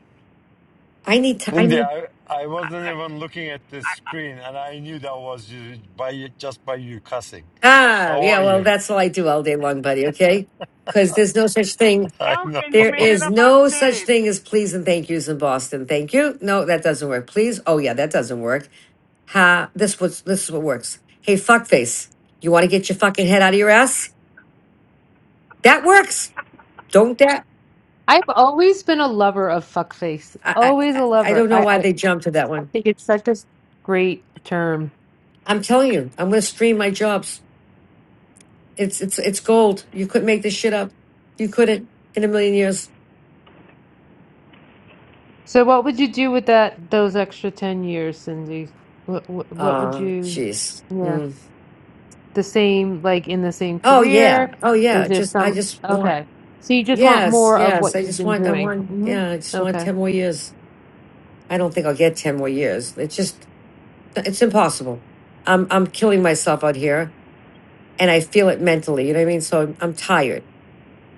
[SPEAKER 19] I need to. I need.
[SPEAKER 16] India, I, I wasn't even looking at the screen, and I knew that was you by you- just by you cussing.
[SPEAKER 19] Ah,
[SPEAKER 16] How
[SPEAKER 19] yeah.
[SPEAKER 16] are
[SPEAKER 19] Well,
[SPEAKER 16] you?
[SPEAKER 19] that's all I do all day long, buddy. Okay, because there's no such thing
[SPEAKER 16] <laughs> I know.
[SPEAKER 2] Elkin, you
[SPEAKER 19] There
[SPEAKER 2] made it
[SPEAKER 19] is
[SPEAKER 2] up on
[SPEAKER 19] no such thing as
[SPEAKER 2] stage.
[SPEAKER 19] please and thank yous in Boston. Thank you. No, that doesn't work. Please. Oh yeah, that doesn't work. Ha. This was this is what works. Hey, fuckface. You want to get your fucking head out of your ass? That works. Don't that?
[SPEAKER 6] I've always been a lover of fuckface.
[SPEAKER 19] I I
[SPEAKER 6] Always
[SPEAKER 19] I
[SPEAKER 6] a
[SPEAKER 19] I
[SPEAKER 6] lover.
[SPEAKER 19] don't
[SPEAKER 6] I,
[SPEAKER 19] know why
[SPEAKER 6] I
[SPEAKER 19] they jumped to that
[SPEAKER 6] I
[SPEAKER 19] one.
[SPEAKER 6] think it's such a great term.
[SPEAKER 19] I'm telling you, I'm going to stream my jobs. It's it's it's gold. You couldn't make this shit up. You couldn't in a million years.
[SPEAKER 6] So what would you do with that those extra 10 years, Cindy? What what, what would
[SPEAKER 19] Ah,
[SPEAKER 6] you
[SPEAKER 19] jeez.
[SPEAKER 6] Yeah.
[SPEAKER 19] Mm.
[SPEAKER 6] The same like in the same
[SPEAKER 19] Oh yeah.
[SPEAKER 6] career?
[SPEAKER 19] Oh
[SPEAKER 6] Is
[SPEAKER 19] yeah.
[SPEAKER 6] there
[SPEAKER 19] Just I
[SPEAKER 6] some
[SPEAKER 19] just want.
[SPEAKER 6] Okay. So you just want
[SPEAKER 19] Yes,
[SPEAKER 6] more of
[SPEAKER 19] yes.
[SPEAKER 6] what
[SPEAKER 19] I
[SPEAKER 6] you've
[SPEAKER 19] just
[SPEAKER 6] been
[SPEAKER 19] want, I
[SPEAKER 6] doing.
[SPEAKER 19] want,
[SPEAKER 6] hmm
[SPEAKER 19] yeah, I just
[SPEAKER 6] Okay.
[SPEAKER 19] want 10 more years. I don't think I'll get 10 more years. It's just, it's impossible. I'm, I'm killing myself out here and I feel it mentally. You know what I mean? So I'm, I'm tired,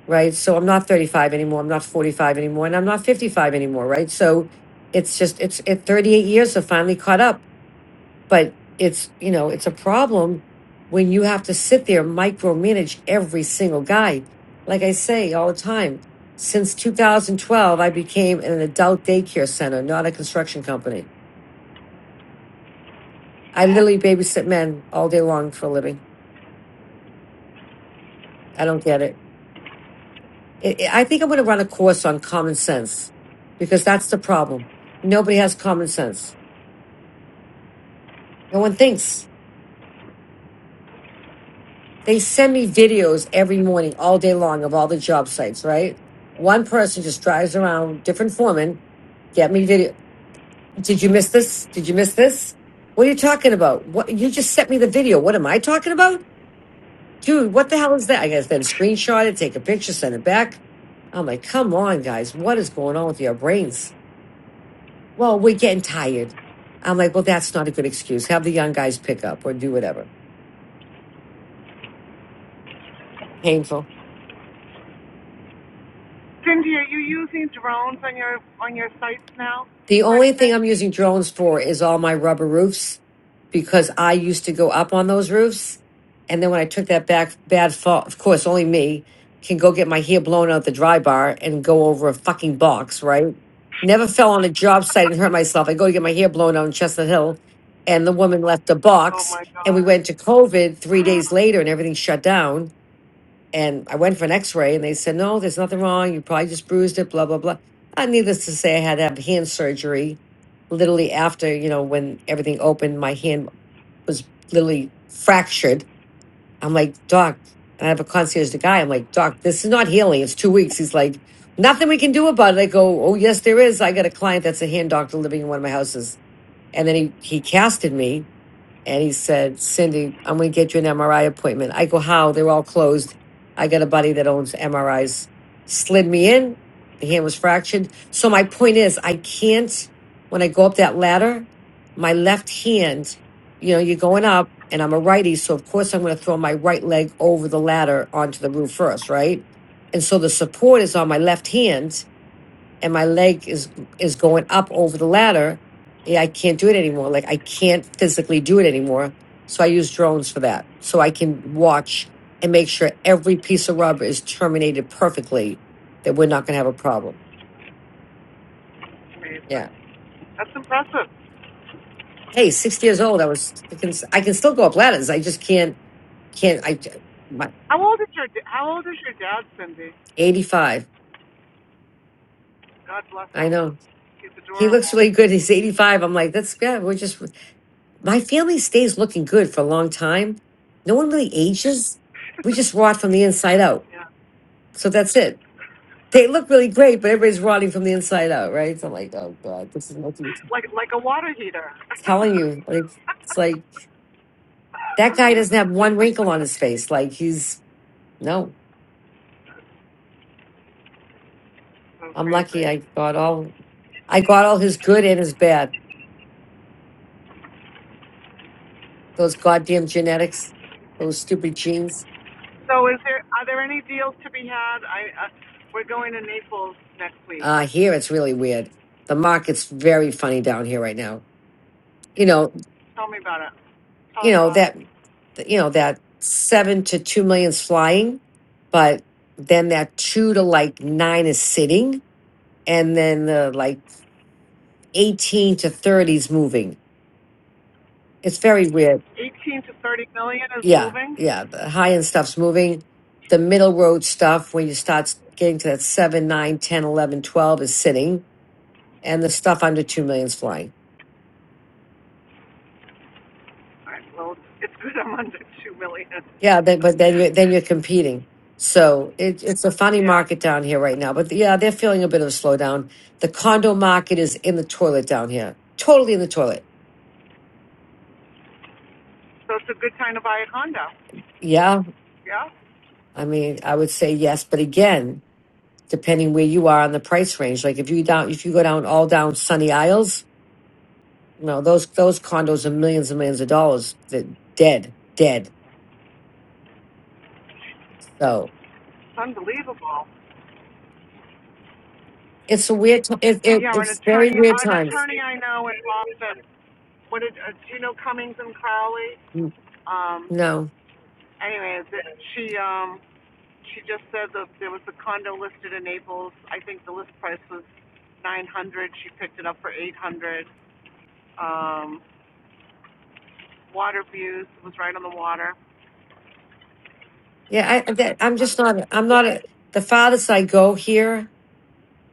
[SPEAKER 19] right? So I'm not 35 anymore. I'm not 45 anymore. And I'm not 55 anymore, right? So it's just, it's at 38 years have finally caught up but it's you know it's a problem when you have to sit there micromanage every single guy like i say all the time since 2012 i became an adult daycare center not a construction company i literally babysit men all day long for a living i don't get it i i I think i'm going to run a course on common sense because that's the problem nobody has common sense no one thinks They send me videos every morning, all day long, of all the job sites, right? One person just drives around, different foreman, get me video. Did you miss this? Did you miss this? What are you talking about? What you just sent me the video. What am I talking about? Dude, what the hell is that? I guess then screenshot it, take a picture, send it back. I'm like, come on, guys, what is going on with your brains? Well, we're getting tired. I'm like, well, that's not a good excuse. Have the young guys pick up or do whatever. Painful.
[SPEAKER 2] Cindy, are you using drones on your on your sites now
[SPEAKER 19] The
[SPEAKER 2] for
[SPEAKER 19] only thing
[SPEAKER 2] anything?
[SPEAKER 19] I'm using drones for is all my rubber roofs because I used to go up on those roofs. And then when I took that back bad fall, of course, only me can go get my hair blown out the dry bar and go over a fucking box, right? Never fell on a job site and hurt myself. I go to get my hair blown out in Chestnut Hill and the woman left a
[SPEAKER 2] Oh
[SPEAKER 19] box
[SPEAKER 2] my
[SPEAKER 19] and we
[SPEAKER 2] God,
[SPEAKER 19] went to COVID three days later and everything shut down and I went for an x ray and they said, no, there's nothing wrong. You probably just bruised it, blah, blah, blah. Uh, needless to say, I had to have hand surgery literally after, you know, when everything opened, my hand was literally fractured. I'm like, Doc, and I have a concierge, the guy. I'm like, Doc, this is not healing. It's two weeks. He's like, nothing we can do about it. I go, oh, yes, there is. I got a client that's a hand doctor living in one of my houses. And then he, he casted me and he said, Cindy, I'm going to get you an MRI appointment. I go, how? They're all closed. I got a buddy that owns MRIs. Slid me in. The hand was fractured. So my point is, I can't, when I go up that ladder, my left hand, you know, you're going up and I'm a righty. So of course I'm going to throw my right leg over the ladder onto the roof first, right? And so the support is on my left hand and my leg is is going up over the ladder yeah, i can't do it anymore like i can't physically do it anymore so i use drones for that so i can watch and make sure every piece of rubber is terminated perfectly that we're not going to have a problem
[SPEAKER 2] that's amazing.
[SPEAKER 19] yeah
[SPEAKER 2] That's impressive.
[SPEAKER 19] hey 60 years old i was I can, I can still go up ladders i just can't can't i my
[SPEAKER 2] How old is your How old is your dad, Cindy?
[SPEAKER 19] 85
[SPEAKER 2] God bless
[SPEAKER 19] i
[SPEAKER 2] him.
[SPEAKER 19] know
[SPEAKER 2] He's
[SPEAKER 19] he looks
[SPEAKER 2] adorable.
[SPEAKER 19] really good he's 85 i'm like that's yeah we're just my family stays looking good for a long time. No one really ages. We just rot from the inside out.
[SPEAKER 2] Yeah,
[SPEAKER 19] So that's it. They look really great, but everybody's rotting from the inside out, right? So I'm like, oh God, this is what you're
[SPEAKER 2] like like a water heater.
[SPEAKER 19] telling you. Like it's like that guy doesn't have one wrinkle on
[SPEAKER 2] <laughs>
[SPEAKER 19] his face. Like he's no,
[SPEAKER 2] so
[SPEAKER 19] I'm lucky
[SPEAKER 2] crazy.
[SPEAKER 19] I got all I got all his good and his bad. Those goddamn genetics, those stupid genes.
[SPEAKER 2] So, is there are there any deals to be had? I uh, we're going to Naples next week.
[SPEAKER 19] Uh here it's really weird. The market's very funny down here right now you know,
[SPEAKER 2] Tell me about it. Tell
[SPEAKER 19] you
[SPEAKER 2] us
[SPEAKER 19] know
[SPEAKER 2] about it.
[SPEAKER 19] that you know that seven to two million's flying but then that two to like nine is sitting and then the like 18 to 30 is moving it's very weird
[SPEAKER 2] 18 to 30 million is
[SPEAKER 19] yeah
[SPEAKER 2] moving.
[SPEAKER 19] yeah the high end stuff's moving the middle road stuff when you start s- getting to that 7 nine, ten, eleven, twelve is sitting and the stuff under 2 million's flying
[SPEAKER 2] All right, well, it's good I'm under 2 million.
[SPEAKER 19] Yeah, but, but then you're then you're competing. So it, it's a
[SPEAKER 2] <laughs>
[SPEAKER 19] funny
[SPEAKER 2] yeah,
[SPEAKER 19] market down here right now. But yeah, they're feeling a bit of a slowdown. The condo market is in the toilet down here, totally in the toilet.
[SPEAKER 2] so it's a good time to buy a condo.
[SPEAKER 19] Yeah,
[SPEAKER 2] Yeah,
[SPEAKER 19] I mean, I would say yes, but again, depending where you are on the price range. Like if you down if you go down all down Sunny Isles, you know those those condos are millions and millions of dollars. They're dead, dead. So
[SPEAKER 2] it's unbelievable.
[SPEAKER 19] it's a weird. T- it, it,
[SPEAKER 2] Yeah, an
[SPEAKER 19] it's very
[SPEAKER 2] attorney,
[SPEAKER 19] weird
[SPEAKER 2] an
[SPEAKER 19] times.
[SPEAKER 2] attorney I know in Boston. What did uh, do you know Cummings and Crowley? Um,
[SPEAKER 19] No.
[SPEAKER 2] anyways, it, she um she just said that there was a condo listed in Naples. I think the list price was 900. She picked it up for 800. Um, water views it was right on the water.
[SPEAKER 19] Yeah, I, that, I'm
[SPEAKER 2] I
[SPEAKER 19] just
[SPEAKER 2] don't know.
[SPEAKER 19] not. I'm not a, the farthest I go here.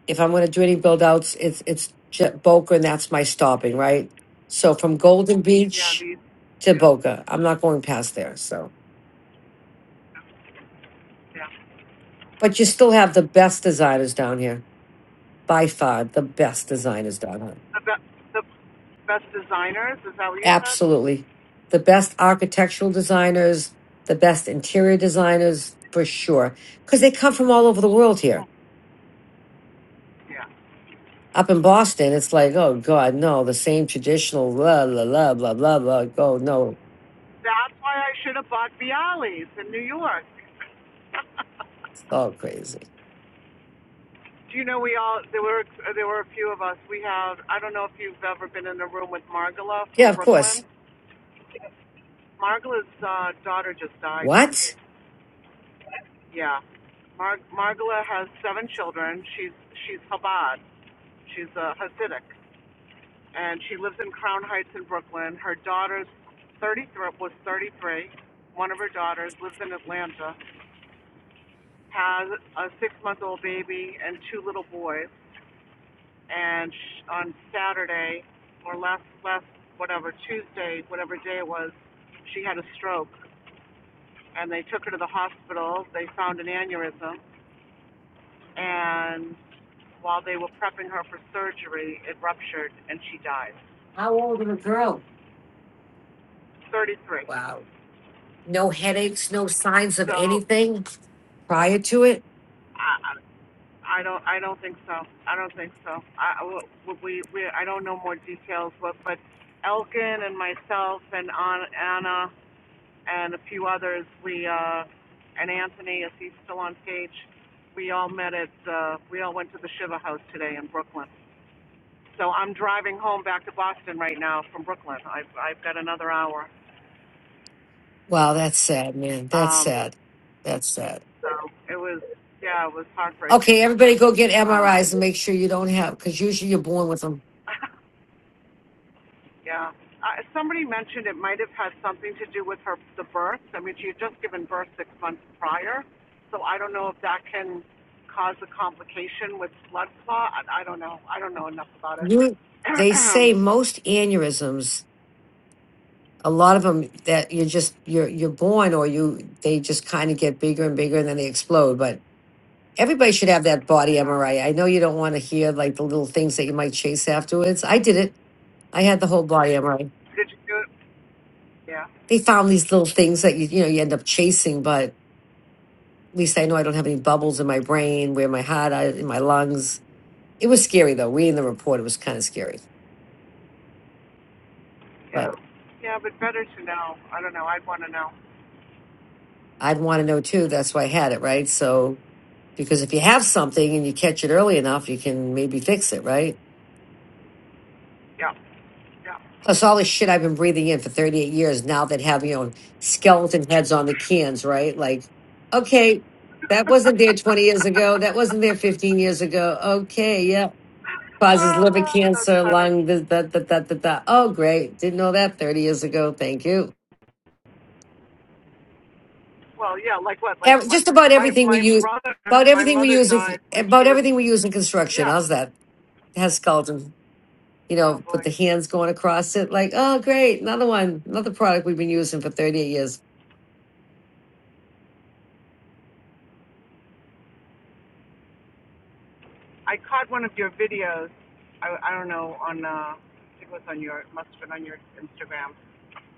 [SPEAKER 19] If I'm going to do any build outs, it's it's J- Boca, and that's my stopping right. So from Golden
[SPEAKER 2] Yeah,
[SPEAKER 19] Beach
[SPEAKER 2] these.
[SPEAKER 19] to
[SPEAKER 2] Yeah,
[SPEAKER 19] Boca, I'm not going past there. So, but you still have the best designers down here by far. The best designers down here,
[SPEAKER 2] the best the best designers. Is that what you said?
[SPEAKER 19] absolutely the best architectural designers, the best interior designers for sure, because they come from all over the world here
[SPEAKER 2] Yeah.
[SPEAKER 19] Up in Boston, it's like, oh God, no, the same traditional blah blah blah blah blah blah. Oh no,
[SPEAKER 2] That's why I should have bought Bialys in New York. <laughs>
[SPEAKER 19] it's all crazy.
[SPEAKER 2] Do you know we all there were there were a few of us. We have I don't know if you've ever been in a room with Margola
[SPEAKER 19] Yeah,
[SPEAKER 2] from
[SPEAKER 19] of course.
[SPEAKER 2] Brooklyn. Margola's uh, daughter just died,
[SPEAKER 19] What?
[SPEAKER 2] Cindy. Yeah. Mar- Margola has seven children. She's she's Chabad. She's a Hasidic. and she lives in Crown Heights in Brooklyn. Her daughter's 33 was 33. One of her daughters lives in Atlanta, has a six-month-old baby and two little boys. And sh on Saturday, or last last whatever Tuesday, whatever day it was, she had a stroke, and they took her to the hospital. They found an aneurysm, and while they were prepping her for surgery, it ruptured and she died.
[SPEAKER 19] How old of a girl?
[SPEAKER 2] 33.
[SPEAKER 19] Wow. No headaches, no signs of
[SPEAKER 2] So
[SPEAKER 19] anything prior to it.
[SPEAKER 2] I, I don't, I don't think so. I don't think so. I, I- we, we, I don't know more details, but, but Elkin and myself and An- Anna and a few others, we, uh, and Anthony, if he's still on stage, we all met at, uh, we all went to the Shiva House today in Brooklyn. So I'm driving home back to Boston right now from Brooklyn. I've, I've got another hour.
[SPEAKER 19] Wow, that's sad, man. That's
[SPEAKER 2] Um,
[SPEAKER 19] sad. That's sad.
[SPEAKER 2] so it was, yeah, it was heartbreaking.
[SPEAKER 19] Okay, everybody go get
[SPEAKER 2] Um,
[SPEAKER 19] MRIs and make sure you don't have because usually you're born with them.
[SPEAKER 2] <laughs> Yeah. Uh, somebody mentioned it might have had something to do with her the birth. I mean, she had just given birth six months prior, so I don't know if that can cause a complication with blood clot. I, I don't know. I don't know enough about it.
[SPEAKER 19] You,
[SPEAKER 2] <clears throat>
[SPEAKER 19] they say most aneurysms a lot of them that you're just you're you're born or you they just kind of get bigger and bigger and then they explode but everybody should have that body
[SPEAKER 2] yeah.
[SPEAKER 19] mri i know you don't want to hear like the little things that you might chase afterwards i did it i had the whole body mri
[SPEAKER 2] Did you do it? Yeah.
[SPEAKER 19] they found these little things that you you know you end up chasing but at least i know i don't have any bubbles in my brain where my heart are, in my lungs it was scary though reading the report it was kind of scary
[SPEAKER 2] Yeah.
[SPEAKER 19] but
[SPEAKER 2] Yeah, but better to know. I don't know. I'd want to know.
[SPEAKER 19] i'd want to know too that's why i had it right so because if you have something and you catch it early enough you can maybe fix it right
[SPEAKER 2] Yeah. Yeah.
[SPEAKER 19] Plus all the shit I've been breathing in for 38 years now that have, you know, skeleton heads on the cans, right? Like, okay, that wasn't there 20 years ago. That wasn't there 15 years ago. Okay, yeah. Causes liver
[SPEAKER 2] Oh, that's
[SPEAKER 19] cancer,
[SPEAKER 2] funny.
[SPEAKER 19] lung, this, that, that, that, that, that. Oh, great. Didn't know that 30 years ago. Thank you.
[SPEAKER 2] Well, yeah. Like what? Like
[SPEAKER 19] Ev-
[SPEAKER 2] my
[SPEAKER 19] Just about
[SPEAKER 2] my,
[SPEAKER 19] everything we
[SPEAKER 2] my
[SPEAKER 19] use,
[SPEAKER 2] brother,
[SPEAKER 19] about
[SPEAKER 2] my
[SPEAKER 19] everything we
[SPEAKER 2] mother
[SPEAKER 19] use,
[SPEAKER 2] died
[SPEAKER 19] in-
[SPEAKER 2] when she
[SPEAKER 19] about
[SPEAKER 2] was
[SPEAKER 19] everything we use in construction.
[SPEAKER 2] yeah.
[SPEAKER 19] How's that? It has skeleton, you
[SPEAKER 2] Oh
[SPEAKER 19] know, with
[SPEAKER 2] boy.
[SPEAKER 19] the hands going across it. Like, oh, great. Another one, another product we've been using for 38 years.
[SPEAKER 2] I caught one of your videos. I, I don't know on uh, I think it was on your must have been on your Instagram.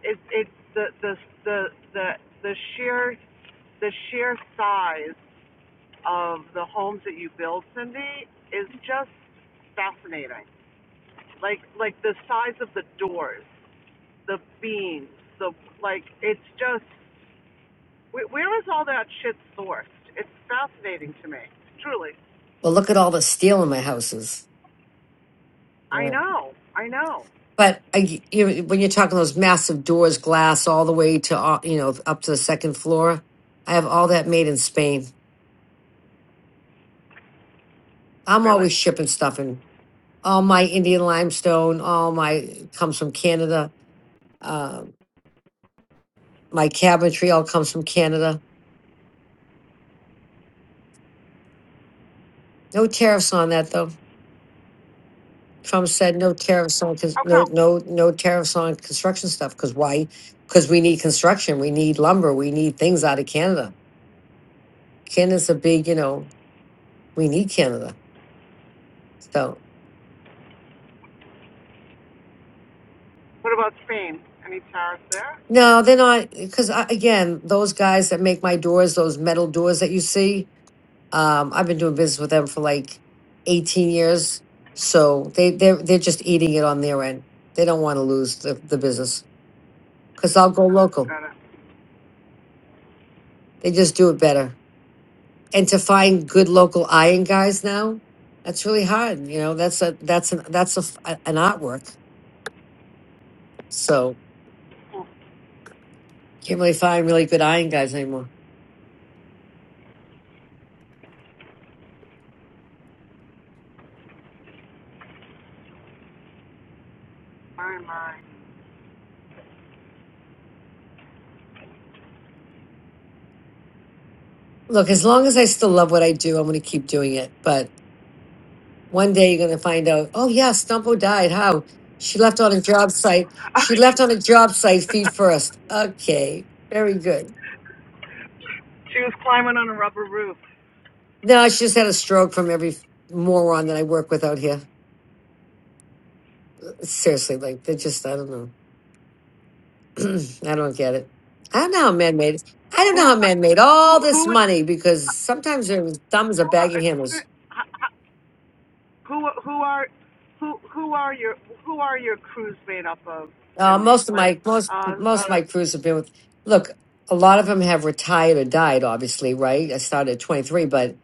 [SPEAKER 2] It it's the the the the the sheer the sheer size of the homes that you build, Cindy, is just fascinating. Like like the size of the doors, the beams, the like it's just where is all that shit sourced? It's fascinating to me. Truly.
[SPEAKER 19] Well, look at all the steel in my houses.
[SPEAKER 2] I
[SPEAKER 19] Right.
[SPEAKER 2] know. I know.
[SPEAKER 19] But I, you, when you're talking those massive doors, glass all the way to uh, you know up to the second floor, I have all that made in Spain. I'm
[SPEAKER 2] Really.
[SPEAKER 19] always shipping stuff and All my Indian limestone, all my comes from Canada. Uh, my cabinetry all comes from Canada. No tariffs on that though. Trump said no tariffs on cons-
[SPEAKER 2] How come?
[SPEAKER 19] no no no tariffs on construction stuff because why? Because we need construction, we need lumber, we need things out of Canada. Canada's a big you know we need Canada. So
[SPEAKER 2] What about Spain? Any towers there?
[SPEAKER 19] no, they're not because again, those guys that make my doors, those metal doors that you see, um, I've been doing business with them for like eighteen years. So they they're they're just eating it on their end. They don't want to lose the, the business because I'll go local.
[SPEAKER 2] Gotta,
[SPEAKER 19] They just do it better. And to find good local iron guys now, that's really hard. You know, that's a that's an that's a, f- a- an artwork. So can't really find really good iron guys anymore.
[SPEAKER 2] my, my.
[SPEAKER 19] Look, as long as I still love what I do, I'm going to keep doing it. But one day you're going to find out, oh, yeah, Stumpo died. How? She left on a job site.
[SPEAKER 2] Oh,
[SPEAKER 19] She
[SPEAKER 2] <laughs>
[SPEAKER 19] left on a job site feed first. Okay, very good.
[SPEAKER 2] she was climbing on a rubber roof.
[SPEAKER 19] No, she just had a stroke from every moron that I work with out here. Seriously, like they're just, I don't know. <clears throat> I don't get it. I don't know how men made I don't know
[SPEAKER 2] Who's,
[SPEAKER 19] how men made
[SPEAKER 2] who,
[SPEAKER 19] all this
[SPEAKER 2] who, is-
[SPEAKER 19] money because sometimes their thumbs are
[SPEAKER 2] who, are-
[SPEAKER 19] bagging hammers.
[SPEAKER 2] who, who are, who, who are your, who are your crews made up of,
[SPEAKER 19] Uh,
[SPEAKER 2] Cindy?
[SPEAKER 19] most of
[SPEAKER 2] Like,
[SPEAKER 19] my most
[SPEAKER 2] uh,
[SPEAKER 19] most of my
[SPEAKER 2] uh,
[SPEAKER 19] crews have been with. Look, a lot of them have retired or died. Obviously, right? I started at twenty three, but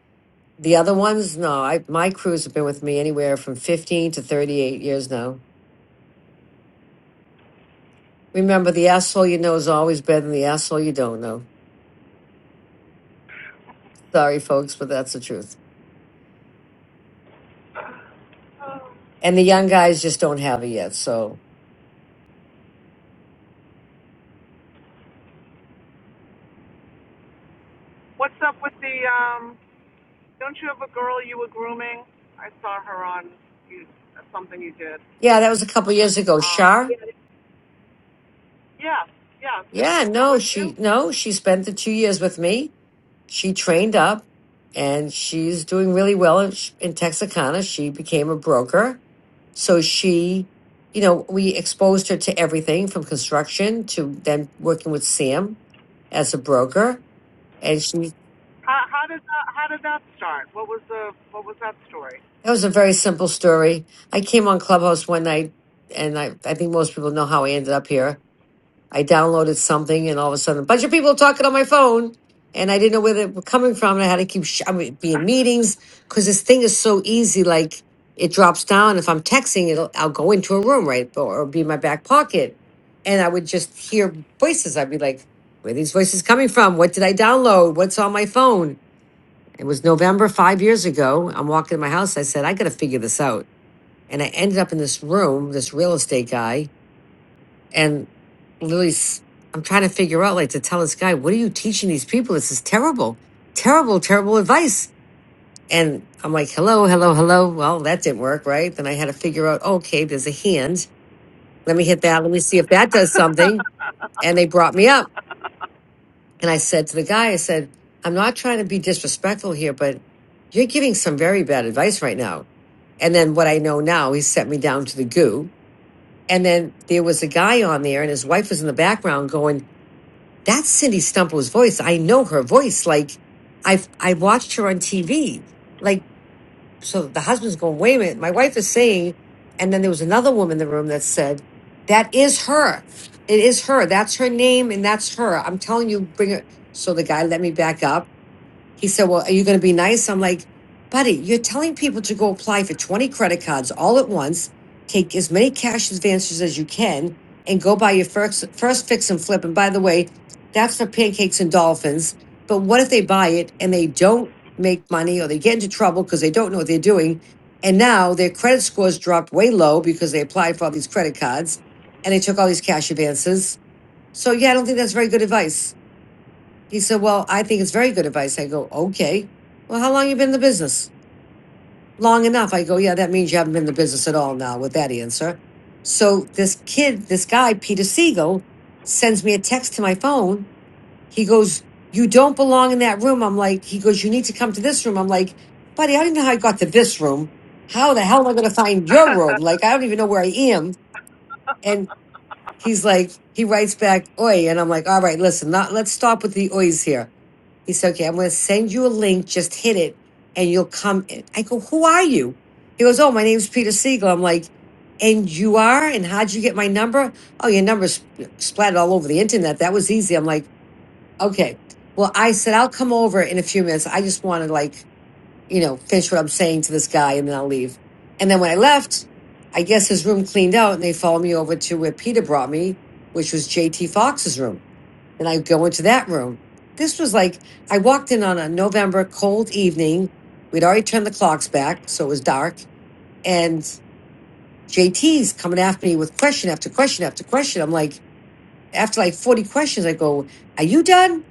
[SPEAKER 19] the other ones, no. I my crews have been with me anywhere from fifteen to thirty eight years now. Remember, the asshole you know is always better than the asshole you don't know. Sorry, folks, but that's the truth. And the young guys just don't have it yet. So
[SPEAKER 2] what's up with the, um, don't you have a girl you were grooming? I saw her on you, something you did.
[SPEAKER 19] yeah, that was a couple years ago.
[SPEAKER 2] Um,
[SPEAKER 19] Shar,
[SPEAKER 2] yeah, yeah, yeah. so she's
[SPEAKER 19] yeah,
[SPEAKER 2] still
[SPEAKER 19] no,
[SPEAKER 2] with you?
[SPEAKER 19] she no, she spent the two years with me she trained up and she's doing really well in, in Texarkana. She became a broker. So she, you know, we exposed her to everything from construction to then working with Sam as a broker. And she,
[SPEAKER 2] How, how did that, how did that start? What was the what was that story?
[SPEAKER 19] that was a very simple story. I came on Clubhouse one night and I, I think most people know how I ended up here. I downloaded something, and all of a sudden, a bunch of people talking on my phone, and I didn't know where they were coming from. And I had to keep sh- I would be in meetings because this thing is so easy. Like it drops down. If I'm texting, it'll I'll go into a room, right, or, or be in my back pocket, and I would just hear voices. I'd be like, "Where are these voices coming from? What did I download? What's on my phone?" It was November five years ago. I'm walking in my house. I said, "I got to figure this out," and I ended up in this room. This real estate guy and Lily's, I'm trying to figure out, like, to tell this guy, what are you teaching these people? This is terrible, terrible, terrible advice. And I'm like, hello, hello, hello. Well, that didn't work, right? Then I had to figure out, okay, there's a hand. Let me hit that. Let me see if that does something. And they brought me up. And I said to the guy, I said, I'm not trying to be disrespectful here, but you're giving some very bad advice right now. And then what I know now, he sent me down to the goo. And then there was a guy on there, and his wife was in the background going, That's Cindy Stumple's voice. I know her voice. Like I've I watched her on TV. Like so the husband's going, wait a minute, my wife is saying, and then there was another woman in the room that said, That is her. It is her. That's her name and that's her. I'm telling you, bring it. So the guy let me back up he said, Well, are you going to be nice? I'm like, Buddy, you're telling people to go apply for 20 credit cards all at once, take as many cash advances as you can, and go buy your first, first fix and flip. And by the way, that's for pancakes and dolphins. But what if they buy it and they don't make money or they get into trouble because they don't know what they're doing? And now their credit scores dropped way low because they applied for all these credit cards and they took all these cash advances. So, yeah, I don't think that's very good advice. He said, Well, I think it's very good advice. I go, Okay. Well, how long you been in the business? Long enough. I go, Yeah, that means you haven't been in the business at all now with that answer. So this kid, this guy, Peter Siegel, sends me a text to my phone. He goes, You don't belong in that room. I'm like, he goes, You need to come to this room. I'm like, buddy, I don't even know how I got to this room. How the hell am I gonna find your room?
[SPEAKER 2] <laughs>
[SPEAKER 19] Like, I don't even know where I am. And he's like, he writes back, oi. And I'm like, all right, listen, not let's stop with the ois here he said, okay, I'm going to send you a link. Just hit it and you'll come in. I go, who are you? He goes, oh, my name's Peter Siegel. I'm like, and you are? And how'd you get my number? Oh, your number's sp- splattered all over the internet. That was easy. I'm like, okay. Well, I said, I'll come over in a few minutes. I just want to like, you know, finish what I'm saying to this guy and then I'll leave. And then when I left, I guess his room cleaned out and they followed me over to where Peter brought me, which was JT Fox's room and I go into that room. This was like I walked in on a November cold evening. We'd already turned the clocks back, so it was dark. And JT's coming after me with question after question after question. I'm like, after like 40 questions, I go, Are you done?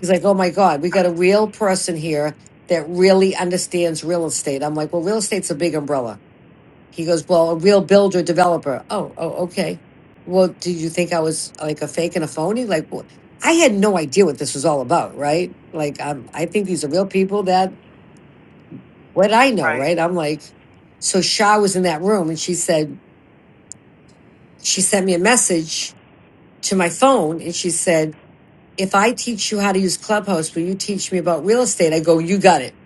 [SPEAKER 19] He's like, Oh my God, we got a real person here that really understands real estate. I'm like, Well, real estate's a big umbrella. He goes, Well, a real builder developer. Oh, oh, okay. Well, did you think I was like a fake and a phony? Like, wh- I had no idea what this was all about, right? Like, I'm, I think these are real people that what I know,
[SPEAKER 2] right.
[SPEAKER 19] right? I'm like, so Shah was in that room and she said, she sent me a message to my phone and she said, if I teach you how to use Clubhouse, will you teach me about real estate? I go, you got it.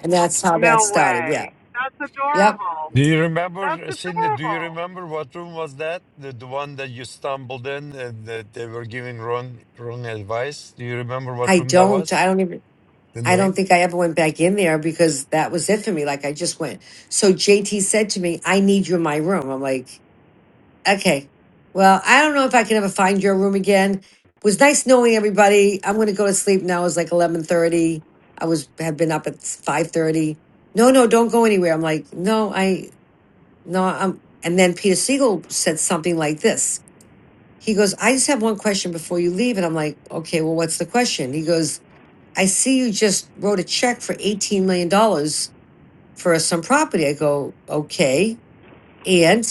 [SPEAKER 19] And that's how that
[SPEAKER 2] No
[SPEAKER 19] started. Yeah.
[SPEAKER 2] way. That's
[SPEAKER 19] Yep.
[SPEAKER 2] adorable.
[SPEAKER 16] Do you
[SPEAKER 2] That's
[SPEAKER 16] remember, Cindy? Do you
[SPEAKER 2] adorable.
[SPEAKER 16] remember what room was that? The, the one that you stumbled in and that they were giving wrong wrong advice. Do you remember what
[SPEAKER 19] I
[SPEAKER 16] room that
[SPEAKER 19] don't.
[SPEAKER 16] was?
[SPEAKER 19] I don't even.
[SPEAKER 16] The
[SPEAKER 19] I don't
[SPEAKER 16] name?
[SPEAKER 19] think I ever went back in there because that was it for me. Like I just went. So JT said to me, I need you in my room. I'm like, okay. Well, I don't know if I can ever find your room again. It was nice knowing everybody. I'm gonna go to sleep now. It was like eleven thirty. I was had been up at five thirty. No, no, don't go anywhere. I'm like, no, I no, I'm and then Peter Siegel said something like this. He goes, I just have one question before you leave. And I'm like, okay, well, what's the question? He goes, I see you just wrote a check for $18 million dollars for some property. I go, okay. And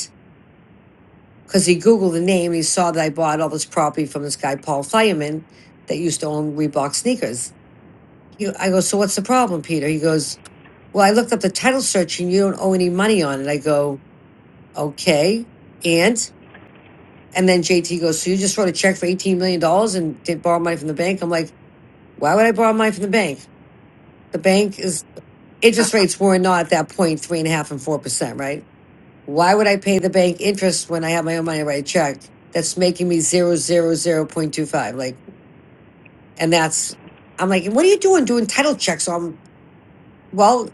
[SPEAKER 19] because he Googled the name, he saw that I bought all this property from this guy, Paul Fireman, that used to own Reebok sneakers. He, I go, so what's the problem, Peter? He goes, well, I looked up the title search and you don't owe any money on it. I go, okay. And, and then JT goes, so you just wrote a check for $18 million dollars and did borrow money from the bank? I'm like, why would I borrow money from the bank? The bank is interest rates were not at that point three and a half and four percent, right? Why would I pay the bank interest when I have my own money right check? That's making me zero zero zero point two five. Like, and that's I'm like, what are you doing doing title checks? So I'm well,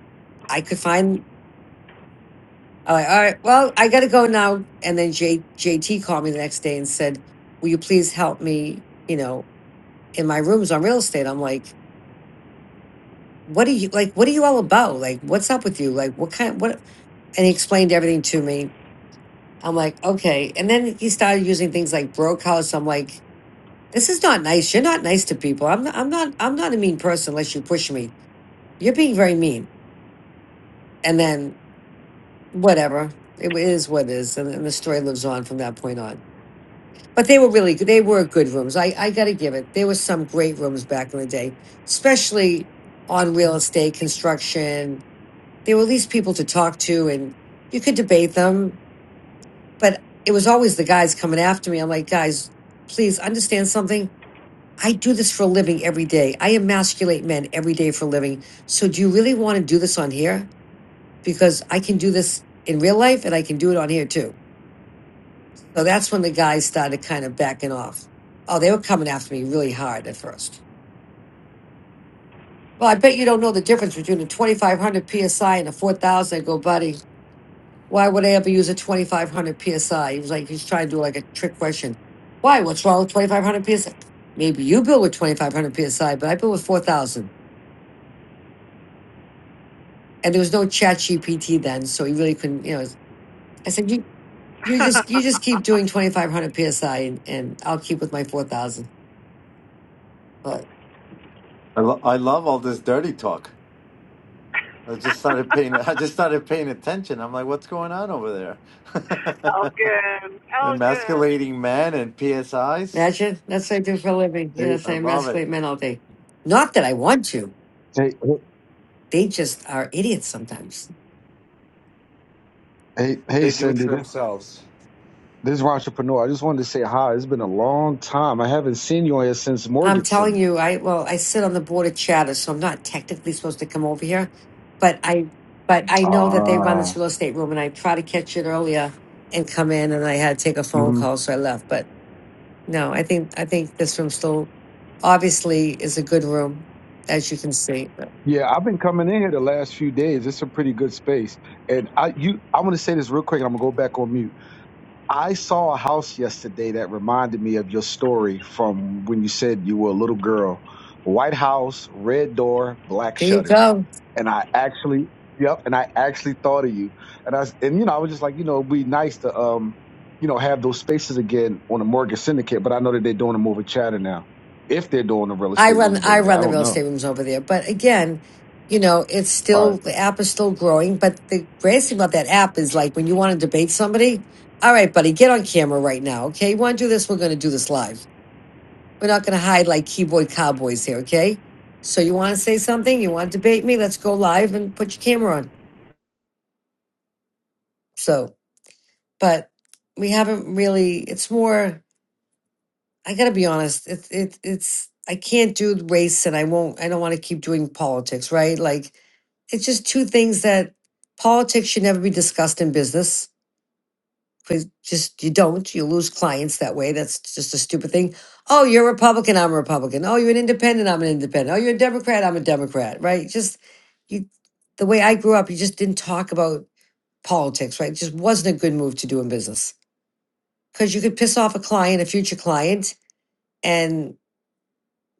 [SPEAKER 19] I could find. I'm like, all right, well, I got to go now. And then J, JT called me the next day and said, "Will you please help me? You know, in my rooms on real estate." I'm like, "What are you like? What are you all about? Like, what's up with you? Like, what kind? What?" And he explained everything to me I'm like, okay. And then he started using things like Brokehouse. I'm like, this is not nice. You're not nice to people. I'm not, I'm not I'm not a mean person unless you push me. You're being very mean. And then whatever. It wa- is what it is. And, and the story lives on from that point on. But they were really good. They were good rooms. I, I gotta give it. There were some great rooms back in the day, especially on real estate, construction. There were at least people to talk to and you could debate them but it was always the guys coming after me. I'm like, guys, please understand something. I do this for a living every day. I emasculate men every day for a living. So do you really want to do this on here? Because I can do this in real life and I can do it on here too. So that's when the guys started kind of backing off. Oh, they were coming after me really hard at first. Well, I bet you don't know the difference between a 2500 PSI and a 4000. I go, buddy, Why would I ever use a 2500 PSI? He was like, he's trying to do like a trick question. Why? What's wrong with 2500 PSI? Maybe you build with 2500 PSI, but I built with 4000. And there was no chat GPT then. So he really couldn't, you know, I said, you, you just, you just keep doing
[SPEAKER 2] <laughs>
[SPEAKER 19] 2500 PSI and, and I'll keep with my 4000. But
[SPEAKER 20] I, lo- I love all this dirty talk. I just started paying. <laughs> I just started paying attention. I'm like, what's going on over there?
[SPEAKER 2] Elgin,
[SPEAKER 20] <laughs>
[SPEAKER 2] Elgin.
[SPEAKER 20] Emasculating men and PSIs.
[SPEAKER 19] imagine that's what I do for a living.
[SPEAKER 21] Hey,
[SPEAKER 19] Yes,
[SPEAKER 20] I
[SPEAKER 19] I
[SPEAKER 20] love it.
[SPEAKER 19] emasculate men all day. Not that I want to.
[SPEAKER 21] hey,
[SPEAKER 19] They just are idiots sometimes.
[SPEAKER 21] hey, hey,
[SPEAKER 7] They do it to
[SPEAKER 21] Cindy. This
[SPEAKER 7] themselves.
[SPEAKER 21] this is entrepreneur. I just wanted to say hi. It's been a long time. I haven't seen you on here since
[SPEAKER 19] I'm
[SPEAKER 21] Mortgage
[SPEAKER 19] telling
[SPEAKER 21] Syndicate.
[SPEAKER 19] you, I well, I sit on the board of Chatter, so I'm not technically supposed to come over here, but I but I know that they run
[SPEAKER 21] Ah.
[SPEAKER 19] this real estate room, and I try to catch it earlier and come in, and I had to take a phone
[SPEAKER 21] mhm.
[SPEAKER 19] call, so I left. But no, I think I think this room still obviously is a good room, as you can see. But
[SPEAKER 21] Yeah, I've been coming in here the last few days. It's a pretty good space, and I you I want to say this real quick. and I'm gonna go back on mute. I saw a house yesterday that reminded me of your story from when you said you were a little girl. White house, red door, black
[SPEAKER 19] there you
[SPEAKER 21] shutters.
[SPEAKER 19] go.
[SPEAKER 21] And I actually, yep, and I actually thought of you. And I s- and you know, I was just like, you know, it'd be nice to um, you know, have those spaces again on the mortgage syndicate, but I know that they're doing them over chatter now. If they're doing the real
[SPEAKER 19] I
[SPEAKER 21] estate
[SPEAKER 19] run
[SPEAKER 21] rooms
[SPEAKER 19] I
[SPEAKER 21] over there, I
[SPEAKER 19] run the
[SPEAKER 21] don't
[SPEAKER 19] real
[SPEAKER 21] know.
[SPEAKER 19] estate rooms over there. But again, you know, it's
[SPEAKER 21] All
[SPEAKER 19] still
[SPEAKER 21] right.
[SPEAKER 19] the app is still growing. But the greatest thing about that app is like when you want to debate somebody, all right, buddy, get on camera right now. Okay. You want to do this? We're gonna do this live. We're not gonna hide like keyboard cowboys here, okay? So you wanna say something, you wanna debate me, let's go live and put your camera on. So but we haven't really it's more I gotta be honest, it's it, it's I can't do race and I won't I don't wanna keep doing politics, right? Like it's just two things that politics should never be discussed in business. 'cause Just you don't, you lose clients that way. That's just a stupid thing. Oh, you're a Republican, I'm a Republican. Oh, you're an independent, I'm an independent. Oh, you're a Democrat, I'm a Democrat, right? Just you the way I grew up, you just didn't talk about politics, right? It just wasn't a good move to do in business. Because you could piss off a client, a future client, and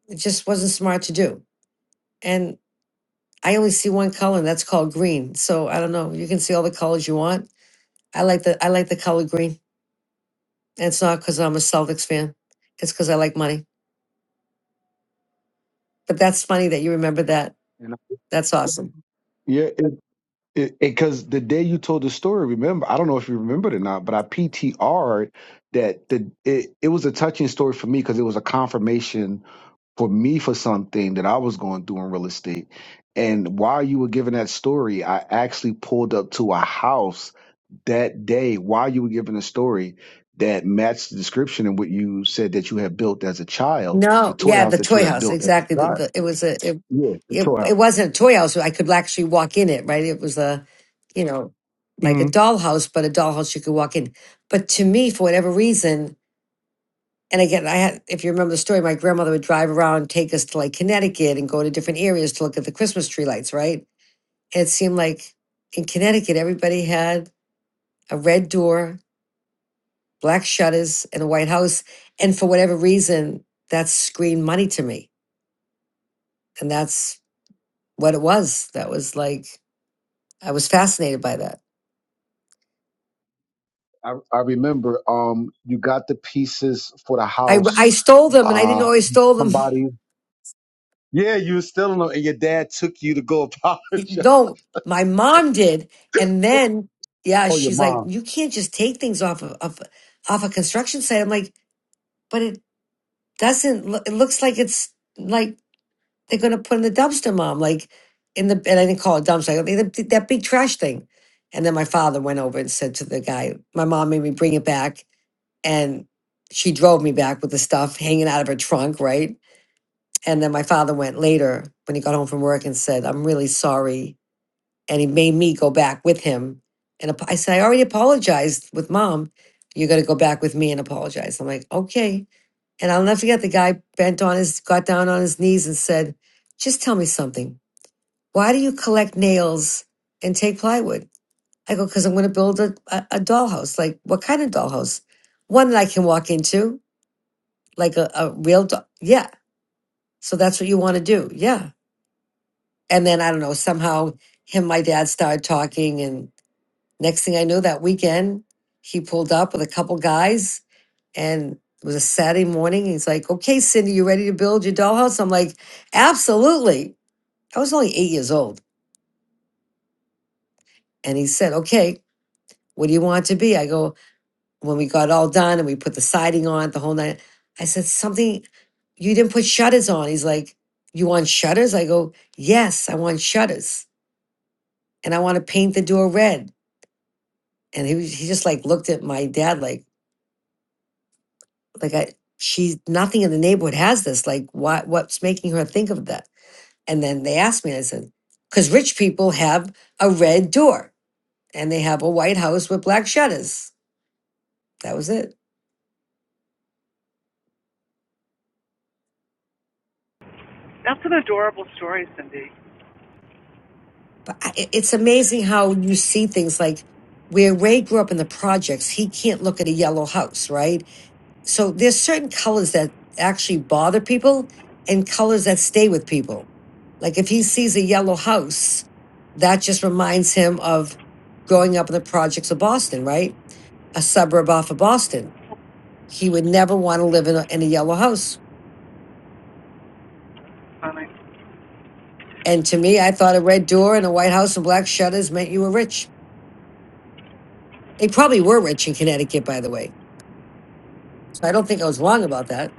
[SPEAKER 19] it just wasn't smart to do. And I only see one color, and that's called green. So I don't know. You can see all the colors you want I like the I like the color green. And it's not because I'm a Celtics fan. It's because I like money. But that's funny that you remember that.
[SPEAKER 21] You know?
[SPEAKER 19] That's awesome.
[SPEAKER 21] Yeah. because the day you told the story, remember, I don't know if you remembered or not, but I PTR'd that the it, it was a touching story for me because it was a confirmation for me for something that I was going through in real estate. And while you were giving that story, I actually pulled up to a house that day while you were giving a story that matched the description and what you said that you had built as a child, the
[SPEAKER 19] No,
[SPEAKER 21] toy
[SPEAKER 19] yeah, the
[SPEAKER 21] house that you
[SPEAKER 19] toy
[SPEAKER 21] had
[SPEAKER 19] house
[SPEAKER 21] built as
[SPEAKER 19] exactly.
[SPEAKER 21] a
[SPEAKER 19] The,
[SPEAKER 21] child.
[SPEAKER 19] the, it was a it,
[SPEAKER 21] Yeah, the
[SPEAKER 19] it
[SPEAKER 21] toy house.
[SPEAKER 19] it wasn't a toy house. I could actually walk in it. Right? It was a you know like a dollhouse, but a dollhouse you could walk in. But to me, for whatever reason, and again, I had if you remember the story, my grandmother would drive around, take us to like Connecticut, and go to different areas to look at the Christmas tree lights. Right? And it seemed like in Connecticut, everybody had a red door, black shutters, and a white house. And for whatever reason, that screamed money to me. And that's what it was. That was like, I was fascinated by that.
[SPEAKER 21] I, I remember um you got the pieces for the
[SPEAKER 19] I,
[SPEAKER 21] house.
[SPEAKER 19] I stole them and I didn't
[SPEAKER 21] Uh
[SPEAKER 19] always stole them.
[SPEAKER 21] somebody Yeah, you were still in the- and your dad took you to go
[SPEAKER 19] <laughs>
[SPEAKER 21] apologize.
[SPEAKER 19] no,
[SPEAKER 21] <laughs>
[SPEAKER 19] my mom did. And then, yeah,
[SPEAKER 21] Oh your
[SPEAKER 19] she's like,
[SPEAKER 21] mom.
[SPEAKER 19] you can't just take things off of, of off a construction site. I'm like, but it doesn't, loo- it looks like it's like they're gonna put in the dumpster, mom, like in the and I didn't call it dumpster, I mean the, that big trash thing. And then my father went over and said to the guy, my mom made me bring it back, and she drove me back with the stuff hanging out of her trunk, right? And then my father went later when he got home from work and said, "I'm really sorry," and he made me go back with him. And ap- I said, "I already apologized with mom. You're gonna go back with me and apologize." I'm like, "Okay." And I'll never forget the guy bent on his, got down on his knees and said, "Just tell me something why do you collect nails and take plywood? I go, because I'm going to build a, a, a dollhouse. Like, what kind of dollhouse? One that I can walk into, like a, a real doll. Yeah. So that's what you want to do. Yeah. And then I don't know, somehow him and my dad started talking. And next thing I knew, that weekend, he pulled up with a couple guys and it was a Saturday morning. He's like, okay, Cindy, you ready to build your dollhouse? I'm like, absolutely. I was only eight years old. And he said, okay, what do you want it to be? I go, when we got all done and we put the siding on the whole night, I said, Something, you didn't put shutters on. He's like, You want shutters? I go, Yes, I want shutters. And I want to paint the door red. And he, was- he just like looked at my dad like, like I, she's nothing in the neighborhood has this. Like, what, what's making her think of that? And then they asked me, I said, because rich people have a red door and they have a white house with black shutters. That was it.
[SPEAKER 2] That's an adorable story, Cindy.
[SPEAKER 19] but I- it's amazing how you see things like where Ray grew up in the projects, he can't look at a yellow house, right? So there's certain colors that actually bother people and colors that stay with people. Like if he sees a yellow house, that just reminds him of growing up in the projects of Boston, right? A suburb off of Boston. He would never want to live in a, in a yellow house.
[SPEAKER 2] Funny.
[SPEAKER 19] And to me, I thought a red door and a white house and black shutters meant you were rich. They probably were rich in Connecticut, by the way I don't think I was wrong about that.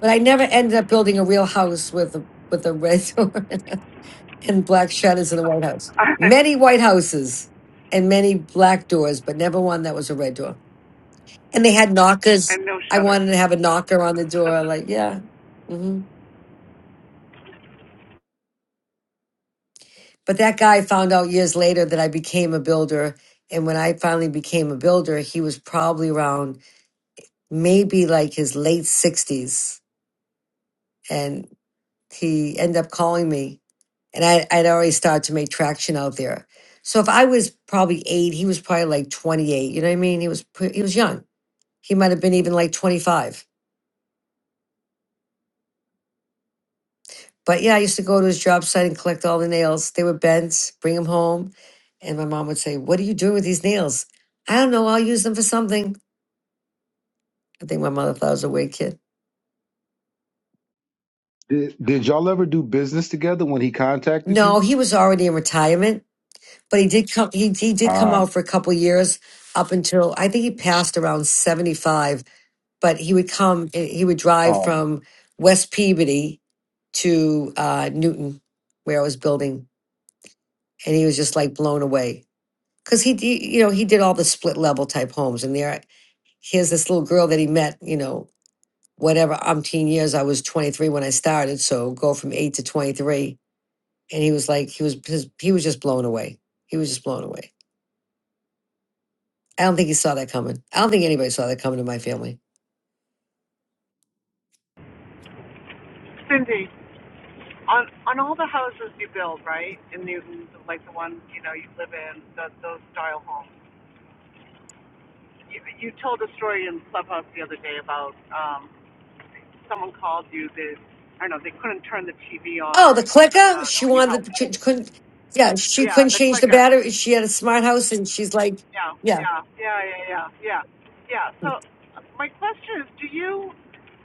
[SPEAKER 19] But I never ended up building a real house with a, with a red <laughs> door and black shutters and a white
[SPEAKER 2] <laughs>
[SPEAKER 19] house. Many white houses and many black doors, but never one that was a red door. And they had knockers.
[SPEAKER 2] and no
[SPEAKER 19] I
[SPEAKER 2] shutters.
[SPEAKER 19] wanted to have a knocker on the door. Like, yeah. hmm But that guy found out years later that I became a builder. And when I finally became a builder, he was probably around maybe like his late 60s. And he ended up calling me and I, I'd already started to make traction out there. So if I was probably eight, he was probably like 28. You know what I mean? He was pre- he was young. He might have been even like 25. But yeah, I used to go to his job site and collect all the nails. They were bents, bring them home. And my mom would say, What are you doing with these nails? I don't know. I'll use them for something. I think my mother thought I was a weird kid.
[SPEAKER 21] Did did y'all ever do business together when he contacted
[SPEAKER 19] No,
[SPEAKER 21] you?
[SPEAKER 19] he was already in retirement, but he did come he, he did come
[SPEAKER 21] Ah.
[SPEAKER 19] out for a couple years up until I think he passed around 75 but he would come eh, he would drive
[SPEAKER 21] Oh
[SPEAKER 19] from west peabody to uh, newton where i was building and he was just like blown away because he d- you know he did all the split level type homes and there here's this little girl that he met you know whatever umpteen years i was 23 when i started so go from 8 to 23 and he was like he was his, he was just blown away he was just blown away i don't think he saw that coming i don't think anybody saw that coming in my family
[SPEAKER 2] <laughs> Cindy, on on all the houses you build, right? In Newton, like the one you know you live in, the, those style homes. You, you told a story in Clubhouse the other day about um, someone called you that I don't know they couldn't turn the TV on
[SPEAKER 19] Oh, the
[SPEAKER 2] or something. I
[SPEAKER 19] clicker.
[SPEAKER 2] don't
[SPEAKER 19] She
[SPEAKER 2] know, and you
[SPEAKER 19] wanted
[SPEAKER 2] helped.
[SPEAKER 19] the, she couldn't. Yeah, she
[SPEAKER 2] Yeah,
[SPEAKER 19] couldn't
[SPEAKER 2] the
[SPEAKER 19] change the
[SPEAKER 2] clicker.
[SPEAKER 19] battery. She had a smart house, and she's like,
[SPEAKER 2] Yeah,
[SPEAKER 19] yeah,
[SPEAKER 2] yeah, yeah, yeah, yeah, yeah. Yeah. So uh, my question is, do you?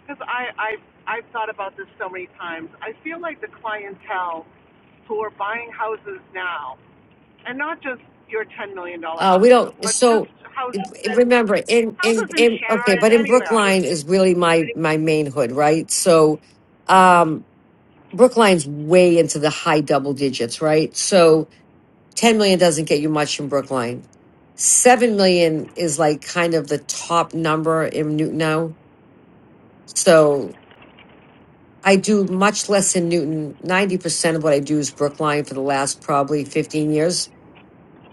[SPEAKER 2] Because I I I've thought about this so many times. I feel like the clientele who are buying houses now, and not just your ten million dollar
[SPEAKER 19] uh, we
[SPEAKER 2] houses,
[SPEAKER 19] don't.
[SPEAKER 2] but just
[SPEAKER 19] So i-
[SPEAKER 2] houses
[SPEAKER 19] i-
[SPEAKER 2] in
[SPEAKER 19] remember, in
[SPEAKER 2] houses
[SPEAKER 19] in
[SPEAKER 2] in
[SPEAKER 19] in okay,
[SPEAKER 2] Sharon,
[SPEAKER 19] but in
[SPEAKER 2] anywhere.
[SPEAKER 19] Brookline is really my my main hood, right? So, um, Brookline's way into the high double digits, right? So ten million doesn't get you much in Brookline. Seven million is like kind of the top number in Newton now. So I do much less in Newton. 90% of what I do is Brookline for the last probably 15 years.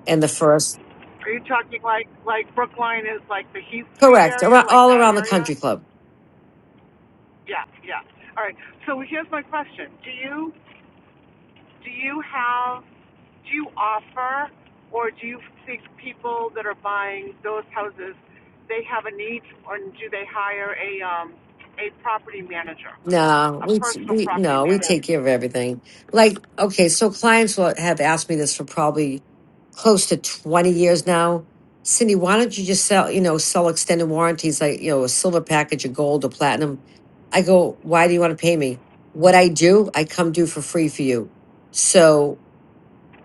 [SPEAKER 19] And the first,
[SPEAKER 2] Are you talking like like Brookline is like the Heath Street
[SPEAKER 19] correct,
[SPEAKER 2] area,
[SPEAKER 19] ar-
[SPEAKER 2] like
[SPEAKER 19] all
[SPEAKER 2] that
[SPEAKER 19] around the
[SPEAKER 2] area?
[SPEAKER 19] country club.
[SPEAKER 2] Yeah, yeah. All right. So here's my question: Do you do you have do you offer or do you think people that are buying those houses they have a need, or do they hire a um a property manager,
[SPEAKER 19] No,
[SPEAKER 2] a
[SPEAKER 19] we
[SPEAKER 2] personal
[SPEAKER 19] we
[SPEAKER 2] property
[SPEAKER 19] no, we
[SPEAKER 2] manager?
[SPEAKER 19] take care of everything. Like, okay, so clients will have asked me this for probably close to 20 years now. Cindy, why don't you just sell, you know, sell extended warranties like, you know, a silver package, a gold, a platinum? I go, why do you want to pay me? What I do, I come do for free for you. So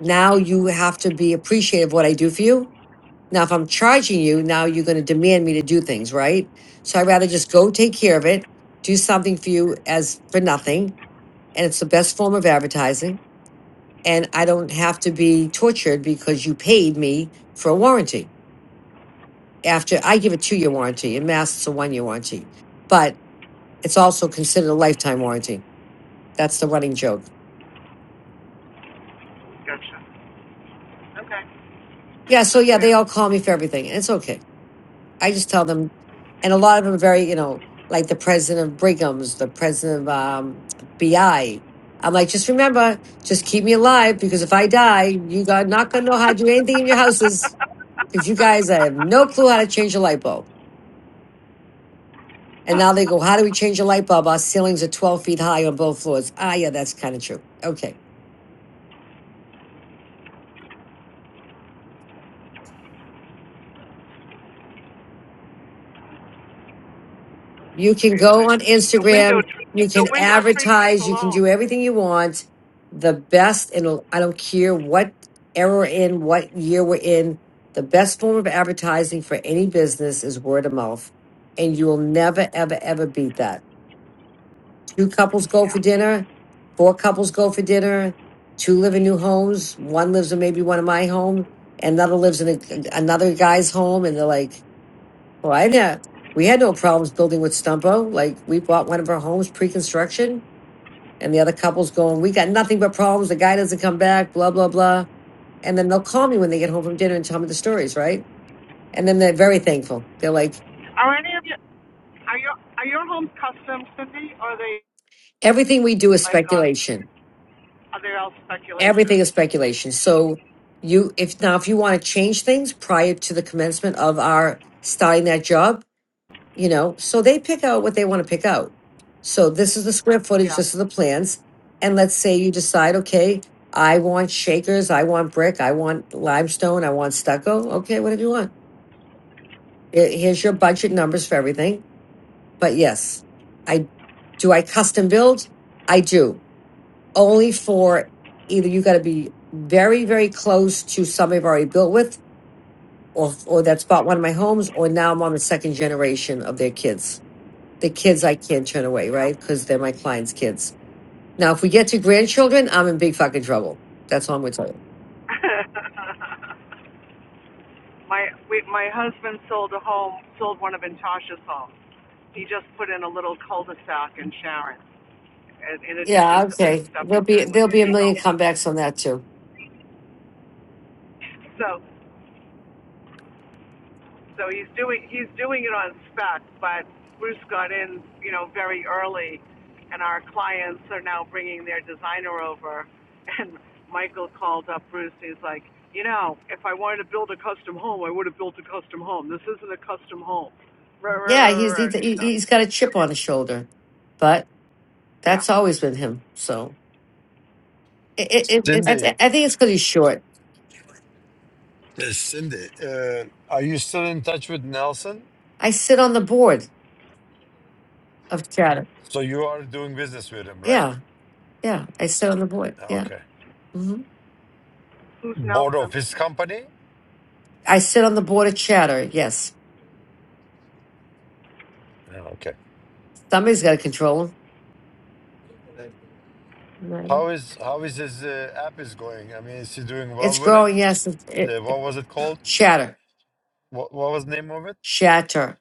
[SPEAKER 19] now you have to be appreciative of what I do for you now, if I'm charging you, now you're going to demand me to do things, right? So I'd rather just go take care of it, do something for you as for nothing. And it's the best form of advertising. And I don't have to be tortured because you paid me for a warranty. After I give a two year warranty, and mass, it's a one year warranty, but it's also considered a lifetime warranty. That's the running joke.
[SPEAKER 2] Yeah. Gotcha. Okay,
[SPEAKER 19] Yeah. So,
[SPEAKER 2] that's
[SPEAKER 19] yeah,
[SPEAKER 2] fair.
[SPEAKER 19] they all call me for everything. and It's okay. I just tell them, and a lot of them are very, you know, like the president of Brigham's, the president of um, BI. I'm like, just remember, just keep me alive because if I die, you are not going to know how to do anything in your
[SPEAKER 2] <laughs> Crazy.
[SPEAKER 19] houses. If you guys I have no clue how to change a light bulb. And now they go, how do we change a light bulb? Our ceilings are 12 feet high on both floors. Ah, yeah, that's kind of true. Okay. You can go on
[SPEAKER 2] The window
[SPEAKER 19] Instagram. You
[SPEAKER 2] the
[SPEAKER 19] can
[SPEAKER 2] window treatments
[SPEAKER 19] advertise. You can do
[SPEAKER 2] alone.
[SPEAKER 19] everything you want. The best, and I don't care what era we're in, what year we're in, the best form of advertising for any business is word of mouth. And you will never, ever, ever beat that. Two couples go for dinner. Four couples go for dinner. Two live in new homes. One lives in maybe one of my home. Another lives in a, another guy's home. And they're like, well, I didn't. We had no problems building with Stumpo. Like we bought one of our homes pre-construction, and the other couple's going, "We got nothing but problems. The guy doesn't come back. Blah blah blah." And then they'll call me when they get home from dinner and tell me the stories, right? And then they're very thankful. They're like,
[SPEAKER 2] Are your are your homes custom, Cindy? Or are they
[SPEAKER 19] "Everything we do is
[SPEAKER 2] like on?
[SPEAKER 19] speculation.
[SPEAKER 2] Are they all speculation?
[SPEAKER 19] Everything is speculation." So you, if now, if you want to change things prior to the commencement of our starting that job, you know so they pick out what they want to pick out so this is the square footage
[SPEAKER 2] Yeah,
[SPEAKER 19] this is the plans and let's say you decide okay i want shakers i want brick i want limestone i want stucco okay whatever you want Here- here's your budget numbers for everything but yes i do i custom build i do only for either you got to be very very close to somebody i've already built with or or that's bought one of my homes or now i'm on the second generation of their kids the kids I can't turn away,
[SPEAKER 2] yeah.
[SPEAKER 19] right? Because they're my clients' kids. Now, if we get to grandchildren, I'm in big fucking trouble. That's all I'm going to tell you.
[SPEAKER 2] <laughs> my we, my husband sold a home, sold one of Natasha's homes. He just put in a little cul-de-sac in Sharon, in, in addition
[SPEAKER 19] Yeah,
[SPEAKER 2] to the
[SPEAKER 19] okay.
[SPEAKER 2] stuff
[SPEAKER 19] There'll
[SPEAKER 2] he's
[SPEAKER 19] be
[SPEAKER 2] doing with
[SPEAKER 19] there'll
[SPEAKER 2] the
[SPEAKER 19] be a million
[SPEAKER 2] Eagle.
[SPEAKER 19] comebacks on that too.
[SPEAKER 2] So So he's doing he's doing it on spec, but Bruce got in, you know, very early, and our clients are now bringing their designer over. <laughs> And Michael called up Bruce. he's like, you know, if I wanted to build a custom home, I would have built a custom home. This isn't a custom home. Right, right,
[SPEAKER 19] Yeah,
[SPEAKER 2] right,
[SPEAKER 19] he's
[SPEAKER 2] right,
[SPEAKER 19] he,
[SPEAKER 2] right. done.
[SPEAKER 19] he's got a
[SPEAKER 2] Yep.
[SPEAKER 19] chip on his shoulder, but
[SPEAKER 2] Yeah.
[SPEAKER 19] that's always been him. So it, it, it, it's- I,
[SPEAKER 16] Cindy.
[SPEAKER 19] th- I think it's because he's short.
[SPEAKER 16] uh, Cindy. Uh, are you still in touch with Nelson?
[SPEAKER 19] I sit on the board of Chatter.
[SPEAKER 16] So you are doing business with him, right?
[SPEAKER 19] Yeah, yeah, I sit on the board. Yeah,
[SPEAKER 16] Okay.
[SPEAKER 19] hmm
[SPEAKER 2] Who's
[SPEAKER 16] Board of
[SPEAKER 2] Nelson?
[SPEAKER 16] his company.
[SPEAKER 19] I sit on the board of Chatter. Yes,
[SPEAKER 16] Ah, Okay.
[SPEAKER 19] somebody's got to control him. Right.
[SPEAKER 16] How is how is his uh, app is going? I mean, is he doing well
[SPEAKER 19] It's
[SPEAKER 16] with it?
[SPEAKER 19] growing. Yes, it,
[SPEAKER 16] The, what was it called?
[SPEAKER 19] Shatter.
[SPEAKER 16] What what was the name of it?
[SPEAKER 19] Shatter.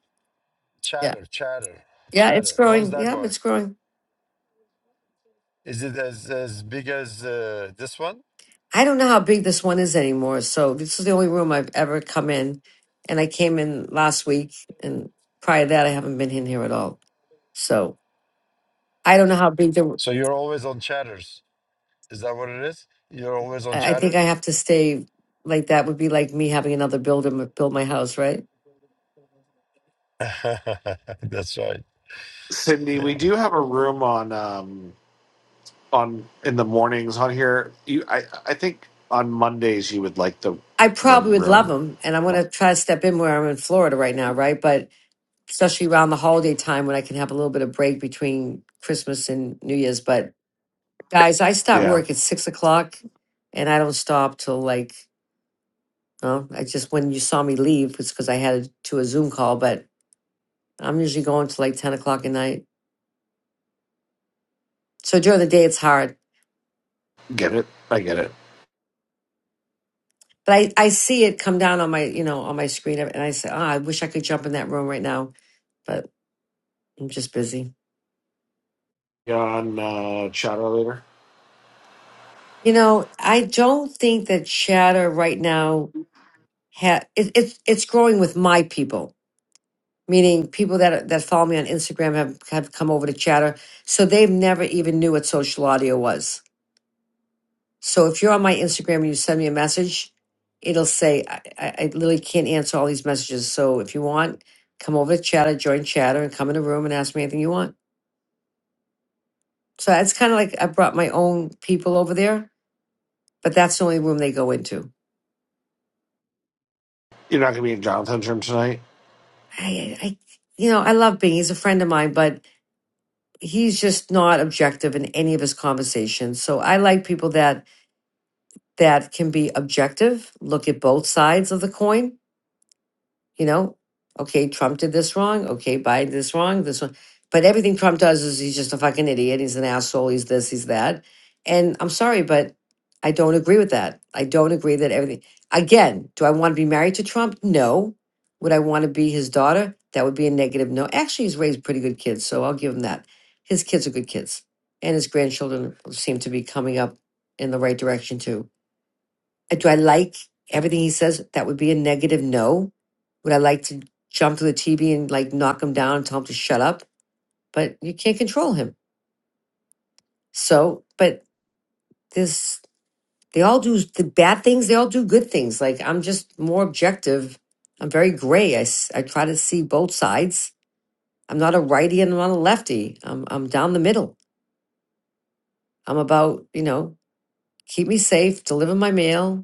[SPEAKER 19] Yeah.
[SPEAKER 16] Chatter, Chatter,
[SPEAKER 19] Yeah, it's
[SPEAKER 16] Chatter. How's
[SPEAKER 19] growing.
[SPEAKER 16] that
[SPEAKER 19] Yep,
[SPEAKER 16] going?
[SPEAKER 19] it's growing.
[SPEAKER 16] Is it as as big as uh, this one?
[SPEAKER 19] I don't know how big this one is anymore. So this is the only room I've ever come in. And I came in last week and prior to that I haven't been in here at all. So I don't know how big the
[SPEAKER 16] So you're always on Chatters. Is that what it is? You're always on
[SPEAKER 19] I I think
[SPEAKER 16] Chatter.
[SPEAKER 19] I have to stay like that would be like me having another builder m- build my house, right?
[SPEAKER 16] <laughs> That's right.
[SPEAKER 7] Cindy,
[SPEAKER 16] Yeah.
[SPEAKER 7] we do have a room on, um, on in the mornings on here. You, I, I think on Mondays you would like the,
[SPEAKER 19] I
[SPEAKER 7] the
[SPEAKER 19] probably would love
[SPEAKER 7] room.
[SPEAKER 19] them, and I want to try to step in where I'm in Florida right now, right? But especially around the holiday time when I can have a little bit of break between Christmas and New Year's. But guys, I start
[SPEAKER 7] Yeah.
[SPEAKER 19] work at six o'clock, and I don't stop till like well, I just when you saw me leave was because I had to a Zoom call, but I'm usually going to like ten o'clock at night. So during the day it's hard,
[SPEAKER 7] Get it.
[SPEAKER 19] but I I see it come down on my you know on my screen, and I say, oh, I wish I could jump in that room right now, but I'm just busy.
[SPEAKER 7] You're on, uh, Chatter later.
[SPEAKER 19] You know, I don't think that chatter right now ha- it, it's it's growing with my people, meaning people that that follow me on Instagram have have come over to chatter, so they've never even knew what social audio was So if you're on my Instagram and you send me a message, it'll say, I, I, I literally can't answer all these messages. So if you want, come over to chatter, join chatter, and come in the room and ask me anything you want. So that's kind of like I brought my own people over there, but that's the only room they go into.
[SPEAKER 7] You're not going to be in Jonathan's room tonight.
[SPEAKER 19] I, I, you know, I love Bing. He's a friend of mine, but he's just not objective in any of his conversations. So I like people that that can be objective, look at both sides of the coin, you know, okay, Trump did this wrong. Okay, Biden did this wrong. This one, but everything Trump does is he's just a fucking idiot. He's an asshole. He's this. He's that. And I'm sorry, but I don't agree with that. I don't agree that everything. Again, do I want to be married to Trump? No. Would I want to be his daughter? That would be a negative no. Actually, he's raised pretty good kids, so I'll give him that. His kids are good kids, and his grandchildren seem to be coming up in the right direction too uh, Do I like everything he says? That would be a negative no. Would I like to jump to the TV and like knock him down and tell him to shut up? But you can't control him. So, but this, they all do the bad things. They all do good things. Like I'm just more objective. I'm very gray. I, s- I try to see both sides. I'm not a righty and I'm not a lefty. I'm, I'm down the middle. I'm about, you know, keep me safe, deliver my mail,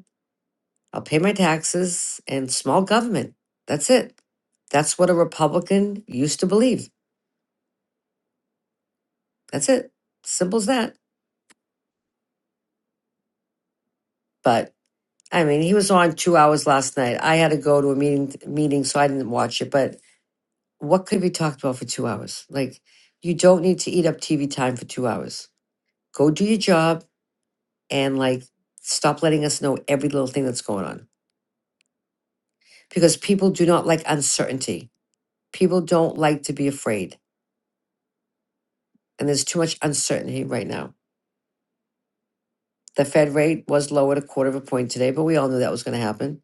[SPEAKER 19] I'll pay my taxes and small government. That's it. That's what a Republican used to believe. That's it. Simple as that. But I mean, he was on two hours last night. I had to go to a meeting, meeting, so I didn't watch it. But what could be talked about for two hours? Like, you don't need to eat up TV time for two hours. Go do your job and like stop letting us know every little thing that's going on because people do not like uncertainty. People don't like to be afraid, and there's too much uncertainty right now The Fed rate was lowered a quarter of a point today, but we all knew that was going to happen.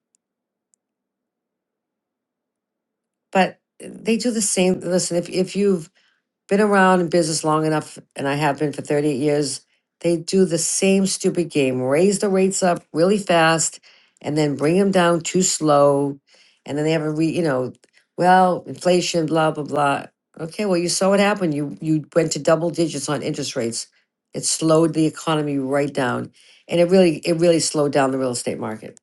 [SPEAKER 19] But they do the same. Listen, if, if you've been around in business long enough, and I have been for 38 years, they do the same stupid game raise the rates up really fast and then bring them down too slow. And then they have a re, you know, well, inflation, blah, blah, blah. Okay, well, you saw what happened. You you went to double digits on interest rates. It slowed the economy right down. And it really, it really slowed down the real estate market.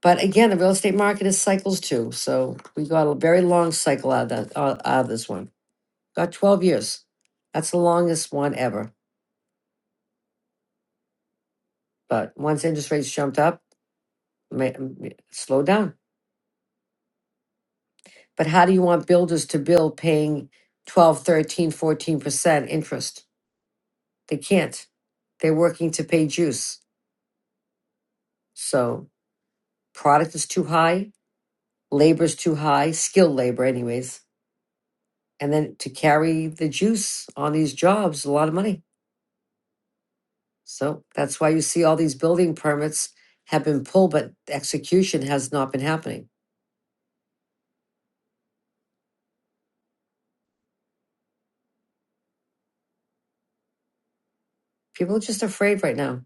[SPEAKER 19] But again, the real estate market is cycles too. So we got a very long cycle out of that, out out of this one. Got 12 years. That's the longest one ever. But once interest rates jumped up, may, slowed down. But how do you want builders to build paying twelve, thirteen, fourteen percent interest? They can't. They're working to pay juice. So product is too high, labor's too high, skilled labor anyways. And then to carry the juice on these jobs, a lot of money. So that's why you see all these building permits have been pulled, but execution has not been happening. People are just afraid right now.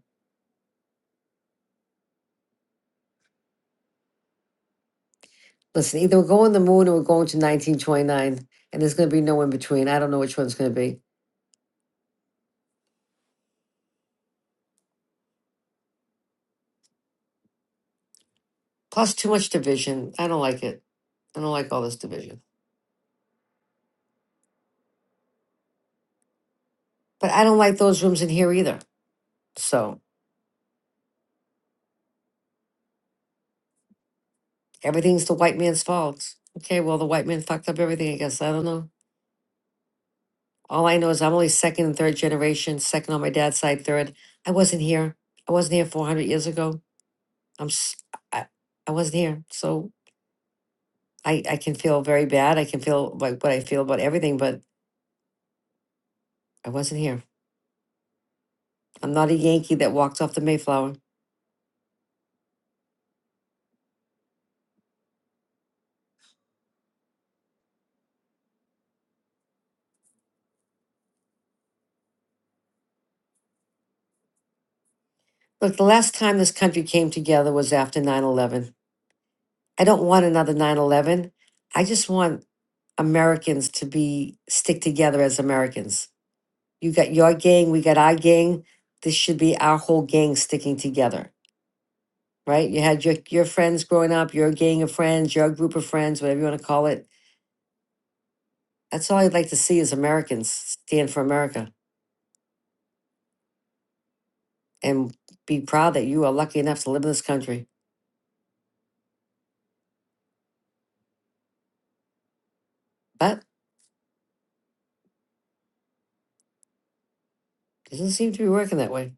[SPEAKER 19] Listen, either we're going to the moon or we're going to 1929, and there's going to be no in between. I don't know which one's going to be. Plus, too much division. I don't like it. I don't like all this division. But I don't like those rooms in here either. So everything's the white man's fault. Okay, well, the white man fucked up everything, I guess. I don't know. All I know is I'm only second and third generation, second on my dad's side, third. I wasn't here. I wasn't here 400 years ago. I'm s- I, I wasn't here, so I I can feel very bad. I can feel like what I feel about everything, but I wasn't here. I'm not a Yankee that walked off the Mayflower. Look, the last time this country came together was after nine eleven. I don't want another nine eleven. I just want Americans to be stick together as Americans. You got your gang, we got our gang. This should be our whole gang sticking together, right? You had your your friends growing up, your gang of friends, your group of friends, whatever you want to call it That's all I'd like to see is Americans stand for America and be proud that you are lucky enough to live in this country. But it doesn't seem to be working that way.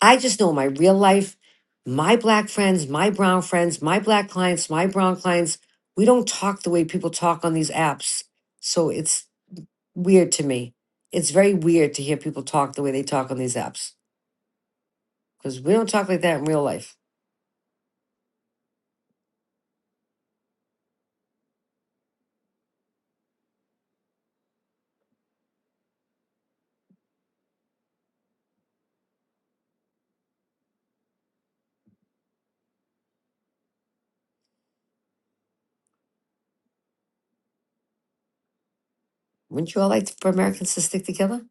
[SPEAKER 19] I just know my real life, my black friends, my brown friends, my black clients, my brown clients, we don't talk the way people talk on these apps. So it's weird to me. It's very weird to hear people talk the way they talk on these apps because we don't talk like that in real life. Wouldn't you all like for Americans to stick together?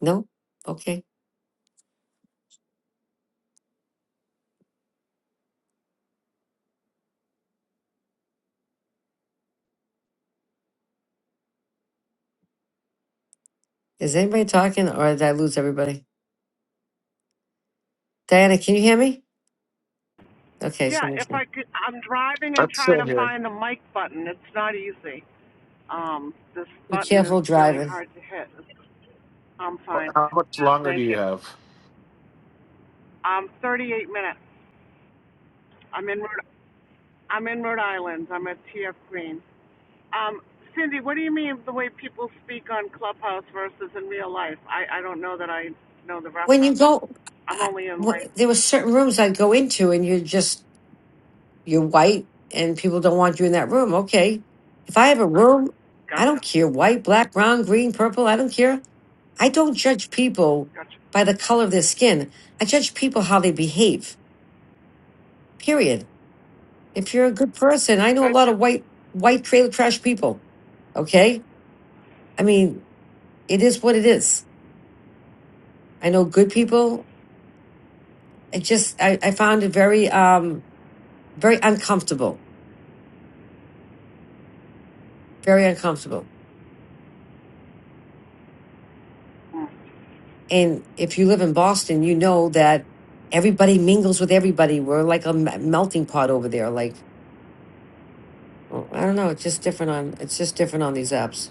[SPEAKER 19] No? Okay. Is anybody talking or did I lose everybody? Diana, can you hear me? Okay, so
[SPEAKER 2] Yeah. If
[SPEAKER 19] much more.
[SPEAKER 2] I could, I'm driving and
[SPEAKER 7] I'm
[SPEAKER 2] trying
[SPEAKER 7] still
[SPEAKER 2] to
[SPEAKER 7] here.
[SPEAKER 2] find the mic button. It's not easy. Um, this
[SPEAKER 19] Be
[SPEAKER 2] button is
[SPEAKER 19] careful
[SPEAKER 2] really
[SPEAKER 19] driving.
[SPEAKER 2] hard to hit. I'm fine.
[SPEAKER 7] How much longer do
[SPEAKER 2] Thank you.
[SPEAKER 7] you have?
[SPEAKER 2] Um, 38 minutes. I'm in Rhode, I'm in Rhode Island. I'm at TF Green. Um, Cindy, what do you mean the way people speak on Clubhouse versus in real life? I, I don't know that I know the
[SPEAKER 19] When you
[SPEAKER 2] reference.
[SPEAKER 19] go,
[SPEAKER 2] I'm
[SPEAKER 19] I,
[SPEAKER 2] only in
[SPEAKER 19] wh-
[SPEAKER 2] like,
[SPEAKER 19] there were certain rooms I'd go into, and you're just you're white, and people don't want you in that room. Okay, if I have a room, I don't
[SPEAKER 2] gotcha,
[SPEAKER 19] care white, black, brown, green, purple. I don't care. I don't judge people
[SPEAKER 2] gotcha,
[SPEAKER 19] by the color of their skin. I judge people how they behave. Period. If you're a good person, I know a lot of
[SPEAKER 2] gotcha.
[SPEAKER 19] white white trailer trash people. Okay, I mean it is what it is. I know good people it just I, I found it very um very uncomfortable very uncomfortable and if you live in boston you know that everybody mingles with everybody we're like a m- melting pot over there like well, i don't know it's just different on it's just different on these apps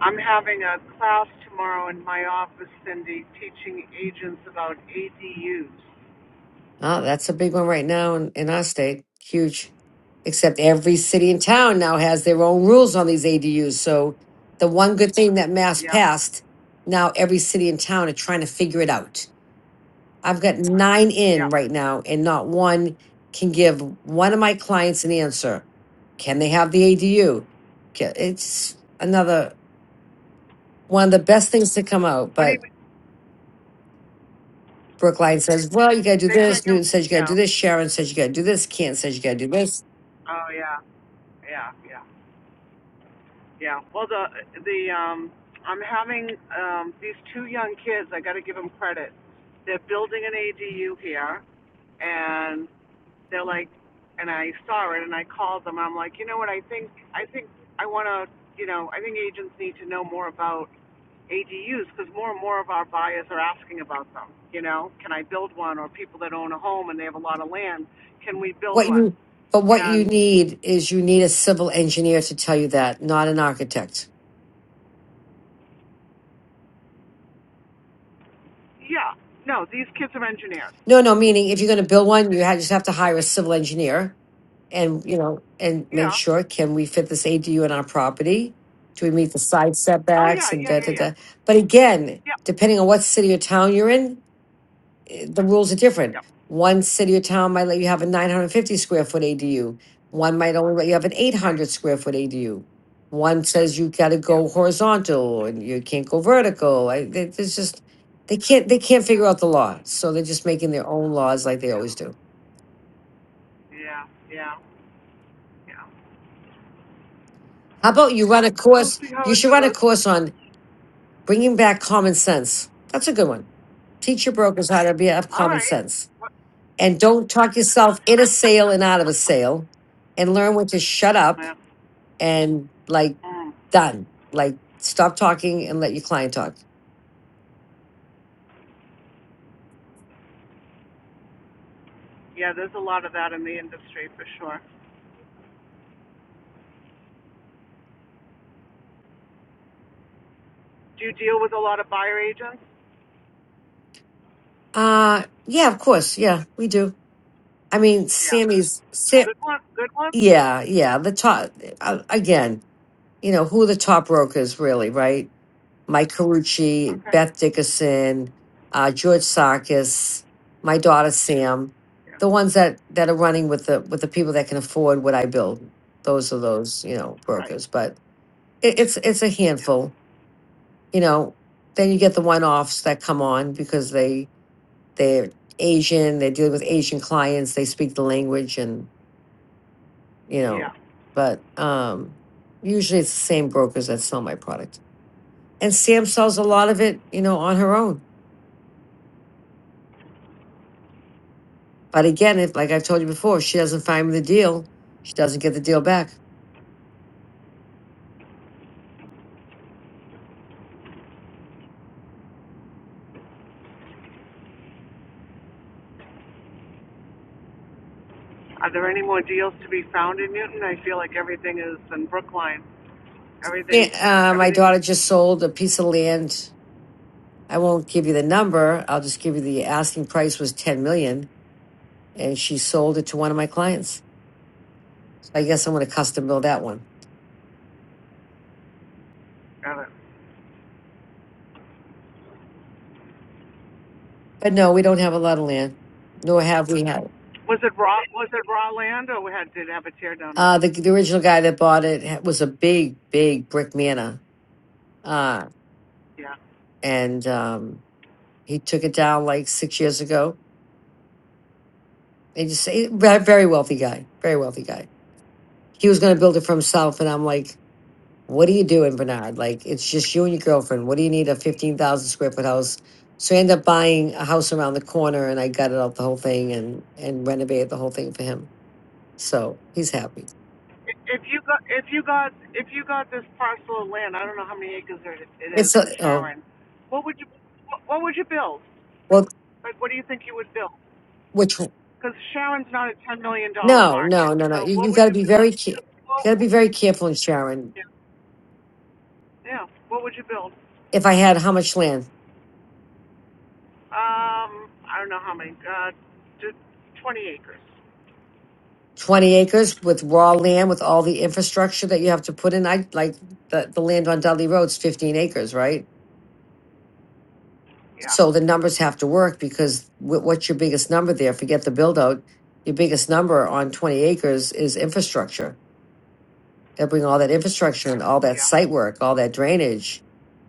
[SPEAKER 2] I'm having a class tomorrow in my office, Cindy, teaching agents about ADUs.
[SPEAKER 19] Ah, that's a big one right now in, in our state huge except every city and town now has their own rules on these adus so the one good thing that mass
[SPEAKER 2] Yeah,
[SPEAKER 19] passed now every city and town are trying to figure it out I've got nine
[SPEAKER 2] yeah.
[SPEAKER 19] in right now, and not one can give one of my clients an answer. Can they have the ADU? Ca- It's another one of the best things to come out.
[SPEAKER 2] What do you
[SPEAKER 19] But
[SPEAKER 2] mean?
[SPEAKER 19] Brookline says, well, you got to do
[SPEAKER 2] They can't
[SPEAKER 19] this. Newton says, you
[SPEAKER 2] give,
[SPEAKER 19] got to
[SPEAKER 2] yeah.
[SPEAKER 19] do this. Sharon says, you got to do this. Kent says, you got to do this.
[SPEAKER 2] Oh, yeah, yeah, yeah. Yeah. Well, the the um, I'm having um, these two young kids. I got to give them credit. They're building an ADU here, and they're like, and I saw it, and I called them. I'm like, you know what? I think I think I want to, you know, I think agents need to know more about ADUs because more and more of our buyers are asking about them. You know, can I build one? Or people that own a home and they have a lot of land, can we build
[SPEAKER 19] What
[SPEAKER 2] one?
[SPEAKER 19] you, but what you
[SPEAKER 2] And
[SPEAKER 19] need is you need a civil engineer to tell you that, not an architect.
[SPEAKER 2] yeah, no, these kids are engineers.
[SPEAKER 19] No, no, meaning if you're going to build one, you ha- just have to
[SPEAKER 2] What do
[SPEAKER 19] hire a
[SPEAKER 2] you
[SPEAKER 19] civil engineer and you know and
[SPEAKER 2] mean?
[SPEAKER 19] make
[SPEAKER 2] Yeah,
[SPEAKER 19] sure can we fit this ADU in our property? Do we meet the side
[SPEAKER 2] Oh yeah,
[SPEAKER 19] setbacks and
[SPEAKER 2] yeah,
[SPEAKER 19] da da
[SPEAKER 2] yeah, yeah.
[SPEAKER 19] da? But again,
[SPEAKER 2] Yep,
[SPEAKER 19] depending on what city or town you're in, eh, the rules are different.
[SPEAKER 2] yep,
[SPEAKER 19] One city or town might let you have a 950 square foot ADU. One might only let you have an
[SPEAKER 2] right.
[SPEAKER 19] 800 square foot ADU. One says you got to
[SPEAKER 2] Yeah,
[SPEAKER 19] go horizontal and you can't go vertical. I, there- there's just they can't they can't figure out the law, so they're just making their own laws like they
[SPEAKER 2] yeah,
[SPEAKER 19] always do.
[SPEAKER 2] yeah, yeah, yeah.
[SPEAKER 19] How about you run a
[SPEAKER 2] We'll
[SPEAKER 19] course?
[SPEAKER 2] see how
[SPEAKER 19] You
[SPEAKER 2] it
[SPEAKER 19] should run a
[SPEAKER 2] goes.
[SPEAKER 19] course on Bringing back common sense. That's a good one. Teach your brokers how to be have
[SPEAKER 2] All
[SPEAKER 19] common
[SPEAKER 2] right.
[SPEAKER 19] sense.
[SPEAKER 2] What-
[SPEAKER 19] And don't talk yourself in a sale and out of a
[SPEAKER 2] <laughs>
[SPEAKER 19] sale. And learn when to shut up
[SPEAKER 2] yeah.
[SPEAKER 19] and like
[SPEAKER 2] Mm.
[SPEAKER 19] done. Like stop talking and let your client talk.
[SPEAKER 2] yeah, there's a lot of that in the industry for sure. Do you deal with a lot of buyer agents?
[SPEAKER 19] Uh yeah, of course. Yeah, we do. I mean,
[SPEAKER 2] Yeah.
[SPEAKER 19] Sammy's Sam,
[SPEAKER 2] Good one. Good one.
[SPEAKER 19] yeah, yeah. The top uh, again, you know, who are the top brokers really, right? Mike Carucci,
[SPEAKER 2] Okay.
[SPEAKER 19] Beth Dickerson, uh, George Sarkis, my daughter Sam,
[SPEAKER 2] Yeah.
[SPEAKER 19] the ones that that are running with the with the people that can afford what I build. Those are those you know
[SPEAKER 2] Right.
[SPEAKER 19] brokers, but it, it's it's a
[SPEAKER 2] Yeah.
[SPEAKER 19] handful. You know, then you get the one offs that come on because they they're Asian, they're dealing with Asian clients, they speak the language, and you
[SPEAKER 2] Yeah.
[SPEAKER 19] know, but um usually it's the same brokers that sell my product. And Sam sells a lot of it, you know, on her own But again, if like I've told you before, she doesn't find me the deal, she doesn't get the deal back.
[SPEAKER 2] Are there any more deals to be found in Newton? I feel like everything is in Brookline. Everything's
[SPEAKER 19] Yeah, uh, my
[SPEAKER 2] everything's
[SPEAKER 19] daughter just sold a piece of land. I won't give you the number. I'll just give you the asking price was ten million, and she sold it to one of my clients. So I guess I'm going to custom build that one.
[SPEAKER 2] got it.
[SPEAKER 19] But no, we don't have a lot of land, nor have we had.
[SPEAKER 2] Was it raw? Was it raw land, or we had did it have a tear down on
[SPEAKER 19] Uh,
[SPEAKER 2] it?
[SPEAKER 19] the, the original guy that bought it ha- was a big, big brick manor, uh,
[SPEAKER 2] Yeah.
[SPEAKER 19] and um, he took it down like six years ago. And just a very very wealthy guy, very wealthy guy he was going to build it for himself. And I'm like, what are you doing, Bernard? Like, it's just you and your girlfriend. What do you need a 15,000 square foot house? So I ended up buying a house around the corner and I gutted out the whole thing and, and renovated the whole thing for him. So he's happy.
[SPEAKER 2] I- If you got if you got if you got this parcel of land, I don't know how many acres it it is
[SPEAKER 19] It's a,
[SPEAKER 2] in
[SPEAKER 19] oh,
[SPEAKER 2] Sharon. What would you what what would you build?
[SPEAKER 19] well,
[SPEAKER 2] Like, what do you think you would build?
[SPEAKER 19] which, one-
[SPEAKER 2] Because Sharon's not a ten million dollar
[SPEAKER 19] no,
[SPEAKER 2] market.
[SPEAKER 19] no, no, no.
[SPEAKER 2] So
[SPEAKER 19] You,
[SPEAKER 2] what
[SPEAKER 19] you
[SPEAKER 2] would
[SPEAKER 19] got to
[SPEAKER 2] you
[SPEAKER 19] be
[SPEAKER 2] build?
[SPEAKER 19] very, ca- you
[SPEAKER 2] Well,
[SPEAKER 19] got to be very careful in Sharon.
[SPEAKER 2] yeah. yeah. What would you build?
[SPEAKER 19] If I had how much land?
[SPEAKER 2] Um, I don't know how many. Uh, t- twenty acres.
[SPEAKER 19] 20 acres with raw land with all the infrastructure that you have to put in. I like the, the land on Dudley Road's 15 acres, right?
[SPEAKER 2] Yeah.
[SPEAKER 19] So the numbers have to work because wh- what's your biggest number there? Forget the build out. Your biggest number on 20 acres is infrastructure. They bring all that infrastructure and all that
[SPEAKER 2] Yeah.
[SPEAKER 19] site work, all that drainage.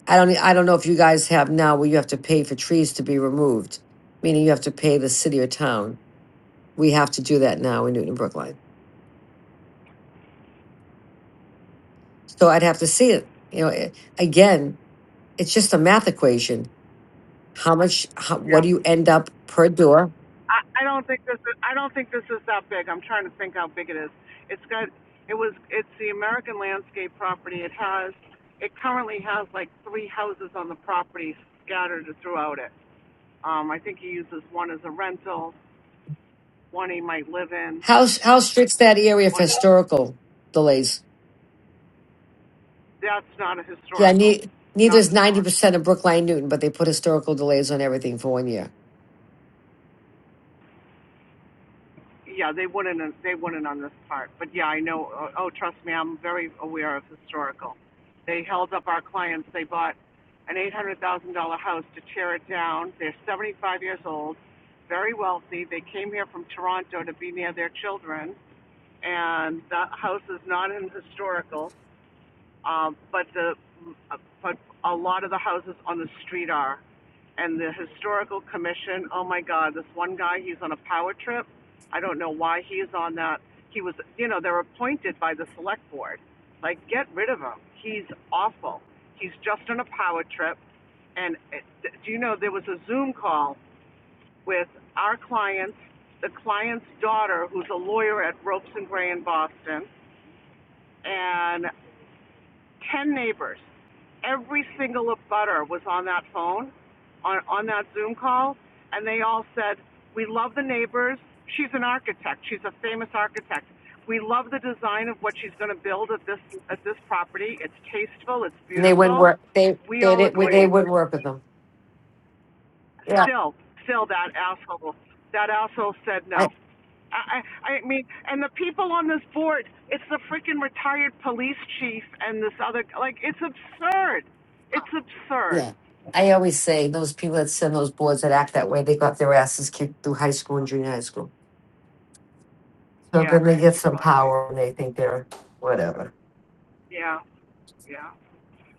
[SPEAKER 19] I don't, e, I don't know if you guys have now where you have to pay for trees to be removed, meaning you have to pay the city or town. We have to do that now in Newton, and Brookline. So I'd have to see it. You know, eh, again, it's just a math equation How much, how,
[SPEAKER 2] Yeah.
[SPEAKER 19] what do you end up per door?
[SPEAKER 2] I, I don't think this is, I don't think this is that big. I'm trying to think how big it is. It's got it was it's the American landscape property. It has it currently has like three houses on the property scattered throughout it. Um, I think he uses one as a rental, one he might live in,
[SPEAKER 19] How, s- how strict's that area for
[SPEAKER 2] one
[SPEAKER 19] historical delays?
[SPEAKER 2] that's not a
[SPEAKER 19] Yeah,
[SPEAKER 2] historical,
[SPEAKER 19] ne- neither
[SPEAKER 2] not
[SPEAKER 19] is
[SPEAKER 2] historical.
[SPEAKER 19] 90% of Brookline Newton, but they put historical delays on everything for one year.
[SPEAKER 2] yeah, they wouldn't, they wouldn't on this part, but yeah, I know, oh, oh, trust me, I'm very aware of historical. They held up our clients, they bought an eight hundred thousand dollar house to tear it down, they're seventy-five years old, very wealthy, they came here from Toronto to be near their children, and the house is not in historical, um, but the, uh, but a lot of the houses on the street are, and the historical commission. Oh my God, this one guy, he's on a power trip. I don't know why he's on that. He was, you know, they're appointed by the select board. Like, get rid of him. He's awful. He's just on a power trip. And uh, do you know there was a Zoom call with our clients, the client's daughter, who's a lawyer at Ropes and Gray in Boston, and 10 neighbors. Every single abutter was on that phone, on, on that Zoom call, and they all said, We love the neighbors. She's an architect. She's a famous architect. We love the design of what she's going to build at this, at this property. It's tasteful, it's
[SPEAKER 19] And they wouldn't
[SPEAKER 2] beautiful.
[SPEAKER 19] work, they,
[SPEAKER 2] We
[SPEAKER 19] they,
[SPEAKER 2] all
[SPEAKER 19] didn't, they
[SPEAKER 2] agree.
[SPEAKER 19] wouldn't work with them. Yeah,
[SPEAKER 2] Still, still that asshole, that asshole said
[SPEAKER 19] I,
[SPEAKER 2] no. I, I mean, and the people on this board, it's the freaking retired police chief and this other, like, it's absurd. It's absurd.
[SPEAKER 19] yeah. I always say those people that send those boards that act that way, they got their asses kicked through high school and junior high school. So
[SPEAKER 2] Yeah,
[SPEAKER 19] then they get
[SPEAKER 2] you're
[SPEAKER 19] some
[SPEAKER 2] probably right.
[SPEAKER 19] power and they think they're whatever.
[SPEAKER 2] Yeah, yeah.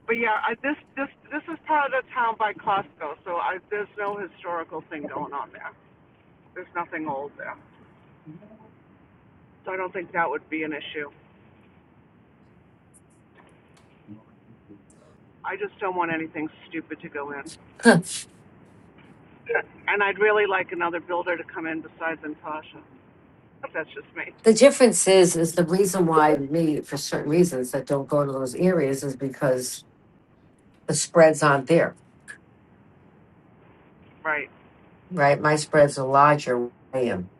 [SPEAKER 2] But yeah, I, this this this is part of the town by Costco, so I, there's no historical thing going on there. There's nothing old there, so I don't think that would be an issue. I just don't want anything stupid to go in,
[SPEAKER 19] <laughs> the
[SPEAKER 2] <laughs> and I'd really like another builder to come in besides Natasha. But that's just me,
[SPEAKER 19] difference is, is the reason why me, for certain reasons that don't go to those areas is because the spreads aren't there,
[SPEAKER 2] right?
[SPEAKER 19] right? My spreads are larger. where I am.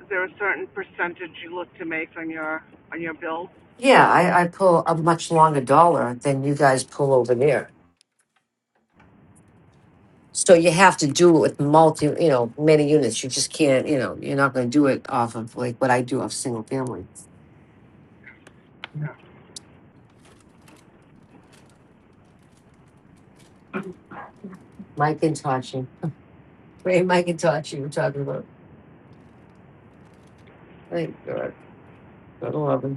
[SPEAKER 2] Is there a certain percentage you look to make on your on your bills?
[SPEAKER 19] Yeah, I, I pull a much longer dollar than you guys pull over there. So you have to do it with multi, you know, many units. You just can't, you know, you're not going to do it off of like what I do off single family.
[SPEAKER 2] Yeah.
[SPEAKER 19] Mike and Tachi, Ray Mike and Tachi, we're talking about. Thank God. God love him.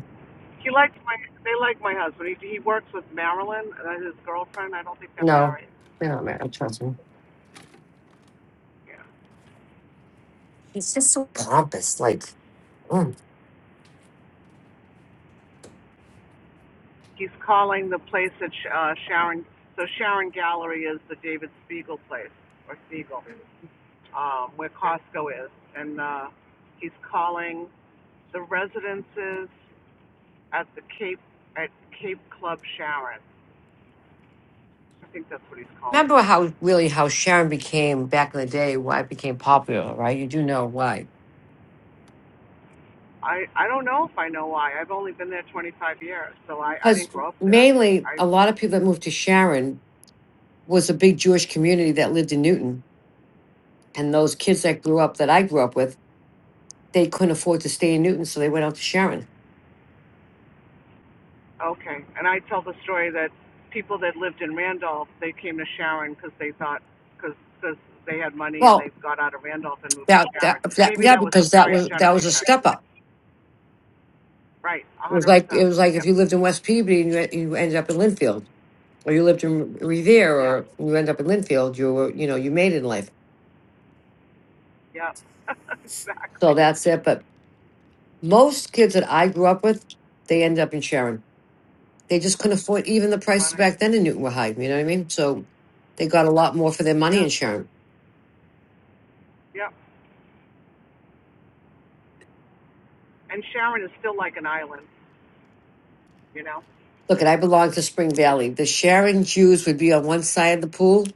[SPEAKER 2] He likes my. They like my husband. He he works with Marilyn, uh, his girlfriend. I don't think they're
[SPEAKER 19] No,
[SPEAKER 2] married.
[SPEAKER 19] they're not married. Trust me.
[SPEAKER 2] Yeah.
[SPEAKER 19] He's just so pompous. Like, mm.
[SPEAKER 2] He's calling the place at uh, Sharon. So Sharon Gallery is the David Spiegel place or Spiegel, um, where Costco is, and uh, he's calling the residences at the Cape at Cape Club Sharon. I think that's what he's calling them.
[SPEAKER 19] remember how really how Sharon became back in the day? Why it became popular, right? You do know why?
[SPEAKER 2] I I don't know if I know why. I've only been there 25 years, so I I
[SPEAKER 19] Because
[SPEAKER 2] didn't grow up there.
[SPEAKER 19] mainly
[SPEAKER 2] I
[SPEAKER 19] a lot of people that moved to Sharon was a big Jewish community that lived in Newton, and those kids that grew up that I grew up with, they couldn't afford to stay in Newton, so they went out to Sharon.
[SPEAKER 2] okay, and I tell the story that people that lived in Randolph they came to Sharon because they thought because because they had money and
[SPEAKER 19] Well,
[SPEAKER 2] they got out of Randolph and moved to
[SPEAKER 19] that that,
[SPEAKER 2] Sharon.
[SPEAKER 19] that
[SPEAKER 2] Maybe
[SPEAKER 19] yeah,
[SPEAKER 2] that was the
[SPEAKER 19] because that
[SPEAKER 2] prior
[SPEAKER 19] was that was a
[SPEAKER 2] generation,
[SPEAKER 19] step up.
[SPEAKER 2] right?
[SPEAKER 19] It was
[SPEAKER 2] 100
[SPEAKER 19] like
[SPEAKER 2] percent.
[SPEAKER 19] it was like if
[SPEAKER 2] Yep.
[SPEAKER 19] you lived in West Peabody and you, you ended up in Linfield or you lived in Revere
[SPEAKER 2] Yeah.
[SPEAKER 19] or you end up in Linfield, you were, you know, you made it in life.
[SPEAKER 2] Yep. <laughs>
[SPEAKER 19] So
[SPEAKER 2] exactly.
[SPEAKER 19] that's it. But most kids that I grew up with, they ended up in Sharon. They just couldn't afford even the prices
[SPEAKER 2] Funny.
[SPEAKER 19] back then in Newton were high. You know what I mean? So they got a lot more for their money
[SPEAKER 2] Yeah.
[SPEAKER 19] in Sharon.
[SPEAKER 2] Yep. And Sharon is still like an island, you know.
[SPEAKER 19] Look, and I belong to Spring
[SPEAKER 2] It's
[SPEAKER 19] Valley. The Sharon Jews would be on one side of the pool,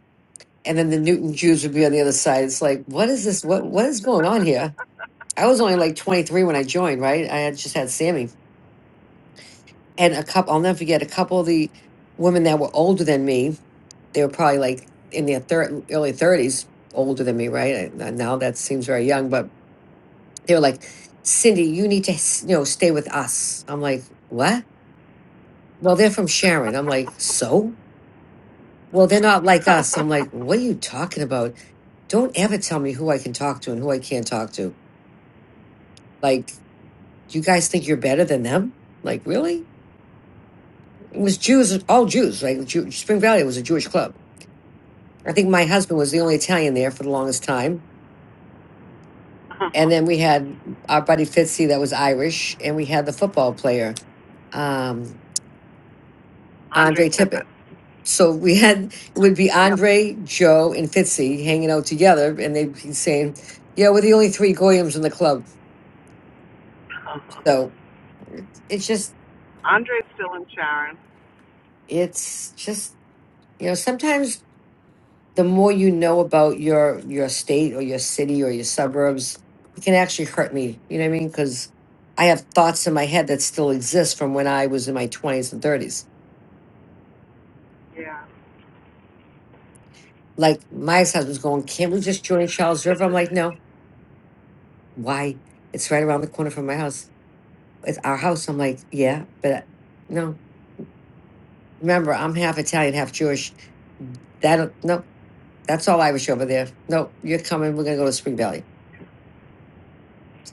[SPEAKER 19] and then the Newton Jews would be on the other side. It's like, what is this? What what is going on here? I was only like 23 when I joined, right? I had just had Sammy and a couple i'll never forget a couple of the women that were older than me they were probably like in their thir- early 30s older than me right And- now that seems very young but they were like cindy you need to s- you know stay with us i'm like what well they're from sharon i'm like so well they're not like us i'm like what are you talking about don't ever tell me who i can talk to and who i can't talk to like you guys think you're better than them like really it was jews all jews like Jew- spring valley was a jewish club I think my husband was the only Italian there for the longest time. And
[SPEAKER 2] <laughs>
[SPEAKER 19] then we had our buddy Fitzy that was Irish, and we had the football player, um,
[SPEAKER 2] Andre
[SPEAKER 19] Andre
[SPEAKER 2] Tippett.
[SPEAKER 19] Tippett. So we had it would be
[SPEAKER 2] Yep.
[SPEAKER 19] Andre, Joe, and Fitzy hanging out together, and they'd be saying, "Yeah, we're the only three Goyams in the club." So it's just,
[SPEAKER 2] Andre's still in Sharon.
[SPEAKER 19] it's just, you know, sometimes the more you know about your your state or your city or your suburbs, it can actually hurt me. You know what I mean? Because I have thoughts in my head that still exist from when I was in my twenties and thirties.
[SPEAKER 2] Yeah,
[SPEAKER 19] Like my ex-husband's going, "Can't we just join Charles River?" I'm like, "No, why? It's right around the corner from my house. It's our house." I'm like, "Yeah, but uh, no." Remember, I'm half Italian, half Jewish. That uh, no, that's all Irish over there. No, you're coming. We're gonna go to Spring Valley.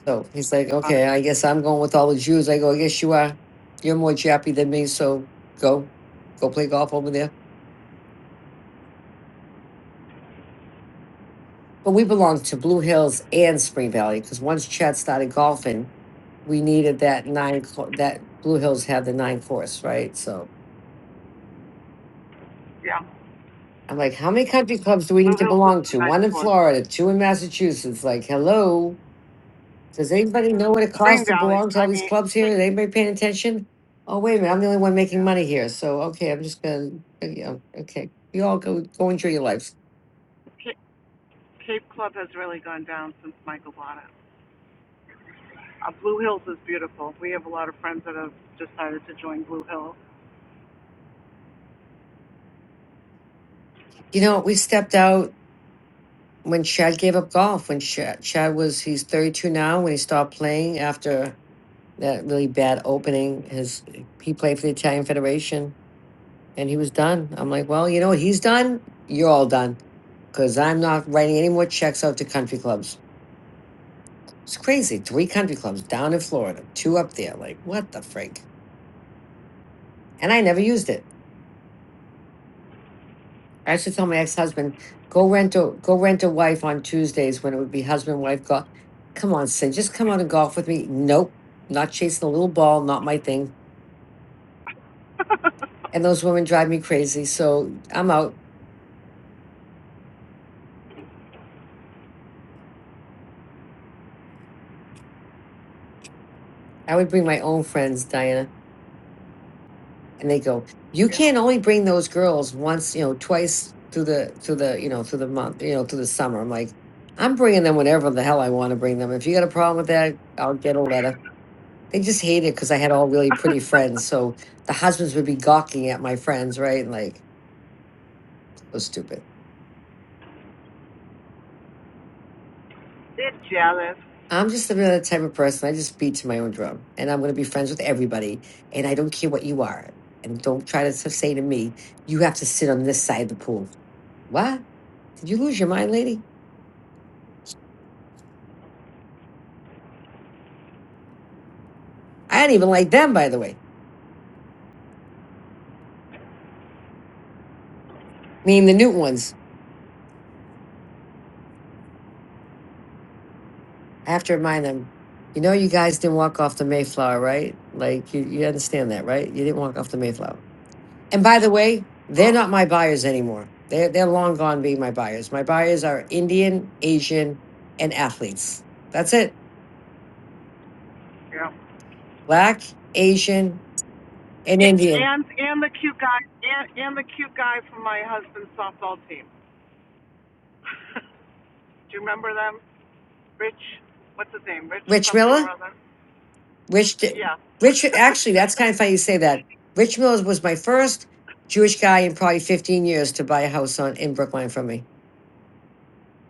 [SPEAKER 19] So he's like,
[SPEAKER 2] funny.
[SPEAKER 19] okay, I guess I'm going with all the Jews. I go, I guess you are. You're more jappy than me, so go, go play golf over there. But we belong to Blue Hills and Spring Valley because once Chad started golfing, we needed that nine. co- That Blue Hills had the nine course, right? So
[SPEAKER 2] Yeah,
[SPEAKER 19] I'm like, how many country clubs do we
[SPEAKER 2] Blue
[SPEAKER 19] need to
[SPEAKER 2] Hills is
[SPEAKER 19] belong to?
[SPEAKER 2] a
[SPEAKER 19] One
[SPEAKER 2] nice
[SPEAKER 19] in
[SPEAKER 2] one.
[SPEAKER 19] Florida, two in Massachusetts. Like, hello. Does anybody know what it
[SPEAKER 2] Spring
[SPEAKER 19] costs to
[SPEAKER 2] Valley.
[SPEAKER 19] belong to all
[SPEAKER 2] I
[SPEAKER 19] these
[SPEAKER 2] mean,
[SPEAKER 19] clubs here?
[SPEAKER 2] Cape,
[SPEAKER 19] Is anybody paying attention? Oh, wait a minute, I'm the only one making
[SPEAKER 2] yeah.
[SPEAKER 19] money here. So, okay, I'm just gonna, uh, yeah, okay. You all go, go enjoy your lives.
[SPEAKER 2] Cape, Cape Club has really gone down since Michael bought it. Uh, Blue Hills is beautiful. We have a lot of friends that have decided to join Blue Hills.
[SPEAKER 19] You know, we stepped out when Chad gave up golf, when Chad, Chad was, he's 32 now, when he stopped playing after that really bad opening, his, he played for the Italian Federation and he was done. I'm like, well, you know what he's done? You're all done. Cause I'm not writing any more checks out to country clubs. It's crazy. Three country clubs down in Florida, two up there. Like, what the frig? And I never used it. I used to tell my ex husband, go rent a go rent a wife on Tuesdays when it would be husband wife golf. Come on, Sin, just come out and golf with me. Nope, not chasing a little ball, not my thing. And those women drive me crazy, so I'm out. I would bring my own friends, Diana. and they go you can only bring those girls once you know twice through the through the you know through the month you know through the summer i'm like i'm bringing them whenever the hell i want to bring them if you got a problem with that i'll get a letter they just hate it because i had all really pretty friends so the husbands would be gawking at my friends right and like so stupid
[SPEAKER 2] They're jealous.
[SPEAKER 19] i'm just another type of person i just beat to my own drum and i'm going to be friends with everybody and i don't care what you are and don't try to s- say to me you have to sit on this side of the pool what did you lose your mind lady I do not even like them, by the way. I mean, the new ones. I have to remind them, you know, you guys didn't walk off the Mayflower, right? Like, you, you understand that, right? You didn't walk off the Mayflower. And by the way, they're not my buyers anymore. They're, they're long gone being my buyers. My buyers are Indian, Asian, and athletes. That's it.
[SPEAKER 2] Yeah.
[SPEAKER 19] Black, Asian, and
[SPEAKER 2] Yeah,
[SPEAKER 19] Indian.
[SPEAKER 2] And and the cute guy and and the cute guy from my husband's softball team. <laughs> Do you remember them? Rich, what's his name? Rich
[SPEAKER 19] Rich
[SPEAKER 2] something or
[SPEAKER 19] Miller,
[SPEAKER 2] other.
[SPEAKER 19] Rich, di- Rich,
[SPEAKER 2] Yeah. <laughs>
[SPEAKER 19] actually, that's kind of funny you say that. Rich Miller was my first Jewish guy in probably 15 years to buy a house on in Brookline from me.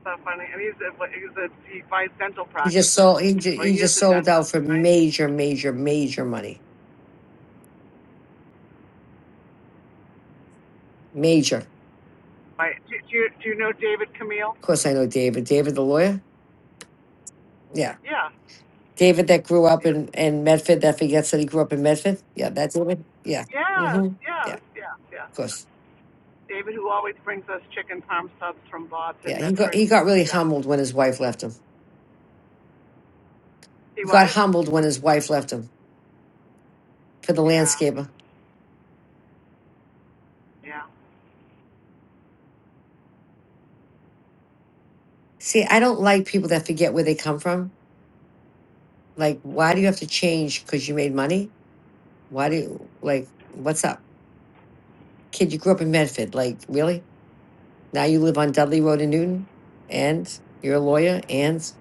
[SPEAKER 2] so funny. And he's a, he's a, he buys dental
[SPEAKER 19] He just
[SPEAKER 2] practices,
[SPEAKER 19] sold. He just,
[SPEAKER 2] or he
[SPEAKER 19] he
[SPEAKER 2] is
[SPEAKER 19] just
[SPEAKER 2] a
[SPEAKER 19] sold out
[SPEAKER 2] dentist,
[SPEAKER 19] for
[SPEAKER 2] right?
[SPEAKER 19] major, major, major money. Major. Of
[SPEAKER 2] By, do, do, you, do you know David Camille?
[SPEAKER 19] course, I know David. David, the lawyer. Yeah,
[SPEAKER 2] Yeah,
[SPEAKER 19] David that grew up
[SPEAKER 2] yeah.
[SPEAKER 19] in in Medford. That forgets that he grew up in Medford. Yeah, that's David. Yeah.
[SPEAKER 2] Yes,
[SPEAKER 19] Mm-hmm. Yeah.
[SPEAKER 2] yes,
[SPEAKER 19] Of
[SPEAKER 2] yes, yes, yes.
[SPEAKER 19] course.
[SPEAKER 2] David, who always brings us chicken parm subs from Bob's in
[SPEAKER 19] Yeah. He got
[SPEAKER 2] Medford.
[SPEAKER 19] he got really
[SPEAKER 2] Yeah.
[SPEAKER 19] humbled when his wife left him.
[SPEAKER 2] He
[SPEAKER 19] He got
[SPEAKER 2] what?
[SPEAKER 19] humbled when his wife left him for the
[SPEAKER 2] Yeah,
[SPEAKER 19] landscaper.
[SPEAKER 2] yeah.
[SPEAKER 19] See, I don't like people that forget where they come from. Like, why do you have to change because you made money? Why do you like? What's up, kid? You grew up in Medford. Like, really? Now you live on Dudley Road in Newton, and you're a lawyer, and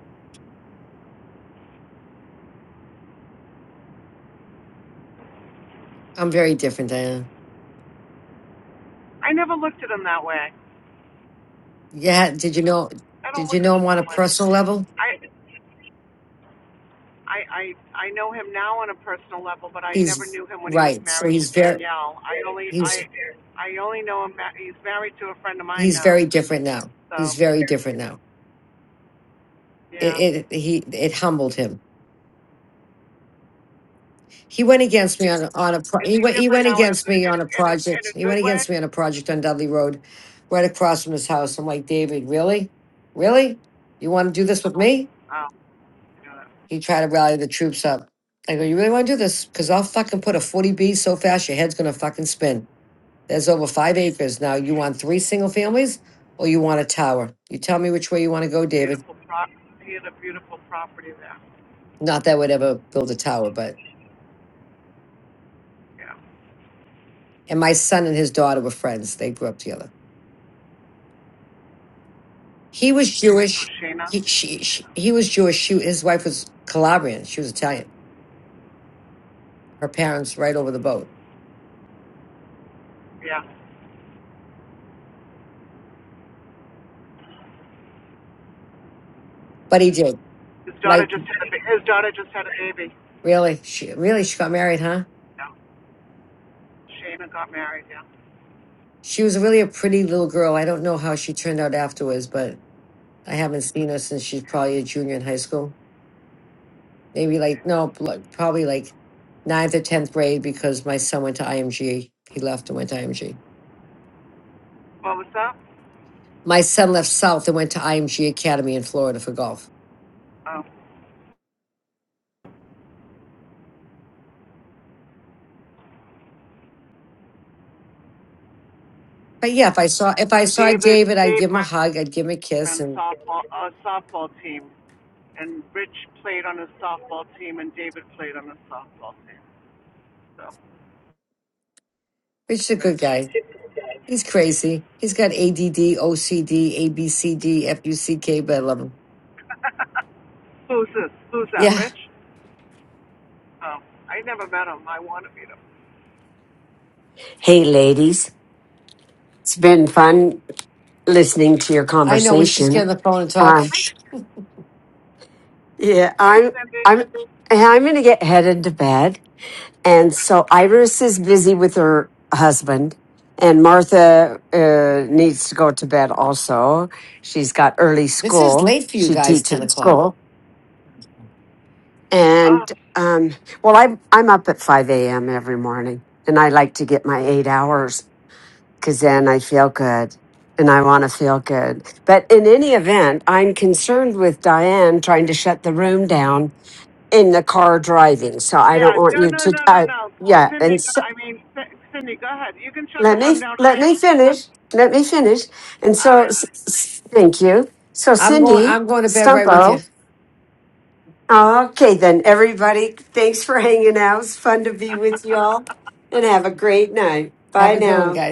[SPEAKER 19] I'm very different, Diana.
[SPEAKER 2] I never looked at him that way.
[SPEAKER 19] Yeah, did you know?
[SPEAKER 2] I don't
[SPEAKER 19] Did
[SPEAKER 2] look
[SPEAKER 19] you
[SPEAKER 2] at
[SPEAKER 19] know
[SPEAKER 2] him
[SPEAKER 19] him on
[SPEAKER 2] that
[SPEAKER 19] a
[SPEAKER 2] way.
[SPEAKER 19] personal level?
[SPEAKER 2] I, I, I, I know him now on a personal level, but I never
[SPEAKER 19] He's
[SPEAKER 2] knew him when he was
[SPEAKER 19] right. So
[SPEAKER 2] married to
[SPEAKER 19] he's very
[SPEAKER 2] Danielle. I only, I,
[SPEAKER 19] he's
[SPEAKER 2] I only know him. He's married to a friend of mine
[SPEAKER 19] he's
[SPEAKER 2] now.
[SPEAKER 19] very different now. He's
[SPEAKER 2] So
[SPEAKER 19] very different now.
[SPEAKER 2] yeah,
[SPEAKER 19] It it he it humbled him. He went against me on a, on a pro-
[SPEAKER 2] is
[SPEAKER 19] he
[SPEAKER 2] he
[SPEAKER 19] went he
[SPEAKER 2] different
[SPEAKER 19] went
[SPEAKER 2] now in a
[SPEAKER 19] against
[SPEAKER 2] good
[SPEAKER 19] me
[SPEAKER 2] in,
[SPEAKER 19] on
[SPEAKER 2] a,
[SPEAKER 19] a
[SPEAKER 2] in, a, in
[SPEAKER 19] project.
[SPEAKER 2] a
[SPEAKER 19] He
[SPEAKER 2] good
[SPEAKER 19] went
[SPEAKER 2] way?
[SPEAKER 19] against me on a project on Dudley Road, right across from his house. I'm like, David, really, really, you want to do this with me?
[SPEAKER 2] Oh, yeah.
[SPEAKER 19] He tried to rally the troops up. I go, you really want to do this? Because I'll fucking put a 40B so fast your head's going to fucking spin. There's over five acres now. You want three single families or you want a tower? You tell me which way you want to go, David.
[SPEAKER 2] beautiful prop. He had a beautiful property there.
[SPEAKER 19] Not that I would ever build a tower, but.
[SPEAKER 2] Yeah,
[SPEAKER 19] And my son and his daughter were friends. They grew up together. He was
[SPEAKER 2] oh,
[SPEAKER 19] Jewish.
[SPEAKER 2] Shayna.
[SPEAKER 19] He, she, she,
[SPEAKER 2] Shayna.
[SPEAKER 19] he was Jewish. She, his wife was Calabrian. She was Italian. Her parents right over the boat.
[SPEAKER 2] Yeah,
[SPEAKER 19] But he did.
[SPEAKER 2] his daughter
[SPEAKER 19] Like,
[SPEAKER 2] just had a ba- his daughter just had a baby.
[SPEAKER 19] really? She, really? She got married, huh?
[SPEAKER 2] Yeah, Shayna got married. Yeah.
[SPEAKER 19] She was really a pretty little girl. I don't know how she turned out afterwards, but I haven't seen her since she's probably a junior in high school. Maybe like, no, pl- probably like ninth or 10th grade because my son went to IMG. He left and went to IMG.
[SPEAKER 2] What was that?
[SPEAKER 19] My son left South and went to IMG Academy in Florida for golf.
[SPEAKER 2] Oh,
[SPEAKER 19] But yeah, if I saw if I saw
[SPEAKER 2] David
[SPEAKER 19] David, I'd
[SPEAKER 2] Dave
[SPEAKER 19] give him a hug, I'd give him a kiss,
[SPEAKER 2] Meisterman
[SPEAKER 19] and
[SPEAKER 2] softball uh, softball team, and Rich played on his softball team, and David played on his softball team. So
[SPEAKER 19] Richard's a
[SPEAKER 2] Rich.
[SPEAKER 19] good guy. He's crazy. He's got ADD, OCD, ABCD, FUCK, but I love him.
[SPEAKER 2] <laughs> Who's this? Who's that?
[SPEAKER 19] Yeah,
[SPEAKER 2] Rich? Oh, I never met him. I want to meet him.
[SPEAKER 13] hey ladies it's been fun listening to your
[SPEAKER 19] I know. We should just get on
[SPEAKER 13] conversation
[SPEAKER 19] the phone and talk.
[SPEAKER 13] um,
[SPEAKER 2] Hi,
[SPEAKER 13] yeah
[SPEAKER 2] hi,
[SPEAKER 13] i'm
[SPEAKER 2] Cindy.
[SPEAKER 13] i'm i'm gonna get headed to bed and so iris is busy with her husband and martha uh, needs to go to bed also she's got early
[SPEAKER 19] This is
[SPEAKER 13] school
[SPEAKER 19] late for you
[SPEAKER 13] she
[SPEAKER 19] guys,
[SPEAKER 13] teaches
[SPEAKER 19] 10 o'clock.
[SPEAKER 13] school
[SPEAKER 2] Oh,
[SPEAKER 13] And um, well, I'm I'm up at five a.m. every morning, and I like to get my eight hours because then I feel good, and I want to feel good. But in any event, I'm concerned with Diane trying to shut the room down in the car driving. So I don't
[SPEAKER 2] yeah.
[SPEAKER 13] want
[SPEAKER 2] No,
[SPEAKER 13] you
[SPEAKER 2] no,
[SPEAKER 13] to,
[SPEAKER 2] no, no,
[SPEAKER 13] uh,
[SPEAKER 2] no.
[SPEAKER 13] yeah.
[SPEAKER 2] Cindy,
[SPEAKER 13] And
[SPEAKER 2] go-
[SPEAKER 13] so,
[SPEAKER 2] I mean, C- Cindy, go ahead. You can shut the
[SPEAKER 13] let
[SPEAKER 2] room
[SPEAKER 13] me
[SPEAKER 2] down.
[SPEAKER 13] let
[SPEAKER 2] I,
[SPEAKER 13] me
[SPEAKER 2] I
[SPEAKER 13] finish. Let me finish. And
[SPEAKER 2] all
[SPEAKER 13] so,
[SPEAKER 2] right,
[SPEAKER 13] s- s- thank you. So
[SPEAKER 19] I'm going
[SPEAKER 13] Cindy
[SPEAKER 19] I'm going to bed right with
[SPEAKER 13] Stumpo.
[SPEAKER 19] you.
[SPEAKER 13] Okay, then, everybody, thanks for hanging out. It's fun to be with
[SPEAKER 2] honey.
[SPEAKER 13] y'all
[SPEAKER 2] <laughs>
[SPEAKER 13] and have a great night. Bye
[SPEAKER 19] Have a good one,
[SPEAKER 13] now.
[SPEAKER 19] guys.